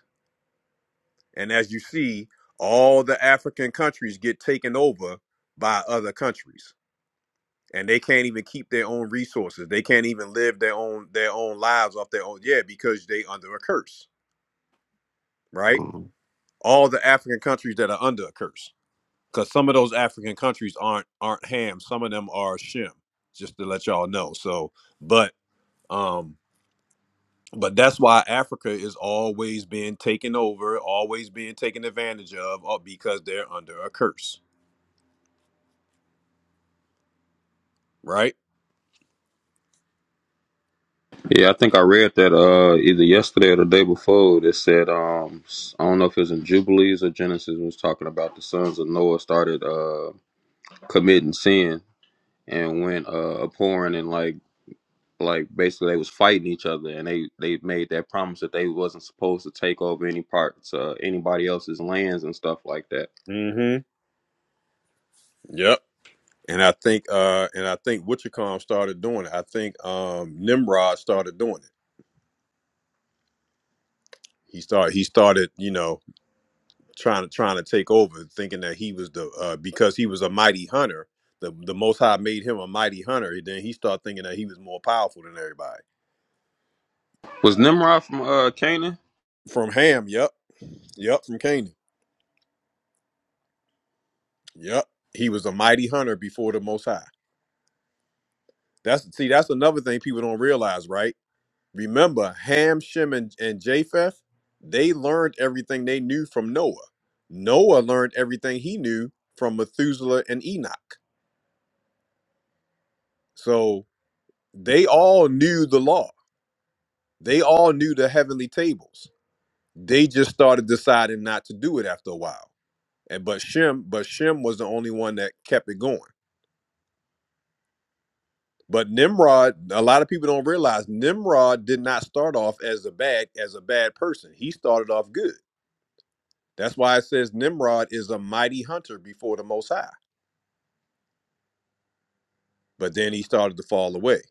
A: And as you see, all the African countries get taken over by other countries. And they can't even keep their own resources. They can't even live their own their own lives off their own. Yeah, because they under a curse, right?
G: mm.
A: All the African countries that are under a curse. Because some of those African countries aren't aren't ham. Some of them are shim, just to let y'all know. So but um but that's why Africa is always being taken over, always being taken advantage of, uh, because they're under a curse right?
M: Yeah, I think I read that uh, either yesterday or the day before. That said, um, s- I don't know if it was in Jubilees or Genesis it was talking about the sons of Noah started uh, committing sin and went uh, abhorring and like like basically they was fighting each other and they they made that promise that they wasn't supposed to take over any parts uh, anybody else's lands and stuff like that.
A: hmm Yep. And I think uh and I think Witchcom started doing it. I think um Nimrod started doing it. He started he started, you know, trying to trying to take over, thinking that he was the uh because he was a mighty hunter, the the most high made him a mighty hunter, and then he started thinking that he was more powerful than everybody.
M: Was Nimrod from uh, Canaan?
A: From Ham, yep. Yep, from Canaan. Yep. He was a mighty hunter before the most high. That's see, that's another thing people don't realize, right? Remember, Ham, Shem, and, and Japheth, they learned everything they knew from Noah. Noah learned everything he knew from Methuselah and Enoch. So they all knew the law. They all knew the heavenly tables. They just started deciding not to do it after a while. And but Shem, but Shem was the only one that kept it going. But Nimrod, a lot of people don't realize Nimrod did not start off as a bad as a bad person. He started off good That's why it says Nimrod is a mighty hunter before the Most High. But then he started to fall away.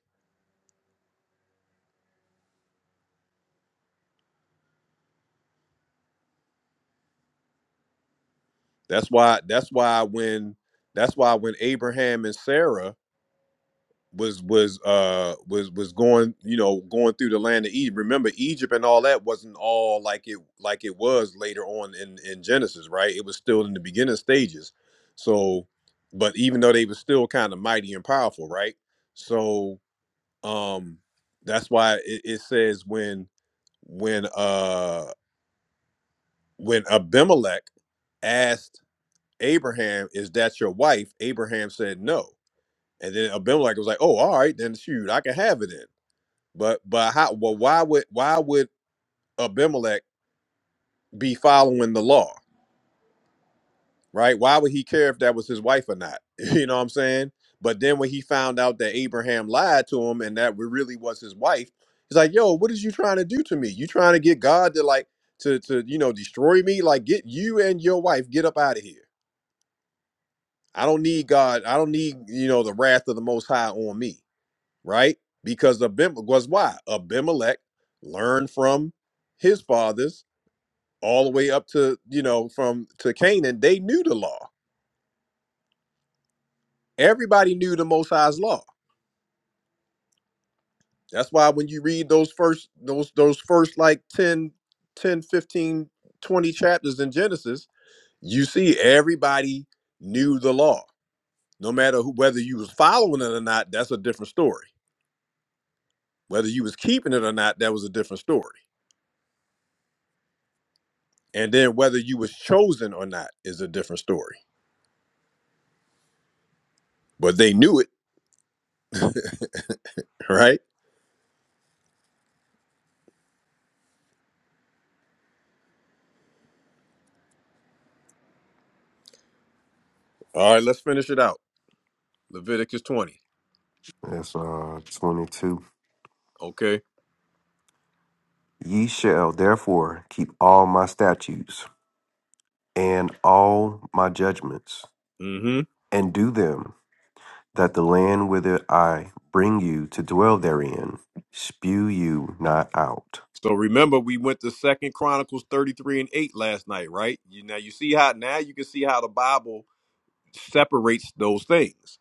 A: That's why. That's why when. That's why when Abraham and Sarah was was uh was was going you know going through the land of Egypt. Remember Egypt and all that wasn't all like it like it was later on in in Genesis, right? It was still in the beginning stages. So, but even though they were still kind of mighty and powerful, right? So um that's why it, it says when when uh when Abimelech asked Abraham, "Is that your wife?" Abraham said no, and then Abimelech was like, "Oh, all right, then shoot, I can have it then." But but how? Well, why would why would Abimelech be following the law? right? Why would he care if that was his wife or not? You know what I'm saying? But then when he found out that Abraham lied to him and that really was his wife, he's like, "Yo, what is you trying to do to me? You trying to get God to like to to you know destroy me? Like get you and your wife get up out of here. I don't need God. I don't need you know the wrath of the Most High on me, right? Because Abim was why Abimelech learned from his fathers all the way up to you know from to Canaan. They knew the law everybody knew the most high's law that's why when you read those first those those first like 10, 10, 15, 20 chapters in genesis you see everybody knew the law no matter who, whether you was following it or not that's a different story whether you was keeping it or not that was a different story and then whether you was chosen or not is a different story but they knew it right all right let's finish it out leviticus 20
G: That's uh 22.
A: okay
G: Ye shall therefore keep all my statutes and all my judgments,
A: Mm-hmm.
G: and do them, that the land whither I bring you to dwell therein spew you not out.
A: So remember, we went to Second Chronicles thirty-three and eight last night, right? You, now you see how now you can see how the Bible separates those things.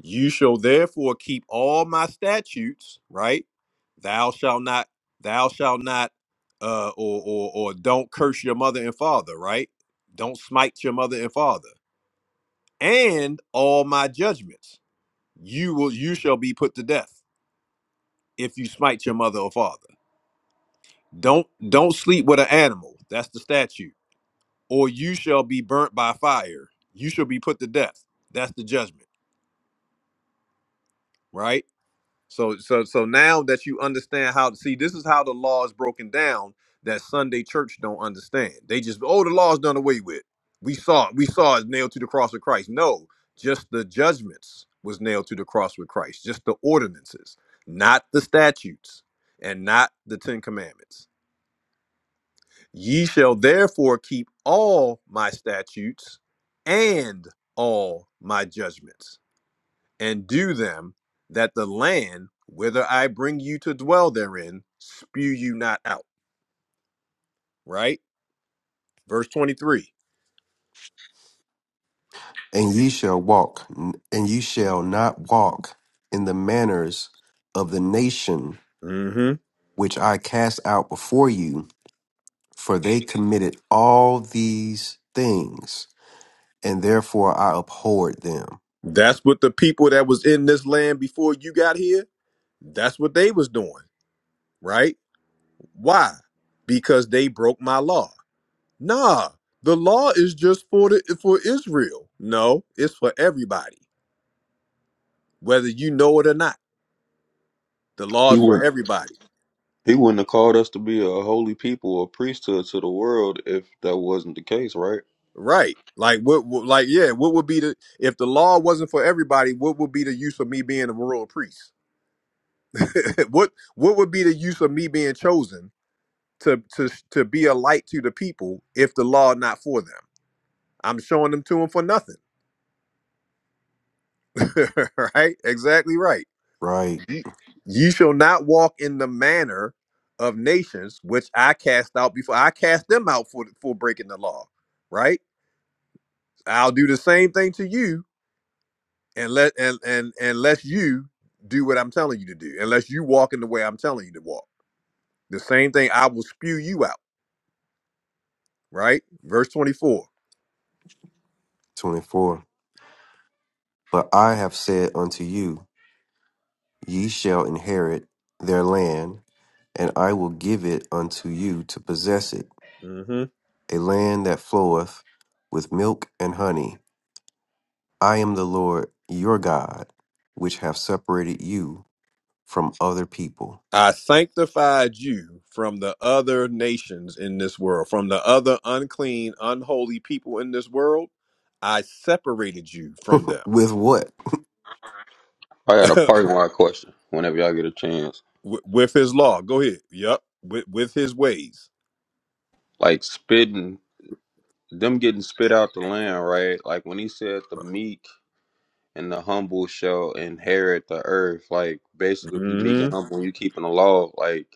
A: You shall therefore keep all my statutes, right? Thou shalt not, thou shalt not, uh, or or or don't curse your mother and father, right? Don't smite your mother and father, and all my judgments. You will, you shall be put to death if you smite your mother or father. Don't don't sleep with an animal. That's the statute or you shall be burnt by fire. You shall be put to death. That's the judgment, right? So so so now that you understand how to see this is how the law is broken down that Sunday church don't understand. They just oh the law's done away with. We saw it. We saw it nailed to the cross of Christ. No, just the judgments was nailed to the cross with Christ. Just the ordinances, not the statutes and not the 10 commandments. Ye shall therefore keep all my statutes and all my judgments, and do them, that the land whither I bring you to dwell therein spew you not out. Right? Verse 23.
G: And ye shall walk, and ye shall not walk in the manners of the nation
A: hmm
G: which I cast out before you, for they committed all these things, and therefore I abhorred them.
A: That's what the people that was in this land before you got here, that's what they was doing, right? Why? Because they broke my law. Nah, the law is just for the for Israel. No, it's for everybody whether you know it or not. The law
M: He
A: is
M: was
A: for everybody,
M: He wouldn't have called us to be a holy people, a priesthood to the world if that wasn't the case, right?
A: right? Like what? what- Like yeah, what would be the if the law wasn't for everybody? What would be the use of me being a royal priest? what What would be the use of me being chosen to to to be a light to the people if the law not for them? I'm showing them to them for nothing, right? Exactly right.
G: Right?
A: Ye ye shall not walk in the manner of nations which I cast out before I cast them out for for breaking the law, right? I'll do the same thing to you and let and and unless you do what I'm telling you to do, unless you walk in the way I'm telling you to walk. The same thing, I will spew you out, right? Verse 24.
G: 24. But I have said unto you, ye shall inherit their land, and I will give it unto you to possess it,
A: hmm
G: a land that floweth with milk and honey. I am the Lord your God, which have separated you from other people.
A: I sanctified you from the other nations in this world, from the other unclean, unholy people in this world. I separated you from them
G: With what?
M: I got a
A: Wi-
M: parking lot question whenever y'all get a chance.
A: with his law. Go ahead. Yep. With, with his ways.
M: Like spitting, them getting spit out the land, right? Like when he said the meek and the humble shall inherit the earth. Like basically, if you meek and
A: hmm
M: humble and you keeping the law, like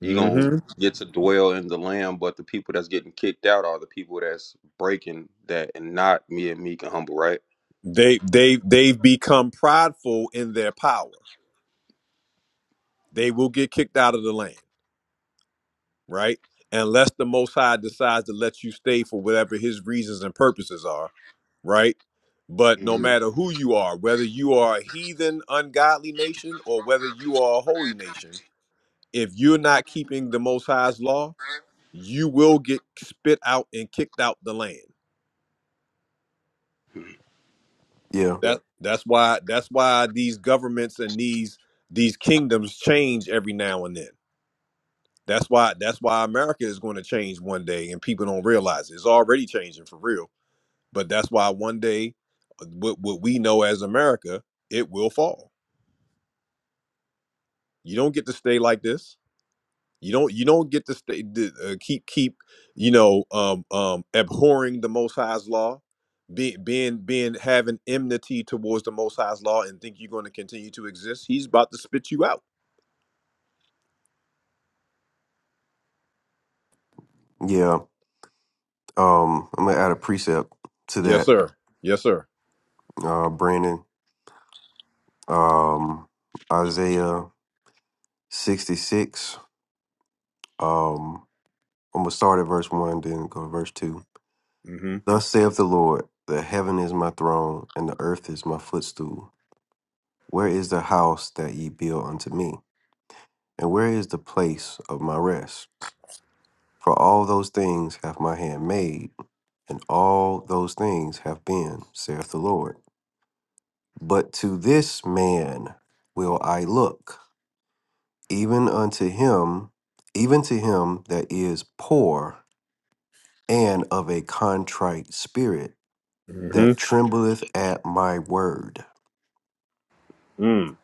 M: you gonna
A: hmm
M: get to dwell in the land. But the people that's getting kicked out are the people that's breaking that and not me and meek and humble, right?
A: They they they've become prideful in their power. They will get kicked out of the land, right? Unless the Most High decides to let you stay for whatever His reasons and purposes are, right? But no
M: hmm
A: matter who you are, whether you are a heathen, ungodly nation, or whether you are a holy nation, if you're not keeping the Most High's law, you will get spit out and kicked out the land.
G: Yeah.
A: That that's why that's why these governments and these these kingdoms change every now and then. That's why that's why America is going to change one day, and people don't realize it. it's already changing for real. But that's why one day, uh, what what we know as America, it will fall. You don't get to stay like this. You don't you don't get to stay d- uh, keep keep you know um um abhorring the Most High's law, being being being having enmity towards the Most High's law, and think you're going to continue to exist. He's about to spit you out.
G: Yeah. Um, I'm gonna add a precept to
A: Yes,
G: that,
A: sir. Yes, sir.
G: uh, Brandon. Um, Isaiah 66. Um, I'm gonna start at verse one, then go to verse two.
A: Mm-hmm.
G: Thus saith the Lord, the heaven is my throne, and the earth is my footstool. Where is the house that ye build unto me? And where is the place of my rest? For all those things hath my hand made, and all those things have been, saith the Lord. But to this man will I look even unto him, even to him that is poor and of a contrite spirit that
A: Mm-hmm.
G: trembleth at my word.
A: Mm.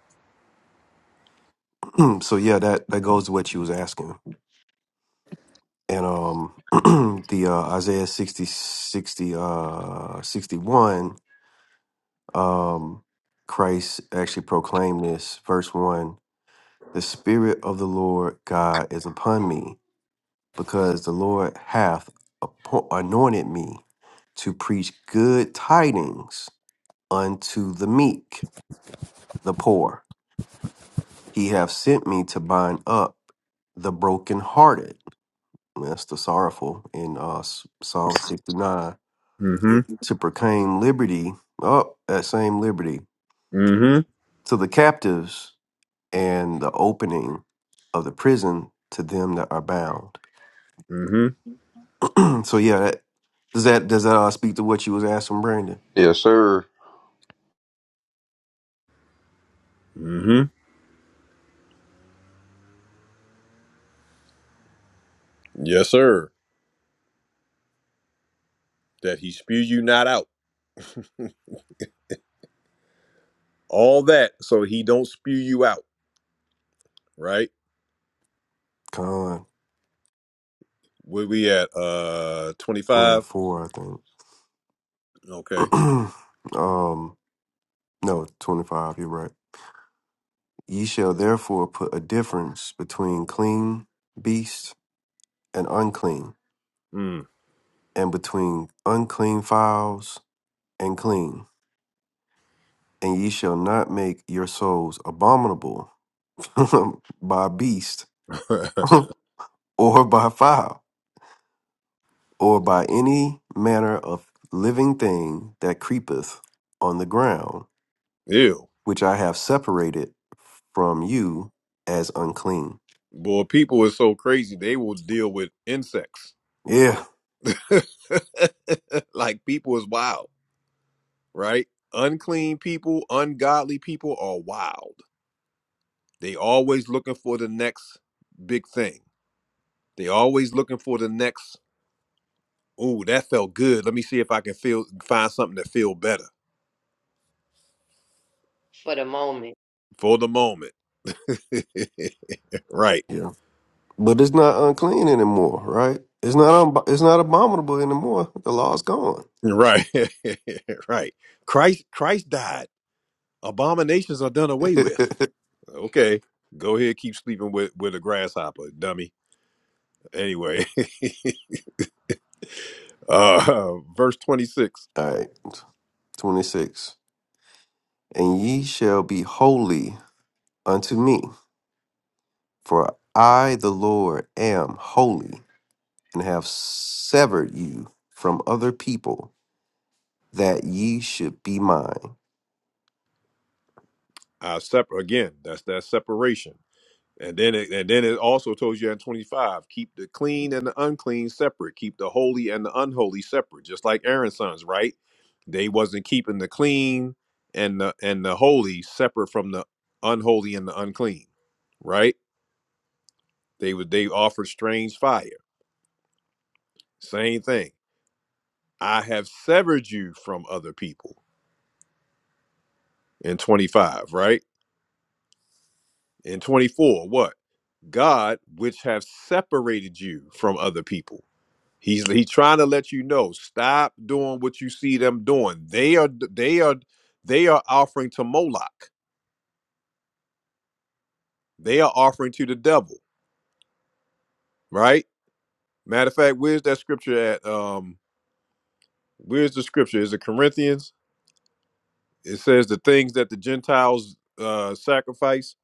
G: so yeah, that that goes to what you was asking. And um the uh Isaiah 60 sixty uh 61 um Christ actually proclaimed this verse 1 the spirit of the Lord God is upon me because the Lord hath appo- anointed me to preach good tidings unto the meek, the poor. He hath sent me to bind up the brokenhearted. Well, That's the sorrowful in uh, S- Psalm 69.
A: Mm-hmm.
G: To proclaim liberty, oh, that same liberty,
A: Mm-hmm.
G: to the captives and the opening of the prison to them that are bound.
A: Mm-hmm.
G: so yeah, that, does that does that uh, speak to what you was asking, Brandon?
M: Yes, sir.
A: Mm-hmm. Yes, sir. That he spew you not out. All that so he don't spew you out. Right?
G: Con
A: Where we at? Uh, twenty
G: twenty
A: five.
G: four,
A: Okay.
G: I think. um, No, 25, you're right. Ye shall therefore put a difference between clean beasts and unclean,
A: Mm.
G: and between unclean fowls and clean. And ye shall not make your souls abominable by beast or by fowl or by any manner of living thing that creepeth on the ground,
A: Ew.
G: which I have separated from you as unclean.
A: Boy, people is so crazy. They will deal with insects.
G: Yeah.
A: like people is wild, right? Unclean people, ungodly people are wild. They always looking for the next big thing. They always looking for the next, ooh, that felt good. Let me see if I can feel find something that feel better
E: for the moment.
A: for the moment. right.
G: Yeah. But it's not unclean anymore, right? It's not un- it's not abominable anymore. The law's gone.
A: Right. right. Christ Christ died. Abominations are done away with. Okay. Go ahead, keep sleeping with, with a grasshopper, dummy. Anyway, uh, verse 26.
G: All right, twenty six. And ye shall be holy unto me, for I the Lord am holy, and have severed you from other people, that ye should be mine.
A: I separ again, that's that separation. And then it and then it also tells you in 25, keep the clean and the unclean separate, keep the holy and the unholy separate, just like Aaron's sons, right? They wasn't keeping the clean and the and the holy separate from the unholy and the unclean, right? They would they offered strange fire. Same thing I have severed you from other people. In 25, right? In 24, what? God, which have separated you from other people. He's he trying to let you know, stop doing what you see them doing. They are they are they are offering to Moloch. They are offering to the devil, right? Matter of fact, where's that scripture at? Um, where's the scripture? Is it Corinthians? It says the things that the Gentiles uh sacrifice,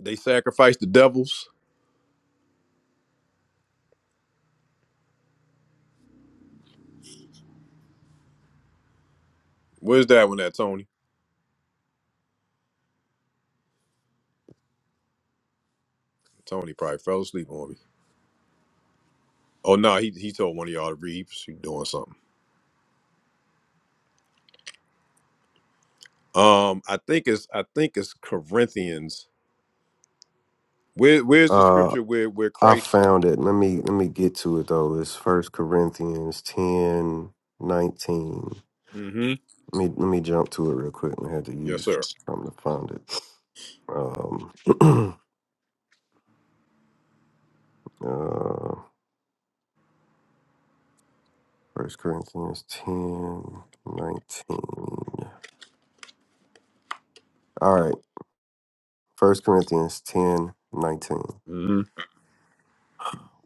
A: they sacrifice the devils. Where's that one at, Tony? Tony probably fell asleep on me. Oh no, he he told one of y'all to read. He was doing something. Um, I think it's I think it's Corinthians. Where where's the
G: Uh,
A: scripture where where
G: I
A: Christ?
G: found it. Let me let me get to it though. It's First Corinthians ten nineteen.
A: Mm-hmm.
G: Let me let me jump to it real quick. I had to
A: Yes,
G: use
A: sir.
G: something to find it. Um, uh, First Corinthians ten nineteen. All right, First Corinthians 10 19.
A: Mm-hmm.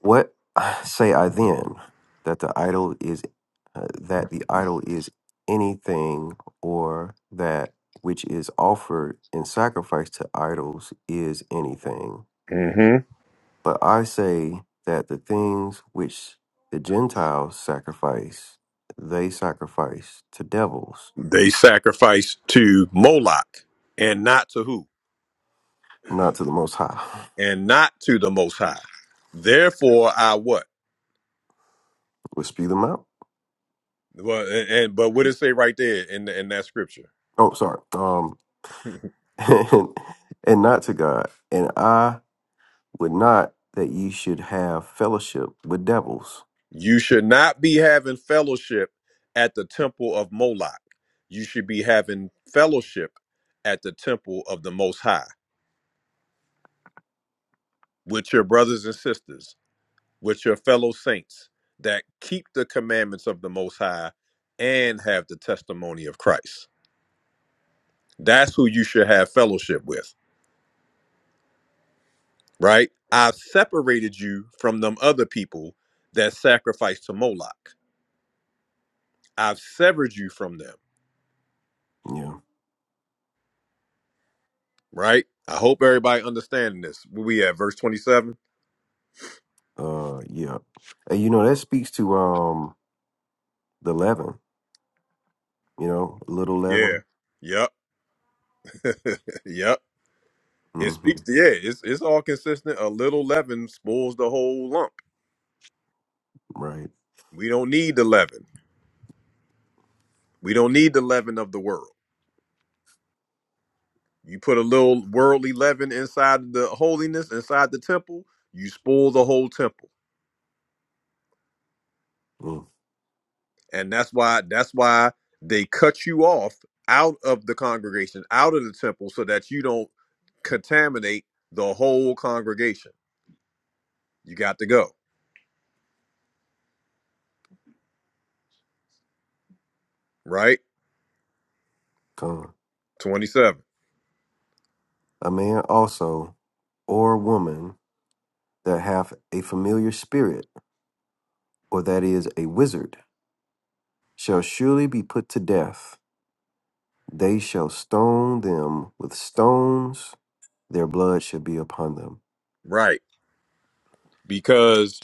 G: What say I then that the idol is uh, that the idol is anything or that which is offered in sacrifice to idols is anything?
A: Mm-hmm.
G: But I say that the things which the Gentiles sacrifice, they sacrifice to devils,
A: They sacrificed to Moloch and not to who
G: not to the Most High.
A: and not to the Most High. Therefore, I what?
G: Would spew them out.
A: Well, and, and- but what it say right there in in that scripture?
G: Oh, sorry. Um, and, and not to God. And I would not that ye should have fellowship with devils.
A: You should not be having fellowship at the temple of Moloch. You should be having fellowship at the temple of the Most High with your brothers and sisters, with your fellow saints that keep the commandments of the Most High and have the testimony of Christ. That's who you should have fellowship with, right? I've separated you from them other people that sacrifice to Moloch. I've severed you from them.
G: Yeah.
A: right? I hope everybody understanding this. Where we at verse 27?
G: Uh, yeah. And you know that speaks to um the leaven. You know, little
A: Yeah.
G: leaven.
A: Yep. yep. It
G: hmm
A: speaks to yeah, it's it's all consistent. A little leaven spoils the whole lump.
G: Right.
A: We don't need the leaven. We don't need the leaven of the world. You put a little worldly leaven inside the holiness, inside the temple, you spoil the whole temple.
G: Mm,
A: And that's why that's why they cut you off out of the congregation, out of the temple, so that you don't contaminate the whole congregation you got to go, right?
G: come.
A: 27,
G: A man also or a woman that hath a familiar spirit, or that is a wizard, shall surely be put to death. They shall stone them with stones, their blood shall be upon them.
A: right? Because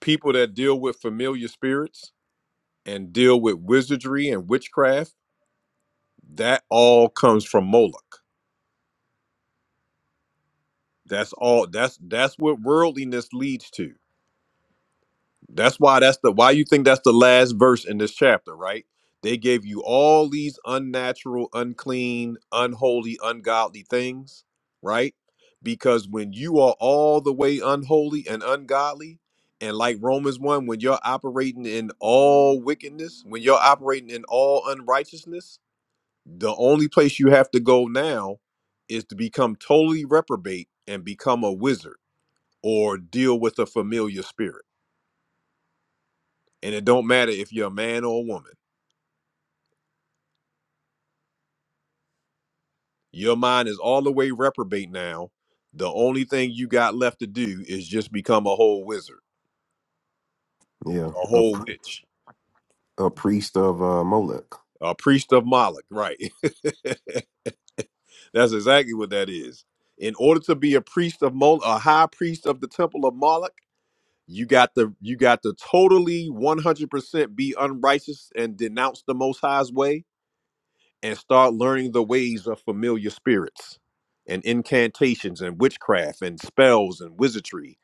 A: people that deal with familiar spirits and deal with wizardry and witchcraft, that all comes from Moloch. That's all that's that's what worldliness leads to. That's why that's the why you think that's the last verse in this chapter, right? They gave you all these unnatural, unclean, unholy, ungodly things, right? Because when you are all the way unholy and ungodly, and like Romans 1, when you're operating in all wickedness, when you're operating in all unrighteousness, the only place you have to go now is to become totally reprobate and become a wizard or deal with a familiar spirit and it don't matter if you're a man or a woman your mind is all the way reprobate now the only thing you got left to do is just become a whole wizard
G: Yeah,
A: a
G: a,
A: whole
G: pr-
A: witch
G: a priest of uh, Molech.
A: a priest of moloch right that's exactly what that is in order to be a priest of moloch a high priest of the temple of moloch you got to you got to totally 100% be unrighteous and denounce the most high's way and start learning the ways of familiar spirits and incantations and witchcraft and spells and wizardry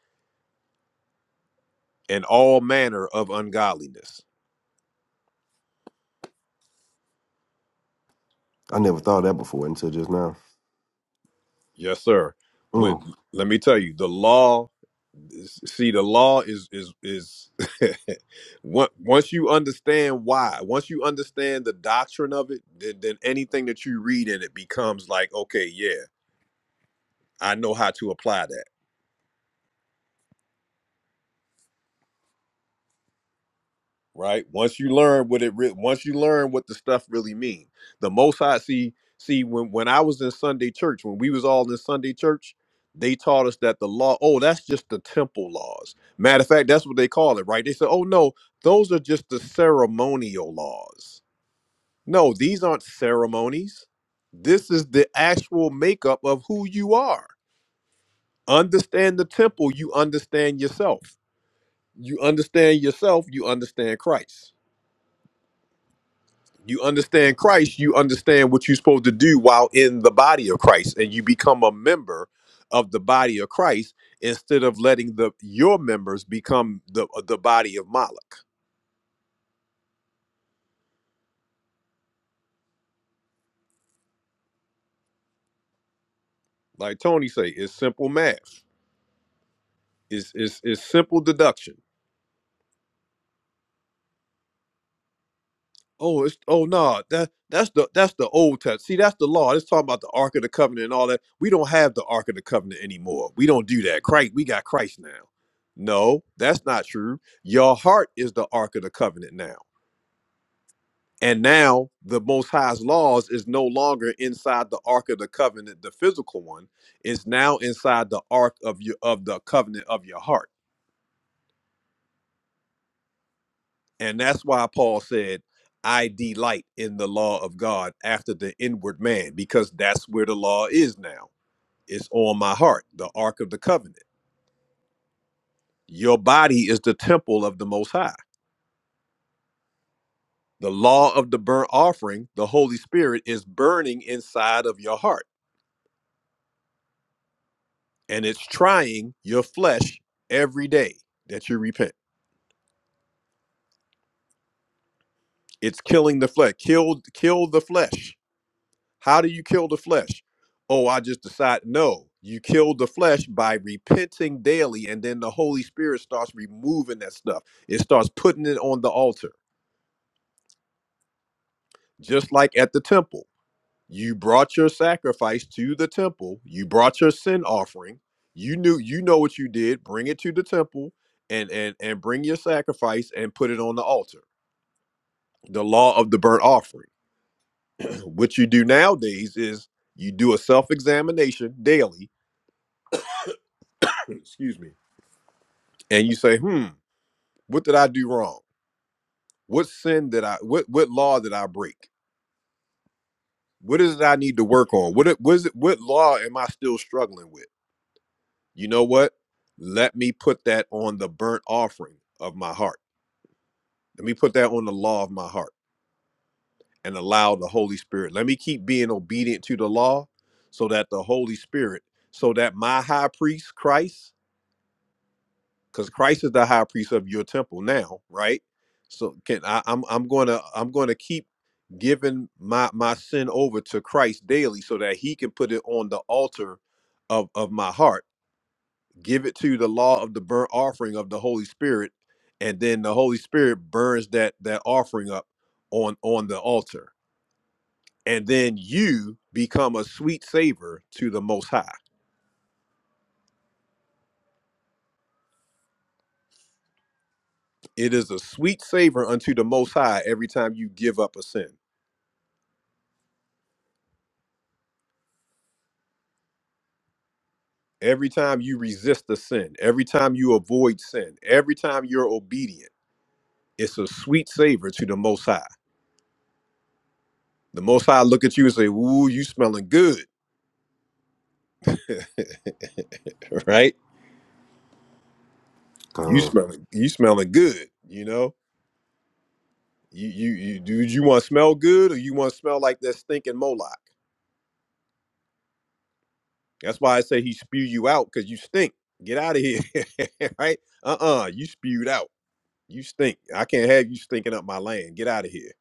A: and all manner of ungodliness.
G: I never thought of that before until just now.
A: Yes, sir. When,
G: Mm,
A: let me tell you, the law. See, the law is is is. on- once you understand why, once you understand the doctrine of it, then, then anything that you read in it becomes like, okay, yeah, I know how to apply that. right? Once you learn what it re- once you learn what the stuff really mean. The most high see see when when I was in Sunday church, when we was all in Sunday church, they taught us that the law, oh, that's just the temple laws. Matter of fact, that's what they call it, right? They said, "Oh no, those are just the ceremonial laws." No, these aren't ceremonies. This is the actual makeup of who you are. Understand the temple, you understand yourself. You understand yourself, you understand Christ You understand Christ, you understand what you're supposed to do while in the body of Christ, and you become a member of the body of Christ instead of letting the your members become the the body of Moloch. Like Tony say, it's simple math. It's it's, it's simple deduction. Oh, it's oh no, that that's the that's the old test. See, that's the law. It's talking about the Ark of the Covenant and all that. We don't have the Ark of the Covenant anymore. We don't do that. Christ, we got Christ now. No, that's not true. Your heart is the Ark of the Covenant now. And now the Most High's laws is no longer inside the Ark of the Covenant, the physical one. It's now inside the Ark of your of the covenant of your heart. And that's why Paul said, I delight in the law of God after the inward man, because that's where the law is now. It's on my heart, the Ark of the Covenant. Your body is the temple of the Most High. The law of the burnt offering, the Holy Spirit, is burning inside of your heart and it's trying your flesh every day that you repent. It's killing the flesh. Kill kill the flesh. How do you kill the flesh? Oh, I just decide no. You kill the flesh by repenting daily and then the Holy Spirit starts removing that stuff. It starts putting it on the altar. Just like at the temple. You brought your sacrifice to the temple. You brought your sin offering. You knew you know what you did. Bring it to the temple and and and bring your sacrifice and put it on the altar the law of the burnt offering. What you do nowadays is you do a self examination daily, excuse me, and you say, hmm, what did I do wrong? What sin did I, what, what law did I break? What is it I need to work on? What, it- what is it, what law am I still struggling with? You know what? Let me put that on the burnt offering of my heart. Let me put that on the law of my heart and allow the Holy Spirit. Let me keep being obedient to the law so that the Holy Spirit, so that my high priest, Christ, because Christ is the high priest of your temple now, right? So can I, I'm I'm gonna I'm gonna keep giving my my sin over to Christ daily so that he can put it on the altar of of my heart. Give it to the law of the burnt offering of the Holy Spirit, and then the Holy Spirit burns that that offering up on on the altar. And then you become a sweet savor to the most high. It is a sweet savor unto the most high every time you give up a sin. Every time you resist the sin, every time you avoid sin, every time you're obedient, it's a sweet savor to the Most High. The Most High look at you and say, "Ooh, you smelling good, right? You
G: God.
A: smelling, you smelling good. You know, you you, you do you want to smell good or you want to smell like that stinking Moloch? That's why I say he spew you out because you stink. Get out of here, right? Uh-uh, you spewed out. You stink. I can't have you stinking up my land. Get out of here.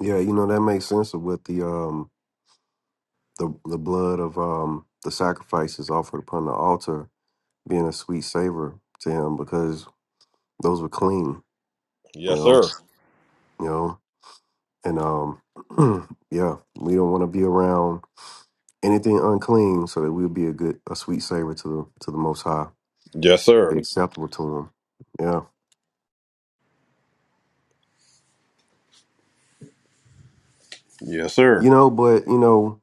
G: Yeah, you know, that makes sense of what the um the the blood of um the sacrifices offered upon the altar being a sweet savor to him because those were clean, you
A: Yes,
G: know.
A: sir.
G: You know. And um, yeah, we don't want to be around anything unclean, so that we'll be a good, a sweet savor to the to the Most High,
A: Yes, sir.
G: be acceptable to Him. Yeah,
A: Yes, sir.
G: you know, but you know,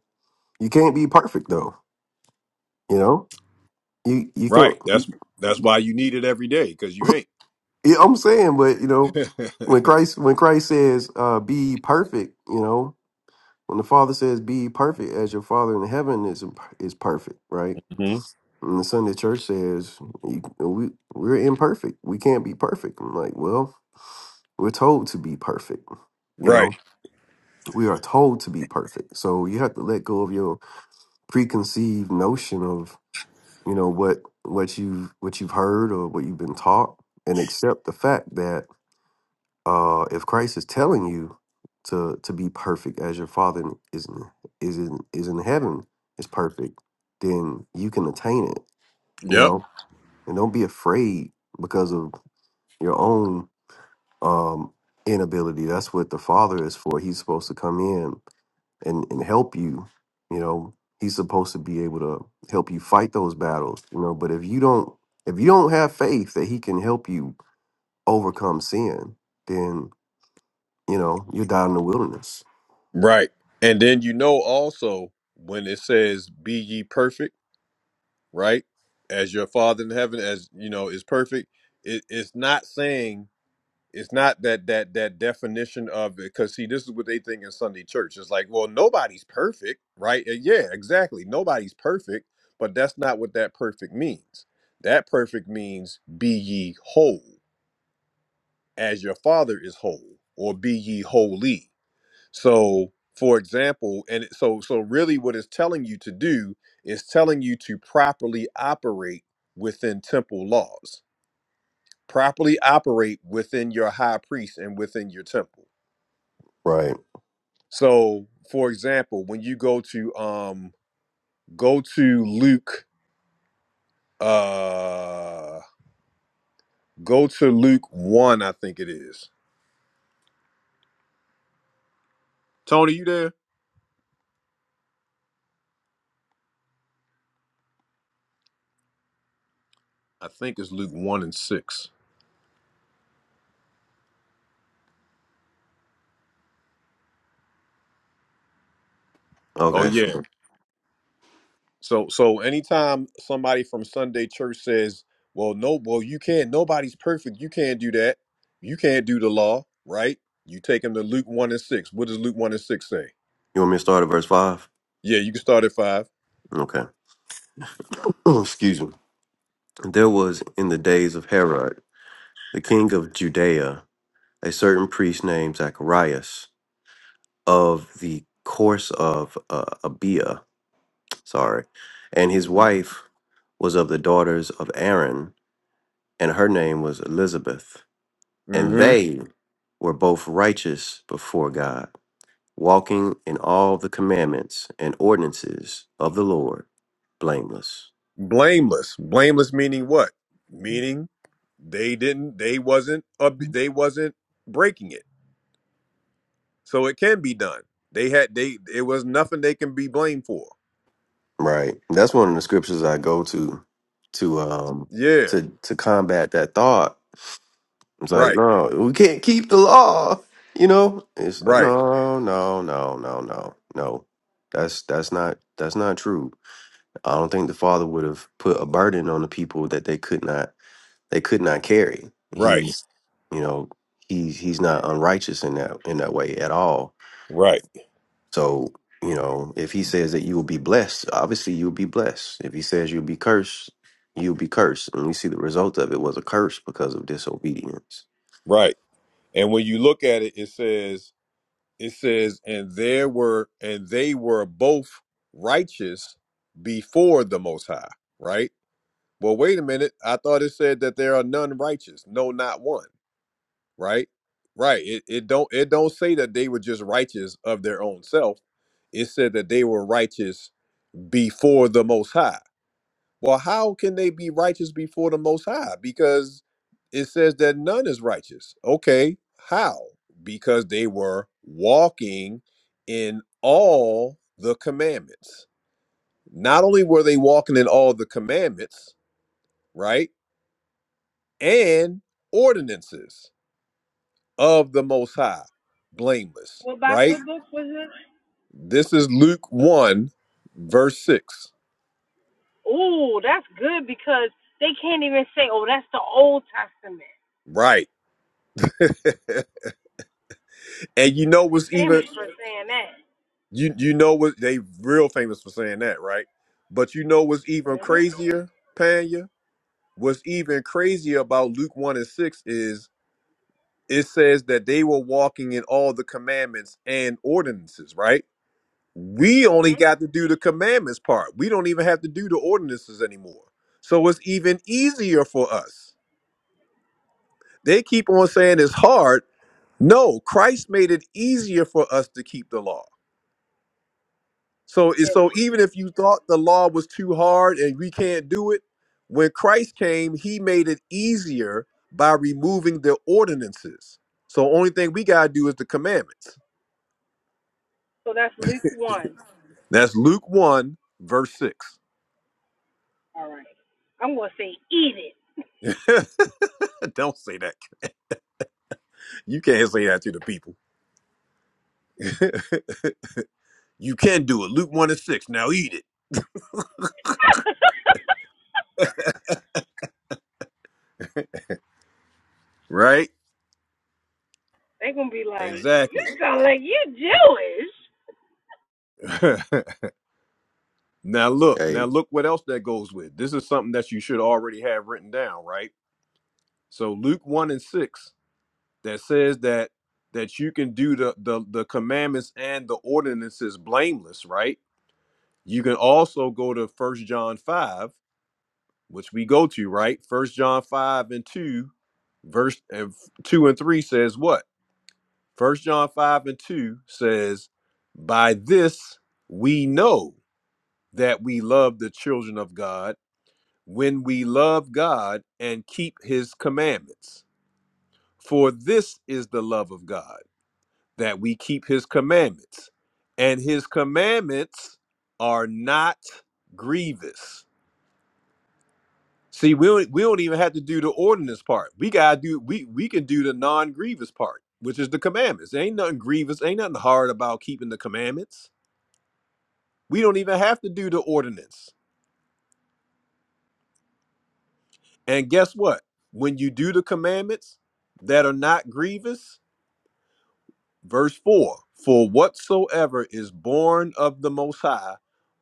G: you can't be perfect though. You know, you you can't.
A: Right. That's that's why you need it every day because you ain't.
G: Yeah, I'm saying, but you know, when Christ when Christ says, uh, "Be perfect," you know, when the Father says, "Be perfect," as your Father in heaven is is perfect, right?
A: hmm
G: And the Sunday Church says, you- we we're imperfect. We can't be perfect. I'm like, well. We're told to be perfect. You
A: right.
G: know, we are told to be perfect. So you have to let go of your preconceived notion of, you know, what what you've what you've heard or what you've been taught and accept the fact that uh if Christ is telling you to to be perfect as your father in- is in is in is in heaven is perfect, then you can attain it, you
A: Yep.
G: know? And don't be afraid because of your own um inability. That's what the father is for. He's supposed to come in and and help you you know he's supposed to be able to help you fight those battles you know but if you don't if you don't have faith that he can help you overcome sin then you know you are die in the wilderness
A: Right. And then you know also when it says be ye perfect, right? As your father in heaven, as you know, is perfect. It, it's not saying it's not that that that definition of it because see this is what they think in Sunday church. It's like, well, nobody's perfect, right? Uh, Yeah, exactly. Nobody's perfect, but that's not what that perfect means. That perfect means be ye whole. as your father is whole or be ye holy so for example and it- so so really what it's telling you to do is telling you to properly operate within temple laws properly operate within your high priest and within your temple
G: right
A: so for example when you go to um go to luke uh go to luke 1 i think it is tony you there i think it's luke 1 and 6 oh
G: okay so
A: yeah So so anytime somebody from Sunday church says, "Well, no, well you can't. Nobody's perfect. You can't do that. You can't do the law, right?" You take them to Luke one and six. What does Luke one and six say?
G: you want me to start at verse 5
A: Yeah, you can start at 5
G: okay excuse me there was in the days of herod the king of judea a certain priest named zacharias of the course of uh, abiah sorry. And his
A: Mm-hmm.
G: wife was of the daughters of Aaron, and her name was Elizabeth. And
A: mm-hmm.
G: they were both righteous before God, walking in all the commandments and ordinances of the Lord, blameless.
A: Blameless. Blameless meaning what? Meaning they didn't. They wasn't. Up, they wasn't breaking it. So it can be done. They had. They. It was nothing they can be blamed for.
G: Right. That's one of the scriptures I go to to um
A: Yeah.
G: to to combat that thought. It's like,
A: Right.
G: no, we can't keep the law. You know? It's like,
A: Right.
G: no, no, no, no, no, no. That's that's not that's not true I don't think the father would have put a burden on the people that they could not they could not carry.
A: Right.
G: He's you know, he's he's not unrighteous in that in that way at all.
A: Right.
G: So, you know, if he says that you will be blessed, obviously you'll be blessed. If he says you'll be cursed, you'll be cursed. And we see the result of it was a curse because of disobedience.
A: Right. And when you look at it, it says, it says, and there were, and they were both righteous before the Most High, right? Well, wait a minute. I thought it said that there are none righteous. No, not one, right? Right. It, it don't it don't say that they were just righteous of their own self. It said that they were righteous before the Most High. Well, how can they be righteous before the Most High? Because it says that none is righteous. Okay, how? Because they were walking in all the commandments. Not only were they walking in all the commandments, right? And ordinances of the Most High, blameless,
S: What about
A: right?
S: what book was it?
A: This is Luke 1, verse 6.
S: Ooh, that's good because they can't even say, "Oh, that's the Old Testament."
A: Right. and you know
S: But they
A: what's even
S: famous for saying that.
A: You you know what they real famous for saying that, right? But you know what's even crazier, Panya? What's even crazier about Luke one and six is it says that they were walking in all the commandments and ordinances, right? We only
S: hmm
A: got to do the commandments part. We don't even have to do the ordinances anymore. So it's even easier for us. They keep on saying it's hard. No, Christ made it easier for us to keep the law. So so even if you thought the law was too hard and we can't do it, when Christ came, he made it easier by removing the ordinances. So only thing we gotta do is the commandments.
S: So that's Luke one.
A: That's Luke 1, verse 6.
S: All right, I'm gonna say, "Eat it."
A: Don't say that. You can't say that to the people. you can do it. Luke 1 and 6. Now eat it. Right?
S: They're gonna be like, "You
A: Exactly.
S: sound like you Jewish."
A: now look, now
G: Hey,
A: look what else that goes with. This is something that you should already have written down, right? So Luke 1 and 6 that says that that you can do the the, the commandments and the ordinances blameless right you can also go to first john 5 which we go to right first john 5 and 2 verse and 2 and 3 says what first john 5 and 2 says by this we know that we love the children of god when we love god and keep his commandments for this is the love of god that we keep his commandments. And his commandments are not grievous. See, we don't, we don't even have to do the ordinance part. We gotta do we we can do the non-grievous part, which is the commandments. Ain't nothing grievous, ain't nothing hard about keeping the commandments. We don't even have to do the ordinance. And guess what? When you do the commandments that are not grievous, Verse 4 For whatsoever is born of the Most High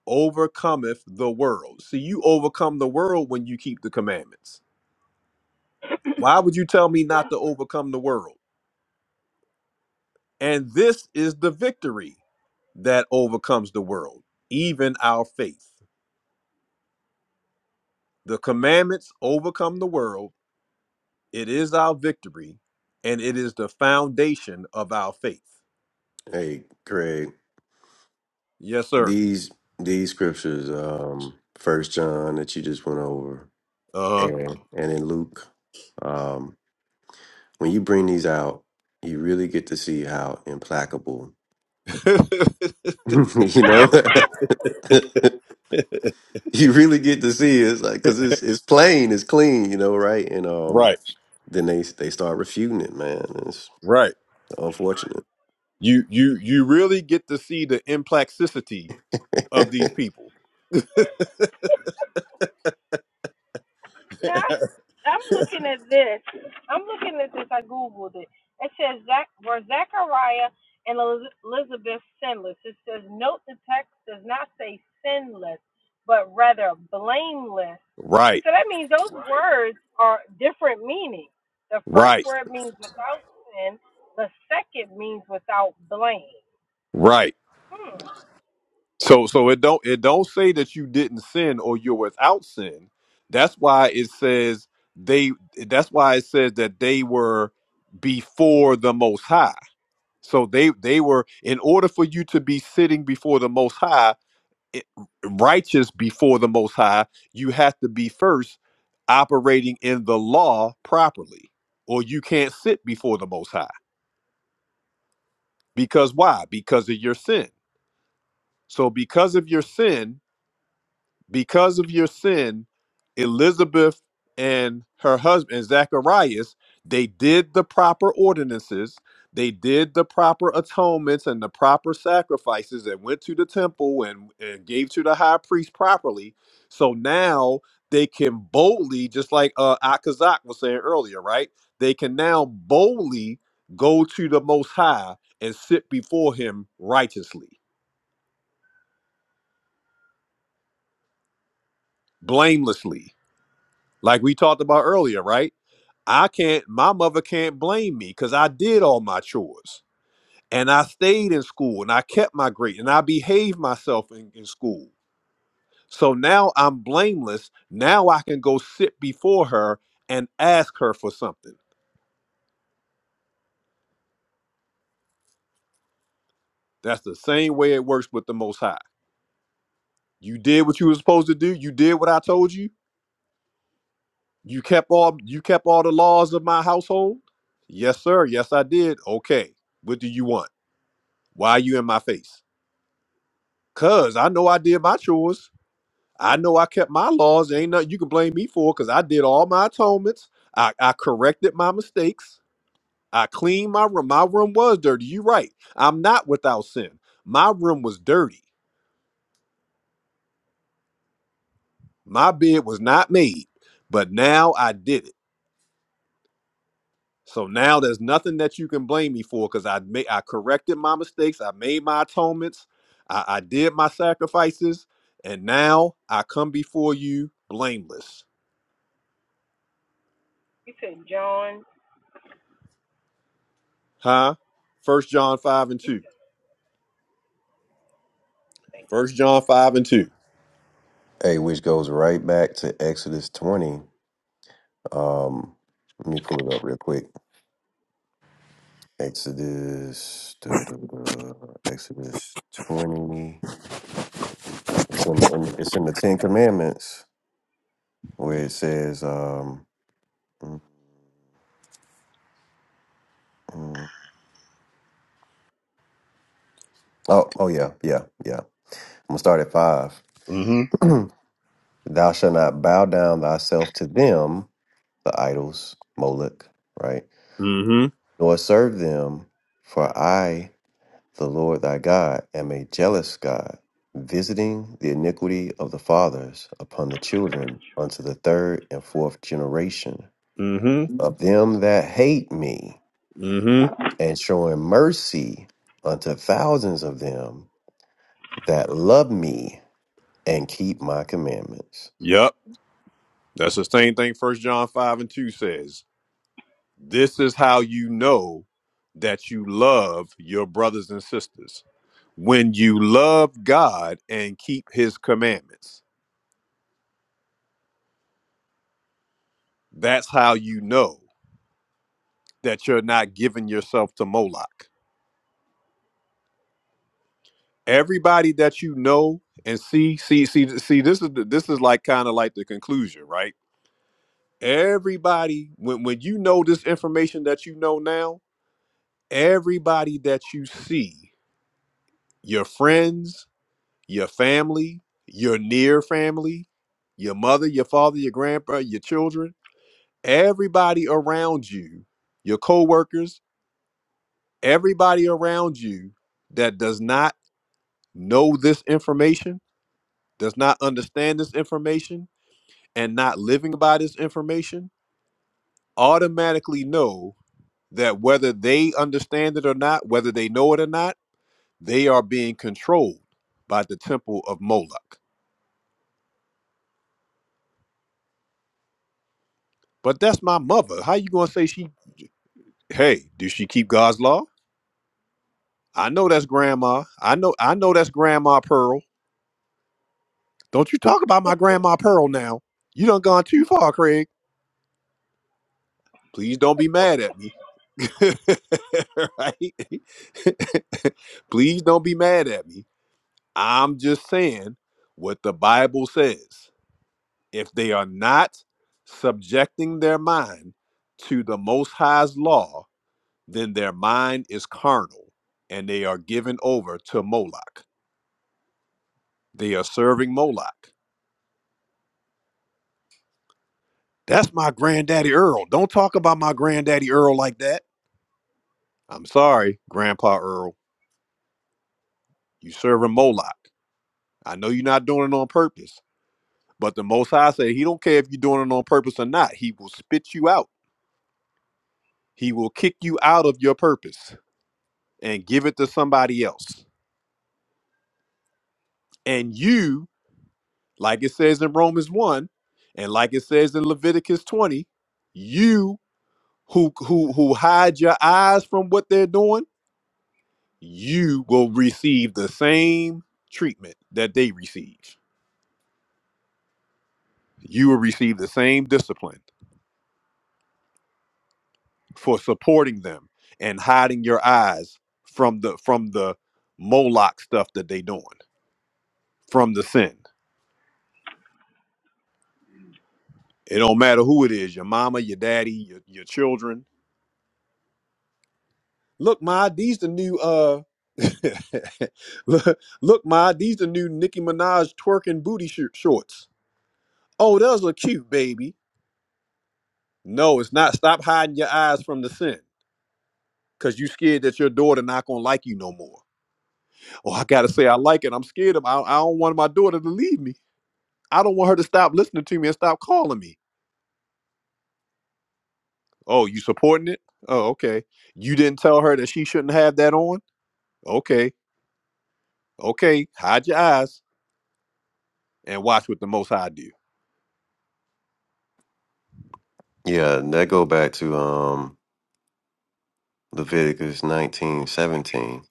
A: overcometh the world. See, you overcome the world when you keep the commandments. Why would you tell me
S: One
A: not to overcome the world? And this is the victory that overcomes the world, even our faith. The commandments overcome the world. It is our victory, and it is the foundation of our faith.
G: hey, Craig.
A: Yes, sir.
G: These these scriptures, um, First John that you just went over,
A: Uh
G: and and in Luke, um, when you bring these out, you really get to see how implacable,
A: huh.
G: you know, you really get to see it's like because it's it's plain, it's clean, you know, right? And um,
A: right,
G: then they they start refuting it, man. It's
A: right.
G: unfortunate.
A: You you you really get to see the implacticity of these
G: hey,
A: people.
S: Now I'm looking at this. I'm looking at this. I googled it. It says Zach were Zachariah and Eliz- Elizabeth sinless. It says note the text does not say sinless, but rather blameless.
A: Right,
S: So that means those words are different meanings. The first
A: right,
S: word means without sin. The second means without blame.
A: right.
S: Hmm.
A: So so it don't it don't say that you didn't sin or you're without sin. That's why it says they that's why it says that they were before the most high. So they they were in order for you to be sitting before the most high, it- righteous before the most high you have to be first operating in the law properly or you can't sit before the most high because why because of your sin so because of your sin Because of your sin, Elizabeth and her husband Zacharias, they did the proper ordinances, they did the proper atonements and the proper sacrifices and went to the temple and, and gave to the high priest properly. So now they can boldly, just like uh Akazak was saying earlier, right? They can now boldly go to the most high and sit before him righteously, blamelessly, like we talked about earlier, right? I can't, my mother can't blame me because I did all my chores and I stayed in school and I kept my grade and I behaved myself in, in school. So now I'm blameless. Now I can go sit before her and ask her for something. That's the same way it works with the Most High. You did what you were supposed to do. You did what I told you. You kept all you kept all the laws of my household. Yes, sir. Yes, I did. Okay. What do you want? Why are you in my face? Cause I know I did my chores. I know I kept my laws. There ain't nothing you can blame me for because I did all my atonements. I, I corrected my mistakes. I cleaned my room. My room was dirty. You right. I'm not without sin. My room was dirty. My bed was not made, but now I did it. So now there's nothing that you can blame me for because I made I corrected my mistakes. I made my atonements. I, I did my sacrifices, and now I come before you blameless.
S: You said John.
A: Huh? First John five and two. First John five and two.
G: which goes right back to Exodus twenty. Um, let me pull it up real quick. Exodus, duh, duh, duh, Exodus twenty. It's in the, in, it's in the Ten Commandments where it says. Um, Mm, mm. Oh, oh yeah, yeah, yeah. I'm gonna start at five.
A: Mm-hmm.
G: Thou shalt not bow down thyself to them, the idols, Moloch, right?
A: Mm-hmm.
G: Nor serve them, for I, the Lord thy God, am a jealous God, visiting the iniquity of the fathers upon the children unto the third and fourth generation
A: Mm-hmm.
G: of them that hate me,
A: Mm-hmm.
G: and showing mercy unto thousands of them that love me and keep my commandments.
A: Yep. That's the same thing First John five and two says. This is how you know that you love your brothers and sisters. When you love God and keep his commandments. That's how you know that you're not giving yourself to Moloch. Everybody that you know and see, see, see, see, this is the, this is like kind of like the conclusion, right? Everybody, when, when you know this information that you know now, everybody that you see, your friends, your family, your near family, your mother, your father, your grandpa, your children, everybody around you, your coworkers, everybody around you that does not know this information, does not understand this information, and not living by this information, automatically know that whether they understand it or not, whether they know it or not, they are being controlled by the temple of Moloch. But that's my mother. How you gonna say she? Hey, do she keep God's law? I know that's grandma. I know. I know that's grandma Pearl. Don't you talk about my grandma Pearl now? You done gone too far, Craig. Please don't be mad at me. right? Please don't be mad at me. I'm just saying what the Bible says. if they are not subjecting their mind to the Most High's law, then their mind is carnal and they are given over to Moloch. They are serving Moloch. That's my granddaddy Earl. Don't talk about my granddaddy Earl like that. I'm sorry, Grandpa Earl. You serving Moloch. I know you're not doing it on purpose, but the Most High said he don't care if you're doing it on purpose or not. He will spit you out. He will kick you out of your purpose and give it to somebody else. And you, like it says in Romans 1, and like it says in Leviticus 20, you who who who hide your eyes from what they're doing, you will receive the same treatment that they receive. You will receive the same discipline for supporting them and hiding your eyes from the from the Moloch stuff that they doing, from the sin. It don't matter who it is, your mama, your daddy, your, your children, Look, Ma, these the new uh look, look, Ma, these the new Nicki Minaj twerking booty sh- shorts. Oh, those look cute, baby. No, it's not. Stop hiding your eyes from the sin. Cause you scared that your daughter not gonna like you no more. Oh, I gotta say I like it. I'm scared of I, I don't want my daughter to leave me. I don't want her to stop listening to me and stop calling me. Oh, you supporting it? Oh, okay. You didn't tell her that she shouldn't have that on? Okay. Okay. Hide your eyes and watch what the most high do.
G: Yeah, that go back to um Leviticus nineteen seventeen.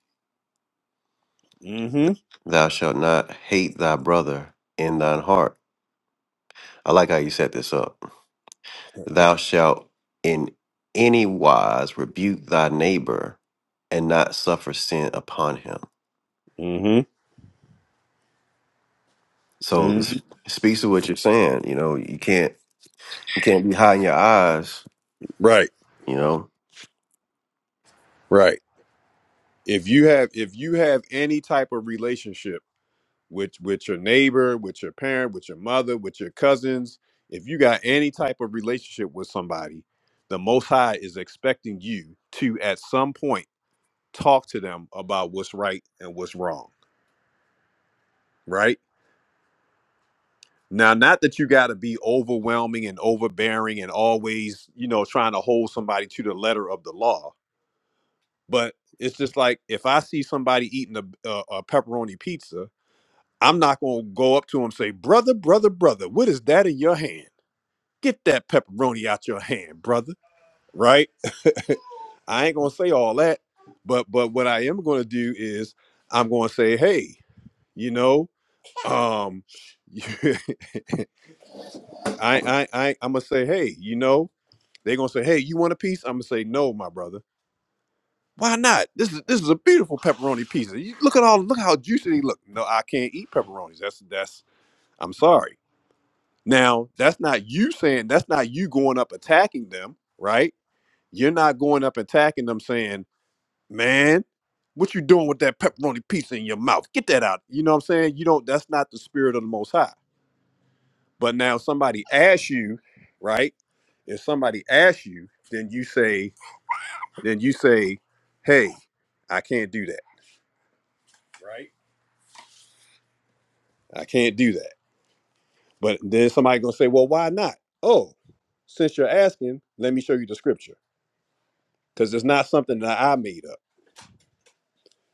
A: Mm-hmm.
G: Thou shalt not hate thy brother in thine heart. I like how you set this up. Thou shalt in any wise rebuke thy neighbor and not suffer sin upon him.
A: Mm-hmm.
G: So it
A: Mm-hmm.
G: speaks to what you're saying. You know, you can't you can't be hiding your eyes,
A: Right.
G: you know.
A: Right. If you have if you have any type of relationship with with your neighbor, with your parent, with your mother, with your cousins, if you got any type of relationship with somebody, the most high is expecting you to at some point talk to them about what's right and what's wrong. Right? Now, not that you gotta be overwhelming and overbearing and always, you know, trying to hold somebody to the letter of the law But it's just like if I see somebody eating a, a, a pepperoni pizza, I'm not going to go up to him and say, "Brother, brother, brother, what is that in your hand? Get that pepperoni out your hand, brother." Right? I ain't going to say all that, but but what I am going to do is I'm going to say, "Hey, you know, um I I I I'm going to say, "Hey, you know, they're going to say, "Hey, you want a piece?" I'm going to say, "No, my brother." Why not? This is this is a beautiful pepperoni pizza. You look at all look how juicy they look. No, I can't eat pepperonis. That's that's I'm sorry. Now, that's not you saying that's not you going up attacking them, right? You're not going up attacking them saying, Man, what you doing with that pepperoni pizza in your mouth? Get that out. You know what I'm saying? You don't that's not the spirit of the most high. But now somebody asks you, right? If somebody asks you, then you say, then you say, Hey, I can't do that. Right? I can't do that. But then somebody gonna say, well, why not? Oh, since you're asking, let me show you the scripture. Because it's not something that I made up.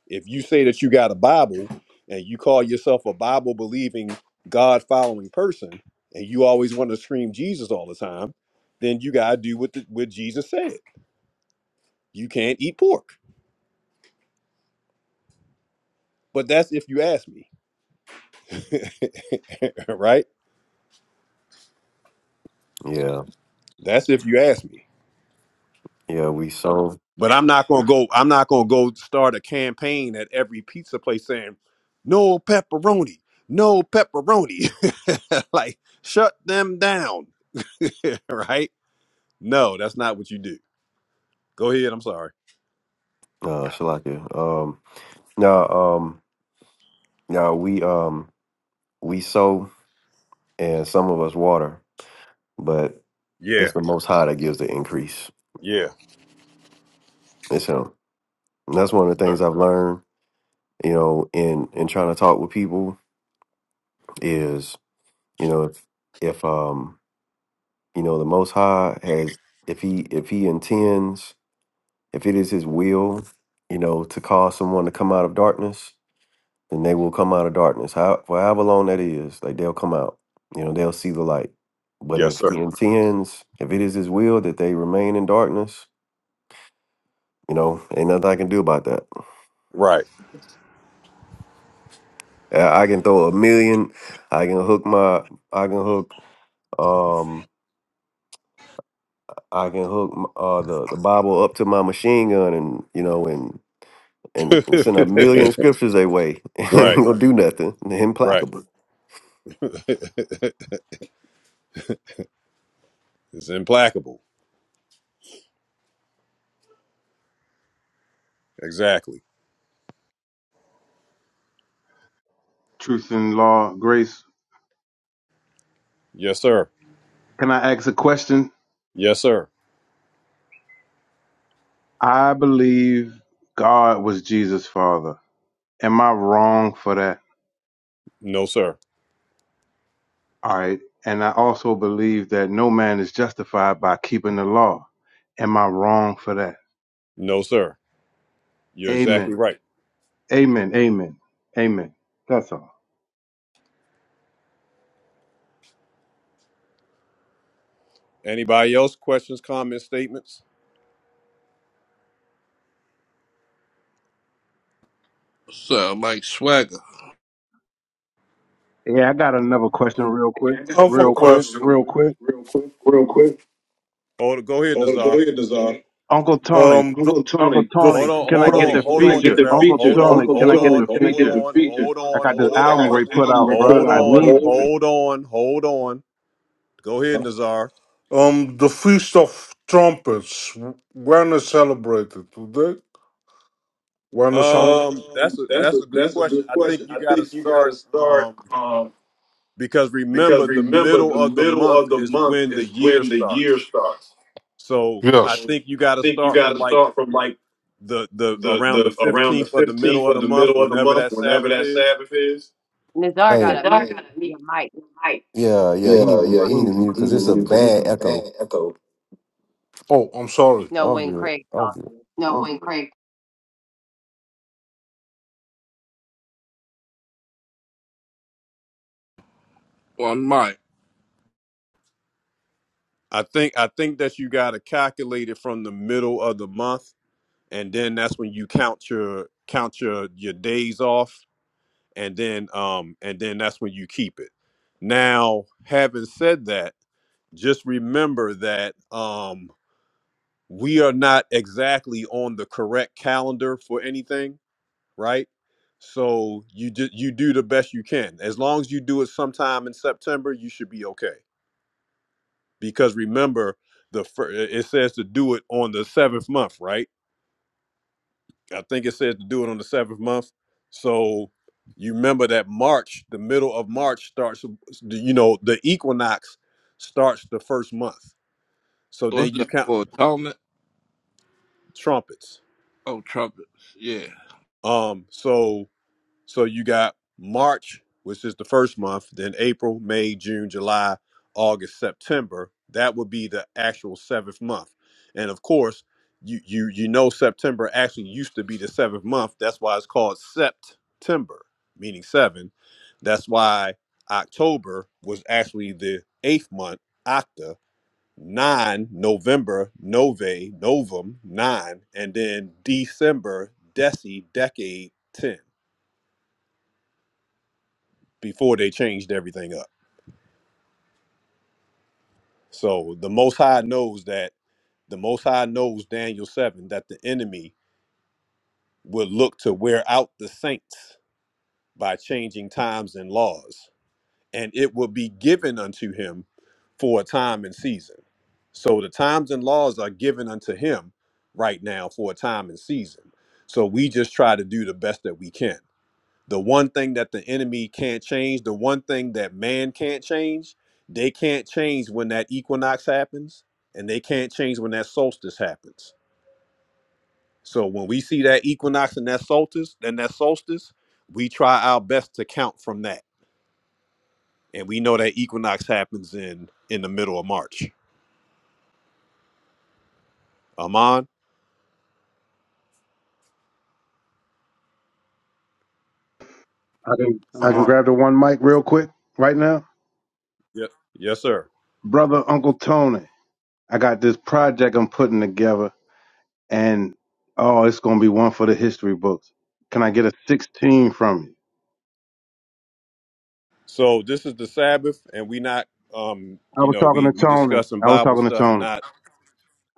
A: If you say that you got a Bible and you call yourself a Bible believing, God following person, and you always want to scream Jesus all the time, then you gotta do what the, what Jesus said. You can't eat pork. But that's if you ask me, right?
G: Yeah.
A: That's if you ask me.
G: Yeah, we so
A: But I'm not gonna go. I'm not gonna go start a campaign at every pizza place saying, "No pepperoni, no pepperoni." like, shut them down, right? No, that's not what you do. Go ahead. I'm sorry.
G: Uh, Shalakia. Um, now, um, now we um we sow and some of us water, but
A: Yeah,
G: it's the Most High that gives the increase.
A: yeah,
G: It's Him. And that's one of the things
A: sir.
G: I've learned. You know, in in trying to talk with people is you know if if um you know the Most High has if he if he intends if it is His will you know to cause someone to come out of darkness then they will come out of darkness. How for however long that is, like they'll come out. You know, they'll see the light. But
A: Yes,
G: if
A: sir.
G: he intends, if it is his will that they remain in darkness, you know, ain't nothing I can do about that.
A: Right,
G: I I can throw a million. I can hook my. I can hook. Um, I can hook m- uh the the Bible up to my machine gun, and you know, and and, and send a million scriptures their way, and it ain't
A: right,
G: gonna do nothing. They're
A: right.
G: implacable.
A: it's implacable. Exactly.
J: Truth and law, grace.
A: Yes, sir.
J: Can I ask a question?
A: Yes, sir.
J: I believe God was Jesus' father. Am I wrong for that?
A: No, sir.
J: All right. And I also believe that no man is justified by keeping the law. Am I wrong for that?
A: No, sir. You're exactly
J: Amen.
A: right.
J: Amen. Amen. Amen. That's all.
A: Anybody else? Questions, comments, statements?
F: So like swagger
J: Yeah, I got another question real quick.
D: Yeah, I got I another
J: Real quick.
D: question,
J: Real
D: question.
J: quick.
D: real quick, real quick, real quick.
A: Hold, go ahead,
D: Oh, go
A: Nazar.
D: ahead, Nazar.
J: Uncle Tony.
D: Um, the, Uncle
J: Uncle
D: Tony, the
A: Hold
D: f-
J: Tony,
A: on,
D: Uncle
J: can I
A: hold
D: hold on,
J: get
A: on,
J: the
D: Tony, on, can
A: hold
D: I on,
A: on,
D: get
J: feature?
D: the hold on,
A: Jamel.
J: Uncle
D: feature?
A: Hold
D: Janelle.
A: on,
J: Tony,
D: Uncle
J: can
D: Hold
A: hold
J: I
D: on,
J: get
A: on,
D: Tony,
J: the
D: can I hold
A: hold
D: get on,
J: feature?
D: the hold
A: on,
D: feature?
A: hold
D: on,
J: I
A: on,
J: got this
D: hold I
A: hold
D: on,
J: album
D: got
J: Ray
D: this
A: on,
D: hold
J: put
D: album I on,
J: out,
D: we
J: bruh.
D: put
A: hold
J: I
D: out, bro.
J: need
A: on,
J: you.
D: hold
A: hold on, hold on. Go ahead, Nazar.
D: on. Um, the Feast of Trumpets. When is celebrated today? When is on?
A: Um, that's
D: Um,
A: a
D: that's
A: that's
D: a
A: a good
D: that's a
A: question.
D: good
A: I think
D: question.
A: you
D: I
A: got to
D: think you got to
A: start
D: start.
A: um
D: um,
A: because
D: Because
A: remember the
D: remember, the
A: middle of the
D: middle
A: month
D: of the
A: is
D: month
A: when the
D: is
A: year
D: when the year
A: starts.
D: starts.
A: So
D: Yes.
A: I
D: So
A: think you
D: I
A: got to
D: think you
A: start
D: got
A: from
D: to
A: like
D: start from like
A: the the
D: the
A: around the
D: the around the
A: fifteenth of the
D: fifteenth
A: middle of
D: of
A: the
D: the
A: month,
D: middle of the
A: whenever
D: month,
A: that
D: whenever
A: Sabbath
D: that
A: is.
D: Sabbath is.
E: Nazar
G: Hey,
D: The
E: gotta
D: dark
E: mute
D: gotta
E: your
D: meet
E: mic.
D: the light.
G: yeah, yeah. He need
D: Yeah,
G: to,
D: yeah,
G: he
D: he
G: need to
D: need to
G: mute
D: he
G: because
D: need to
G: it's a
D: mute it because it's
G: bad
D: a
G: echo.
D: bad echo. Oh, I'm sorry.
E: No,
G: All
E: when
G: good.
E: Craig's
G: All good.
E: talking.
D: No, wait, great.
F: on mic.
A: I think I think that you got to calculate it from the middle of the month, and then that's when you count your count your your days off, and then um and then that's when you keep it. Now, having said that, just remember that um we are not exactly on the correct calendar for anything, right? So you do, you do the best you can. As long as you do it sometime in September, you should be okay. because remember the fir- it says to do it on the seventh month right i think it says to do it on the seventh month so you remember that march the middle of march starts you know the equinox starts the first month so then
F: What's
A: you
F: that
A: count
F: for? Atonement?
A: trumpets
F: Oh, trumpets. Yeah.
A: um so So you got March, which is the first month, then April, May, June, July, August, September. That would be the actual seventh month. And of course, you you you know September actually used to be the seventh month. That's why it's called September, meaning seven. That's why October was actually the eighth month, Octa. Nine, November, Nove, Novum, nine, and then December, Deci, decade, ten before they changed everything up. So the Most High knows that the Most High knows Daniel 7 that the enemy would look to wear out the saints by changing times and laws, and it will be given unto him for a time and season. So the times and laws are given unto him right now for a time and season. So we just try to do the best that we can. the one thing that the enemy can't change, the one thing that man can't change, they can't change when that equinox happens, and they can't change when that solstice happens. So when we see that equinox and that solstice, and that solstice, we try our best to count from that, and we know that equinox happens in in the middle of March. Amon,
J: I can I
E: Come
D: I'm
J: can
D: on.
J: grab the one mic real quick right now.
A: yep, yes, sir.
J: Brother Uncle Tony. I got this project I'm putting together and oh, it's gonna be one for the history books. Can I get a 16 from you?
A: So this is the Sabbath, and we not, um,
J: I
A: you
J: was
A: know,
J: talking
A: we
J: to
A: we
J: Tony.
A: discussing
J: I was
A: Bible
J: talking to
A: stuff,
J: Tony.
A: not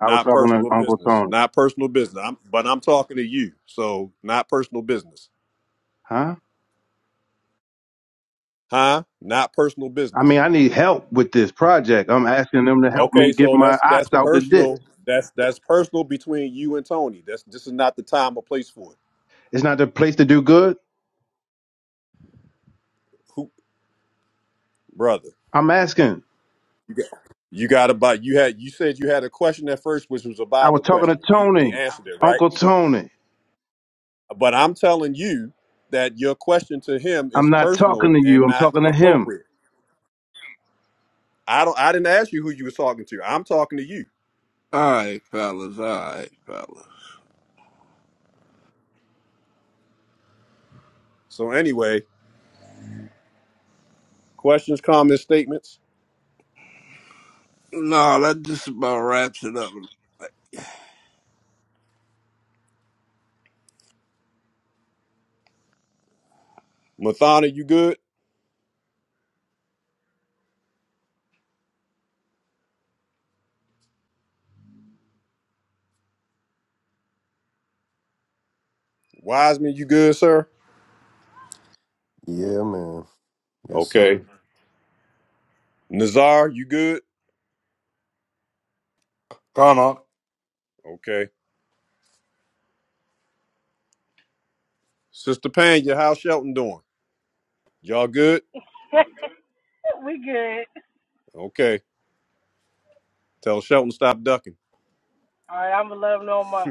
J: I was talking to
A: personal
J: Uncle
A: business.
J: Tony.
A: Not personal business. I'm, but I'm talking to you. So not personal business.
J: Huh?
A: Huh? Not personal
J: I
A: business.
J: mean, I need help with this project. I'm asking them to help
A: Okay,
J: me get
A: so
J: my
A: that's that's
J: ox out the ditch.
A: personal. That's that's personal between you and Tony. That's this is not the time or place for it.
J: It's not the place to do good.
A: Who brother?
J: I'm asking.
A: You got you got about you had you said you had a question at first, which was a
J: I
A: Bible
J: was talking to
A: question. We we
J: Tony,
A: answered it, right?
J: Uncle Tony.
A: But I'm telling you that your question to him is
J: I'm not talking
A: personal
J: to you.
A: and
J: I'm
A: not
J: talking to him.
A: appropriate. I don't I didn't ask you who you was talking to. I'm talking to you.
F: All right, fellas. All right, fellas.
A: So anyway, questions, comments, statements.
F: No, that just about wraps it up.
A: Mathana, you good? Wiseman, you good, sir?
G: Yeah, man. Yes,
A: Okay.
G: sir.
A: Nazar, you good?
D: God,
A: Okay. Sister Panya, how's Shelton doing? Y'all good?
S: we good.
A: Okay. Tell Shelton stop ducking.
S: All right. I'm gonna let him know my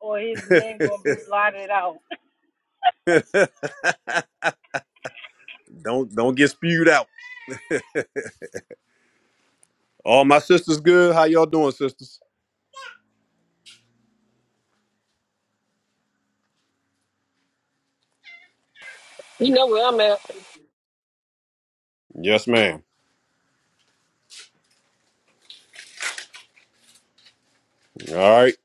S: or his name gonna be blotted out.
A: don't don't get spewed out. All my sisters good. How y'all doing, sisters?
H: You know where I'm at.
A: Yes, ma'am. All right.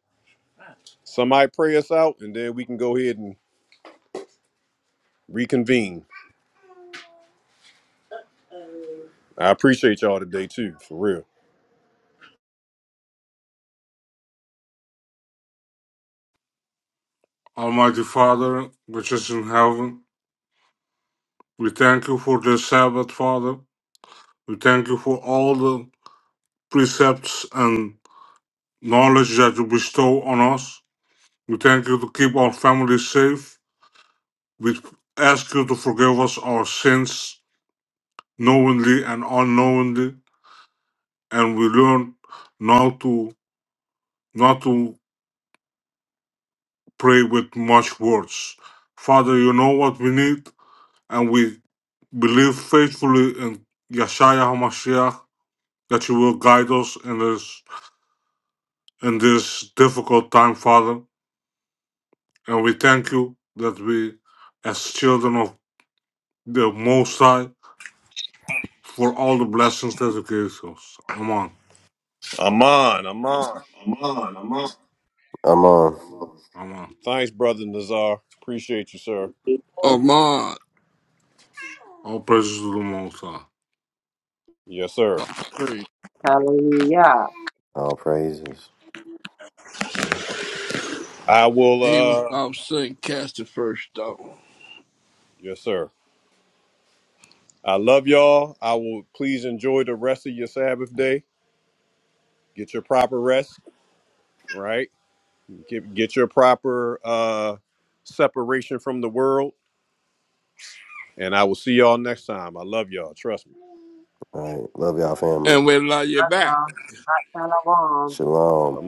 A: Somebody pray us out, and then we can go ahead and reconvene. I appreciate y'all today too, for real.
D: Almighty Father, which is in heaven, we thank you for this Sabbath, Father. We thank you for all the precepts and knowledge that you bestow on us. We thank you to keep our families safe. We ask you to forgive us our sins knowingly and unknowingly, and we learn now to not to pray with much words. Father, you know what we need, and we believe faithfully in Yeshaya HaMashiach that you will guide us in this in this difficult time, Father. And we thank you that we, as children of the Most High for all the blessings that He gives us. Amen.
A: Aman, Aman.
D: Aman, aman.
G: I'm on.
D: Amen.
A: Thanks, brother Nazar. Appreciate you, sir.
E: on.
F: Oman,
D: All praises to the Most High.
A: Yes, sir.
F: uh, free.
E: Hallelujah.
G: All praises.
A: I will.
F: He was
A: uh
F: off sin, cast the first stone,
A: Yes, sir. I love y'all. I will. Please enjoy the rest of your Sabbath day. Get your proper rest. Right. Get get your proper uh separation from the world. And I will see y'all next time. I love y'all. Trust me.
G: All right. Love y'all, family.
F: and we love you back.
E: Shalom.
A: i
G: Shalom.